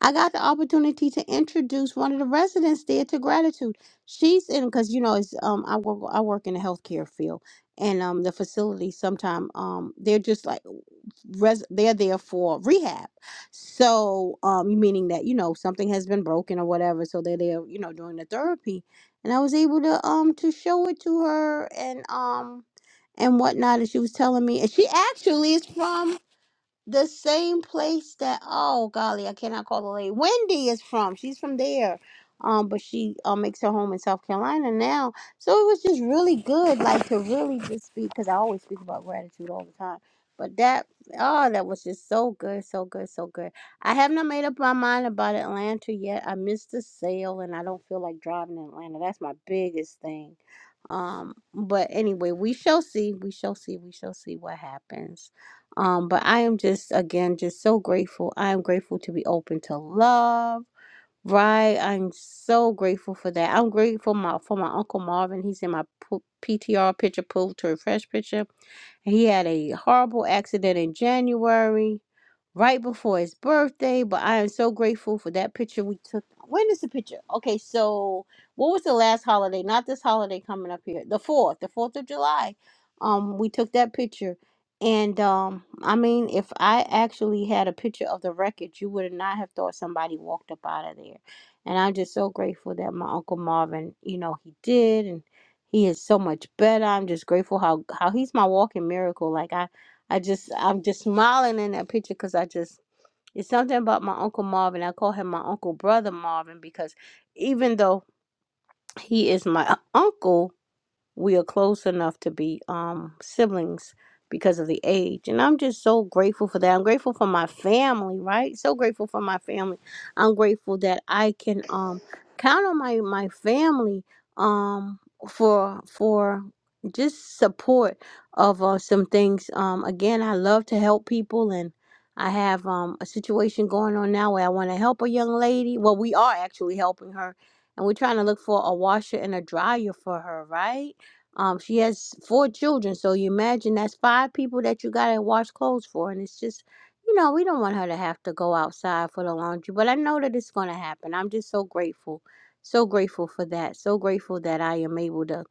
S23: I got the opportunity to introduce one of the residents there to gratitude. She's in because you know it's um I work I work in the healthcare field and um the facility sometime um they're just like res they're there for rehab. So um meaning that you know something has been broken or whatever, so they're there you know doing the therapy, and I was able to um to show it to her and um and whatnot, and she was telling me, and she actually is from the same place that oh golly, I cannot call the lady. Wendy is from. She's from there. Um, but she uh, makes her home in South Carolina now. So it was just really good, like to really just speak because I always speak about gratitude all the time. But that oh, that was just so good, so good, so good. I have not made up my mind about Atlanta yet. I missed the sale and I don't feel like driving in Atlanta. That's my biggest thing um, but anyway, we shall see. We shall see. We shall see what happens. Um, but I am just again just so grateful. I am grateful to be open to love. Right, I'm so grateful for that. I'm grateful my for my uncle Marvin. He's in my p- PTR picture, pull to refresh picture he had a horrible accident in January, right before his birthday. But I am so grateful for that picture we took. When is the picture? Okay, so what was the last holiday? Not this holiday coming up here. The fourth, the fourth of July. Um, we took that picture. And um, I mean, if I actually had a picture of the wreckage, you would not have thought somebody walked up out of there. And I'm just so grateful that my Uncle Marvin, you know, he did. and he is so much better. I'm just grateful how how he's my walking miracle. Like I I just I'm just smiling in that picture because I just it's something about my uncle Marvin. I call him my uncle brother Marvin because even though he is my uncle, we are close enough to be um siblings because of the age and i'm just so grateful for that i'm grateful for my family right so grateful for my family i'm grateful that i can um count on my my family um for for just support of uh, some things um again i love to help people and i have um a situation going on now where i want to help a young lady well we are actually helping her and we're trying to look for a washer and a dryer for her right um, she has four children, so you imagine that's five people that you gotta wash clothes for, and it's just, you know, we don't want her to have to go outside for the laundry. But I know that it's gonna happen. I'm just so grateful, so grateful for that. So grateful that I am able to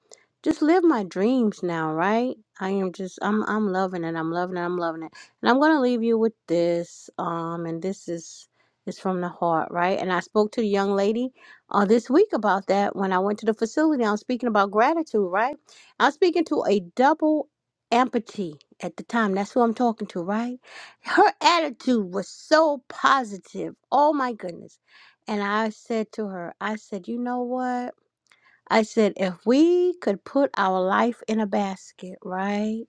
S23: just live my dreams now, right? I am just, I'm, I'm loving it. I'm loving it. I'm loving it. And I'm gonna leave you with this. Um, and this is, is from the heart, right? And I spoke to the young lady, uh, this week about that when I went to the facility. I was speaking about gratitude, right? I'm speaking to a double amputee at the time. That's who I'm talking to, right? Her attitude was so positive. Oh my goodness. And I said to her, I said, you know what? I said, if we could put our life in a basket, right?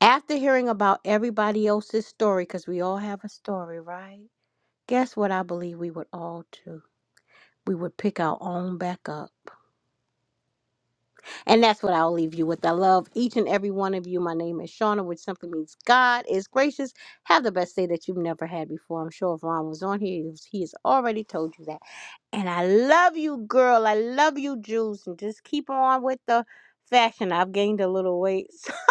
S23: After hearing about everybody else's story, because we all have a story, right? Guess what I believe we would all do? We would pick our own back up. And that's what I'll leave you with. I love each and every one of you. My name is Shauna, which simply means God is gracious. Have the best day that you've never had before. I'm sure if Ron was on here, he was- he has already told you that. And I love you, girl. I love you, Juice. And just keep on with the fashion. I've gained a little weight.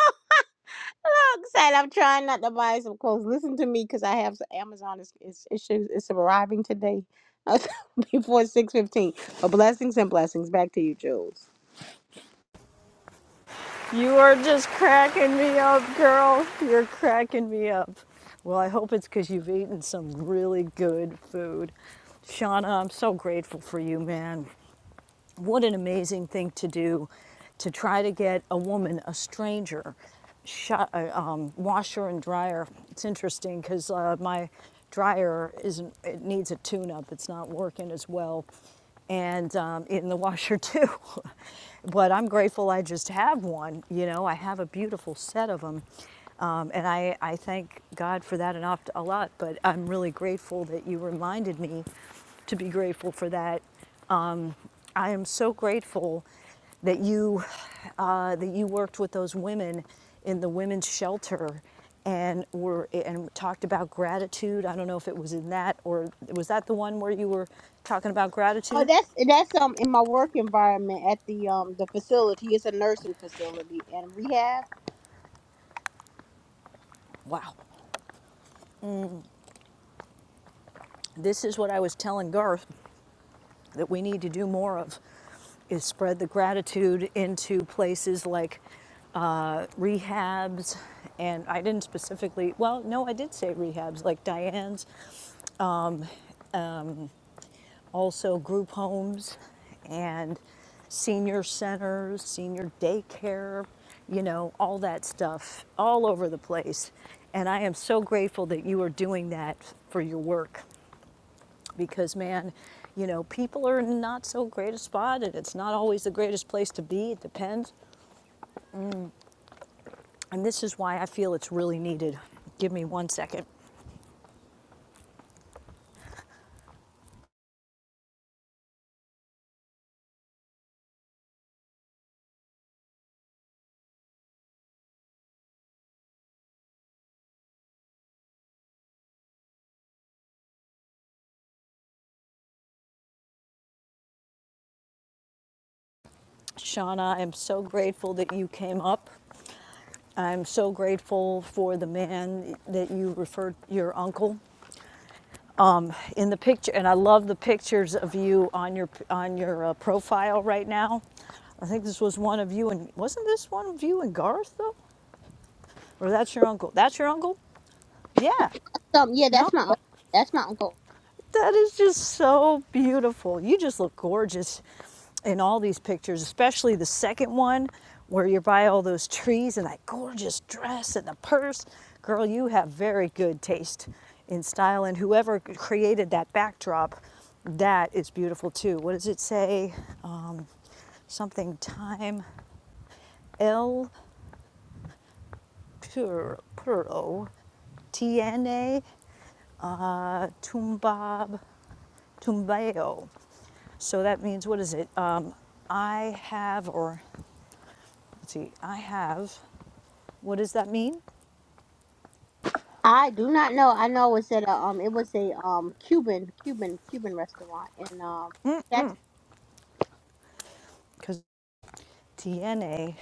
S23: So I'm excited. I'm trying not to buy some clothes. Listen to me because I have some Amazon. It's, it's, it's, it's arriving today before 6.15. But blessings and blessings. Back to you, Jules.
S14: You are just cracking me up, girl. You're cracking me up. Well, I hope it's because you've eaten some really good food. Shauna, I'm so grateful for you, man what an amazing thing to do to try to get a woman, a stranger, shot, uh, um, washer and dryer. It's interesting because uh, my dryer isn't, it needs a tune up, it's not working as well, and um, in the washer too. but I'm grateful I just have one, you know, I have a beautiful set of them. Um, and I, I thank God for that enough to, a lot, but I'm really grateful that you reminded me to be grateful for that I am so grateful that you uh, that you worked with those women in the women's shelter and were and talked about gratitude. I don't know if it was in that or was that the one where you were talking about
S23: Oh,
S14: gratitude?
S23: that's that's um in my work environment at the um the facility. It's a nursing facility and rehab.
S14: Wow. This is what I was telling Garth that we need to do more of is spread the gratitude into places like uh, rehabs and I didn't specifically well no I did say rehabs like Diane's also group homes and senior centers, senior daycare, you know, all that stuff all over the place. And I am so grateful that you are doing that for your work because, man, you know, people are not so great a spot and it's not always the greatest place to be. It depends. And this is why I feel it's really needed. Give me one second. Shauna, I'm so grateful that you came up. I'm so grateful for the man that you referred, your uncle, um, in the picture, and I love the pictures of you on your on your uh, profile right now. I think this was one of you, and wasn't this one of you and Garth though, or that's your uncle? That's your uncle? Yeah.
S23: Um, yeah, that's
S14: No.
S23: my uncle. that's my uncle.
S14: That is just so beautiful. You just look gorgeous in all these pictures, especially the second one where you're by all those trees and that gorgeous dress and the purse. Girl, you have very good taste in style, and whoever created that backdrop, that is beautiful too. What does it say? Something time El Puro, Puro Tiene Tumbab Tumbeo. So that means, what is it? Um, I have, or See, I have, what does that mean?
S23: I do not know. I know it's at a um it was a um Cuban Cuban Cuban restaurant in um
S14: Because DNA,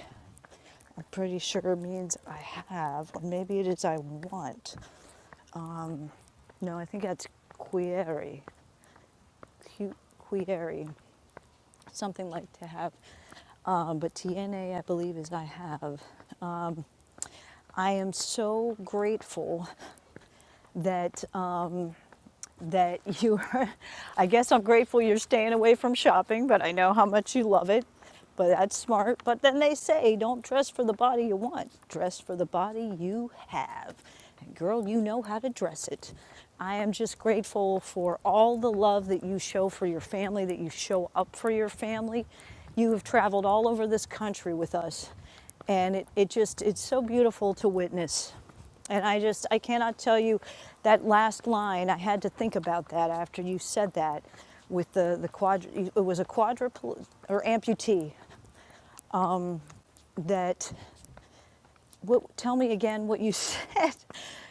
S14: am pretty sure means I have, or maybe it is I want. No, I think that's query, Q- query, something like to have. Um, but DNA, I believe, is I have. Um, I am so grateful that that you are, I guess I'm grateful you're staying away from shopping, but I know how much you love it. But that's smart. But then they say, don't dress for the body you want, dress for the body you have. And girl, you know how to dress it. I am just grateful for all the love that you show for your family, that you show up for your family. You have traveled all over this country with us, and it, it just, it's so beautiful to witness. And I just, I cannot tell you that last line. I had to think about that after you said that with the, the quadru, it was a quadruple or amputee that, what, tell me again what you said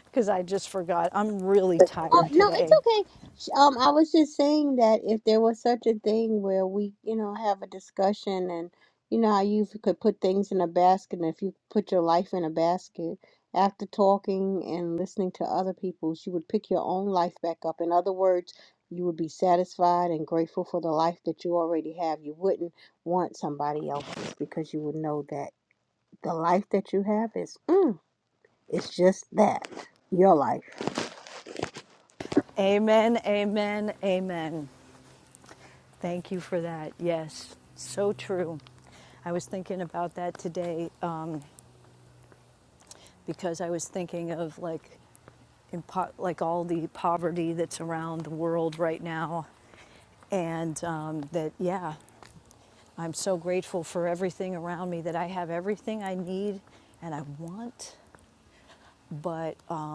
S14: because I just forgot. I'm really
S23: Oh
S14: tired
S23: no, it's
S14: today.
S23: okay. Sh- Um, I was just saying that if there was such a thing where we, you know, have a discussion and you know how you f- could put things in a basket, and if you put your life in a basket, after talking and listening to other people's, you would pick your own life back up. In other words, you would be satisfied and grateful for the life that you already have. You wouldn't want somebody else's because you would know that the life that you have is, mm, it's just that your life.
S14: Amen, amen, amen. Thank you for that. Yes, so true. I was thinking about that today uh, because I was thinking of like, in po- like all the poverty that's around the world right now, and um, that yeah i'm so grateful for everything around me that i have everything i need and i want but um,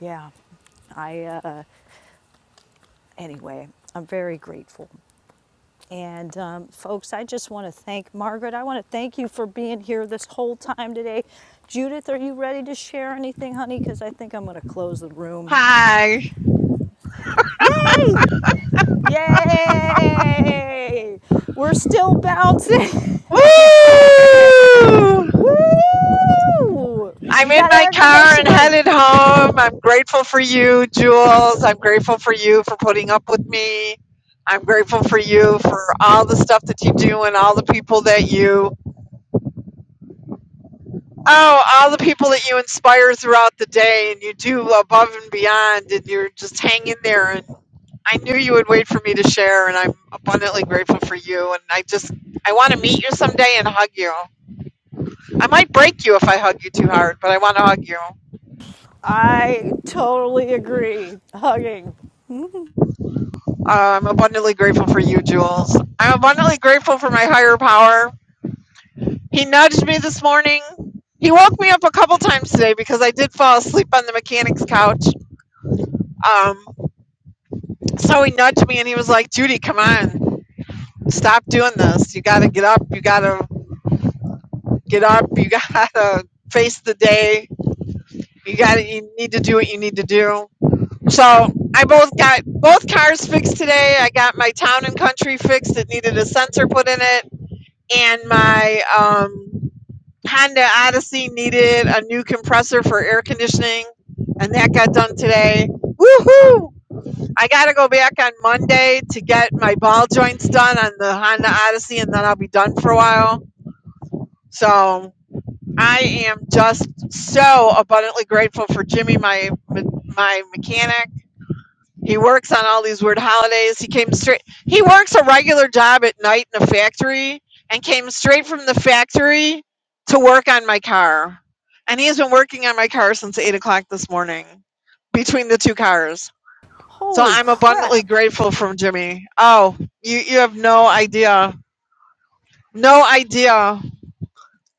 S14: yeah i uh, anyway i'm very grateful and um, folks i just want to thank margaret i want to thank you for being here this whole time today judith are you ready to share anything honey because i think i'm going to close the room
S12: Hi.
S14: yay Yay! We're still bouncing.
S12: Woo!
S14: Woo!
S12: I'm
S14: You
S12: in
S14: got
S12: my
S14: air
S12: car and headed
S14: conditioning.
S12: home. I'm grateful for you, Jules. I'm grateful for you for putting up with me. I'm grateful for you for all the stuff that you do and all the people that you oh, all the people that you inspire throughout the day and you do above and beyond and you're just hanging there and. I knew you would wait for me to share, and I'm abundantly grateful for you. And I just, I want to meet you someday and hug you. I might break you if I hug you too hard, but I want to hug you.
S14: I totally agree. Hugging.
S12: Uh, I'm abundantly grateful for you, Jules. I'm abundantly grateful for my higher power. He nudged me this morning. He woke me up a couple times today because I did fall asleep on the mechanic's couch. Um, so he nudged me and he was like, Judy, come on, stop doing this. You got to get up. You got to get up. You got to face the day You got to You need to do what you need to do. So I both got both cars fixed today. I got my town and country fixed. It needed a sensor put in it, and my um, Honda Odyssey needed a new compressor for air conditioning, and that got done today. Woohoo! I got to go back on Monday to get my ball joints done on the Honda Odyssey, and then I'll be done for a while. So I am just so abundantly grateful for Jimmy, my my mechanic. He works on all these weird holidays. He came straight. He works a regular job at night in a factory and came straight from the factory to work on my car. And he has been working on my car since eight o'clock this morning, between the two cars. So
S14: Holy
S12: I'm abundantly
S14: crap.
S12: grateful from Jimmy. Oh, you you have no idea, no idea.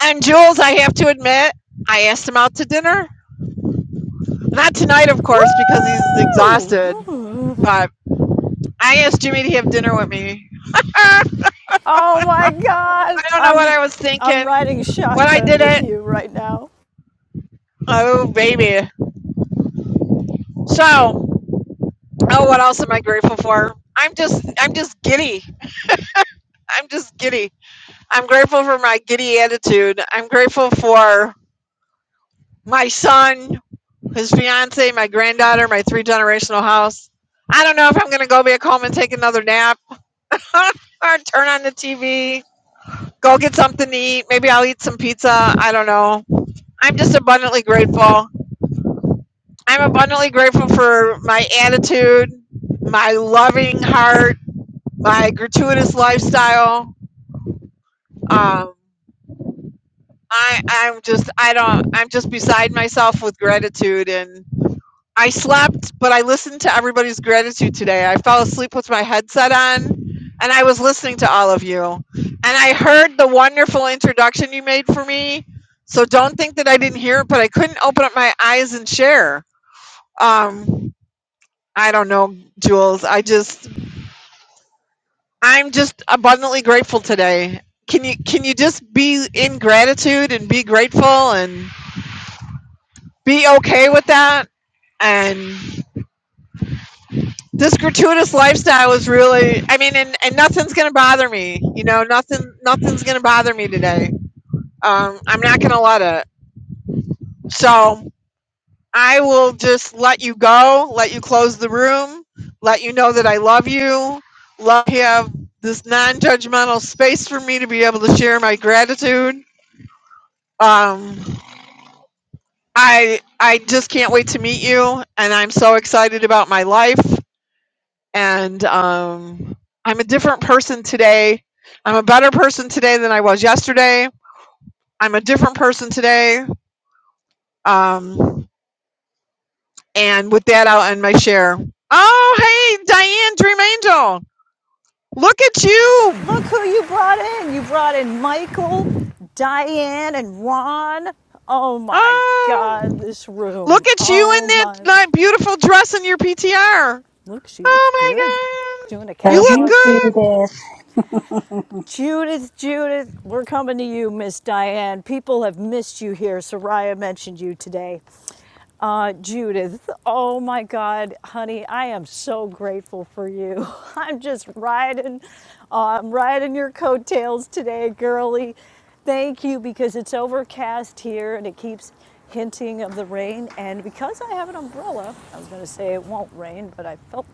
S12: And Jules, I have to admit, I asked him out to dinner Not tonight, of
S14: Woo!
S12: course, because he's exhausted. But I asked Jimmy to have dinner with me. Ah,
S14: Oh my
S12: I
S14: god.
S12: don't know what
S14: I'm
S12: I was
S14: I'm
S12: thinking.
S14: riding
S12: What I
S14: shotgun
S12: did
S14: with
S12: it.
S14: you right now.
S12: Oh baby. So, oh, what else am I grateful for? I'm just, I'm just giddy. I'm just giddy. I'm grateful for my giddy attitude. I'm grateful for my son, his fiance, my granddaughter, my three generational house. I don't know if I'm gonna go back home and take another nap or turn on the TV. Go get something to eat. Maybe I'll eat some pizza. I don't know. I'm just abundantly grateful. I'm abundantly grateful for my attitude, my loving heart, my gratuitous lifestyle. Um, I, I'm just, I don't, I'm just beside myself with gratitude and I slept, but I listened to everybody's gratitude today. I fell asleep with my headset on and I was listening to all of you. And I heard the wonderful introduction you made for me. So don't think that I didn't hear it, but I couldn't open up my eyes and share. Um, I don't know, Jules. I just I'm just abundantly grateful today. Can you can you just be in gratitude and be grateful and be okay with that? And this gratuitous lifestyle is really i mean and, and nothing's gonna bother me you know nothing nothing's gonna bother me today um, i'm not gonna let it so i will just let you go let you close the room let you know that i love you love you have this non-judgmental space for me to be able to share my gratitude um, i i just can't wait to meet you and i'm so excited about my life and um, I'm a different person today. I'm a better person today than I was yesterday. I'm a different person today. Um, and with that, I'll end my share. Oh, hey, Diane Dream Angel, look at
S14: Look
S12: you.
S14: who you brought in. You brought in Michael, Diane, and Ron. Oh my
S12: Oh,
S14: God, this
S12: look
S14: room.
S12: at you in
S14: Oh
S12: that,
S14: my.
S12: that beautiful dress in your PTR.
S14: Look, she looks
S12: Oh
S14: good.
S12: my God,
S14: Doing a
S12: you
S24: Love
S12: look
S24: you
S14: catwalk.
S24: too,
S12: good.
S24: Des.
S14: Judith, Judith, we're coming to you, Miss Diane. People have missed you here. Soraya mentioned you today. Uh, Judith, oh my God, honey, I am so grateful for you. I'm just riding, uh, I'm riding your coattails today, girly. Thank you because it's overcast here and it keeps hinting of the rain. And because I have an umbrella, I was going to say it won't rain, but I felt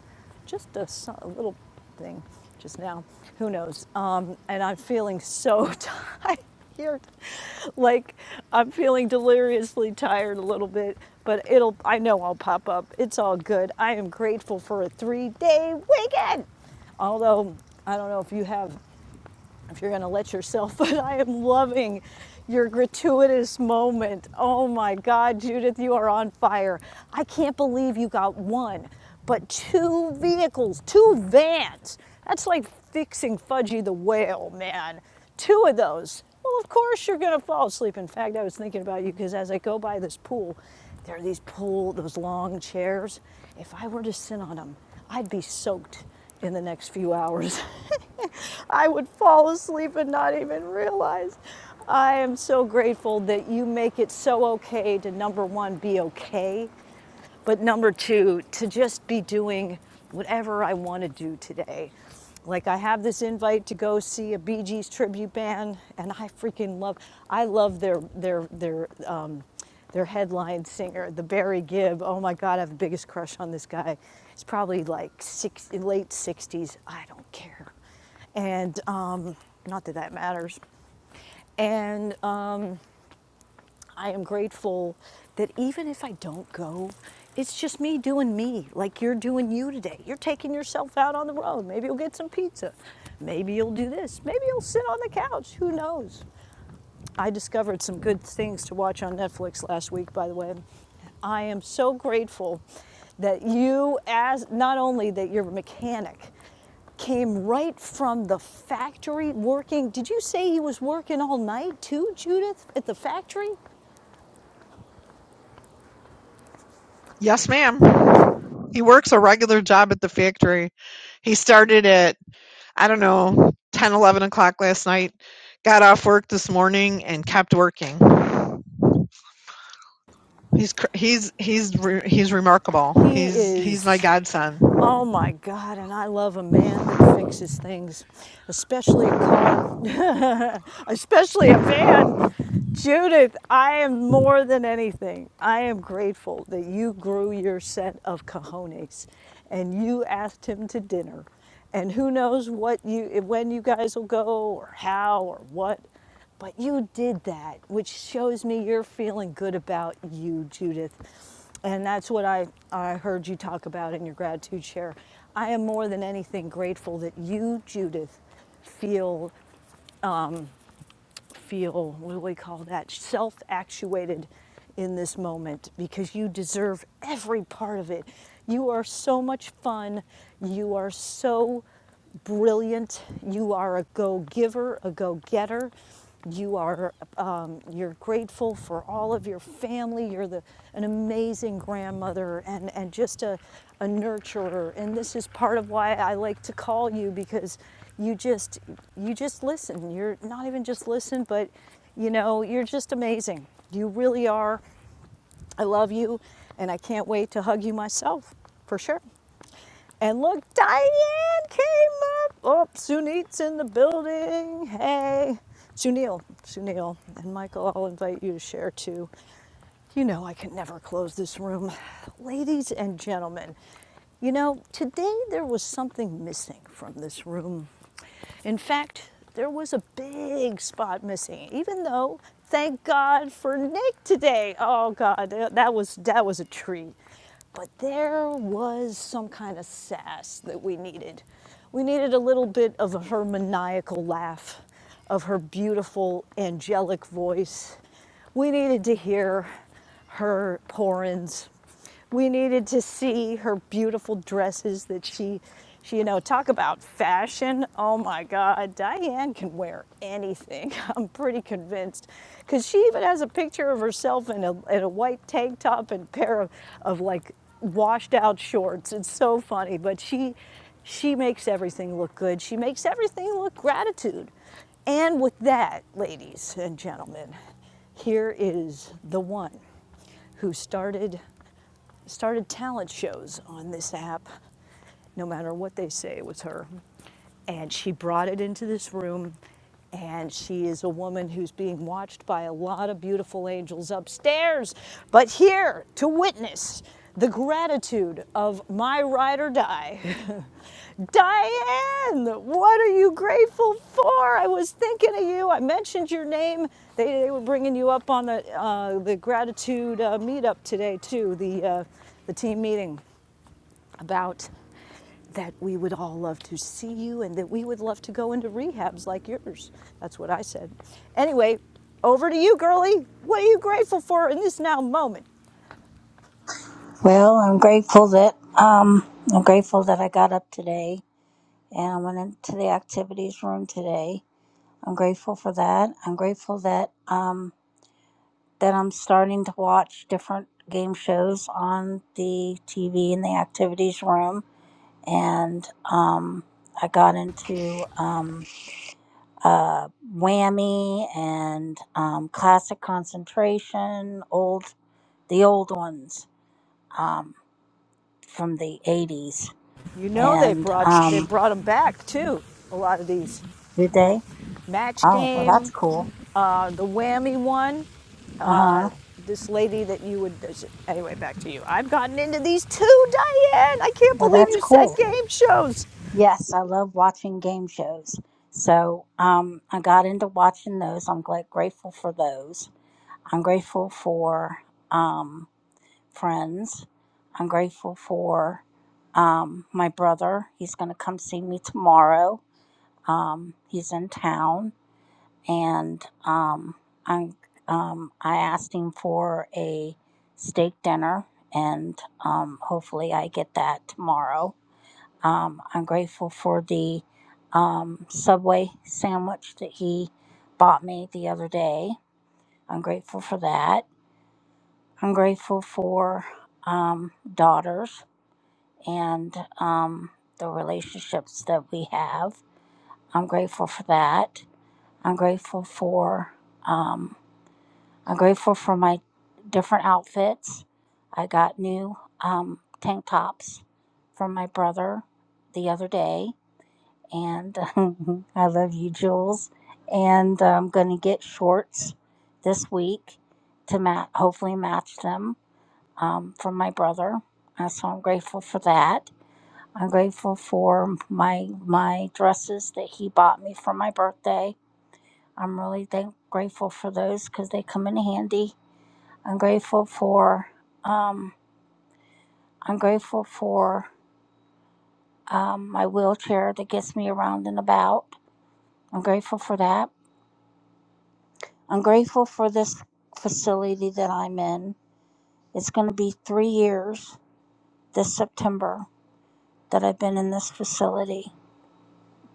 S14: just a so, a little thing just now. Who knows? Um, and I'm feeling so tired. Like I'm feeling deliriously tired a little bit, but it'll. I know I'll pop up. It's all good. I am grateful for a three-day weekend. Although I don't know if you have if you're going to let yourself, but I am loving your gratuitous moment. Oh my God, Judith, you are on fire. I can't believe you got one, but two vehicles, two vans. That's like fixing Fudgy the Whale, man. Two of those. Well, of course you're going to fall asleep. In fact, I was thinking about you because as I go by this pool, there are these pool, those long chairs. If I were to sit on them, I'd be soaked in the next few hours. I would fall asleep and not even realize. I am so grateful that you make it so okay to number one, be okay but number two, to just be doing whatever I want to do today. Like I have this invite to go see a Bee Gees tribute band, and I freaking love. I love their their their um, their headline singer, the Barry Gibb. Oh my God, I have the biggest crush on this guy. It's probably like six, late 60s. I don't care, and um, not that that matters. And um, I am grateful that even if I don't go, it's just me doing me, like you're doing you today. You're taking yourself out on the road. Maybe you'll get some pizza. Maybe you'll do this. Maybe you'll sit on the couch. Who knows? I discovered some good things to watch on Netflix last week, by the way. I am so grateful that you, as not only that you're a mechanic, came right from the factory working. Did you say he was working all night too, Judith, at the factory?
S12: Yes, ma'am. He works a regular job at the factory. He started at. I don't know, 10, 11 o'clock last night. Got off work this morning and kept working. He's cr- he's he's re- he's remarkable.
S14: He
S12: He's he's my
S14: is,
S12: godson.
S14: oh my God, and I love a man that fixes things, especially a car, especially a van. Judith, I am more than anything. I am grateful that you grew your set of cojones and you asked him to dinner. And who knows what you when you guys will go or how or what. But you did that, which shows me you're feeling good about you, Judith. And that's what I, I heard you talk about in your gratitude share. I am more than anything grateful that you, Judith, feel feel what do we call that self actuated in this moment because you deserve every part of it. You are so much fun. You are so brilliant. You are a go giver, a go getter. You are um, you're grateful for all of your family. You're the an amazing grandmother and and just a a nurturer. And this is part of why I like to call you because you just you just listen you're not even just listen but you know you're just amazing you really are i love you and i can't wait to hug you myself for sure and look diane came up oh sunit's in the building hey sunil sunil and michael i'll invite you to share too you know, I can never close this room. Ladies and gentlemen, you know, today there was something missing from this room. In fact, there was a big spot missing, even though, thank God for Nick today. Oh God, that was, that was a treat. But there was some kind of sass that we needed. We needed a little bit of her maniacal laugh, of her beautiful, angelic voice. We needed to hear her porins we needed to see her beautiful dresses that she, she you know talk about fashion oh my god diane can wear anything i'm pretty convinced because she even has a picture of herself in a, in a white tank top and pair of, of like washed out shorts it's so funny but she she makes everything look good she makes everything look gratitude and with that ladies and gentlemen here is the one who started started talent shows on this app no matter what they say, it was her. And she brought it into this room, and she is a woman who's being watched by a lot of beautiful angels upstairs. But here to witness the gratitude of my ride or die. Diane, what are you grateful for? I was thinking of you. I mentioned your name. They, they were bringing you up on the uh, the gratitude uh, meetup today too. The uh, the team meeting about that we would all love to see you and that we would love to go into rehabs like yours. That's what I said. Anyway, over to you, girlie. What are you grateful for in this now moment?
S24: Well, I'm grateful that um, I'm grateful that I got up today and I went into the activities room today. I'm grateful for that. I'm grateful that um, that I'm starting to watch different game shows on the TV in the activities room, and um, I got into um, uh, Whammy and um, classic concentration, old the old ones. Um, from the 80s.
S14: You know they've
S24: And
S14: brought they
S24: um,
S14: brought them back too. A lot of these
S24: did they?
S14: match
S24: Oh, well, that's
S14: game,
S24: cool.
S14: uh, the whammy one,
S24: Uh huh.
S14: uh, this lady that you would anyway. Back to you. I've gotten into these too, Diane. I can't
S24: Well,
S14: believe
S24: that's
S14: you said
S24: cool.
S14: game shows.
S24: Yes, I love watching game shows. So um, I got into watching those. I'm glad, grateful for those. I'm grateful for um, friends. I'm grateful for um, my brother. He's going to come see me tomorrow. Um, he's in town and um, I um, I asked him for a steak dinner, and um, hopefully I get that tomorrow. Um, I'm grateful for the um, Subway sandwich that he bought me the other day. I'm grateful for that. I'm grateful for um, daughters and um, the relationships that we have. I'm grateful for that. I'm grateful for um, I'm grateful for my different outfits. I got new um, tank tops from my brother the other day, and I love you, Jules. And uh, I'm gonna get shorts this week to ma- hopefully match them um, from my brother. Uh, so I'm grateful for that. I'm grateful for my my dresses that he bought me for my birthday. I'm really thank- grateful for those because they come in handy I'm grateful for um, I'm grateful for um, my wheelchair that gets me around and about. I'm grateful for that. I'm grateful for this facility that I'm in. It's going to be three years this September that I've been in this facility.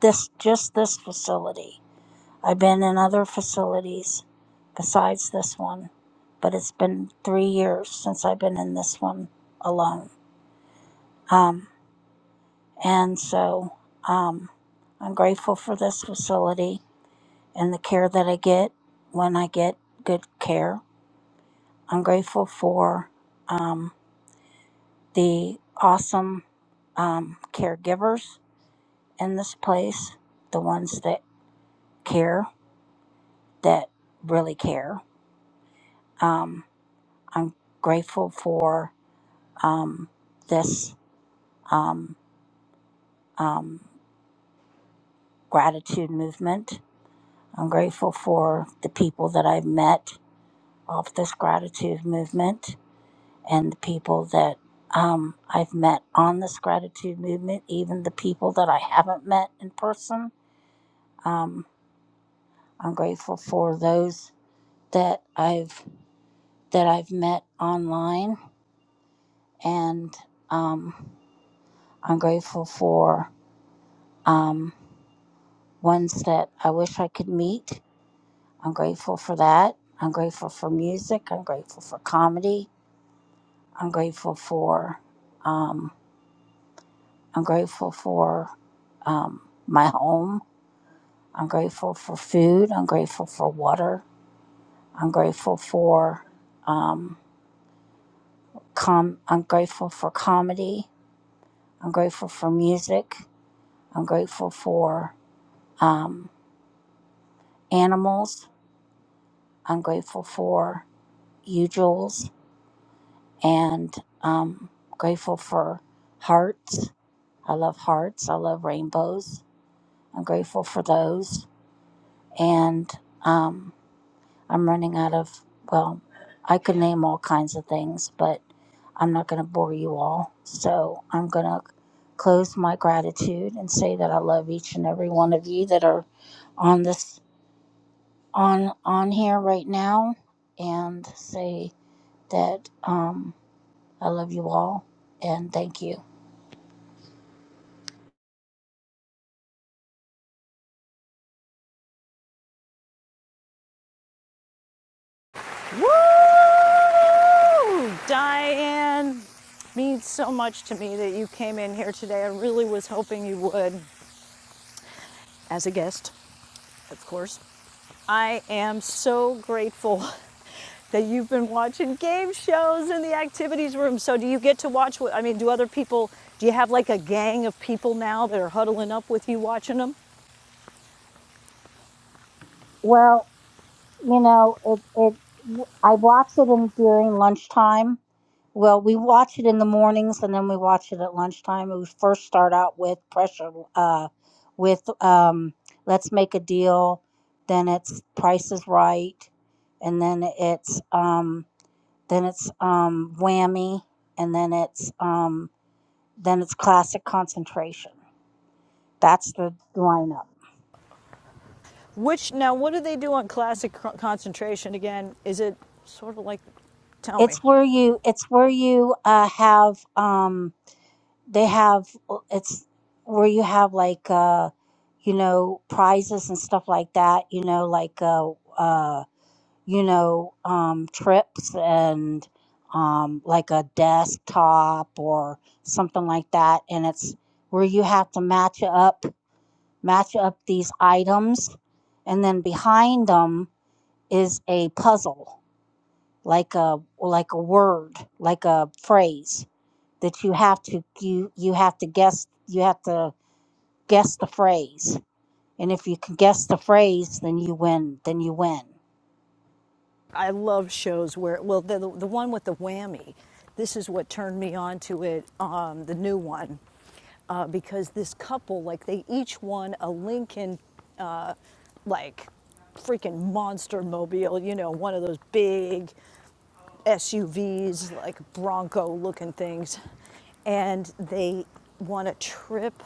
S24: This just this facility. I've been in other facilities besides this one, but it's been three years since I've been in this one alone. Um, And so um, I'm grateful for this facility and the care that I get when I get good care. I'm grateful for um, the awesome um, caregivers in this place, the ones that care, that really care. Um, I'm grateful for um, this um, um, gratitude movement. I'm grateful for the people that I've met of this gratitude movement and the people that um, I've met on this gratitude movement, even the people that I haven't met in person. Um, I'm grateful for those that I've that I've met online, and um, I'm grateful for um, ones that I wish I could meet. I'm grateful for that. I'm grateful for music. I'm grateful for comedy. I'm grateful for. Um, I'm grateful for um, my home. I'm grateful for food. I'm grateful for water. I'm grateful for um, com. I'm grateful for comedy. I'm grateful for music. I'm grateful for um, animals. I'm grateful for you, Jules, and um, grateful for hearts. I love hearts. I love rainbows. I'm grateful for those, and um, I'm running out of, well, I could name all kinds of things, but I'm not going to bore you all. So I'm going to close my gratitude and say that I love each and every one of you that are on this on on here right now and say that um I love you all and thank you.
S14: Woo! Ooh, Diane, means so much to me that you came in here today. I really was hoping you would, as a guest, of course. I am so grateful that you've been watching game shows in the activities room. So, do you get to watch what? I mean, do other people? Do you have like a gang of people now that are huddling up with you watching them?
S24: Well, You know, it it I watch it in during lunchtime. Well, we watch it in the mornings and then we watch it at lunchtime. We first start out with pressure uh with um Let's Make a Deal, then it's Price is Right, and then it's um then it's um Whammy, and then it's um then it's Classic Concentration. That's the lineup.
S14: Which now, what do they do on classic concentration again? Is it sort of like? Tell me.
S24: It's where you it's where you uh have um they have it's where you have like uh you know prizes and stuff like that you know like uh uh you know um trips and um like a desktop or something like that and it's where you have to match up match up these items and then behind them is a puzzle like a like a word like a phrase that you have to you you have to guess you have to guess the phrase. And if you can guess the phrase, then you win. Then you win.
S14: I love shows where, well, the, the one with the whammy, this is what turned me on to it, um, the new one, uh, because this couple, like, they each won a Lincoln, uh, like, freaking monster mobile, you know, one of those big SUVs, like Bronco looking things. And they won a trip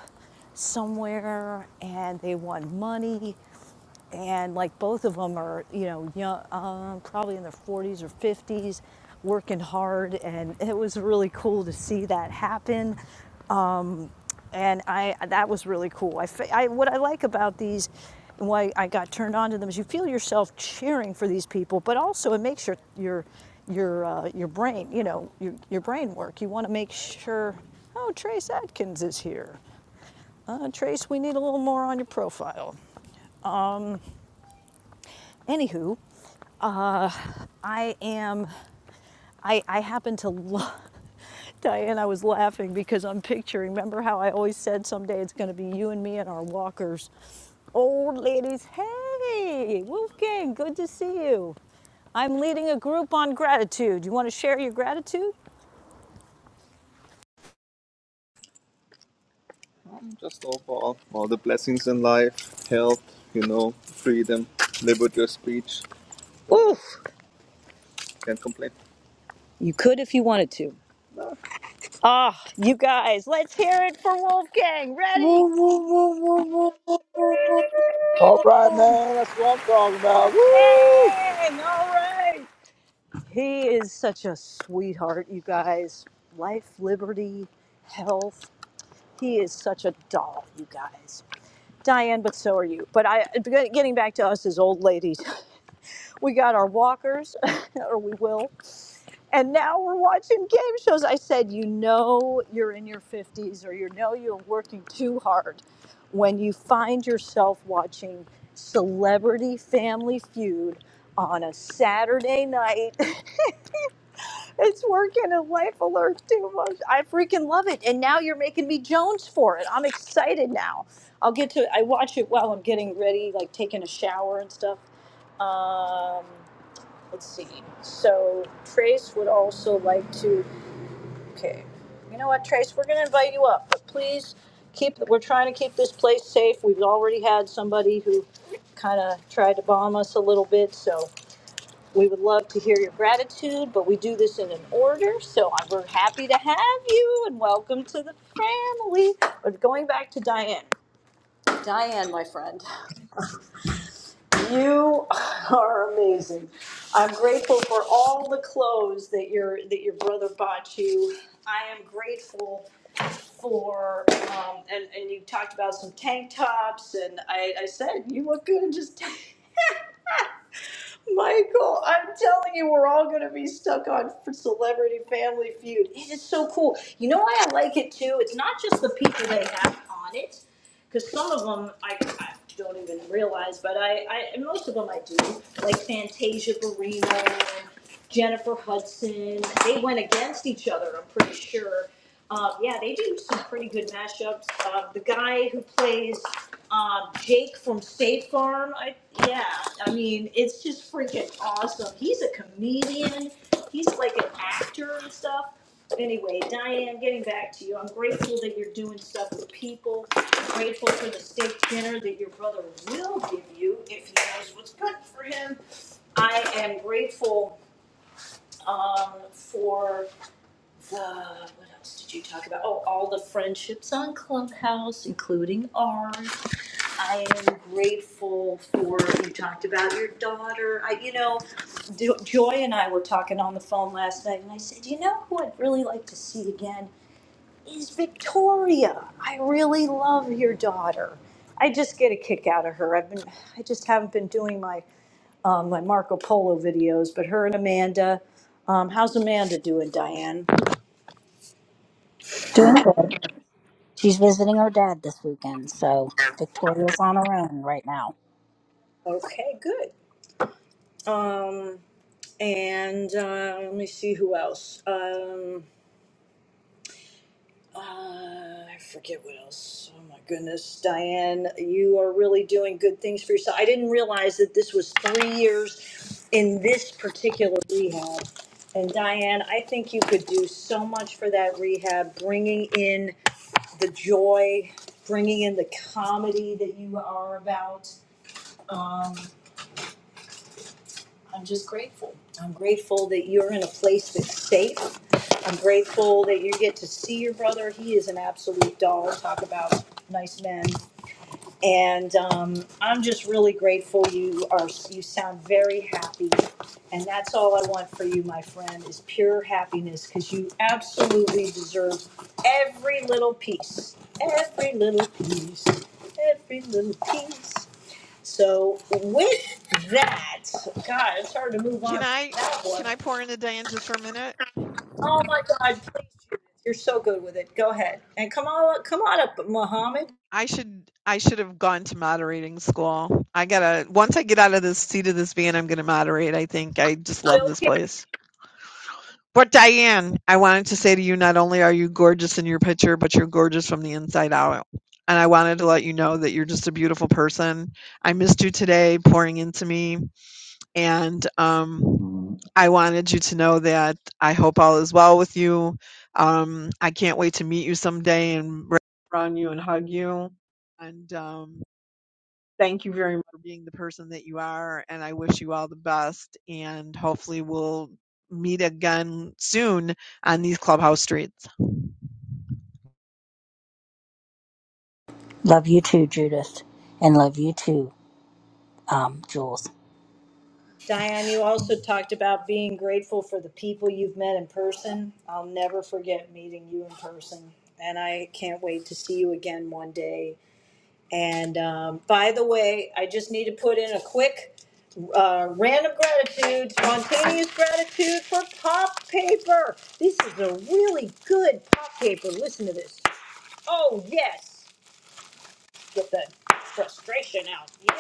S14: somewhere and they won money and like both of them are you know young, um, probably in their 40s or 50s working hard and it was really cool to see that happen and i that was really cool i, I what i like about these why i got turned on to them is you feel yourself cheering for these people but also it makes your your your uh, your brain you know your, your brain work you want to make sure oh trace adkins is here uh, trace we need a little more on your profile anywho i am I, I happen to love, Diane, I was laughing because I'm picturing, remember how I always said someday it's going to be you and me and our walkers. Old ladies, hey, Wolfgang, good to see you. I'm leading a group on gratitude. You want to share your gratitude? Just overall, all the blessings in life, health, you know, freedom, live with your speech. Oof, Can't complain. you could if you wanted to. Ah, you guys, let's hear it for Wolfgang. Ready?
S24: Woo, woo, woo, woo,
S6: All right,
S24: woo.
S6: man. That's what I'm talking about. Woo!
S14: Dang, all right. He is such a sweetheart, you guys. Life, liberty, health. He is such a doll, you guys. Diane, but so are you. But I, getting back to us as old ladies, we got our walkers, or we will. And now we're watching game shows. I said, you know, you're in your 50s or you know you're working too hard when you find yourself watching Celebrity Family Feud on a Saturday night. it's working a life alert too much. I freaking love it. And now you're making me Jones for it. I'm excited now. I'll get to I watch it while I'm getting ready, like taking a shower and stuff. Um, let's see. So Trace would also like to. Okay. You know what, Trace? We're going to invite you up, but please keep. We're trying to keep this place safe. We've already had somebody who kind of tried to bomb us a little bit, so we would love to hear your gratitude. But we do this in an order, so I- we're happy to have you and welcome to the family. But going back to Diane, you are amazing. I'm grateful for all the clothes that your that your brother bought you. I am grateful for, um, and, and you talked about some tank tops, and I, I said, you look good in just tank. Michael, I'm telling you, we're all going to be stuck on for Celebrity Family Feud. It is so cool. You know why I like it too? It's not just the people they have on it, because some of them I, I don't even realize, but I, I and most of them I do, like Fantasia Barrino Jennifer Hudson. They went against each other, I'm pretty sure. Um, yeah, they do some pretty good mashups. Um, the guy who plays um, Jake from State Farm, I, yeah, I mean, it's just freaking awesome. He's a comedian, he's like an actor and stuff. Anyway, Diane, getting back to you, I'm grateful that you're doing stuff for people. I'm grateful for the steak dinner that your brother will give you if he knows what's good for him. I am grateful um, for the, what else did you talk about? Oh, all the friendships on Clubhouse, including ours. I am grateful for, you talked about your daughter. I, you know, Jo- Joy and I were talking on the phone last night, and I said, you know who I'd really like to see again? is Victoria. I really love your daughter. I just get a kick out of her. I've been, I just haven't been doing my, um, my Marco Polo videos, but her and Amanda. Um, how's Amanda doing, Diane?
S24: Doing good. She's visiting her dad this weekend, so Victoria's on her own right now.
S14: Okay, good. And uh, let me see who else. Um, Uh, I forget what else. Oh my goodness, Diane, you are really doing good things for yourself. I didn't realize that this was three years in this particular rehab. And Diane, I think you could do so much for that rehab, bringing in the joy, bringing in the comedy that you are about. I'm just grateful. I'm grateful that you're in a place that's safe. I'm grateful that you get to see your brother. He is an absolute doll. Talk about nice men. And um, I'm just really grateful you are, you sound very happy. And that's all I want for you, my friend, is pure happiness because you absolutely deserve every little piece. Every little piece. Every little piece. So, with that, God, it's hard to move on
S12: Can I
S14: from that
S12: can
S14: one.
S12: I pour into Diane just for a minute?
S14: Oh my God, please, Judith, you're so good with it. Go ahead. And come on, come on up, Mohammed.
S12: I should I should have gone to moderating school. I gotta once I get out of this seat of this van, I'm gonna moderate. I think I just love this place. But Diane, I wanted to say to you, not only are you gorgeous in your picture, but you're gorgeous from the inside out. And I wanted to let you know that you're just a beautiful person. I missed you today, pouring into me, and um,
S25: Mm,
S12: I wanted you to know that I hope all is well with you. Um, I can't wait to meet you someday and run you and hug you. And um, Thank you very much for being the person that you are, and I wish you all the best. And hopefully, we'll meet again soon on these clubhouse streets.
S24: Love you too, Judith. And love you too, um, Jules.
S14: Diane, you also talked about being grateful for the people you've met in person. I'll never forget meeting you in person. And I can't wait to see you again one day. And um, by the way, I just need to put in a quick uh, random gratitude, spontaneous gratitude for pop paper. This is a really good pop paper. Listen to this. Oh, yes get the frustration out. Yeah.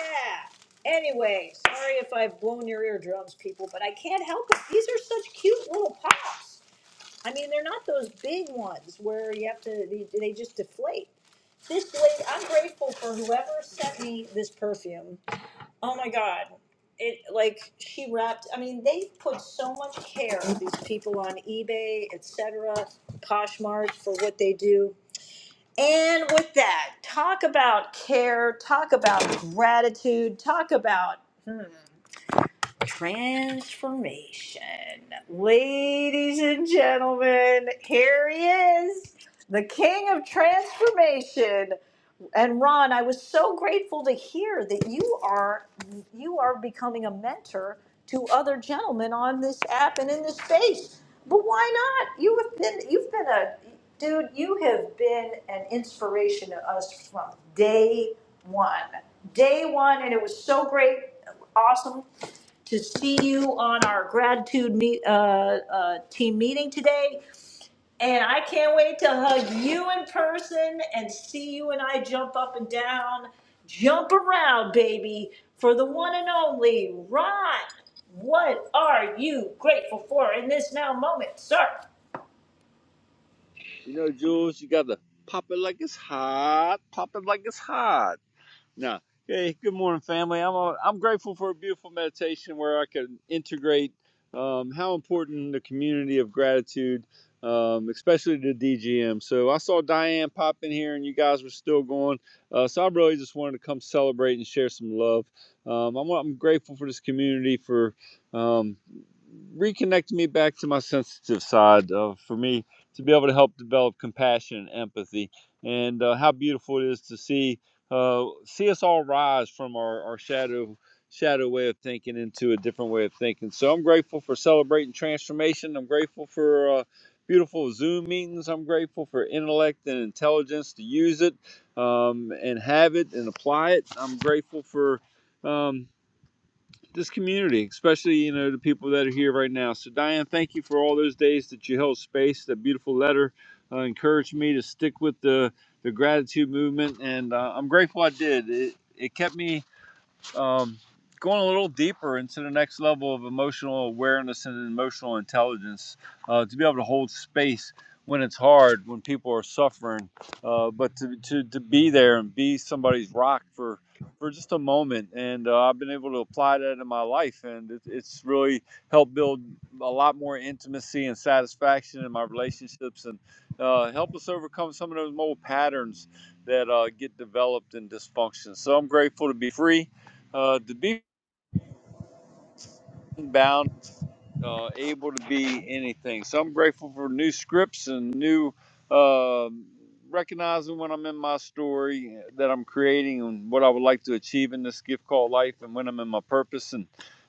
S14: Anyway, sorry if I've blown your eardrums, people, but I can't help it. These are such cute little pops. I mean, they're not those big ones where you have to, they, they just deflate. This lady, I'm grateful for whoever sent me this perfume. Oh my God. It, like, she wrapped, I mean, they put so much care, these people on eBay, etc., Poshmark, for what they do and with that, talk about care, talk about gratitude, talk about transformation. Ladies and gentlemen, here he is, the king of transformation, and Ron, I was so grateful to hear that you are you are becoming a mentor to other gentlemen on this app and in this space. But why not? You have been you've been a dude, you have been an inspiration to us from day one. Day one and it was so great awesome to see you on our gratitude meet, uh, uh, team meeting today and I can't wait to hug you in person and see you and I jump up and down, jump around, baby, for the one and only Ron. What are you grateful for in this now moment, sir?
S6: You know, Jules, you got to pop it like it's hot, pop it like it's hot. No. Hey, good morning, family. I'm uh, I'm grateful for a beautiful meditation where I can integrate um, how important the community of gratitude, um, especially the DGM. So I saw Diane pop in here, and you guys were still going. Uh, so I really just wanted to come celebrate and share some love. Um, I'm I'm grateful for this community for um, reconnecting me back to my sensitive side. Uh, for me to be able to help develop compassion and empathy, and uh, how beautiful it is to see uh, see us all rise from our, our shadow shadow way of thinking into a different way of thinking. So I'm grateful for celebrating transformation. I'm grateful for uh, beautiful Zoom meetings. I'm grateful for intellect and intelligence to use it um, and have it and apply it. I'm grateful for. um, this community, especially you know the people that are here right now. So Diane, thank you for all those days that you held space. That beautiful letter uh, encouraged me to stick with the the gratitude movement, and uh, I'm grateful I did. It it kept me um, going a little deeper into the next level of emotional awareness and emotional intelligence uh, to be able to hold space when it's hard, when people are suffering, uh, but to, to, to be there and be somebody's rock for, for just a moment. And uh, I've been able to apply that in my life, and it, it's really helped build a lot more intimacy and satisfaction in my relationships and uh, help us overcome some of those old patterns that uh, get developed in dysfunction. So I'm grateful to be free uh, the being bound uh, able to be anything. So I'm grateful for new scripts and new um recognizing when I'm in my story that I'm creating and what I would like to achieve in this gift called life, and when I'm in my purpose and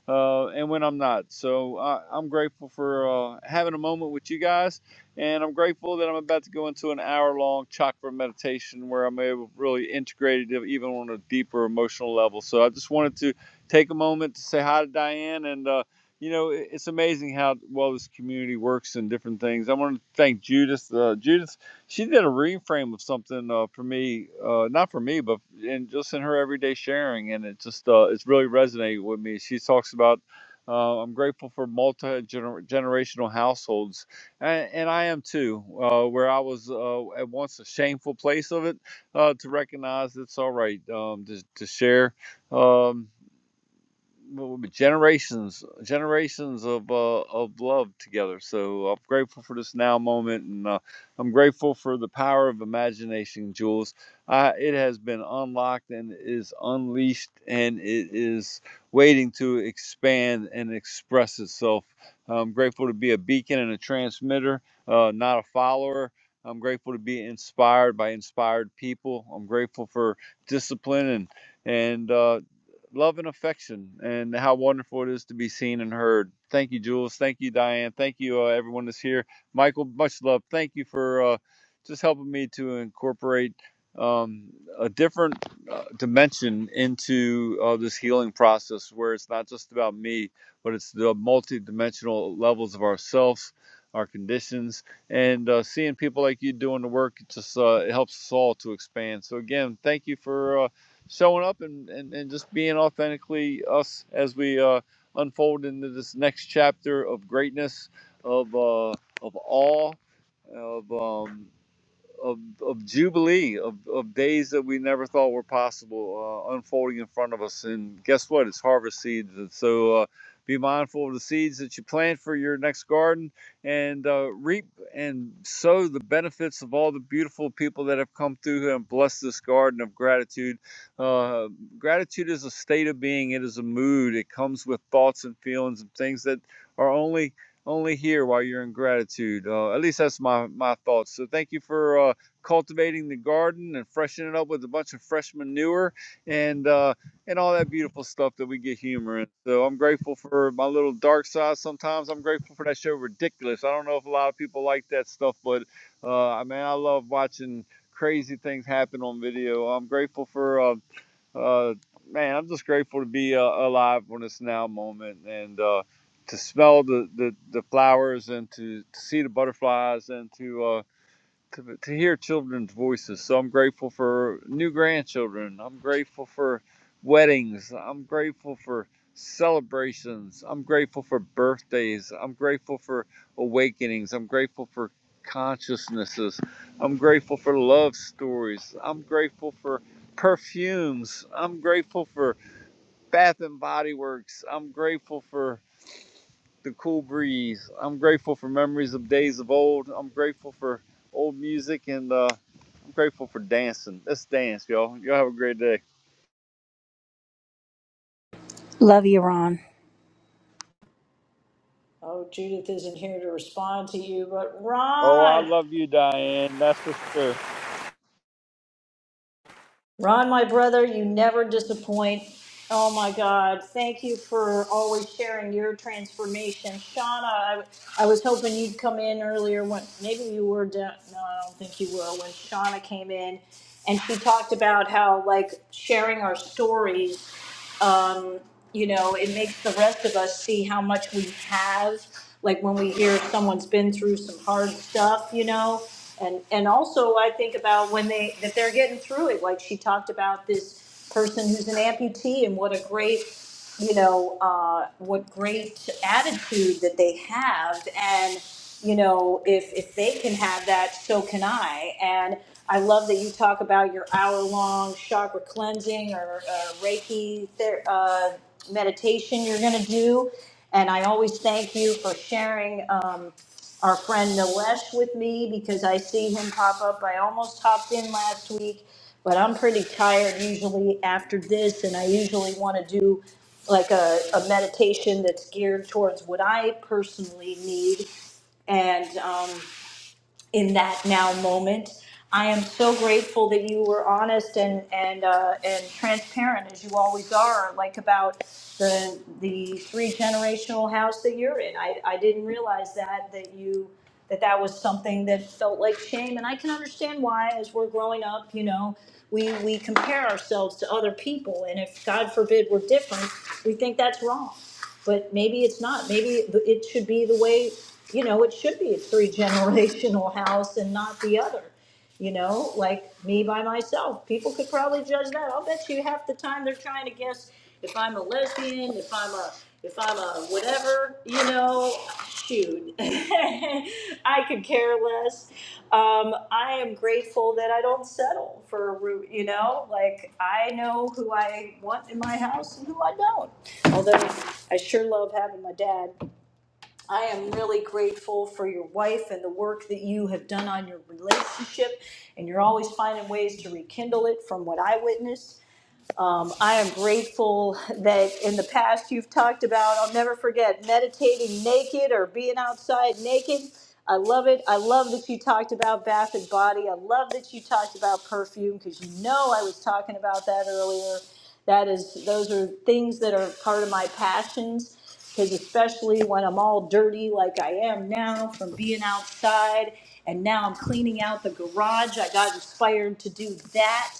S6: uh, and when I'm not. So I, I'm grateful for uh, having a moment with you guys, and I'm grateful that I'm about to go into an hour-long chakra meditation where I'm able to really integrate it even on a deeper emotional level. So I just wanted to take a moment to say hi to Diane and. uh, you know, it's amazing how well this community works and different things. I want to thank Judith. Uh, Judith, she did a reframe of something uh, for me, uh, not for me, but in just in her everyday sharing, and it just uh, it's really resonated with me. She talks about. Uh, I'm grateful for multi generational households, and, and I am too. Uh, where I was uh, at once a shameful place of it, uh, to recognize it's all right um, to, to share. Um, well, generations generations of uh, of love together. So I'm grateful for this now moment, and uh, I'm grateful for the power of imagination, Jules. Uh, it has been unlocked and is unleashed, and it is waiting to expand and express itself. I'm grateful to be a beacon and a transmitter, uh, not a follower. I'm grateful to be inspired by inspired people. I'm grateful for discipline and and uh, love and affection and how wonderful it is to be seen and heard. Thank you, Jules. Thank you, Diane. Thank you, uh, everyone that's here. Michael, much love. Thank you for uh, just helping me to incorporate um, a different uh, dimension into uh, this healing process where it's not just about me, but it's the multi-dimensional levels of ourselves, our conditions, and uh, seeing people like you doing the work it just uh, it helps us all to expand. So again, thank you for. Uh, showing up and, and, and just being authentically us as we uh, unfold into this next chapter of greatness, of uh, of awe, of um, of, of jubilee of, of days that we never thought were possible uh, unfolding in front of us and guess what it's harvest seeds and so uh, be mindful of the seeds that you plant for your next garden and uh, reap and sow the benefits of all the beautiful people that have come through here and blessed this garden of gratitude uh, gratitude is a state of being it is a mood it comes with thoughts and feelings and things that are only only here while you're in gratitude. Uh, at least that's my, my thoughts. So thank you for uh, cultivating the garden and freshening it up with a bunch of fresh manure and uh, and all that beautiful stuff that we get humor in. So I'm grateful for my little dark side. Sometimes I'm grateful for that show Ridiculous. I don't know if a lot of people like that stuff, but uh, I mean I love watching crazy things happen on video. I'm grateful for. Um, uh, man, I'm just grateful to be uh, alive on this now moment and uh, to smell the, the, the flowers and to, to see the butterflies and to uh, to, to hear children's voices. So I'm grateful for new grandchildren. I'm grateful for weddings. I'm grateful for celebrations. I'm grateful for birthdays. I'm grateful for awakenings. I'm grateful for consciousnesses. I'm grateful for love stories. I'm grateful for perfumes. I'm grateful for Bath and Body Works. I'm grateful for the cool breeze. I'm grateful for memories of days of old. I'm grateful for old music and uh, I'm grateful for dancing. Let's dance, y'all. Y'all have a great day.
S24: Love you, Ron.
S14: Oh, Judith isn't here to respond to you, but
S6: Oh, I
S14: Ron.
S6: love you, Diane. That's for sure.
S14: Ron, my brother, you never disappoint. Oh my God. Thank you for always sharing your transformation. Shauna, I, I was hoping you'd come in earlier when maybe you were down. No, I don't think you were. When Shauna came in and she talked about how, like, sharing our stories um, you know, it makes the rest of us see how much we have. Like when we hear someone's been through some hard stuff, you know, and and also I think about when they that they're getting through it. Like she talked about this person who's an amputee and what a great you know, uh, what great attitude that they have. And, you know, if, if they can have that, so can I. And I love that you talk about your hour long chakra cleansing or uh, Reiki ther- uh, meditation you're going to do. And I always thank you for sharing. Um, our friend Nilesh with me because I see him pop up. I almost hopped in last week, but I'm pretty tired usually after this, and I usually want to do like a, a meditation that's geared towards what I personally need. And um, in that now moment. I am so grateful that you were honest and and uh, and transparent as you always are, like about the the three generational house that you're in. I, I didn't realize that that you that that was something that felt like shame, and I can understand why. As we're growing up, you know, we we compare ourselves to other people, and if God forbid we're different, we think that's wrong but maybe it's not. Maybe it should be the way, you know, it should be a three generational house and not the other. You know, like me by myself, people could probably judge that. I'll bet you half the time they're trying to guess if I'm a lesbian, if I'm a, if I'm a whatever, you know, shoot, I could care less. Um, I am grateful that I don't settle for a room, you know, like I know who I want in my house and who I don't although I sure love having my dad, I am really grateful for your wife and the work that you have done on your relationship. And you're always finding ways to rekindle it from what I witnessed. Um, I am grateful that in the past you've talked about, I'll never forget, meditating naked or being outside naked. I love it. I love that you talked about bath and body. I love that you talked about perfume because you know I was talking about that earlier. That is, those are things that are part of my passions because especially when I'm all dirty like I am now from being outside and now I'm cleaning out the garage, I got inspired to do that.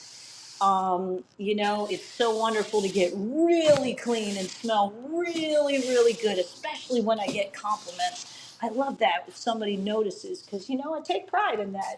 S14: Um, you know, it's so wonderful to get really clean and smell really, really good, especially when I get compliments. I love that if somebody notices because, you know, I take pride in that.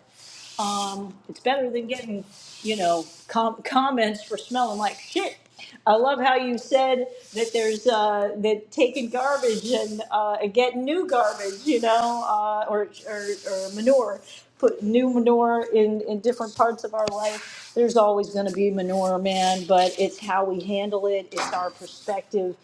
S14: Um, it's better than getting, you know, com- comments for smelling like shit. I love how you said that there's uh, that taking garbage and uh, and getting new garbage, you know, uh, or, or or manure. Put new manure in in different parts of our life. There's always going to be manure, man, but it's how we handle it. It's our perspective,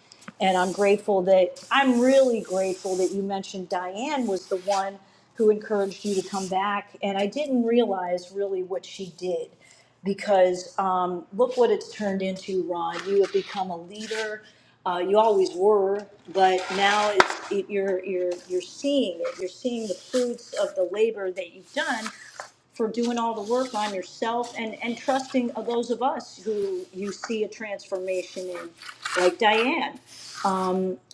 S14: and I'm grateful that I'm really grateful that you mentioned Diane was the one who encouraged you to come back. And I didn't realize really what she did because um, look what it's turned into, Ron. You have become a leader. Uh, you always were, but now it's it, you're you're you're seeing it. You're seeing the fruits of the labor that you've done for doing all the work on yourself and, and trusting of those of us who you see a transformation in, like Diane.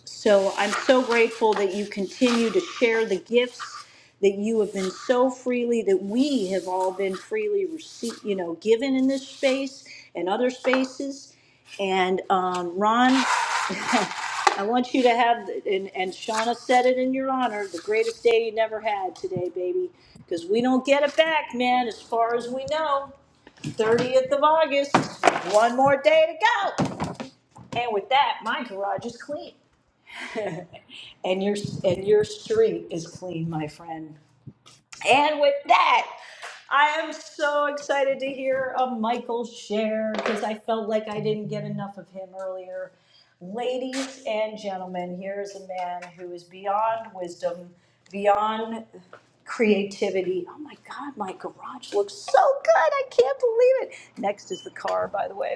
S14: So I'm so grateful that you continue to share the gifts that you have been so freely, that we have all been freely received, you know, given in this space and other spaces. And um, Ron, I want you to have, and, and Shauna said it in your honor, the greatest day you never had today, baby. Because we don't get it back, man, as far as we know. 30th of August, one more day to go. And with that, my garage is clean. and your and your street is clean, my friend. And with that, I am so excited to hear a Michael share because I felt like I didn't get enough of him earlier. Ladies and gentlemen, here is a man who is beyond wisdom, beyond creativity. Oh my God, my garage looks so good. I can't believe it. Next is the car, by the way.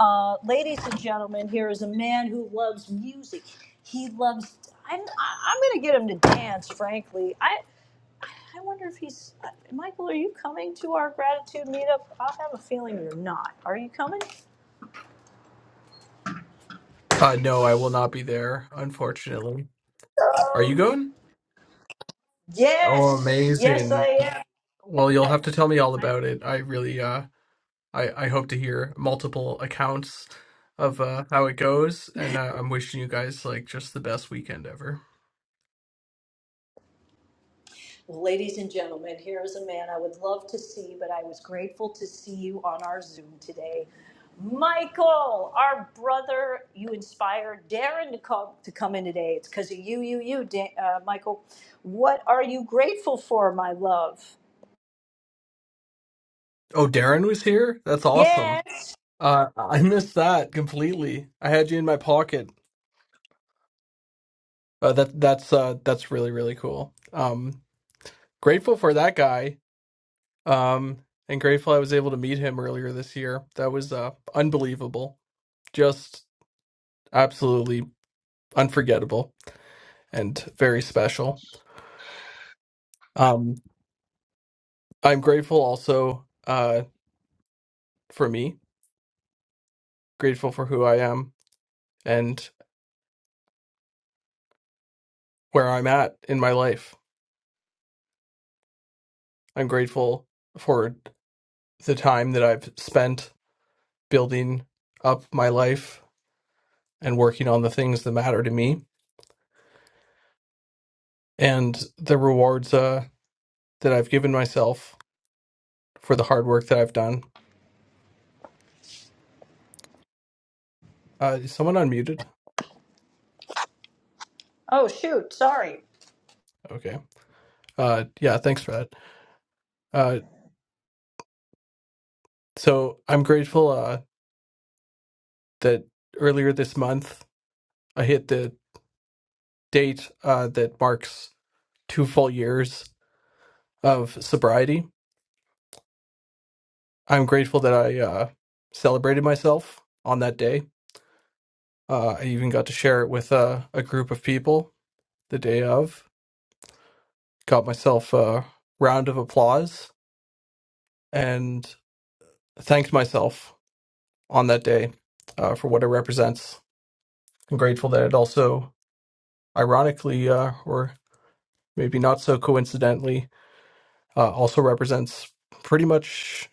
S14: Uh, ladies and gentlemen, here is a man who loves music. He loves, I'm, I- I'm going to get him to dance, frankly. I, I wonder if he's, Michael, are you coming to our gratitude meetup? I have a feeling you're not. Are you coming?
S1: Uh, no, I will not be there, unfortunately. Are you going? Oh,
S14: Yes, yes,
S1: amazing.
S14: I am.
S1: Well, you'll have to tell me all about it. I really, uh I, I hope to hear multiple accounts of uh, how it goes, and uh, I'm wishing you guys like just the best weekend ever.
S14: Well, ladies and gentlemen, here is a man I would love to see, but I was grateful to see you on our Zoom today. Michael, our brother, you inspired Darren to come, to come in today. It's because of you, you, you, da- uh, Michael. What are you grateful for, my love?
S1: Oh, Darren was here. That's awesome.
S14: Yes.
S1: Uh, I missed that completely. I had you in my pocket. Uh, that that's uh, that's really really cool. Um, grateful for that guy. Um, and grateful I was able to meet him earlier this year. That was uh, unbelievable. Just absolutely unforgettable and very special. Um, I'm grateful also. Uh, for me, grateful for who I am and where I'm at in my life. I'm grateful for the time that I've spent building up my life and working on the things that matter to me and the rewards uh, that I've given myself for the hard work that I've done. Uh, is someone unmuted?
S14: Oh, shoot. Sorry.
S1: Okay. Uh, yeah, thanks for that. Uh, so I'm grateful uh, that earlier this month I hit the date uh, that marks two full years of sobriety. I'm grateful that I uh, celebrated myself on that day. Uh, I even got to share it with uh, a group of people the day of. Got myself a round of applause and thanked myself on that day uh, for what it represents. I'm grateful that it also, ironically, uh, or maybe not so coincidentally, Uh, also represents pretty much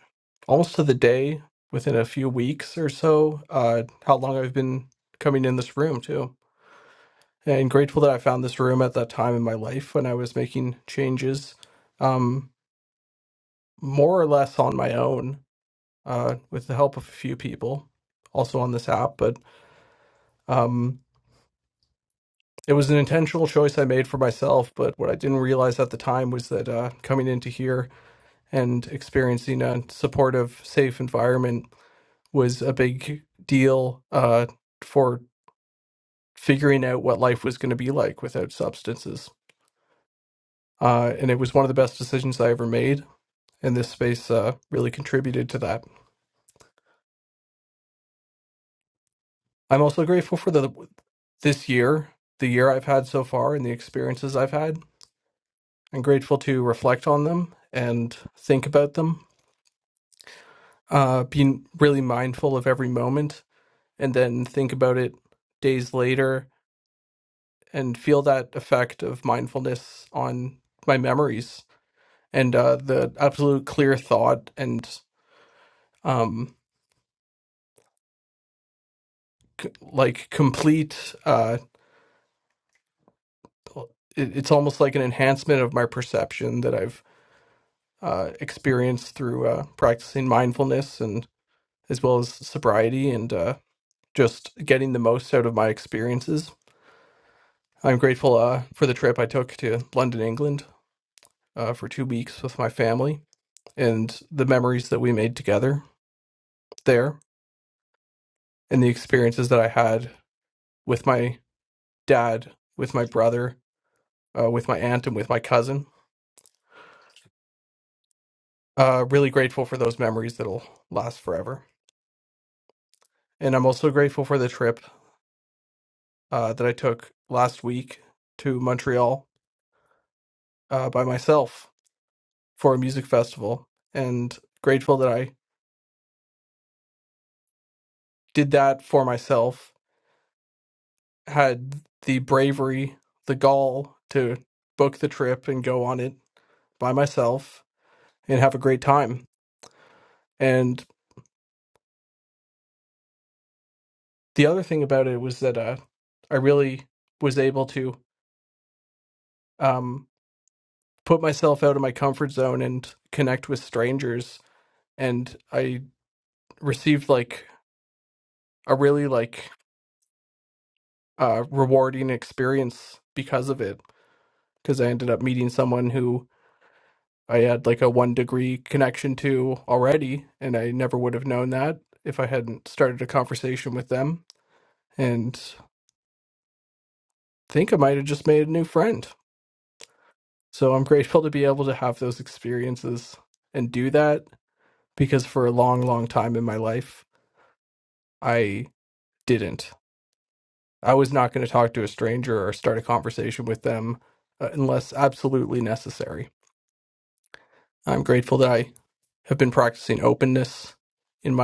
S1: almost to the day within a few weeks or so uh, how long I've been coming in this room too. And grateful that I found this room at that time in my life when I was making changes, um, more or less on my own, uh, with the help of a few people, also on this app. But um, it was an intentional choice I made for myself. But what I didn't realize at the time was that uh, coming into here and experiencing a supportive, safe environment was a big deal uh, for figuring out what life was going to be like without substances. Uh, and it was one of the best decisions I ever made. And this space uh, really contributed to that. I'm also grateful for the this year, the year I've had so far, and the experiences I've had. I'm grateful to reflect on them and think about them, uh, being really mindful of every moment, and then think about it days later and feel that effect of mindfulness on my memories and uh, the absolute clear thought and um, c- like complete. Uh, it, it's almost like an enhancement of my perception that I've uh, experienced through uh, practicing mindfulness and as well as sobriety and uh, just getting the most out of my experiences. I'm grateful uh, for the trip I took to London, England, uh, for two weeks with my family and the memories that we made together there and the experiences that I had with my dad, with my brother, uh, with my aunt, and with my cousin. Uh, really grateful for those memories that'll last forever. And I'm also grateful for the trip uh, that I took last week to Montreal uh, by myself for a music festival. And grateful that I did that for myself, had the bravery, the gall to book the trip and go on it by myself and have a great time. And the other thing about it was that uh, I really was able to um, put myself out of my comfort zone and connect with strangers, and I received like a really like uh, rewarding experience because of it. Because I ended up meeting someone who I had like a one degree connection to already, and I never would have known that if I hadn't started a conversation with them. And I think I might have just made a new friend. So I'm grateful to be able to have those experiences and do that because for a long, long time in my life, I didn't. I was not going to talk to a stranger or start a conversation with them uh, unless absolutely necessary. I'm grateful that I have been practicing openness in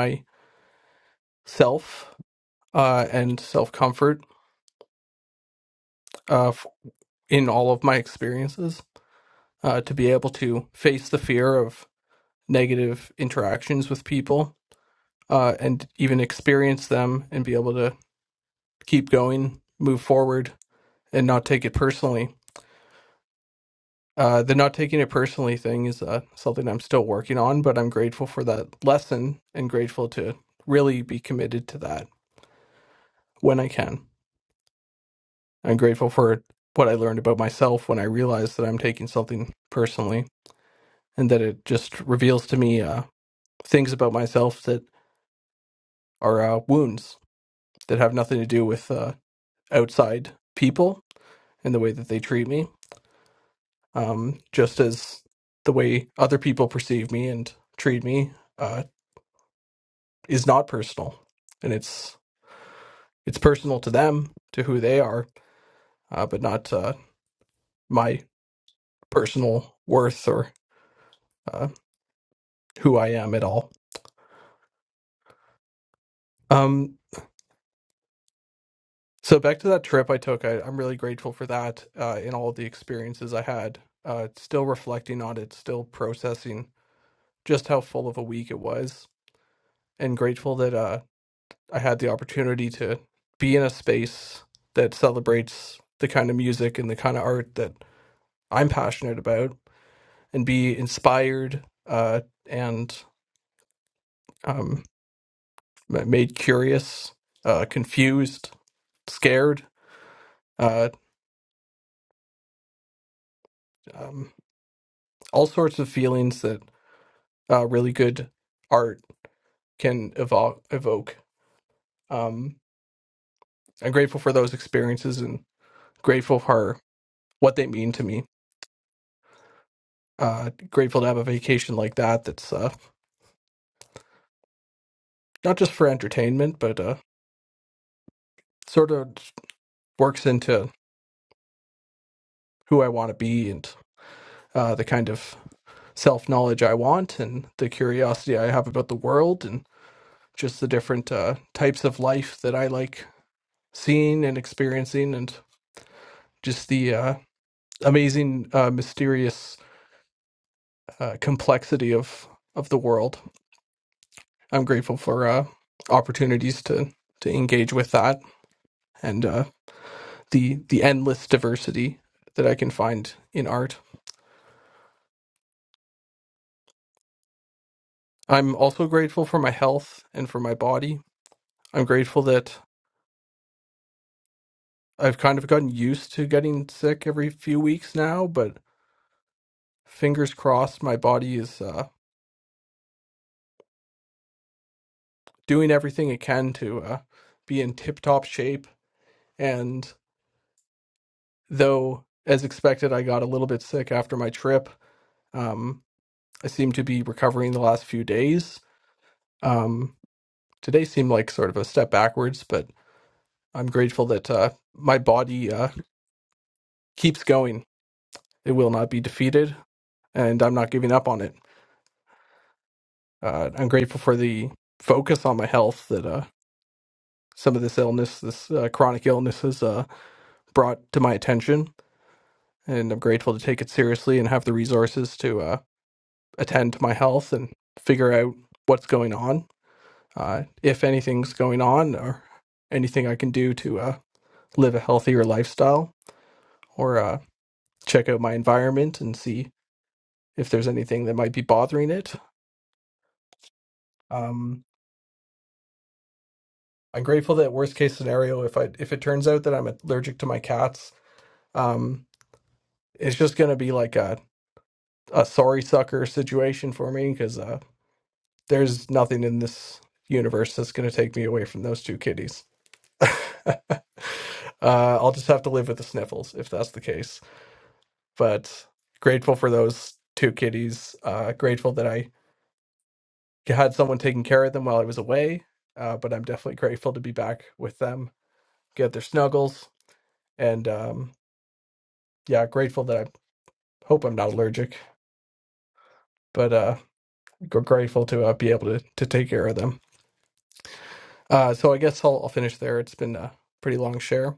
S1: myself uh, and self comfort uh, f- in all of my experiences uh, to be able to face the fear of negative interactions with people uh, and even experience them and be able to keep going, move forward, and not take it personally. Uh, the not taking it personally thing is uh, something I'm still working on, but I'm grateful for that lesson and grateful to really be committed to that when I can. I'm grateful for what I learned about myself when I realized that I'm taking something personally and that it just reveals to me uh, things about myself that are uh, wounds that have nothing to do with uh, outside people and the way that they treat me um, just as the way other people perceive me and treat me uh, is not personal, and it's it's personal to them, to who they are, uh, but not uh, my personal worth or uh, who I am at all. Um, so back to that trip I took, I, I'm really grateful for that uh, and all the experiences I had. Uh, still reflecting on it, still processing just how full of a week it was, and grateful that. uh. I had the opportunity to be in a space that celebrates the kind of music and the kind of art that I'm passionate about and be inspired uh, and um, m- made curious, uh, confused, scared, uh, um, all sorts of feelings that uh, really good art can evo- evoke. Um, I'm grateful for those experiences and grateful for what they mean to me. Uh, grateful to have a vacation like that. That's uh, not just for entertainment, but uh, sort of works into who I want to be and uh, the kind of self knowledge I want and the curiosity I have about the world and just the different uh, types of life that I like seeing and experiencing and just the uh, amazing, uh, mysterious uh, complexity of of the world. I'm grateful for uh, opportunities to to engage with that and uh, the the endless diversity that I can find in art I'm also grateful for my health and for my body. I'm grateful that I've kind of gotten used to getting sick every few weeks now, but fingers crossed my body is uh, doing everything it can to uh, be in tip top shape. And though, as expected, I got a little bit sick after my trip, um, I seem to be recovering the last few days. Um, today seemed like sort of a step backwards, but I'm grateful that uh, my body uh, keeps going. It will not be defeated and I'm not giving up on it. Uh, I'm grateful for the focus on my health that uh, some of this illness, this uh, chronic illness, has uh, brought to my attention, and I'm grateful to take it seriously and have the resources to uh, attend to my health and figure out what's going on, uh, if anything's going on, or anything I can do to uh, live a healthier lifestyle, or uh, check out my environment and see if there's anything that might be bothering it. Um, I'm grateful that worst case scenario, if I if it turns out that I'm allergic to my cats, um, it's just gonna be like a a sorry sucker situation for me because uh, there's nothing in this universe that's gonna take me away from those two kitties. uh, I'll just have to live with the sniffles if that's the case. But grateful for those two kitties. Uh, grateful that I had someone taking care of them while I was away. Uh, but I'm definitely grateful to be back with them, get their snuggles, and um, yeah, grateful that I hope I'm not allergic, but uh, grateful to uh, be able to to take care of them. Uh, so I guess I'll, I'll finish there. It's been a pretty long share,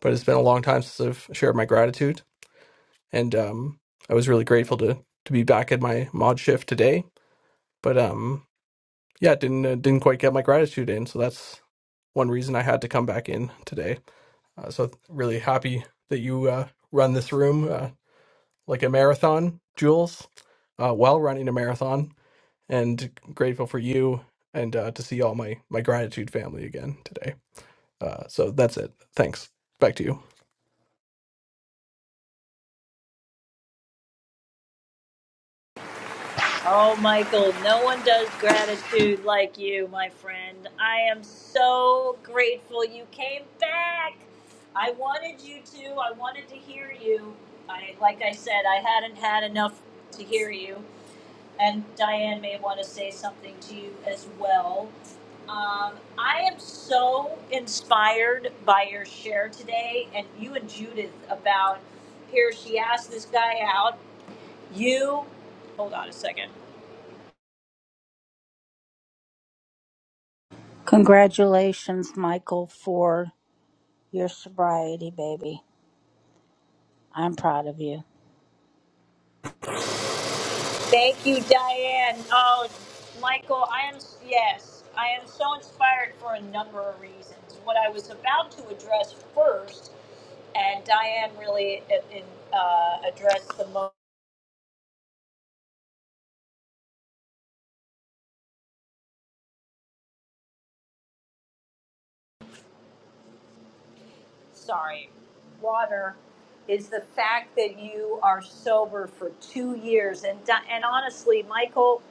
S1: but it's been a long time since I've shared my gratitude, and um, I was really grateful to to be back at my mod shift today. But um, yeah, didn't uh, didn't quite get my gratitude in, so that's one reason I had to come back in today. Uh, so really happy that you uh, run this room uh, like a marathon, Jules, uh, while running a marathon. and grateful for you and uh, to see all my my gratitude family again today. Uh, so that's it. Thanks. Back to you.
S14: Oh, Michael, no one does gratitude like you, my friend. I am so grateful you came back. I wanted you to. I wanted to hear you. I, like I said, I hadn't had enough to hear you, and Diane may want to say something to you as well. Um, I am so inspired by your share today, and you and Judith about here. She asked this guy out. You, hold on a second.
S24: Congratulations, Michael, for your sobriety, baby. I'm proud of you.
S14: Thank you, Diane. Oh, Michael, I am, yes, I am so inspired for a number of reasons. What I was about to address first, and Diane really uh, in, uh, addressed the most. sorry, water is the fact that you are sober for two years. And and honestly, Michael,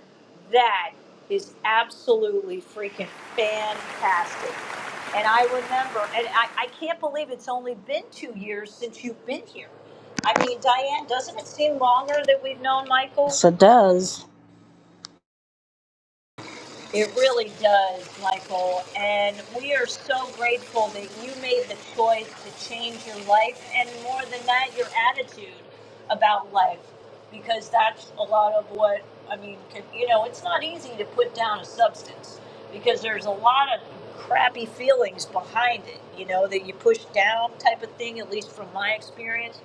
S14: that is absolutely freaking fantastic. And I remember, and I, I can't believe it's only been two years since you've been here. I mean, Diane, doesn't it seem longer that we've known Michael?
S24: Yes, does.
S14: It really does, Michael. And we are so grateful that you made the choice to change your life and more than that, your attitude about life. Because that's a lot of what, I mean, could- you know, it's not easy to put down a substance because there's a lot of crappy feelings behind it, you know, that you push down type of thing, at least from my experience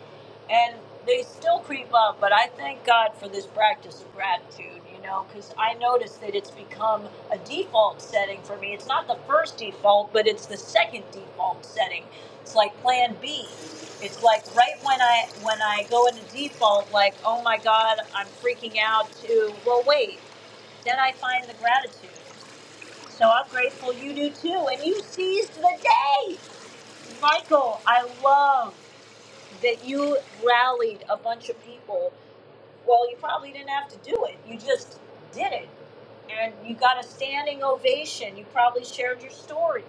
S14: and they still creep up but i thank god for this practice of gratitude you know because i notice that it's become a default setting for me it's not the first default but it's the second default setting it's like plan b it's like right when i when i go into default like oh my god i'm freaking out to well wait then i find the gratitude so i'm grateful you do too and you seized the day michael i love that you rallied a bunch of people well, you probably didn't have to do it. You just did it, and you got a standing ovation. You probably shared your story,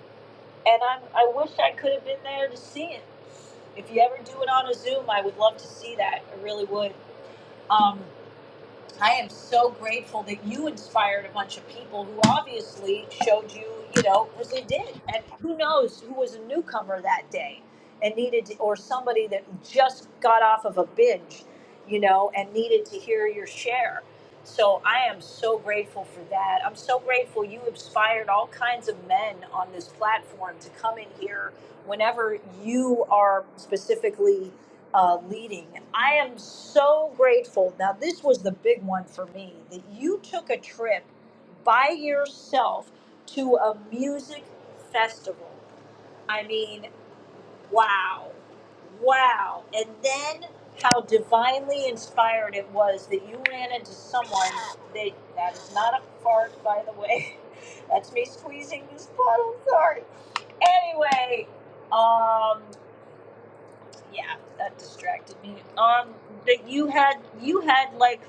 S14: and I'm I wish I could have been there to see it. If you ever do it on a Zoom, I would love to see that. I really would. Um, I am so grateful that you inspired a bunch of people who obviously showed you, you know, because they did. And who knows who was a newcomer that day and needed to, or somebody that just got off of a binge, you know, and needed to hear your share. So I am so grateful for that. I'm so grateful you inspired all kinds of men on this platform to come in here whenever you are specifically uh, leading. I am so grateful. Now, this was the big one for me that you took a trip by yourself to a music festival. I mean, wow, wow. And then how divinely inspired it was that you ran into someone that that is not a fart, by the way. That's me squeezing this bottle. Sorry. Anyway, um, yeah, that distracted me. Um, that you had you had like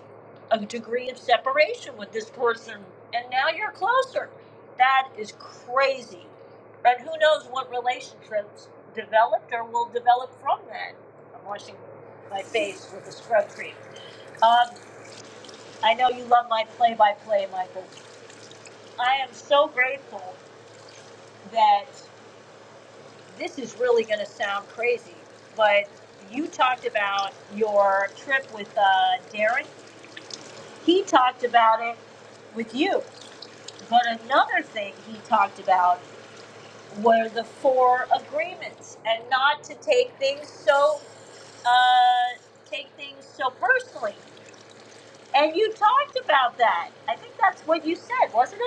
S14: a degree of separation with this person, and now you're closer. That is crazy. And who knows what relationships developed or will develop from that. I'm washing my face with a scrub cream. Um, I know you love my play-by-play, Michael. I am so grateful that this is really going to sound crazy, but you talked about your trip with uh, Aaron. He taught it you. But another thing he talked about were the four agreements and not to take things so uh, take things so personally. And you talked about that. I think that's what you said, wasn't it?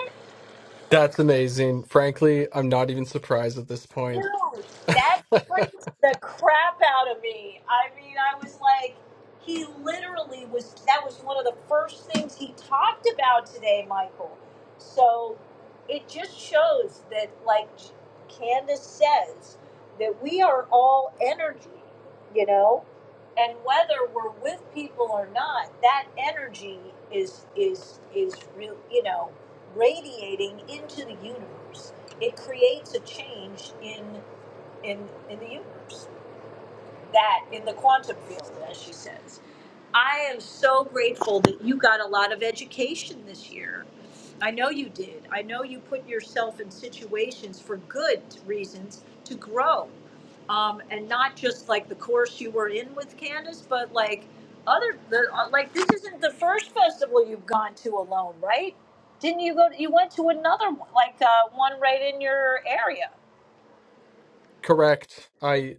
S1: That's amazing. Frankly, I'm not even surprised at this point.
S14: Dude, that freaked the crap out of me. I mean, I was like, he literally was, that was one of the first things he talked about today, Michael. So it just shows that, like Candace says, that we are all energy, you know? And whether we're with people or not, that energy is is is real, you know, radiating into the universe it creates a change in in in the universe, that in the quantum field as she says i am so grateful that you got a lot of education this year i know you did i know you put yourself in situations for good reasons to grow um, and not just like the course you were in with candace but like other the, uh, like this isn't the first festival you've gone to alone right didn't you go you went to another one like uh, one right in your area
S1: Correct. I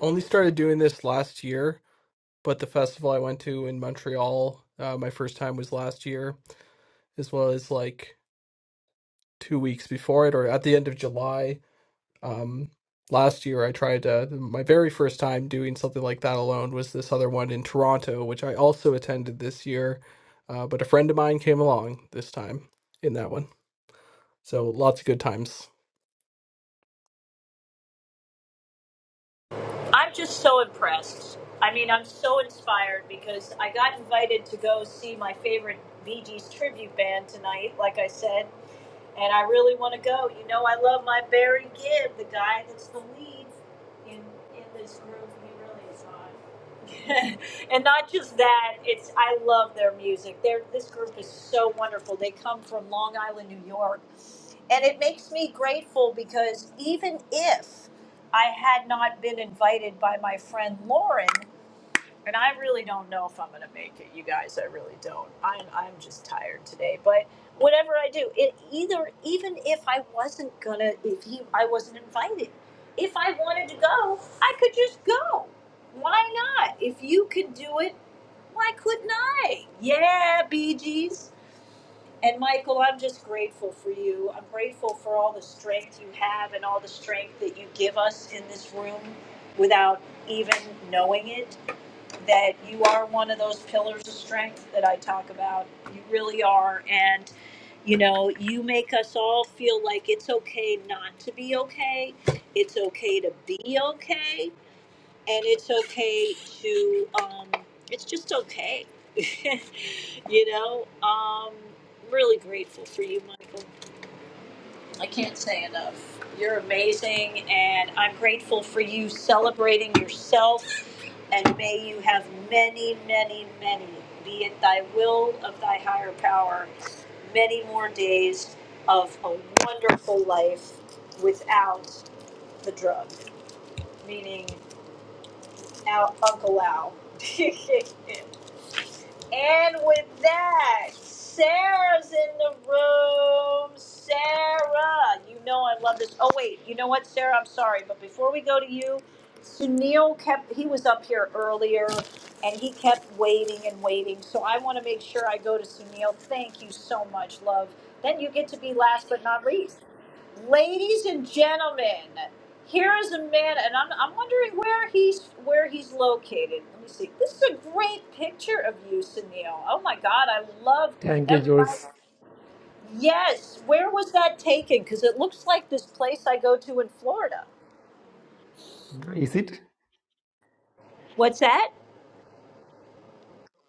S1: only started doing this last year, but the festival I went to in Montreal, uh, my first time was last year, as well as like two weeks before it or at the end of July. Um, last year, I tried to, my very first time doing something like that alone was this other one in Toronto, which I also attended this year. Uh, but a friend of mine came along this time in that one. So lots of good times.
S14: I'm just so impressed. I mean, I'm so inspired because I got invited to go see my favorite Bee Gees tribute band tonight, like I said, and I really want to go. You know, I love my Barry Gibb, the guy that's the lead in in this group. He really is hot. and not just that, it's I love their music. They're, this group is so wonderful. They come from Long Island, New York. And it makes me grateful because even if I had not been invited by my friend Lauren, and I really don't know if I'm gonna make it, you guys. I really don't. I'm I'm just tired today. But whatever I do, it either even if I wasn't gonna, if he, I wasn't invited, if I wanted to go, I could just go. Why not? If you could do it, why couldn't I? Yeah, Bee Gees. And Michael, I'm just grateful for you. I'm grateful for all the strength you have and all the strength that you give us in this room without even knowing it that you are one of those pillars of strength that I talk about. You really are. And, you know, you make us all feel like it's okay not to be okay. It's okay to be okay. And it's okay to, um, it's just okay. you know, um, really grateful for you, Michael. I can't say enough. You're amazing. And I'm grateful for you celebrating yourself and may you have many, many, many, be it thy will of thy higher power, many more days of a wonderful life without the drug, meaning out Uncle Al. And with that, Sarah's in the room. Sarah, you know I love this. Oh wait, you know what, Sarah? I'm sorry, but before we go to you, Sunil kept he was up here earlier and he kept waiting and waiting. So I want to make sure I go to Sunil. Thank you so much, love. Then you get to be last but not least ladies and gentlemen, here is a man, and I'm, I'm wondering where he's where he's located. Let me see. This is a great picture of you, Sunil. Oh my God, I love
S26: Thank you,
S14: that.
S26: Jules.
S14: Yes, where was that taken? Because it looks like this place I go to in Florida.
S26: Is it?
S14: What's that?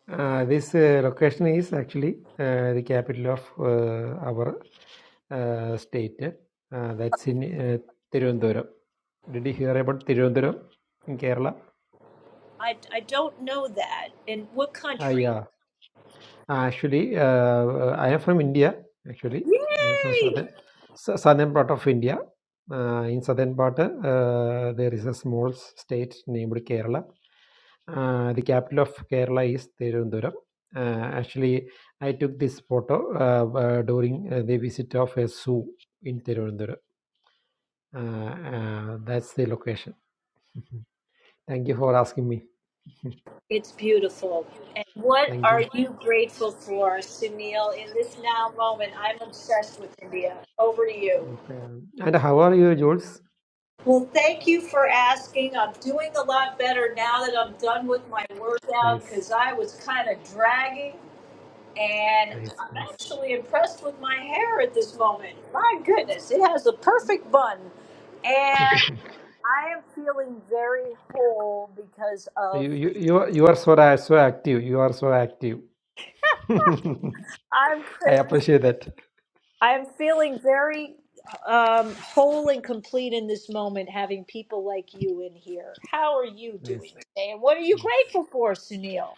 S26: Uh, this uh, location is actually uh, the capital of uh, our uh, state. Uh, that's in uh, Tiruvandhuram. Did you hear about Tiruvandhuram in Kerala?
S14: I, I don't know that. In what
S26: Ah,
S14: country?
S26: yeah. Ah, Actually, uh, I am from India. Actually, I am from
S14: Yay!
S26: southern sou- southern part of India. Uh, in southern part, uh, there is a small state named Kerala. Uh, the capital of Kerala is Tirunduram. Uh, actually, I took this photo uh, uh, during uh, the visit of a zoo in Tirunduram. Uh, uh, that's the location. Thank you for asking me.
S14: It's beautiful. And what
S26: Thank
S14: are
S26: you.
S14: you grateful for, Sunil, in this now moment? I'm obsessed with India. Over to you.
S26: Okay. And how are you, Jules?
S14: Well, thank you for asking. I'm doing a lot better now that I'm done with my workout because
S26: Nice,
S14: I was kind of dragging, and
S26: nice,
S14: I'm
S26: nice.
S14: actually impressed with my hair at this moment. My goodness, it has a perfect bun, and I am feeling very whole because of
S26: you, you, you, are- you are so, ra- so active. You are so active. I
S14: I'm crazy.
S26: appreciate that.
S14: I'm feeling very um, whole and complete in this moment, having people like you in here. How are you doing
S26: Nice,
S14: today, and what are you
S26: nice.
S14: grateful for, Sunil?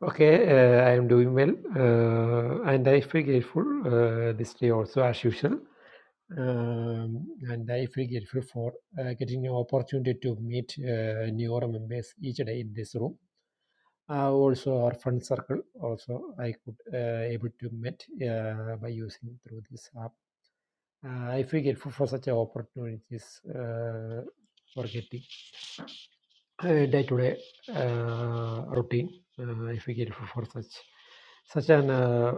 S26: Okay, uh, I am doing well, uh, and I feel grateful uh, this day also as usual. Um, and I feel grateful for uh, getting an opportunity to meet uh, new members each day in this room. Uh, also, our friend circle also I could uh, able to meet uh, by using through this app. Uh, I feel grateful for such a opportunities uh, for getting uh, day-to-day uh, routine uh, if we get for such such an uh,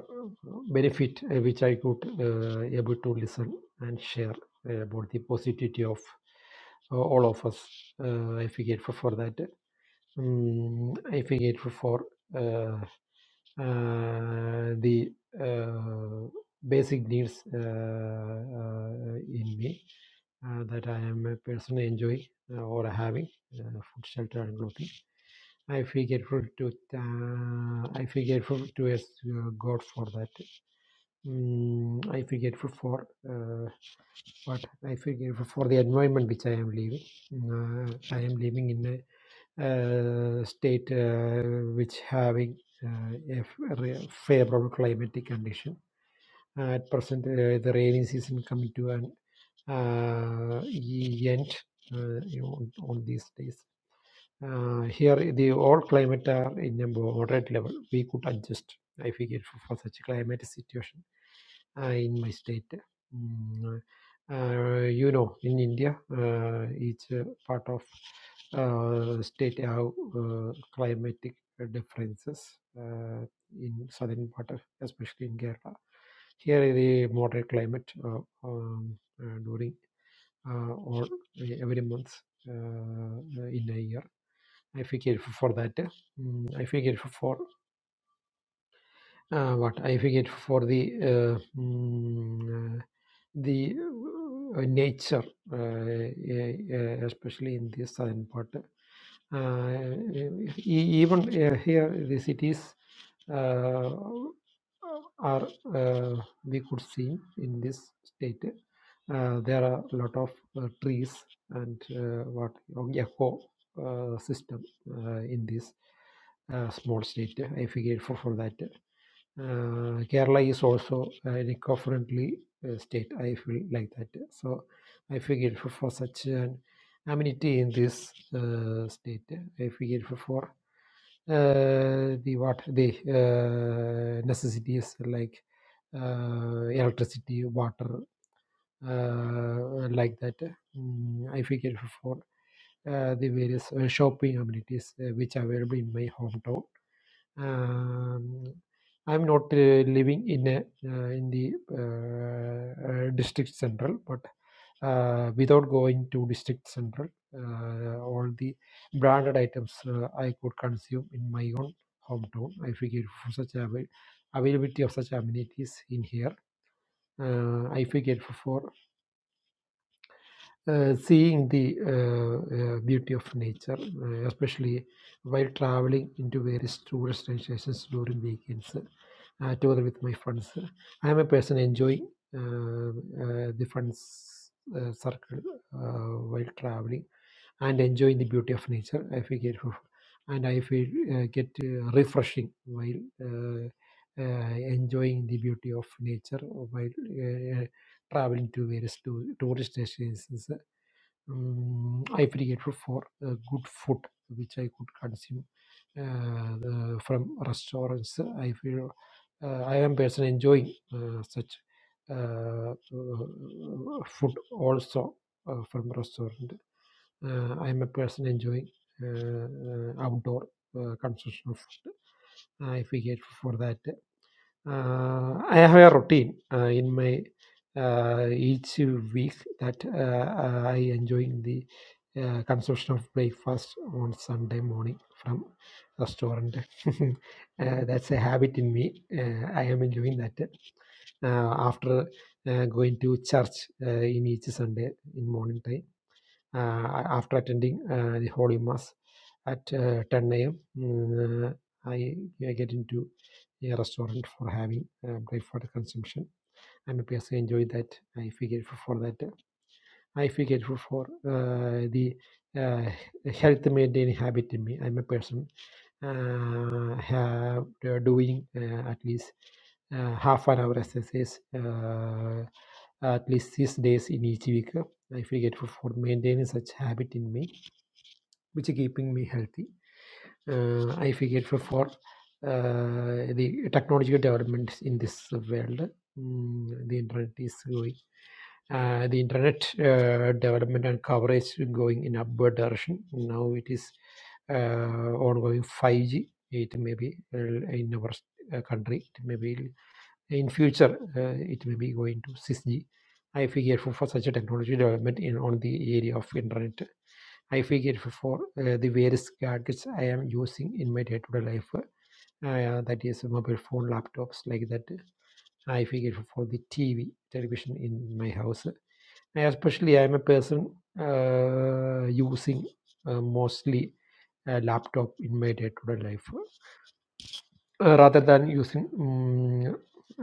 S26: benefit uh, which I could uh, able to listen and share uh, about the positivity of uh, all of us. Uh, if we get for, for that, um, if we get for, for uh, uh, the uh, basic needs uh, uh, in me uh, that I am personally enjoying uh, or having uh, food, shelter, and clothing I feel grateful to uh, I feel grateful to yes, uh, God for that. Mm, I feel grateful for uh, what I feel grateful for the environment which I am living. Uh, I am living in a uh, state uh, which having uh, a f- re- favorable climatic condition. at present, uh, the rainy season coming to an uh, e- end. Uh, you know, on, on these days. Uh, here, the all climate are in a moderate level. We could adjust, I figure, for, for such climate situation uh, in my state. Mm, uh, you know, in India, uh, each uh, part of uh, state have uh, climatic differences. Uh, in southern part, of- especially in Kerala, here is the moderate climate uh, um, uh, during uh, all every month uh, in a year I figure for that. mm, I figure for uh, what? I figure for the uh, mm, uh, the uh, nature, uh, uh, especially in the southern part. Uh, e- even uh, here, the cities uh, are uh, we could see in this state. Uh, there are a lot of uh, trees and uh, what eco uh, system uh, in this uh, small state. I figured for, for that. Uh, Kerala is also an eco uh, state. I feel like that. So I figured for, for such an amenity in this uh, state. I figured for, for uh, the what the uh, necessities like uh, electricity, water, uh, like that. Mm, I figured for uh, the various uh, shopping amenities uh, which are available in my hometown um, I'm not uh, living in a uh, in the uh, uh, district central, but uh, without going to district central, uh, all the branded items uh, I could consume in my own hometown. I figure for such avail- availability of such amenities in here, uh, I figure for uh, seeing the uh, uh, beauty of nature, uh, especially while traveling into various tourist destinations during weekends, uh, together with my friends. I am a person enjoying uh, uh, the friends uh, circle uh, while traveling and enjoying the beauty of nature. I feel grateful and I feel uh, get uh, refreshing while. Uh, uh, enjoying the beauty of nature while uh, traveling to various to, tourist destinations um, I created for uh, good food which I could consume uh, the- from restaurants. I feel uh, I am personally enjoying uh, such uh, uh, food also uh, from restaurant. Uh, I am a person enjoying uh, uh, outdoor uh, consumption of food. I feel for that. Uh, I have a routine uh, in my uh, each week that uh, uh, I enjoy the uh, consumption of breakfast on Sunday morning from restaurant. uh, that's a habit in me. Uh, I am enjoying that uh, after uh, going to church uh, in each Sunday in morning time uh, after attending uh, the Holy Mass at uh, 10 a.m. mm, uh, I, I get into a restaurant for having uh, breakfast consumption. I'm happy as I enjoy that. I feel grateful for that. I feel grateful for uh, the uh, health maintaining habit in me. I'm a person uh, have, uh, doing uh, at least uh, half an hour exercise uh, at least six days in each week. I feel grateful for maintaining such habit in me which is keeping me healthy. Uh, I figure for, for uh, the technological developments in this world, mm, the internet is going, uh, the internet uh, development and coverage going in upward direction. Now it is uh, ongoing 5G. It may be uh, in our uh, country, it may be in future, uh, it may be going to 6G. I figure for, for such a technology development in on the area of internet I figured for, for uh, the various gadgets I am using in my day-to-day life, uh, uh, that is mobile phone, laptops like that. I figured for for the TV, television in my house. I especially, I am a person uh, using uh, mostly a laptop in my day-to-day life uh, rather than using um,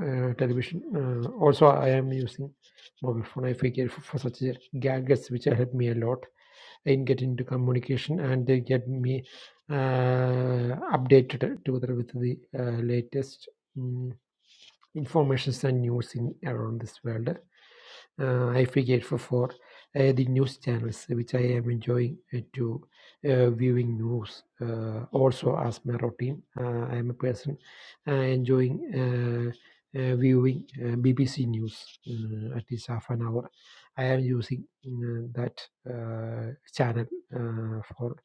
S26: uh, television. Uh, also, I am using mobile phone. I figure for, for such gadgets which help me a lot and get into communication and they get me uh, updated together with the uh, latest um, informations and news in around this world uh, I forget for for uh, the news channels, which I am enjoying uh, to uh, viewing news. Uh, also, as my routine, uh, I am a person uh, enjoying uh, uh, viewing uh, BBC News uh, at least half an hour. I am using uh, that uh, channel uh, for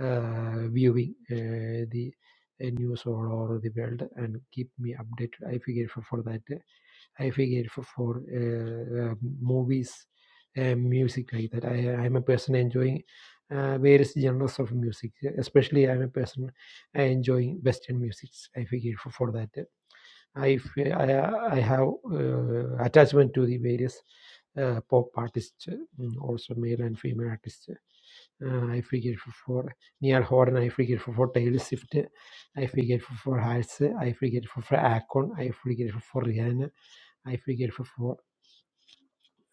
S26: uh, viewing uh, the uh, news all over the world and keep me updated. I forget for, for that. I figure for, for uh, uh, movies and music like that. I, I'm a person enjoying uh, various genres of music. Especially, I'm a person uh, enjoying Western musics. I figure for, for that. I, fe- I, I have uh, attachment to the various uh, pop artists, uh, mm, also male and female artists. Uh, I figure for, for Neil Horan, I figure for, for Taylor Swift, I figure for, for Hals, I figure for, for Akon, I figure for, for Rihanna, I figure for,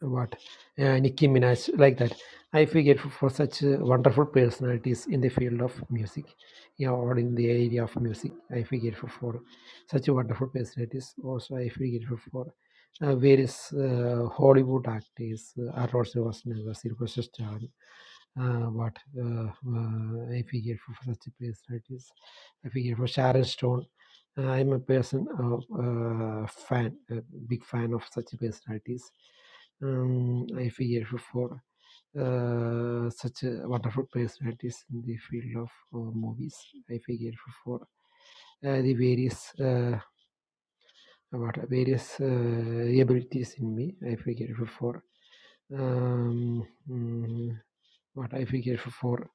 S26: what uh, Nicki Minaj like that. I feel grateful for such uh, wonderful personalities in the field of music, yeah, or in the area of music. I feel grateful for such wonderful personalities. Also, I feel grateful for uh, various uh, Hollywood actors, uh, Arnold Schwarzenegger, Sylvester Stallone, uh, but uh, uh, I figure for such a person it is. I figure for Sharon Stone. Uh, I'm a person of uh, fan, a big fan of such personalities. Um, I figure for for, uh, such a wonderful personalities in the field of uh, movies. I figure for for, uh, the various uh, what various uh, abilities in me. I figure for for um, mm, what I figure for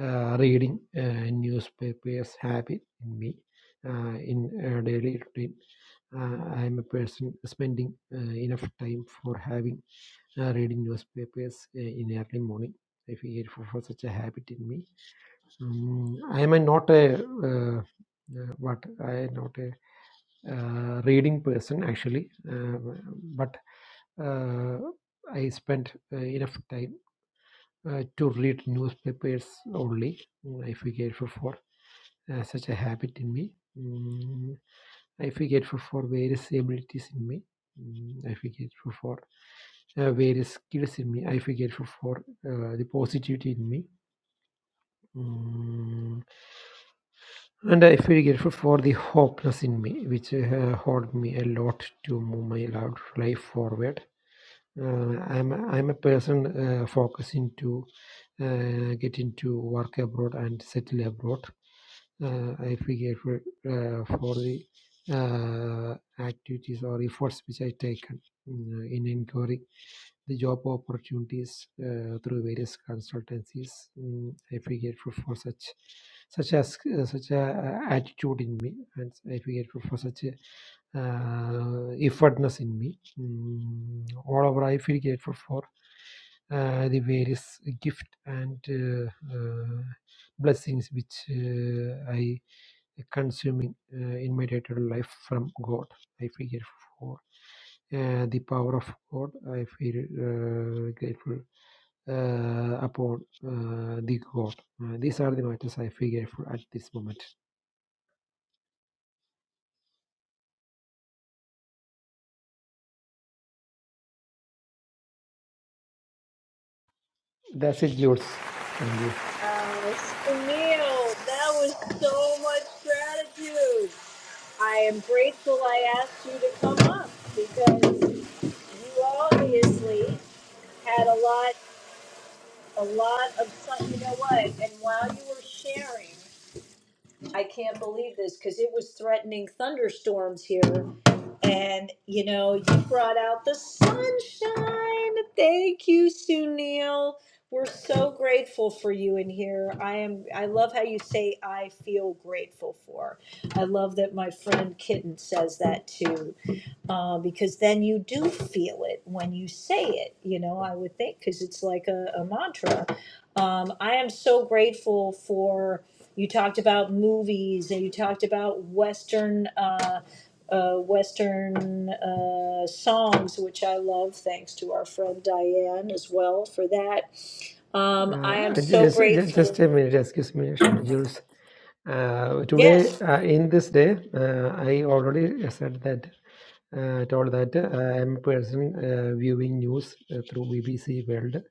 S26: uh, reading uh, newspapers habit in me uh, in uh, daily routine. Uh, I am a person spending uh, enough time for having uh, reading newspapers uh, in early morning. I figure for, for such a habit in me. Um, I am a not a uh, uh, what I am not a uh, reading person actually, uh, but uh, I spent uh, enough time uh, to read newspapers only. Mm, I feel grateful for uh, such a habit in me. Mm, I feel grateful for various abilities in me. Mm, I feel grateful for uh, various skills in me. I feel grateful for uh, the positivity in me. Mm, and I feel grateful for the hopeness in me, which uh, hold me a lot to move my lo- life forward. Uh, I'm I'm a person uh, focusing to uh, get into work abroad and settle abroad. uh, if we for, uh, for the uh, activities or efforts which I taken mm, in enquiring the job opportunities uh, through various consultancies, mm, if we for, for such such as uh, such a uh, attitude in me and I we for, for such a uh, effortness in me mm, all over i feel grateful for uh, the various gift and uh, uh, blessings which uh, i consuming uh, in my day-to-day life from God. I feel for uh, the power of God. I feel uh, grateful uh, upon uh, the God. Uh, these are the matters I feel grateful at this moment. That's it, Jules. Thank you.
S14: Oh, that was so much gratitude. I am grateful I asked you to come up because you obviously had a lot, a lot of fun. You know what? And while you were sharing, I can't believe this because it was threatening thunderstorms here And you know, you brought out the sunshine. Thank you, Sunil. We're so grateful for you in here. I am I love how you say I feel grateful for. I love that my friend Kitten says that too uh, because then you do feel it when you say it, you know, I would think, because it's like a, a mantra. Um, I am so grateful for you talked about movies and you talked about Western. Uh, uh, Western uh, songs, which I love, thanks to our friend Diane as well for that. Um, I am
S26: Uh,
S14: so
S26: just, just,
S14: grateful.
S26: just a minute, excuse me, Jules. Uh, today,
S14: Yes.
S26: uh, in this day, uh, I already said that, uh, told that uh, I am a person uh, viewing news uh, through BBC World.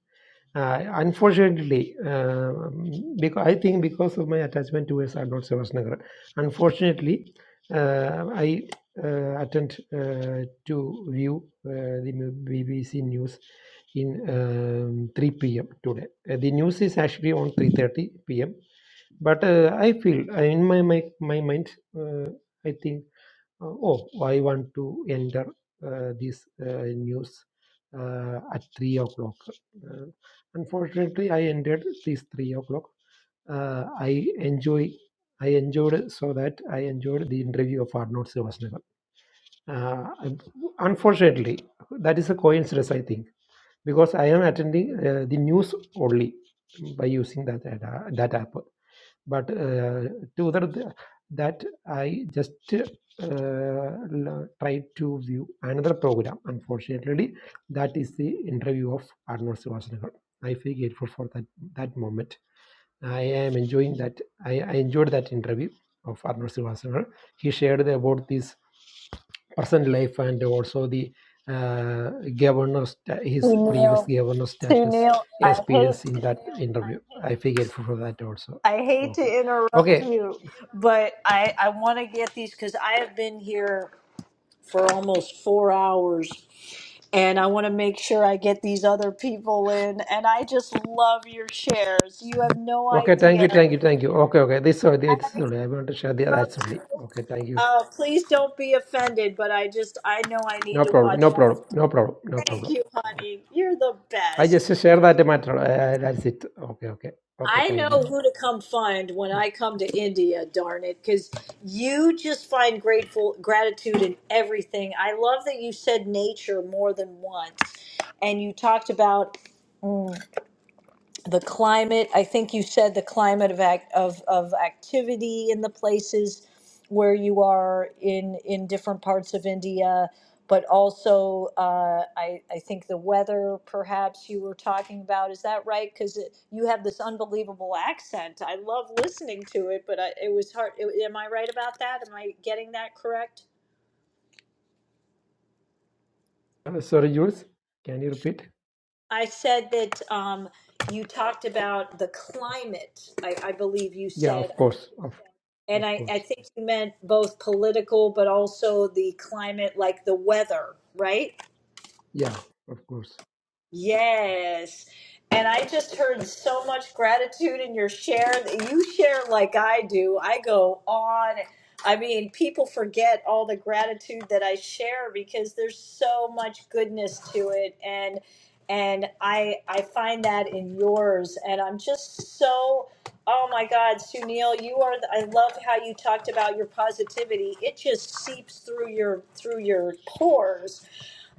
S26: Uh, unfortunately, um, because I think because of my attachment to S, I'm Unfortunately, uh, I uh, attend uh, to view uh, the BBC news in um, 3 p.m. today. Uh, the news is actually on 3:30 p.m. But uh, I feel uh, in my my, my mind, uh, I think uh, oh, I want to enter uh, this uh, news uh, at three o'clock. Uh, unfortunately, I entered this three o'clock. Uh, I enjoy. I enjoyed so that I enjoyed the interview of Arnold Schwarzenegger. Uh, unfortunately, that is a coincidence, I think, because I am attending uh, the news only by using that ad- that app but uh, to other that i just uh, l- tried to view another program unfortunately that is the interview of arnold schwarzenegger i feel grateful for that that moment i am enjoying that i, I enjoyed that interview of arnold schwarzenegger he shared about this present life and also the uh, governor sta-
S14: To
S26: his previous
S14: Neil,
S26: governor
S14: to
S26: status
S14: Neil, I hate
S26: experience in that interview i figured for for that also
S14: I hate
S26: okay
S14: to
S26: okay
S14: interrupt you, but I, I want to get these because I have been here for almost four hours and I want to make sure I get these other people in. And I just love your shares. You have no
S26: okay thank
S14: idea.
S26: you thank you thank you okay okay this only this
S14: I
S26: only i want to share the that's
S14: interrupt you.
S26: only okay thank you
S14: Uh, please don't be offended, but I just, I know I need
S26: no
S14: to
S26: problem
S14: watch
S26: no problem
S14: out.
S26: no problem no
S14: Thank
S26: problem
S14: you,
S26: okay.
S14: honey. You're the
S26: i
S14: best.
S26: just share that matter uh, that's it okay okay okay
S14: I know
S26: thank you
S14: who to come find when I come to India, darn it, because you just find grateful gratitude in everything. I love that you said nature more than once, and you talked about the climate i think you said the climate of act, of of activity in the places where you are in in different parts of india but also uh, I, I think the weather perhaps you were talking about is that right because you have this unbelievable accent i love listening to it but I, it was hard it- am i right about that am i getting that correct
S26: Uh, sorry jules can you repeat
S14: i said that um, you talked about the climate I, I believe you
S26: yeah
S14: said
S26: of course of
S14: And
S26: Of
S14: I, I
S26: course.
S14: think you meant both political, but also the climate, like the weather, right?
S26: Yeah, of course.
S14: Yes. And I just heard so much gratitude in your share. that You share like I do. I go on. I mean, people forget all the gratitude that I share because there's so much goodness to it and and I I find that in yours and I'm just so oh my god, Sunil, you are the, I love how you talked about your positivity. It just seeps through your through your pores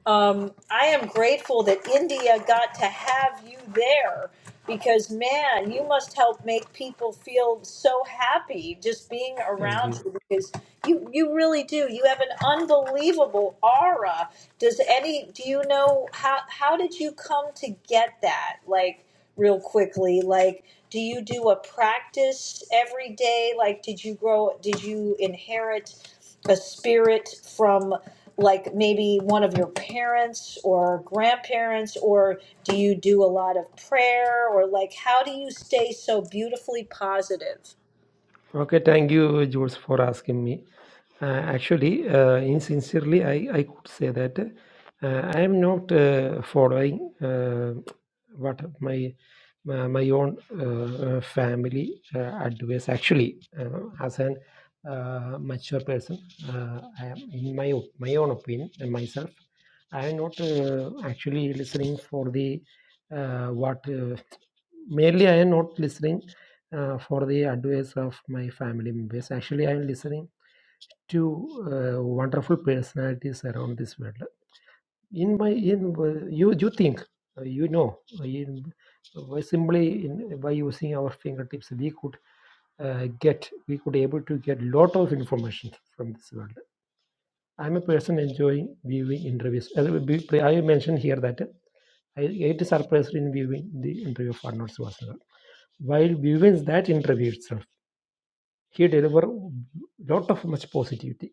S14: um, I am grateful that India got to have you there because, man, you must help make people feel so happy just being
S26: Thank
S14: around
S26: you.
S14: you because you, you really do. You have an unbelievable aura. Does any, do you know how, how did you come to get that? Like, real quickly, like, do you do a practice every day? Like, did you grow, did you inherit? a spirit from like maybe one of your parents or grandparents or do you do a lot of prayer or like how do you stay so beautifully positive
S26: Okay, thank you, George, for asking me. Uh, actually, uh, insincerely, I, I could say that uh, I am not uh, following uh, what my my my own uh, uh, family uh, advice. Actually, uh, as an uh, mature person, uh, I am in my o- my own opinion and myself. I am not uh, actually listening for the uh, what uh, mainly I am not listening uh, for the advice of my family members. Actually, I am listening Two uh, wonderful personalities around this world. In my in uh, you you think uh, you know in by simply in, by using our fingertips we could uh, get we could able to get lot of information from this world. I'm a person enjoying viewing interviews. Uh, we- we- I mentioned here that I it surprised in viewing the interview of Arnold Schwarzenegger. While viewing that interview itself, he delivered lot of much positivity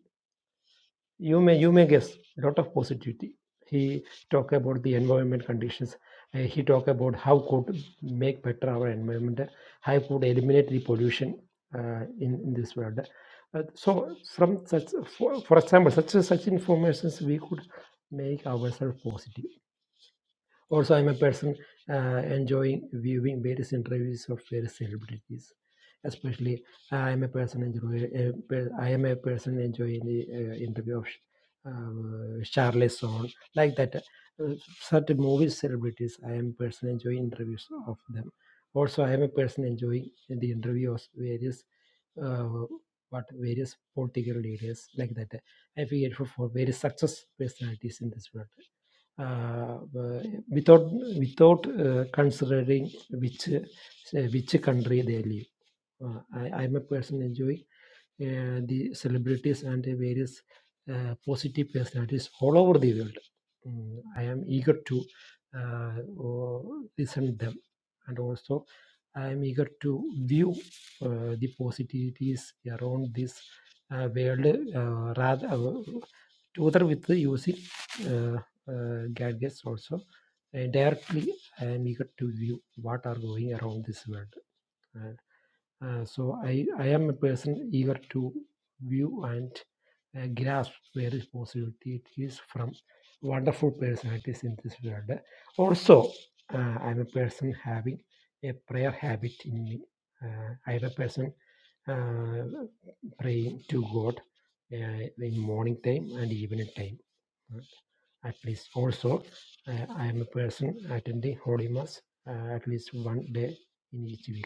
S26: you may you may guess lot of positivity he talk about the environment conditions uh, he talk about how could make better our environment uh, how could eliminate the pollution uh, in, in this world Uh, so from such for, for example such such informations we could make ourselves positive also, I'm a person uh, enjoying viewing various interviews of various celebrities. Especially, I am a person enjoy. Uh, per- I am a person enjoying the uh, interview of uh, Charles Son, like that. Uh, certain movie celebrities, I am a person enjoying interviews of them. Also, I am a person enjoying the interviews various. Uh, what various political leaders like that. uh, I figured for, for various success personalities in this world uh, without without uh, considering which uh, which country they live. Uh, I, I'm a person enjoying uh, the celebrities and the various uh, positive personalities all over the world. Mm, I am eager to uh, o- listen them, and also I am eager to view uh, the positivities around this uh, world uh, rather uh, together with using uh, uh, gadgets also. And directly, I am eager to view what are going around this world. Uh, so I, I am a person eager to view and uh, grasp where is possibility it is from wonderful personalities in this world. Also, uh, I'm a person having a prayer habit in me. Uh, I'm a person uh, praying to God uh, in morning time and evening time. uh, At least also, uh, I am a person attending Holy Mass uh, at least one day in each week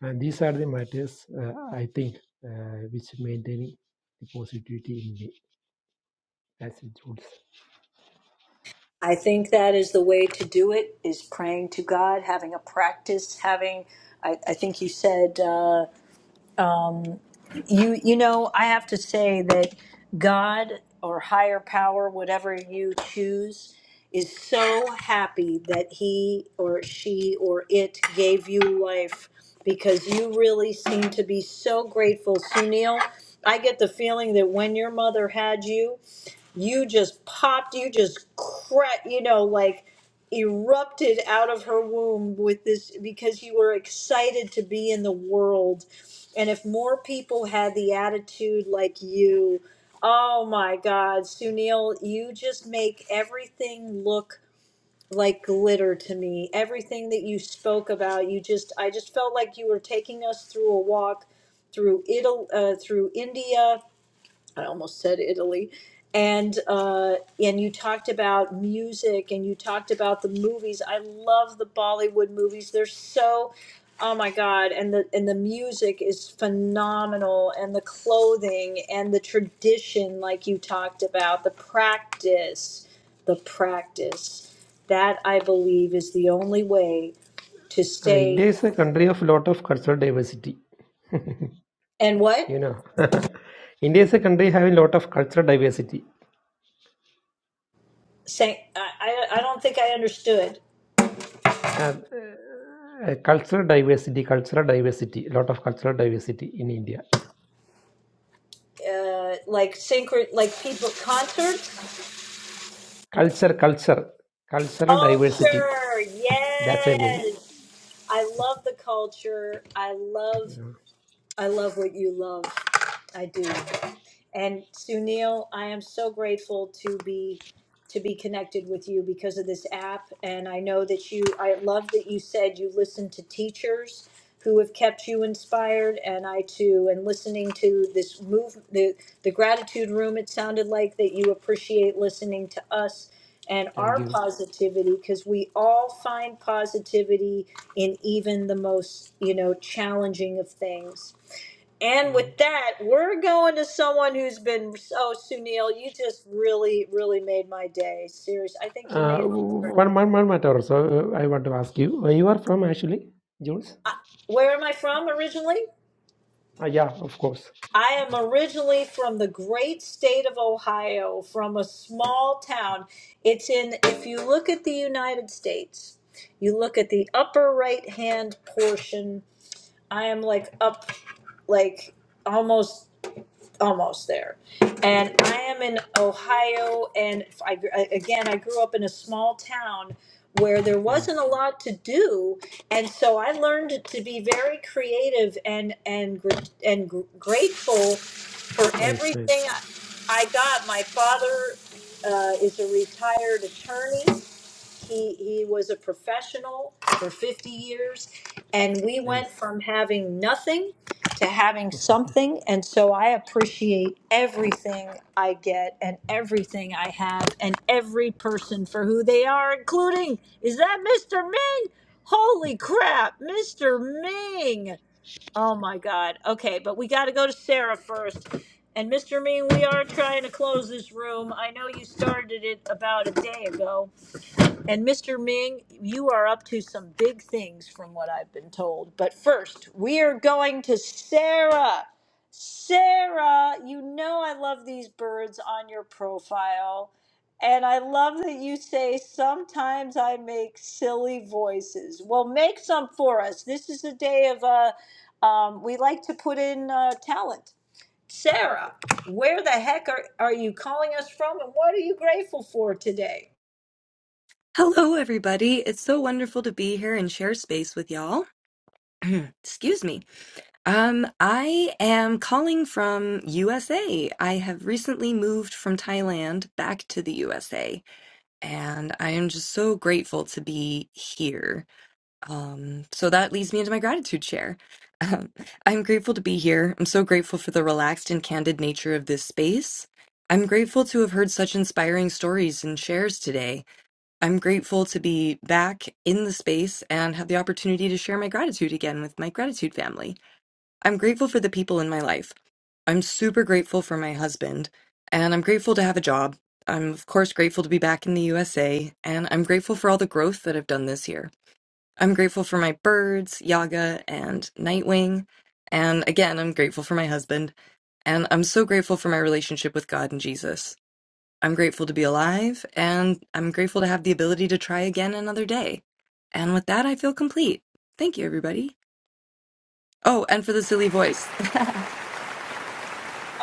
S26: and these are the matters uh, I think uh, which maintaining the positivity in me as it holds.
S14: i think that is the way to do it is praying to god having a practice having i, I think you said You you know, I have to say that God or higher power, whatever you choose, is so happy that he or she or it gave you life because you really seem to be so grateful, Sunil. I get the feeling that when your mother had you, you just popped, you just cracked, you know, like erupted out of her womb with this because you were excited to be in the world. And if more people had the attitude like you, oh my God, Sunil, you just make everything look like glitter to me. Everything that you spoke about, you just, I just felt like you were taking us through a walk through Italy, uh, through India I almost said Italy. And uh, and you talked about music, and you talked about the movies. I love the Bollywood movies. They're so, oh my God! And the and the music is phenomenal, and the clothing and the tradition, like you talked about, the practice, the practice. That I believe is the only way to
S26: Uh,
S14: stay.
S26: India is a country of lot of cultural diversity.
S14: And
S26: you
S14: what?
S26: know, India is a country having lot of cultural diversity.
S14: Say, I I I don't think I understood.
S26: And, uh, uh, cultural diversity, cultural diversity, lot of cultural diversity in India.
S14: uh, like synchro, like people concerts.
S26: Culture, culture, cultural diversity.
S14: Culture,
S26: That's I mean.
S14: yes. I love the culture. I love,
S26: Yeah.
S14: I love what you love. I do. And Sunil, I am so grateful to be to be connected with you because of this app. And I know that you I love that you said you listen to teachers who have kept you inspired and I too and listening to this move the the gratitude room it sounded like that you appreciate listening to us and
S26: Thank
S14: our
S26: you.
S14: positivity because we all find positivity in even the most you know challenging of things and
S26: Mm.
S14: with that, we're going to someone who's been oh Sunil, you just really, really made my day. Seriously, I think you
S26: Uh,
S14: made.
S26: one, one, one matter also uh, I want to ask you. Uh, you are from actually, Jules?
S14: Where am I from originally?
S26: Ah, yeah, of course.
S14: I am originally from the great state of Ohio, from a small town. It's in. If you look at the United States, you look at the upper right hand portion. I am like up, like almost. almost there. And I am in Ohio, and I, I- again, I grew up in a small town where there wasn't a
S26: Nice,
S14: lot to do, and so I learned to be very creative and and gr- and gr- grateful for
S26: nice,
S14: everything
S26: nice,
S14: I got. My father uh, is a retired attorney, he, he was a professional for 50 years, and we went
S26: nice.
S14: from having nothing to having something. And so I appreciate everything I get and everything I have and every person for who they are, including, is that Mr. Ming? Holy crap, Mr. Ming! Oh my God. Okay, but we got to go to Sarah first. And Mr. Ming, we are trying to close this room. I know you started it about a day ago. And Mr. Ming, you are up to some big things from what I've been told. But first, we are going to Sarah. Sarah, you know I love these birds on your profile. And I love that you say sometimes I make silly voices. Well, make some for us. This is a day of, uh, um, we like to put in uh, talent. Sarah, where the heck are, are you calling us from and what are you grateful for today?
S27: Hello, everybody. It's so wonderful to be here and share space with y'all. Excuse me. Um, I am calling from USA. I have recently moved from Thailand back to the USA, and I am just so grateful to be here. Um, so that leads me into my gratitude share. Um, I'm grateful to be here. I'm so grateful for the relaxed and candid nature of this space. I'm grateful to have heard such inspiring stories and shares today. I'm grateful to be back in the space and have the opportunity to share my gratitude again with my gratitude family. I'm grateful for the people in my life. I'm super grateful for my husband, and I'm grateful to have a job. I'm, of course, grateful to be back in the USA, and I'm grateful for all the growth that I've done this year. I'm grateful for my birds, Yaga and Nightwing. And again, I'm grateful for my husband, and I'm so grateful for my relationship with God and Jesus. I'm grateful to be alive and I'm grateful to have the ability to try again another day. And with that, I feel complete. Thank you, everybody. Oh, and for the silly voice,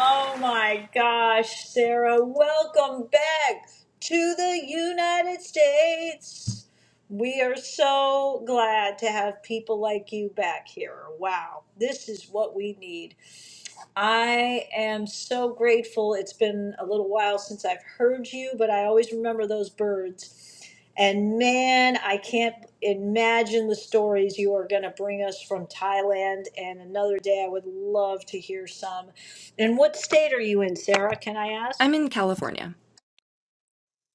S14: Oh my gosh, Sarah, welcome back to the United States. We are so glad to have people like you back here. Wow, this is what we need. I am so grateful. It's been a little while since I've heard you, but I always remember those birds. And man, I can't imagine the stories you are going to bring us from Thailand. And another day, I would love to hear some. And what state are you in, Sarah? Can I ask?
S27: I'm in California.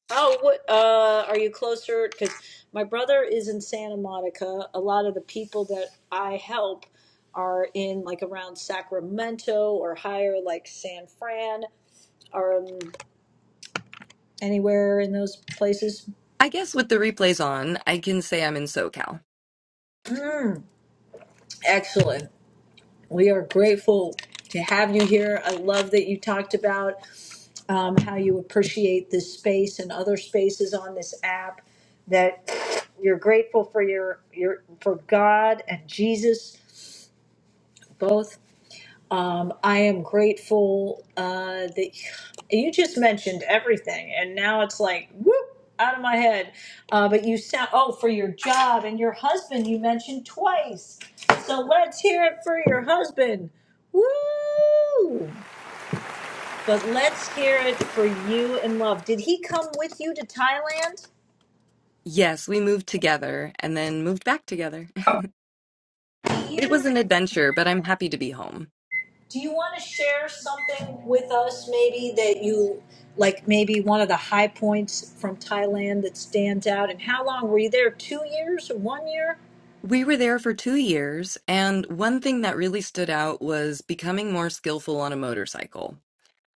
S14: Oh, what uh, are you closer? Because my brother is in Santa Monica. A lot of the people that I help are in like around Sacramento or higher, like San Fran um, anywhere in those places?
S27: I guess with the replays on, I can say I'm in SoCal.
S14: Excellent. We are grateful to have you here. I love that you talked about um, how you appreciate this space and other spaces on this app. That you're grateful for your your for God and Jesus both I am grateful uh, that you just mentioned everything, and now it's like whoop out of my head. Uh, but you sound oh for your job and your husband you mentioned twice, so let's hear it for your husband. Woo! But let's hear it for you and love. Did he come with you to Thailand?
S27: Yes, we moved together and then moved back together. It was an adventure, but I'm happy to be home.
S14: Do you want to share something with us, maybe that you like, maybe one of the high points from Thailand that stands out? And how long were you there? Two years? or One year?
S27: We were there for two years, and one thing that really stood out was becoming more skillful on a motorcycle.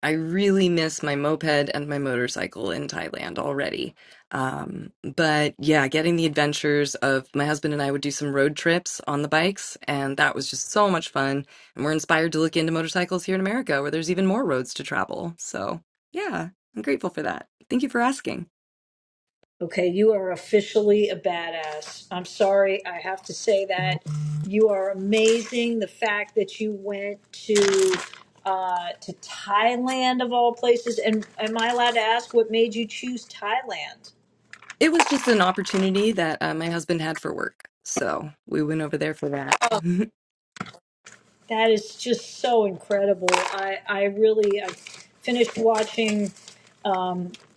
S27: I really miss my moped and my motorcycle in Thailand already. Um, but yeah, getting the adventures of my husband and I would do some road trips on the bikes, and that was just so much fun. And we're inspired to look into motorcycles here in America, where there's even more roads to travel. So yeah, I'm grateful for that. Thank you for asking.
S14: Okay, you are officially a badass. I'm sorry, I have to say that. You are amazing. The fact that you went to uh, to Thailand of all places, and am I allowed to ask what made you choose Thailand?
S27: It was just an opportunity that uh, my husband had for work. So we went over there for that.
S14: That is just so incredible. I, I really I finished watching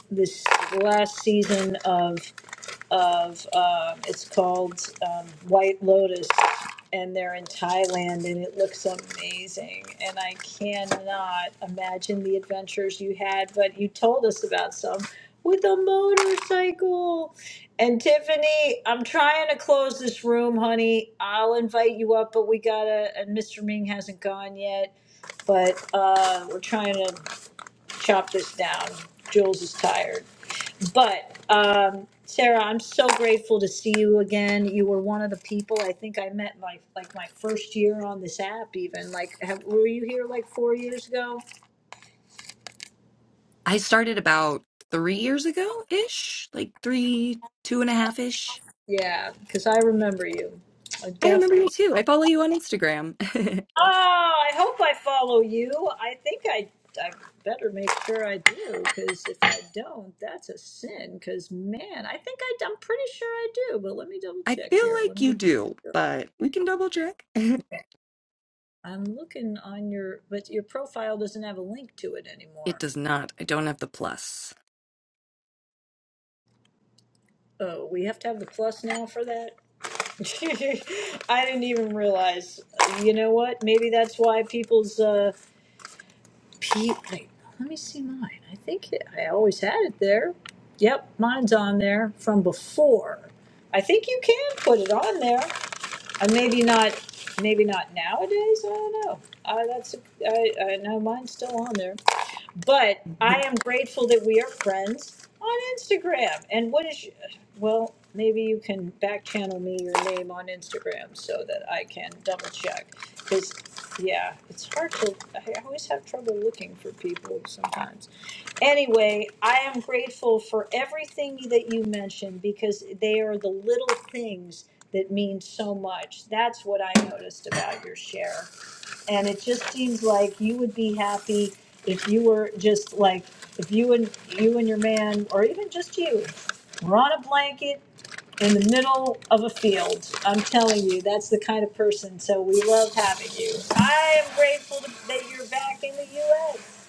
S14: this last season of of it's called um, White Lotus, and they're in Thailand, and it looks amazing. And I cannot imagine the adventures you had, but you told us about some with a motorcycle. And Tiffany, I'm trying to close this room, honey. I'll invite you up, but we gotta. And Mr. Ming hasn't gone yet but uh, we're trying to chop this down. Jules is tired. But um, Sarah, I'm so grateful to see you again. You were one of the people I think I met my like my first year on this app. Even like, have, were you here like four years ago?
S27: I started about three years ago ish, like three, two and a half ish.
S14: Yeah, because I remember you. I
S27: I
S14: def.
S27: remember you too. I follow you on Instagram.
S14: Oh, I hope I follow you. I think I I better make sure I do because if I don't, that's a sin. Because man, I think I, I'm pretty sure I do. But let me double
S27: I
S14: check
S27: feel
S14: here. Let
S27: like you
S14: me
S27: do, but we can double check. it
S14: Okay. I'm looking on your, but your profile doesn't have a link to it anymore.
S27: does not. I don't have the plus.
S14: Oh, we have to have the plus now for that? I didn't even realize. You know what? Maybe that's why people's, uh, P, wait, let me see mine. I think it, I always had it there. Yep, mine's on there from before. I think you can put it on there. Uh, maybe not, maybe not nowadays. I don't know. Uh, that's, I, I know mine's still on there. But I am grateful that we are friends on Instagram. And what is, well, maybe you can back channel me your name on Instagram so that I can double check. Because, yeah, it's hard to, I always have trouble looking for people sometimes. Anyway, I am grateful for everything that you mentioned because they are the little things that mean so much. That's what I noticed about your share. And it just seems like you would be happy if you were just like, if you and, you and your man, or even just you, were on a blanket in the middle of a field. I'm telling you, that's the kind of person, so we love having you. I am grateful to- that you're back in the US,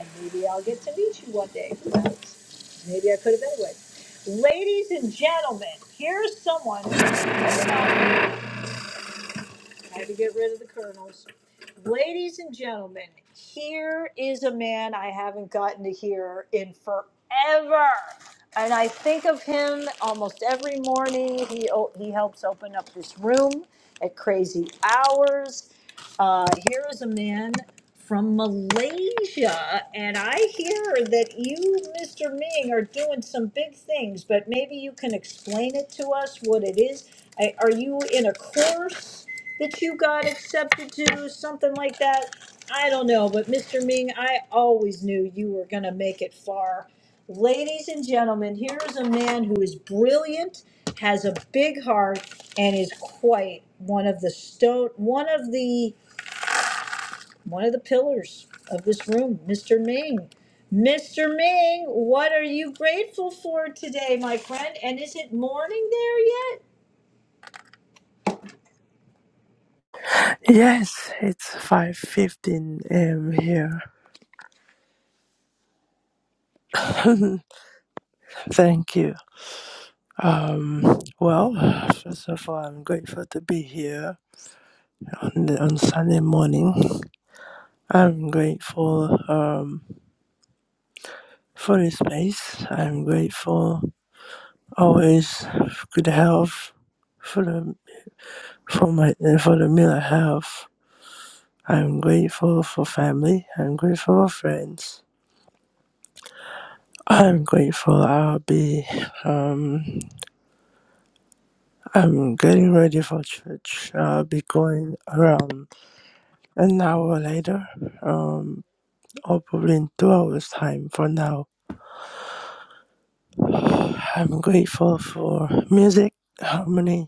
S14: and maybe I'll get to meet you one day, who knows? Maybe I could have anyway. Ladies and gentlemen, here's someone had to get rid of the colonels. Ladies and gentlemen, here is a man I haven't gotten to hear in forever. And I think of him almost every morning. He, o- he helps open up this room at crazy hours. Uh, here is a man from Malaysia. And I hear that you, Mr. Ming, are doing some big things, but maybe you can explain it to us what it is. I- Are you in a course that you got accepted to, something like that? I don't know, but Mr. Ming, I always knew you were going to make it far. Ladies and gentlemen, here is a man who is brilliant, has a big heart, and is quite one of the stone, one of the one of the pillars of this room, Mr. Ming. Mr. Ming, what are you grateful for today, my friend? And is it morning there yet?
S28: Yes, it's 5:15 a.m. here. Thank you. Um, well, first of all, I'm grateful to be here on the, on Sunday morning. I'm grateful um, for this space. I'm grateful always for good health, for the for my uh, for the meal I have. I'm grateful for family. I'm grateful for friends. I'm grateful I'll be. Um, I'm getting ready for church. I'll be going around an hour later, um, or probably in two hours' time for now. I'm grateful for music, harmony,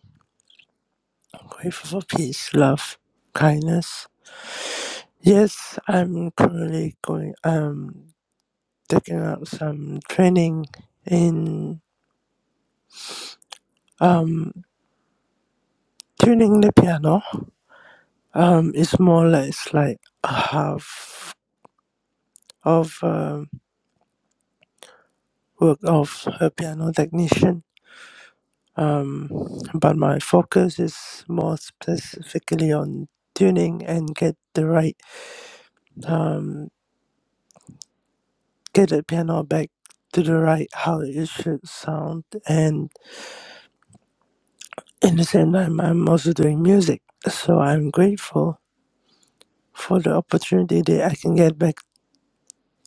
S28: I'm grateful for peace, love, kindness. Yes, I'm currently going, um, taking out some training in, um, tuning the piano. Um, it's more or less like half of, um, work of a piano technician. Um, but my focus is more specifically on tuning and get the right um, get the piano back to the right how it should sound and in the same time I'm also doing music. So I'm grateful for the opportunity that I can get back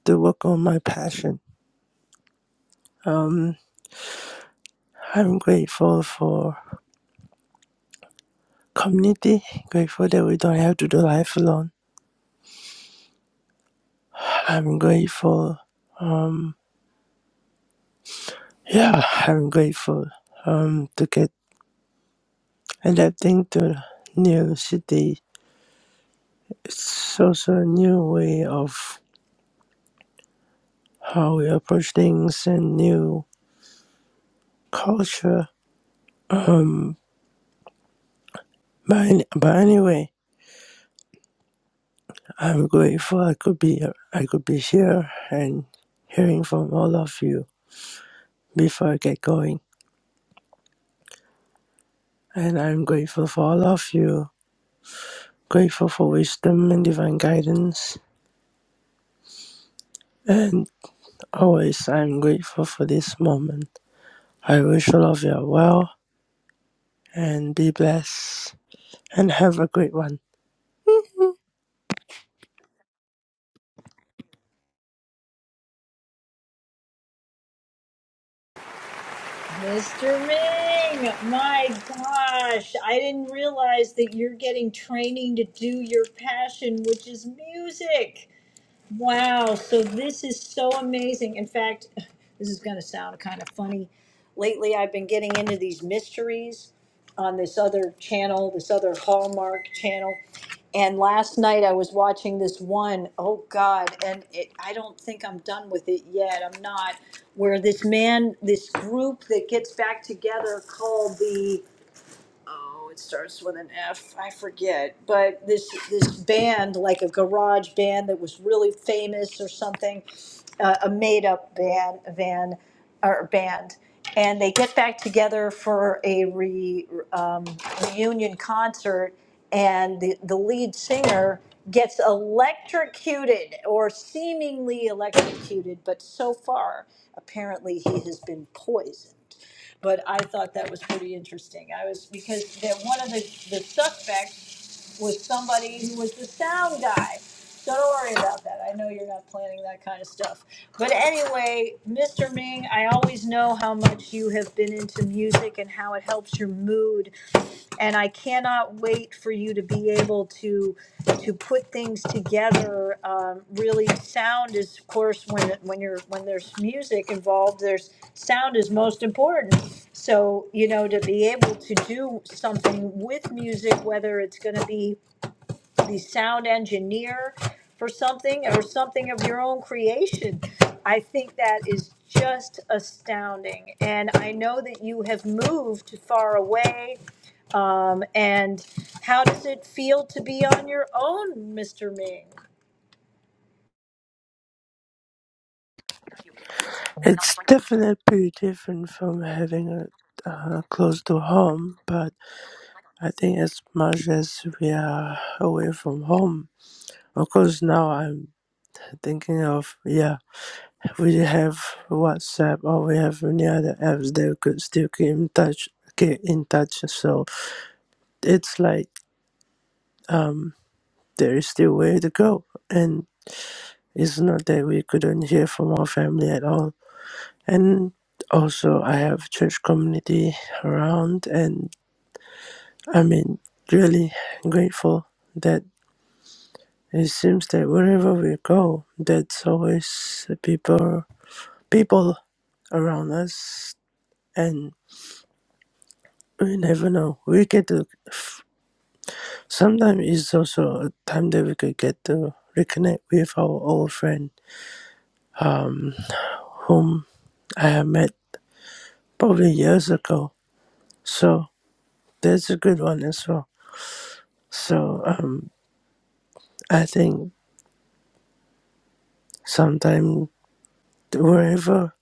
S28: to work on my passion. Um, I'm grateful for community, grateful that we don't have to do life alone. I'm grateful um, Yeah, I'm grateful um to get adapting to new city. It's also a new way of how we approach things and new culture. But, an- but anyway, I'm grateful I could be I could be here and hearing from all of you before I get going. And I'm grateful for all of you. Grateful for wisdom and divine guidance. And always I'm grateful for this moment. I wish all of you are well and be blessed and have a great one.
S14: Mr. Ming, my gosh, I didn't realize that you're getting training to do your passion, which is music. Wow, so this is so amazing. In fact, this is going to sound kind of funny. Lately, I've been getting into these mysteries on this other channel, this other Hallmark channel. And last night I was watching this one, oh God, and it, I don't think I'm done with it yet. I'm not. Where this man, this group that gets back together called the it starts with an F. I forget, but this this band, like a garage band that was really famous or something, uh, a made up band, van or band, and they get back together for a re, um, reunion concert, and the the lead singer gets electrocuted or seemingly electrocuted, but so far apparently he has been poisoned but I thought that was pretty interesting. I was, because that one of the, the suspects was somebody who was the sound guy. So don't worry about that. I know you're not planning that kind of stuff. But anyway, Mr. Ming, I always know how much you have been into music and how it helps your mood and I cannot wait for you to be able to to put things together. Um, really, sound is, of course, when when you're when there's music involved, there's sound is most important. So, you know, to be able to do something with music, whether it's going to be the sound engineer for something or something of your own creation, I think that is just astounding. And I know that you have moved far away. Um, and how does it feel to be on your own, Mr. Ming?
S28: It's definitely different from having a uh, close to home, but I think as much as we are away from home, of course now I'm thinking of yeah, we have WhatsApp or we have any other apps that could still keep in touch, get in touch. So it's like there is still way to go, and it's not that we couldn't hear from our family at all. and also I have church community around, and I mean really grateful that it seems that wherever we go, that's always the people people around us, and we never know. We get to sometimes it's also a time that we could get to reconnect with our old friend, um, whom I have met probably years ago. So that's a good one as well. So um, I think Sometimes wherever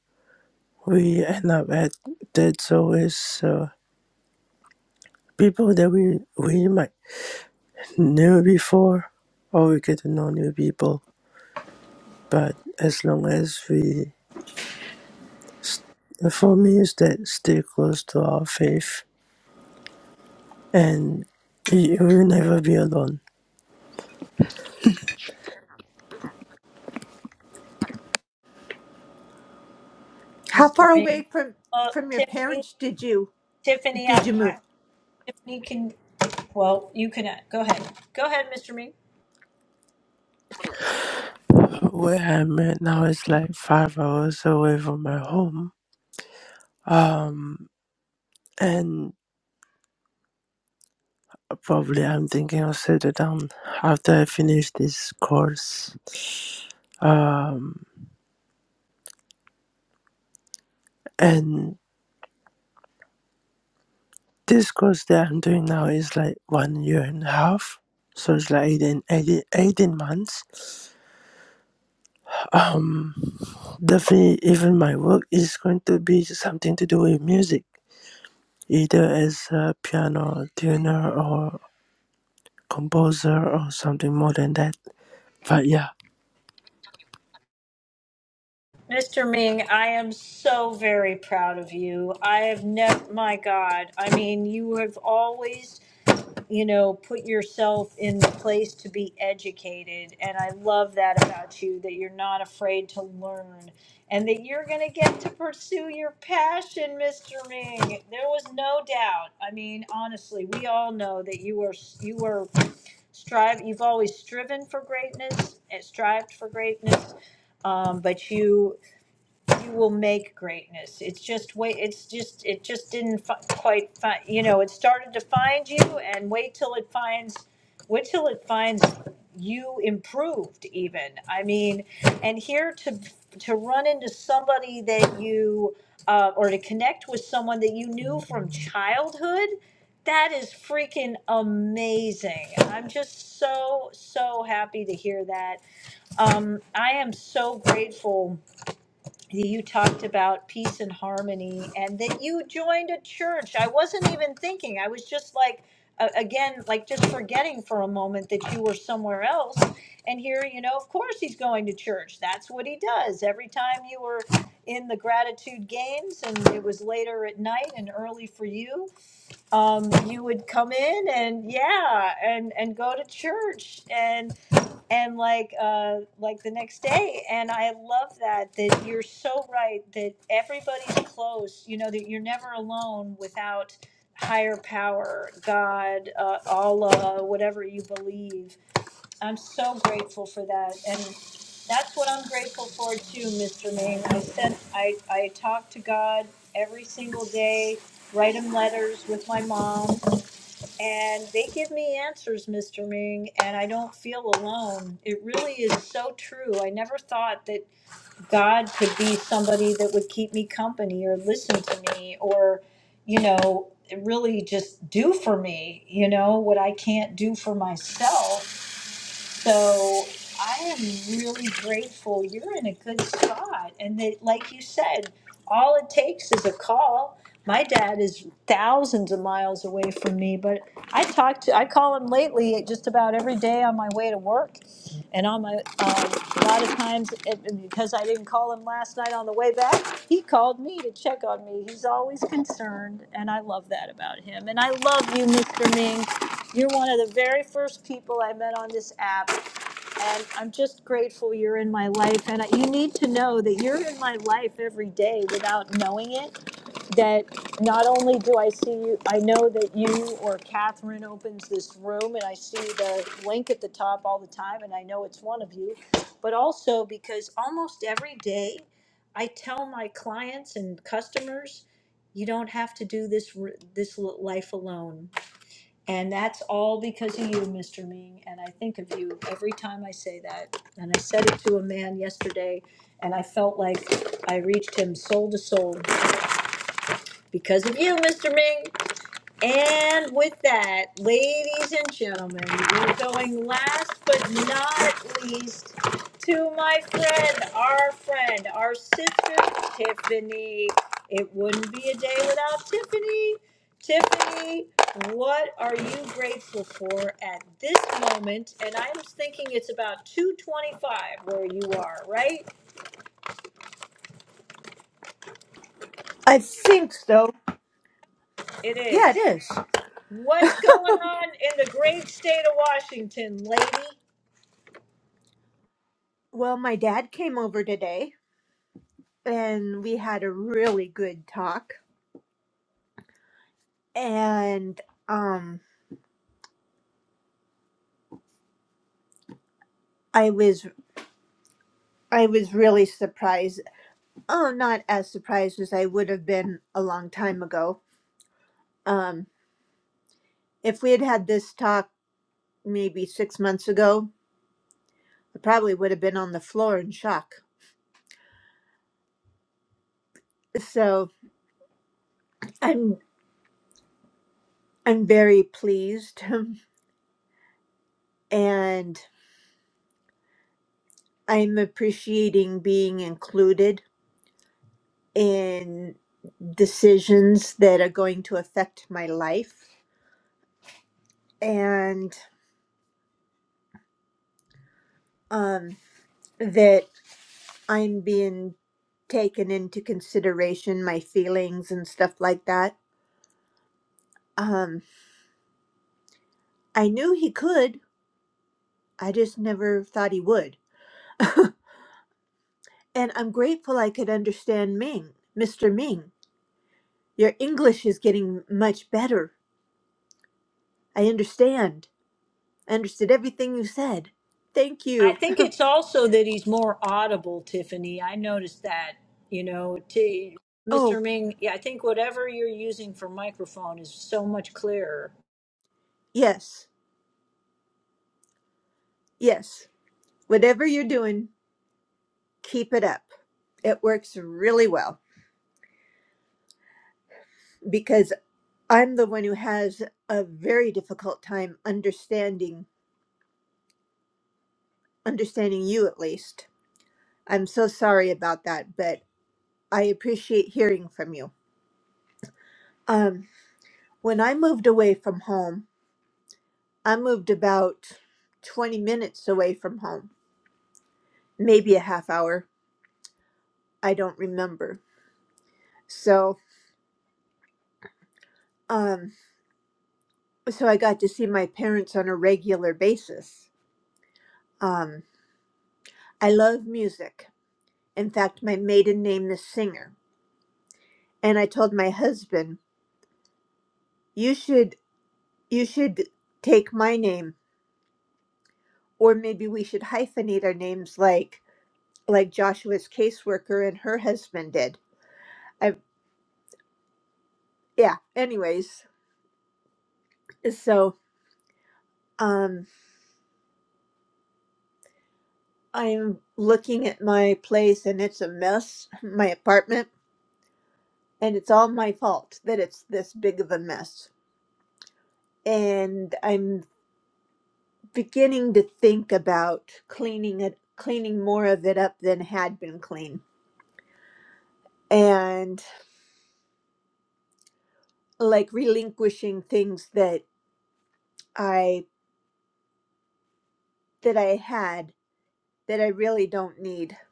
S28: we end up at, that's always uh, people that we we might knew before, or we get to know new people. But as long as we, for me, is that stay close to our faith, and you will never be alone.
S29: How
S14: Mr.
S29: far
S14: Ming?
S29: away from
S14: Uh,
S29: from your
S14: Tiffany,
S29: parents did you
S14: Tiffany, I,
S29: did you
S14: I,
S29: move?
S14: Tiffany can, well, you can, uh, go ahead. Go ahead, Mr. Ming.
S28: Where I'm at now is like five hours away from my home. Um, and probably I'm thinking I'll settle down after I finish this course Um, and this course that I'm doing now is like one year and a half. So it's like 18, 18, 18 months. Um, definitely, even my work is going to be something to do with music, either as a piano tuner or composer or something more than that. But yeah.
S14: Mr. Ming, I am so very proud of you. I have never, my God, I mean, you have always, you know, put yourself in the place to be educated. And I love that about you, that you're not afraid to learn and that you're going to get to pursue your passion, Mr. Ming. There was no doubt. I mean, honestly, we all know that you were, you were strive, you've always striven for greatness, and strived for greatness um, but you you will make greatness. It's just wait. It's just it just didn't fi- quite find. You know, it started to find you, and wait till it finds. Wait till it finds you improved. Even I mean, and here to to run into somebody that you uh, or to connect with someone that you knew from childhood. That is freaking amazing. I'm just so so happy to hear that. Um, I am so grateful you talked about peace and harmony and that you joined a church. I wasn't even thinking. I was just like, uh, again, like just forgetting for a moment that you were somewhere else. And here, you know, of course he's going to church. That's what he does. Every time you were in the gratitude games and it was later at night and early for you, um, you would come in and yeah, and, and go to church and like uh like the next day and i love that that you're so right that everybody's close you know that you're never alone without higher power god uh, allah whatever you believe i'm so grateful for that and that's what i'm grateful for too mr ming i sent i i talk to god every single day write him letters with my mom and they give me answers, Mr. Ming, and I don't feel alone. It really is so true. I never thought that God could be somebody that would keep me company or listen to me or, you know, really just do for me, you know, what I can't do for myself so I am really grateful you're in a good spot. And that, like you said, all it takes is a call. My dad is thousands of miles away from me, but I talk to, I call him lately just about every day on my way to work. And on my, um, a lot of times, it, because I didn't call him last night on the way back, he called me to check on me. He's always concerned, and I love that about him. And I love you, Mr. Ming. You're one of the very first people I met on this app and I'm just grateful you're in my life. And you need to know that you're in my life every day without knowing it. That not only do I see you, I know that you or Catherine opens this room, and I see the link at the top all the time, and I know it's one of you. But also because almost every day I tell my clients and customers, you don't have to do this r- this l- life alone and that's all because of you, Mr. Ming. And I think of you every time I say that. And I said it to a man yesterday, and I felt like I reached him soul to soul because of you, Mr. Ming. And with that, ladies and gentlemen, we're going last but not least to my friend, our friend, our sister, Tiffany. It wouldn't be a day without Tiffany. Tiffany, what are you grateful for at this moment? And I'm thinking it's about 225 where you are, right?
S29: I think so.
S14: It is.
S29: Yeah, it is.
S14: What's going on in the great state of Washington, lady?
S29: Well, my dad came over today and we had a really good talk and um I was I was really surprised. Oh, not as surprised as I would have been a long time ago. Um if we had had this talk maybe 6 months ago, I probably would have been on the floor in shock. So, I'm I'm very pleased and I'm appreciating being included in decisions that are going to affect my life and um, that I'm being taken into consideration, my feelings and stuff like that. Um, I knew he could, I just never thought he would. And I'm grateful I could understand Ming, Mr. Ming. Your English is getting much better. I understand. I understood everything you said. Thank
S14: I
S29: you.
S14: think it's also that he's more audible, Tiffany. I noticed that, you know, to
S29: Oh,
S14: Mr. Ming, yeah, I think whatever you're using for microphone is so much clearer.
S29: yes, yes. Whatever you're doing, keep it up. It works really well because I'm the one who has a very difficult time understanding understanding you at least. I'm so sorry about that, but I appreciate hearing from you. Um, when I moved away from home, I moved about 20 minutes away from home, maybe a half hour. I don't remember. So, um, so I got to see my parents on a regular basis. Um, I love music. In fact, my maiden name is Singer. And I told my husband, "You should you should take my name, or maybe we should hyphenate our names like like Joshua's caseworker and her husband did." I yeah. Anyways, so um, I'm looking at my place and it's a mess, my apartment, and it's all my fault that it's this big of a mess and I'm beginning to think about cleaning it, cleaning more of it up than had been clean, and like relinquishing things that I that I had that I really don't need. At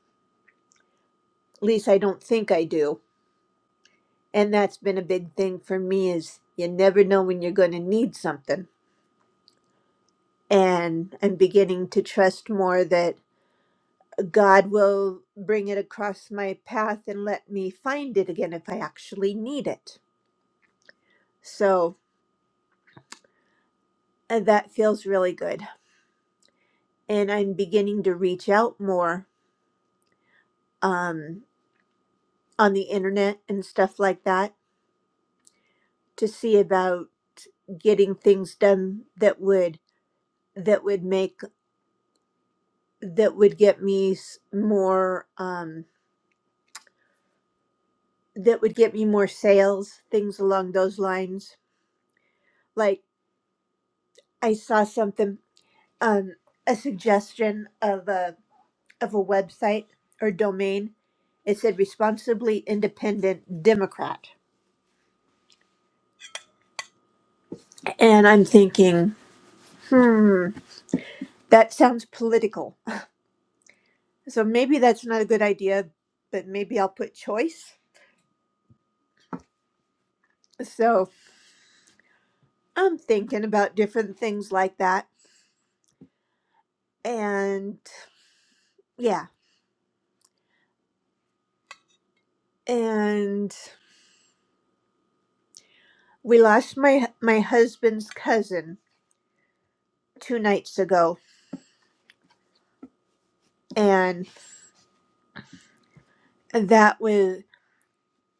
S29: least I don't think I do. And that's been a big thing for me is you never know when you're going to need something. And I'm beginning to trust more that God will bring it across my path and let me find it again if I actually need it. So, And that feels really good. And I'm beginning to reach out more um, on the internet and stuff like that to see about getting things done that would that would make that would get me s- more um, that would get me more sales, things along those lines. Like I saw something, um, a suggestion of a of a website or domain. It said responsibly independent Democrat And I'm thinking, hmm, that sounds political. So maybe that's not a good idea, but maybe I'll put choice. So I'm thinking about different things like that. And yeah, and we lost my my husband's cousin two nights ago, and that was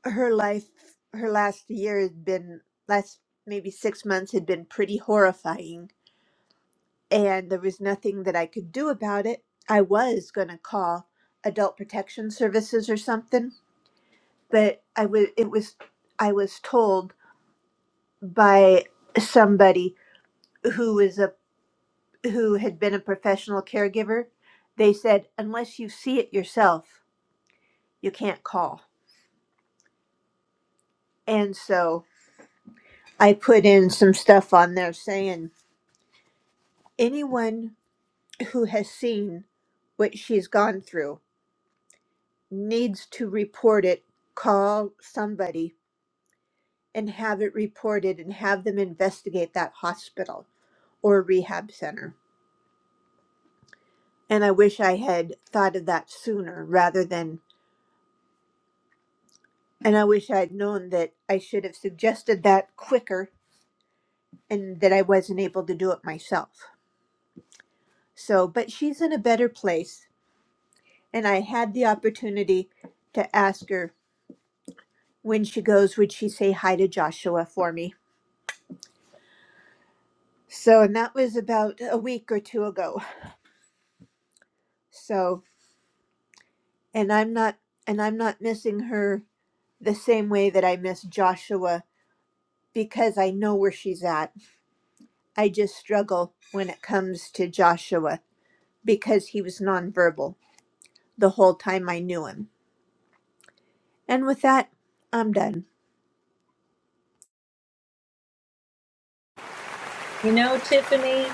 S29: her life. Her last year had been last maybe six months had been pretty horrifying and there was nothing that I could do about it. I was going to call adult protection services or something, but I was it was I was told by somebody who was a who had been a professional caregiver. They said unless you see it yourself, you can't call. And so I put in some stuff on there saying anyone who has seen what she's gone through needs to report it, call somebody and have it reported and have them investigate that hospital or rehab center. And I wish I had thought of that sooner rather than, and I wish I'd known that I should have suggested that quicker and that I wasn't able to do it myself. So, but she's in a better place. And I had the opportunity to ask her when she goes, would she say hi to Joshua for me? So, and that was about a week or two ago. So, and I'm not, and I'm not missing her the same way that I miss Joshua because I know where she's at. I just struggle when it comes to Joshua because he was nonverbal the whole time I knew him. And with that, I'm done.
S14: You know, Tiffany,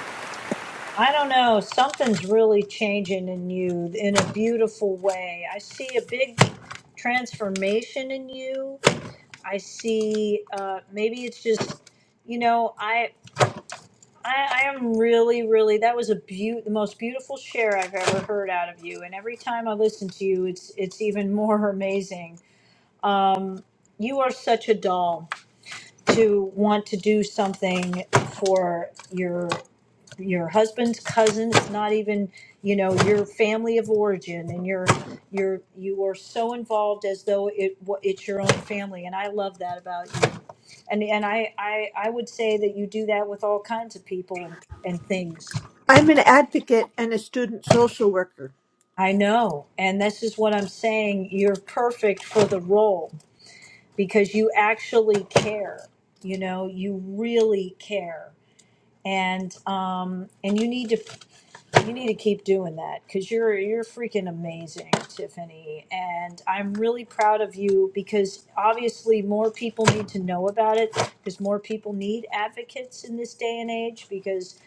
S14: I don't know, something's really changing in you in a beautiful way. I see a big transformation in you. I see uh maybe it's just you know, I I, I am really, really. That was a beau- the most beautiful share I've ever heard out of you. And every time I listen to you, it's it's even more amazing. You are such a doll to want to do something for your your husband's cousins, not even you know your family of origin, and your your you are so involved as though it wa- it's your own family. And I love that about you. And and I I, I would say that you do that with all kinds of people and and things.
S29: I'm an advocate and a student social worker.
S14: I know. And this is what I'm saying. You're perfect for the role because you actually care. You know, you really care. And um, and you need to you need to keep doing that because you're you're freaking amazing, Tiffany. And I'm really proud of you because obviously more people need to know about it because more people need advocates in this day and age because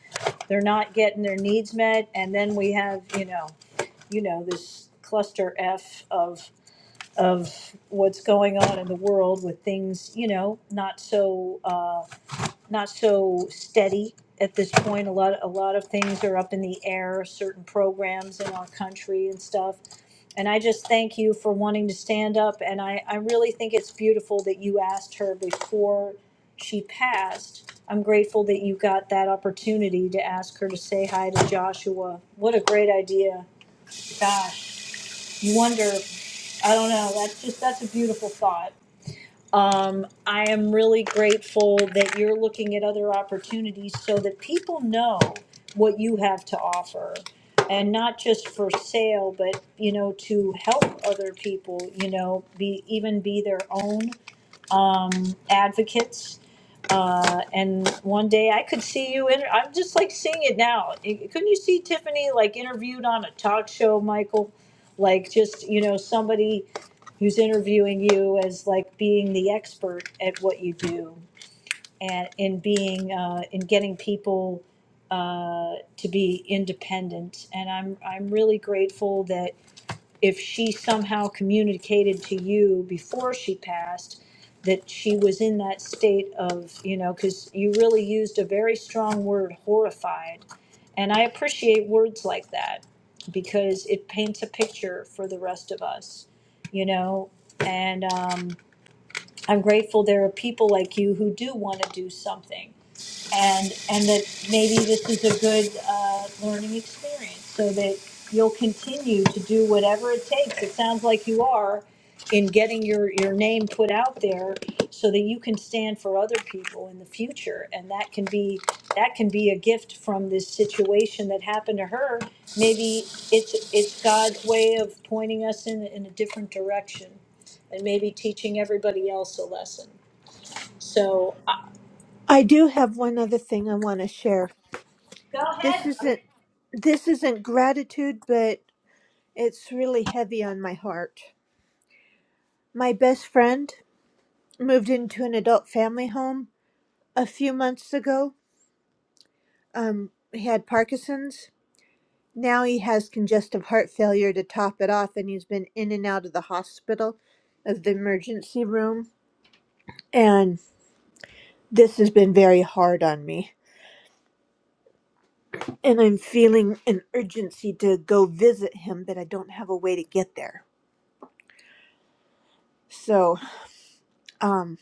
S14: they're not getting their needs met. And then we have you know you know this cluster F of of what's going on in the world with things, you know, not so uh, not so steady at this point. A lot a lot of things are up in the air. Certain programs in our country and stuff. And I just thank you for wanting to stand up. And I, I really think it's beautiful that you asked her before she passed. I'm grateful that you got that opportunity to ask her to say hi to Joshua. What a great idea. Gosh, you wonder, I don't know, that's just, that's a beautiful thought. Um, I am really grateful that you're looking at other opportunities so that people know what you have to offer and not just for sale, but, you know, to help other people, you know, be, even be their own um, advocates. Uh, and one day I could see you in. I'm just like seeing it now. I- Couldn't you see Tiffany like interviewed on a talk show, Michael? Like just you know somebody who's interviewing you as like being the expert at what you do and in being uh, in getting people uh, to be independent. And I'm I'm really grateful that if she somehow communicated to you before she passed that she was in that state of, you know, because you really used a very strong word, horrified. And I appreciate words like that because it paints a picture for the rest of us, you know. And um, I'm grateful there are people like you who do want to do something and and that maybe this is a good uh, learning experience so that you'll continue to do whatever it takes it sounds like you are in getting your your name put out there so that you can stand for other people in the future and that can be that can be a gift from this situation that happened to her maybe it's it's god's way of pointing us in in a different direction and maybe teaching everybody else a lesson so uh,
S29: I do have one other thing I want to share.
S14: go
S29: This
S14: ahead
S29: isn't this isn't gratitude, but it's really heavy on my heart. My best friend moved into an adult family home a few months ago um he had parkinson's now he has congestive heart failure to top it off and he's been in and out of the hospital of the emergency room and this has been very hard on me and i'm feeling an urgency to go visit him but i don't have a way to get there so um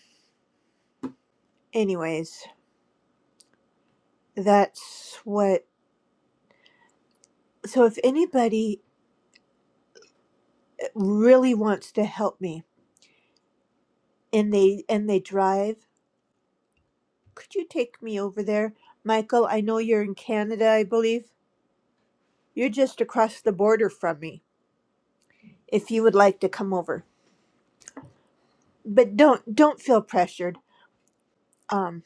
S29: anyways that's what so if anybody really wants to help me and they and they drive Could you take me over there? Michael, I know you're in Canada, I believe. You're just across the border from me, if you would like to come over. But don't don't feel pressured. Um,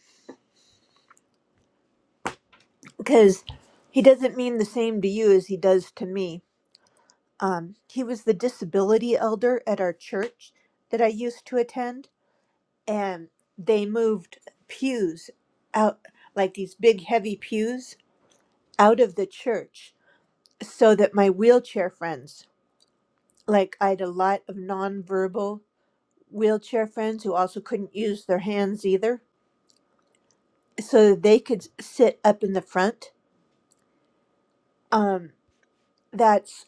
S29: because he doesn't mean the same to you as he does to me. Um, he was the disability elder at our church that I used to attend, and they moved pews out like these big heavy pews out of the church so that my wheelchair friends like I had a lot of nonverbal wheelchair friends who also couldn't use their hands either, so that they could sit up in the front. Um, that's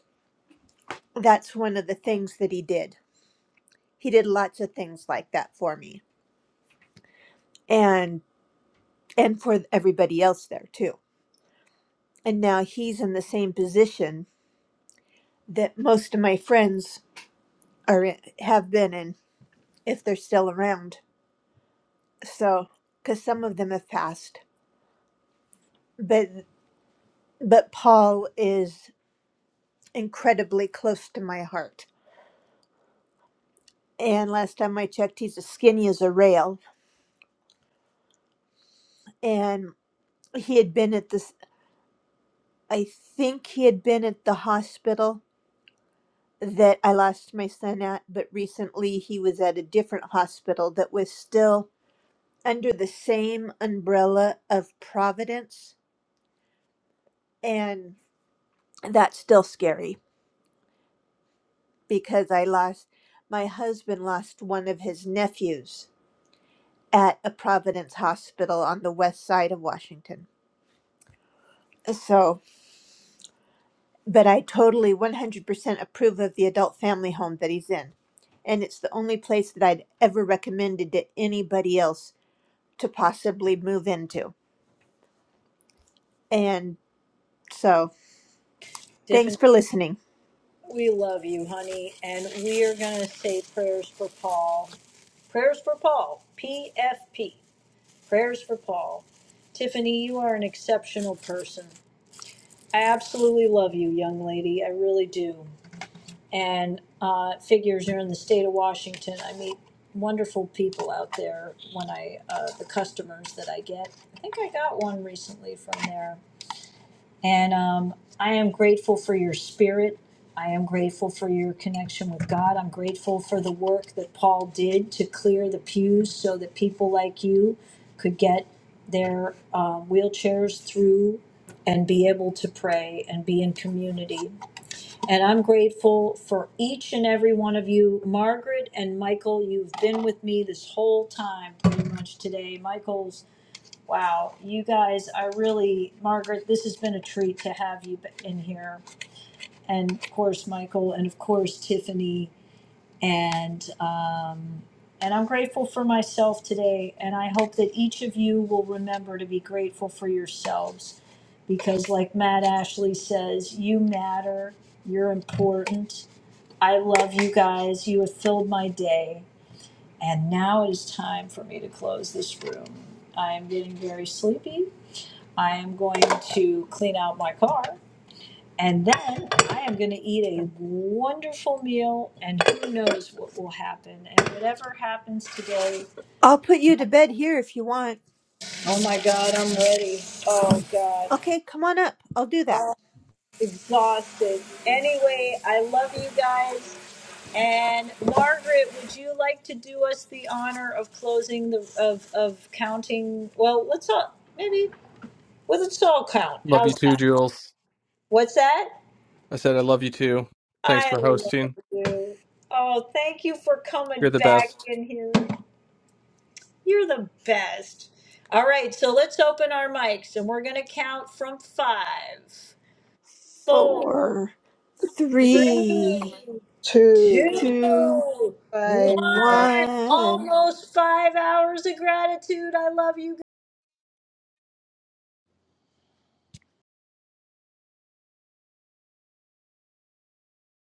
S29: that's one of the things that he did. He did lots of things like that for me, and and for everybody else there too. And now he's in the same position that most of my friends are in, have been in, if they're still around. So, because some of them have passed, but but Paul is incredibly close to my heart. And last time I checked, he's as skinny as a rail. And he had been at this, I think he had been at the hospital that I lost my son at, but recently he was at a different hospital that was still under the same umbrella of Providence. And that's still scary because I lost, my husband lost one of his nephews at a Providence hospital on the west side of Washington. So, but I totally 100% approve of the adult family home that he's in. And it's the only place that I'd ever recommended to anybody else to possibly move into. And so,
S14: buddy.
S29: thanks for listening.
S14: We love you, honey, and we are going to say prayers for Paul. Prayers for Paul. PFP. Prayers for Paul. Tiffany, you are an exceptional person. I absolutely love you, young lady. I really do. And uh, figures you're in the state of Washington. I meet wonderful people out there when I, uh, the customers that I get. I think I got one recently from there. And um, I am grateful for your spirit. I am grateful for your connection with God. I'm grateful for the work that Paul did to clear the pews so that people like you could get their uh, wheelchairs through and be able to pray and be in community. And I'm grateful for each and every one of you. Margaret and Michael, you've been with me this whole time pretty much today. Michael's Wow, you guys, I really, Margaret, this has been a treat to have you in here, and of course Michael, and of course Tiffany, and uh, and I'm grateful for myself today, and I hope that each of you will remember to be grateful for yourselves, because like Matt Ashley says, you matter, you're important. I love you guys. You have filled my day, and now it is time for me to close this room. I am getting very sleepy. I am going to clean out my car, and then I am going to eat a wonderful meal, and who knows what will happen. And whatever happens today,
S29: I'll put you to bed here if you want.
S14: oh my God, I'm ready. Oh God,
S29: Okay, come on up. I'll do that.
S14: exhausted. Anyway, I love you guys. And Margaret, would you like to do us the honor of closing the of of counting? Well, let's all maybe well, let's all count.
S1: Love you
S14: How's
S1: too,
S14: that?
S1: Jules.
S14: What's that?
S1: I said I love you too. Thanks
S14: I
S1: for
S14: love
S1: hosting.
S14: you. Oh, thank you for coming
S1: You're the
S14: back
S1: best.
S14: in here. You're the best. All right, so let's open our mics and we're going to count from five, four,
S29: Four,
S14: three,
S29: three,
S14: two,
S29: two,
S16: Bye.
S14: one. All
S29: one.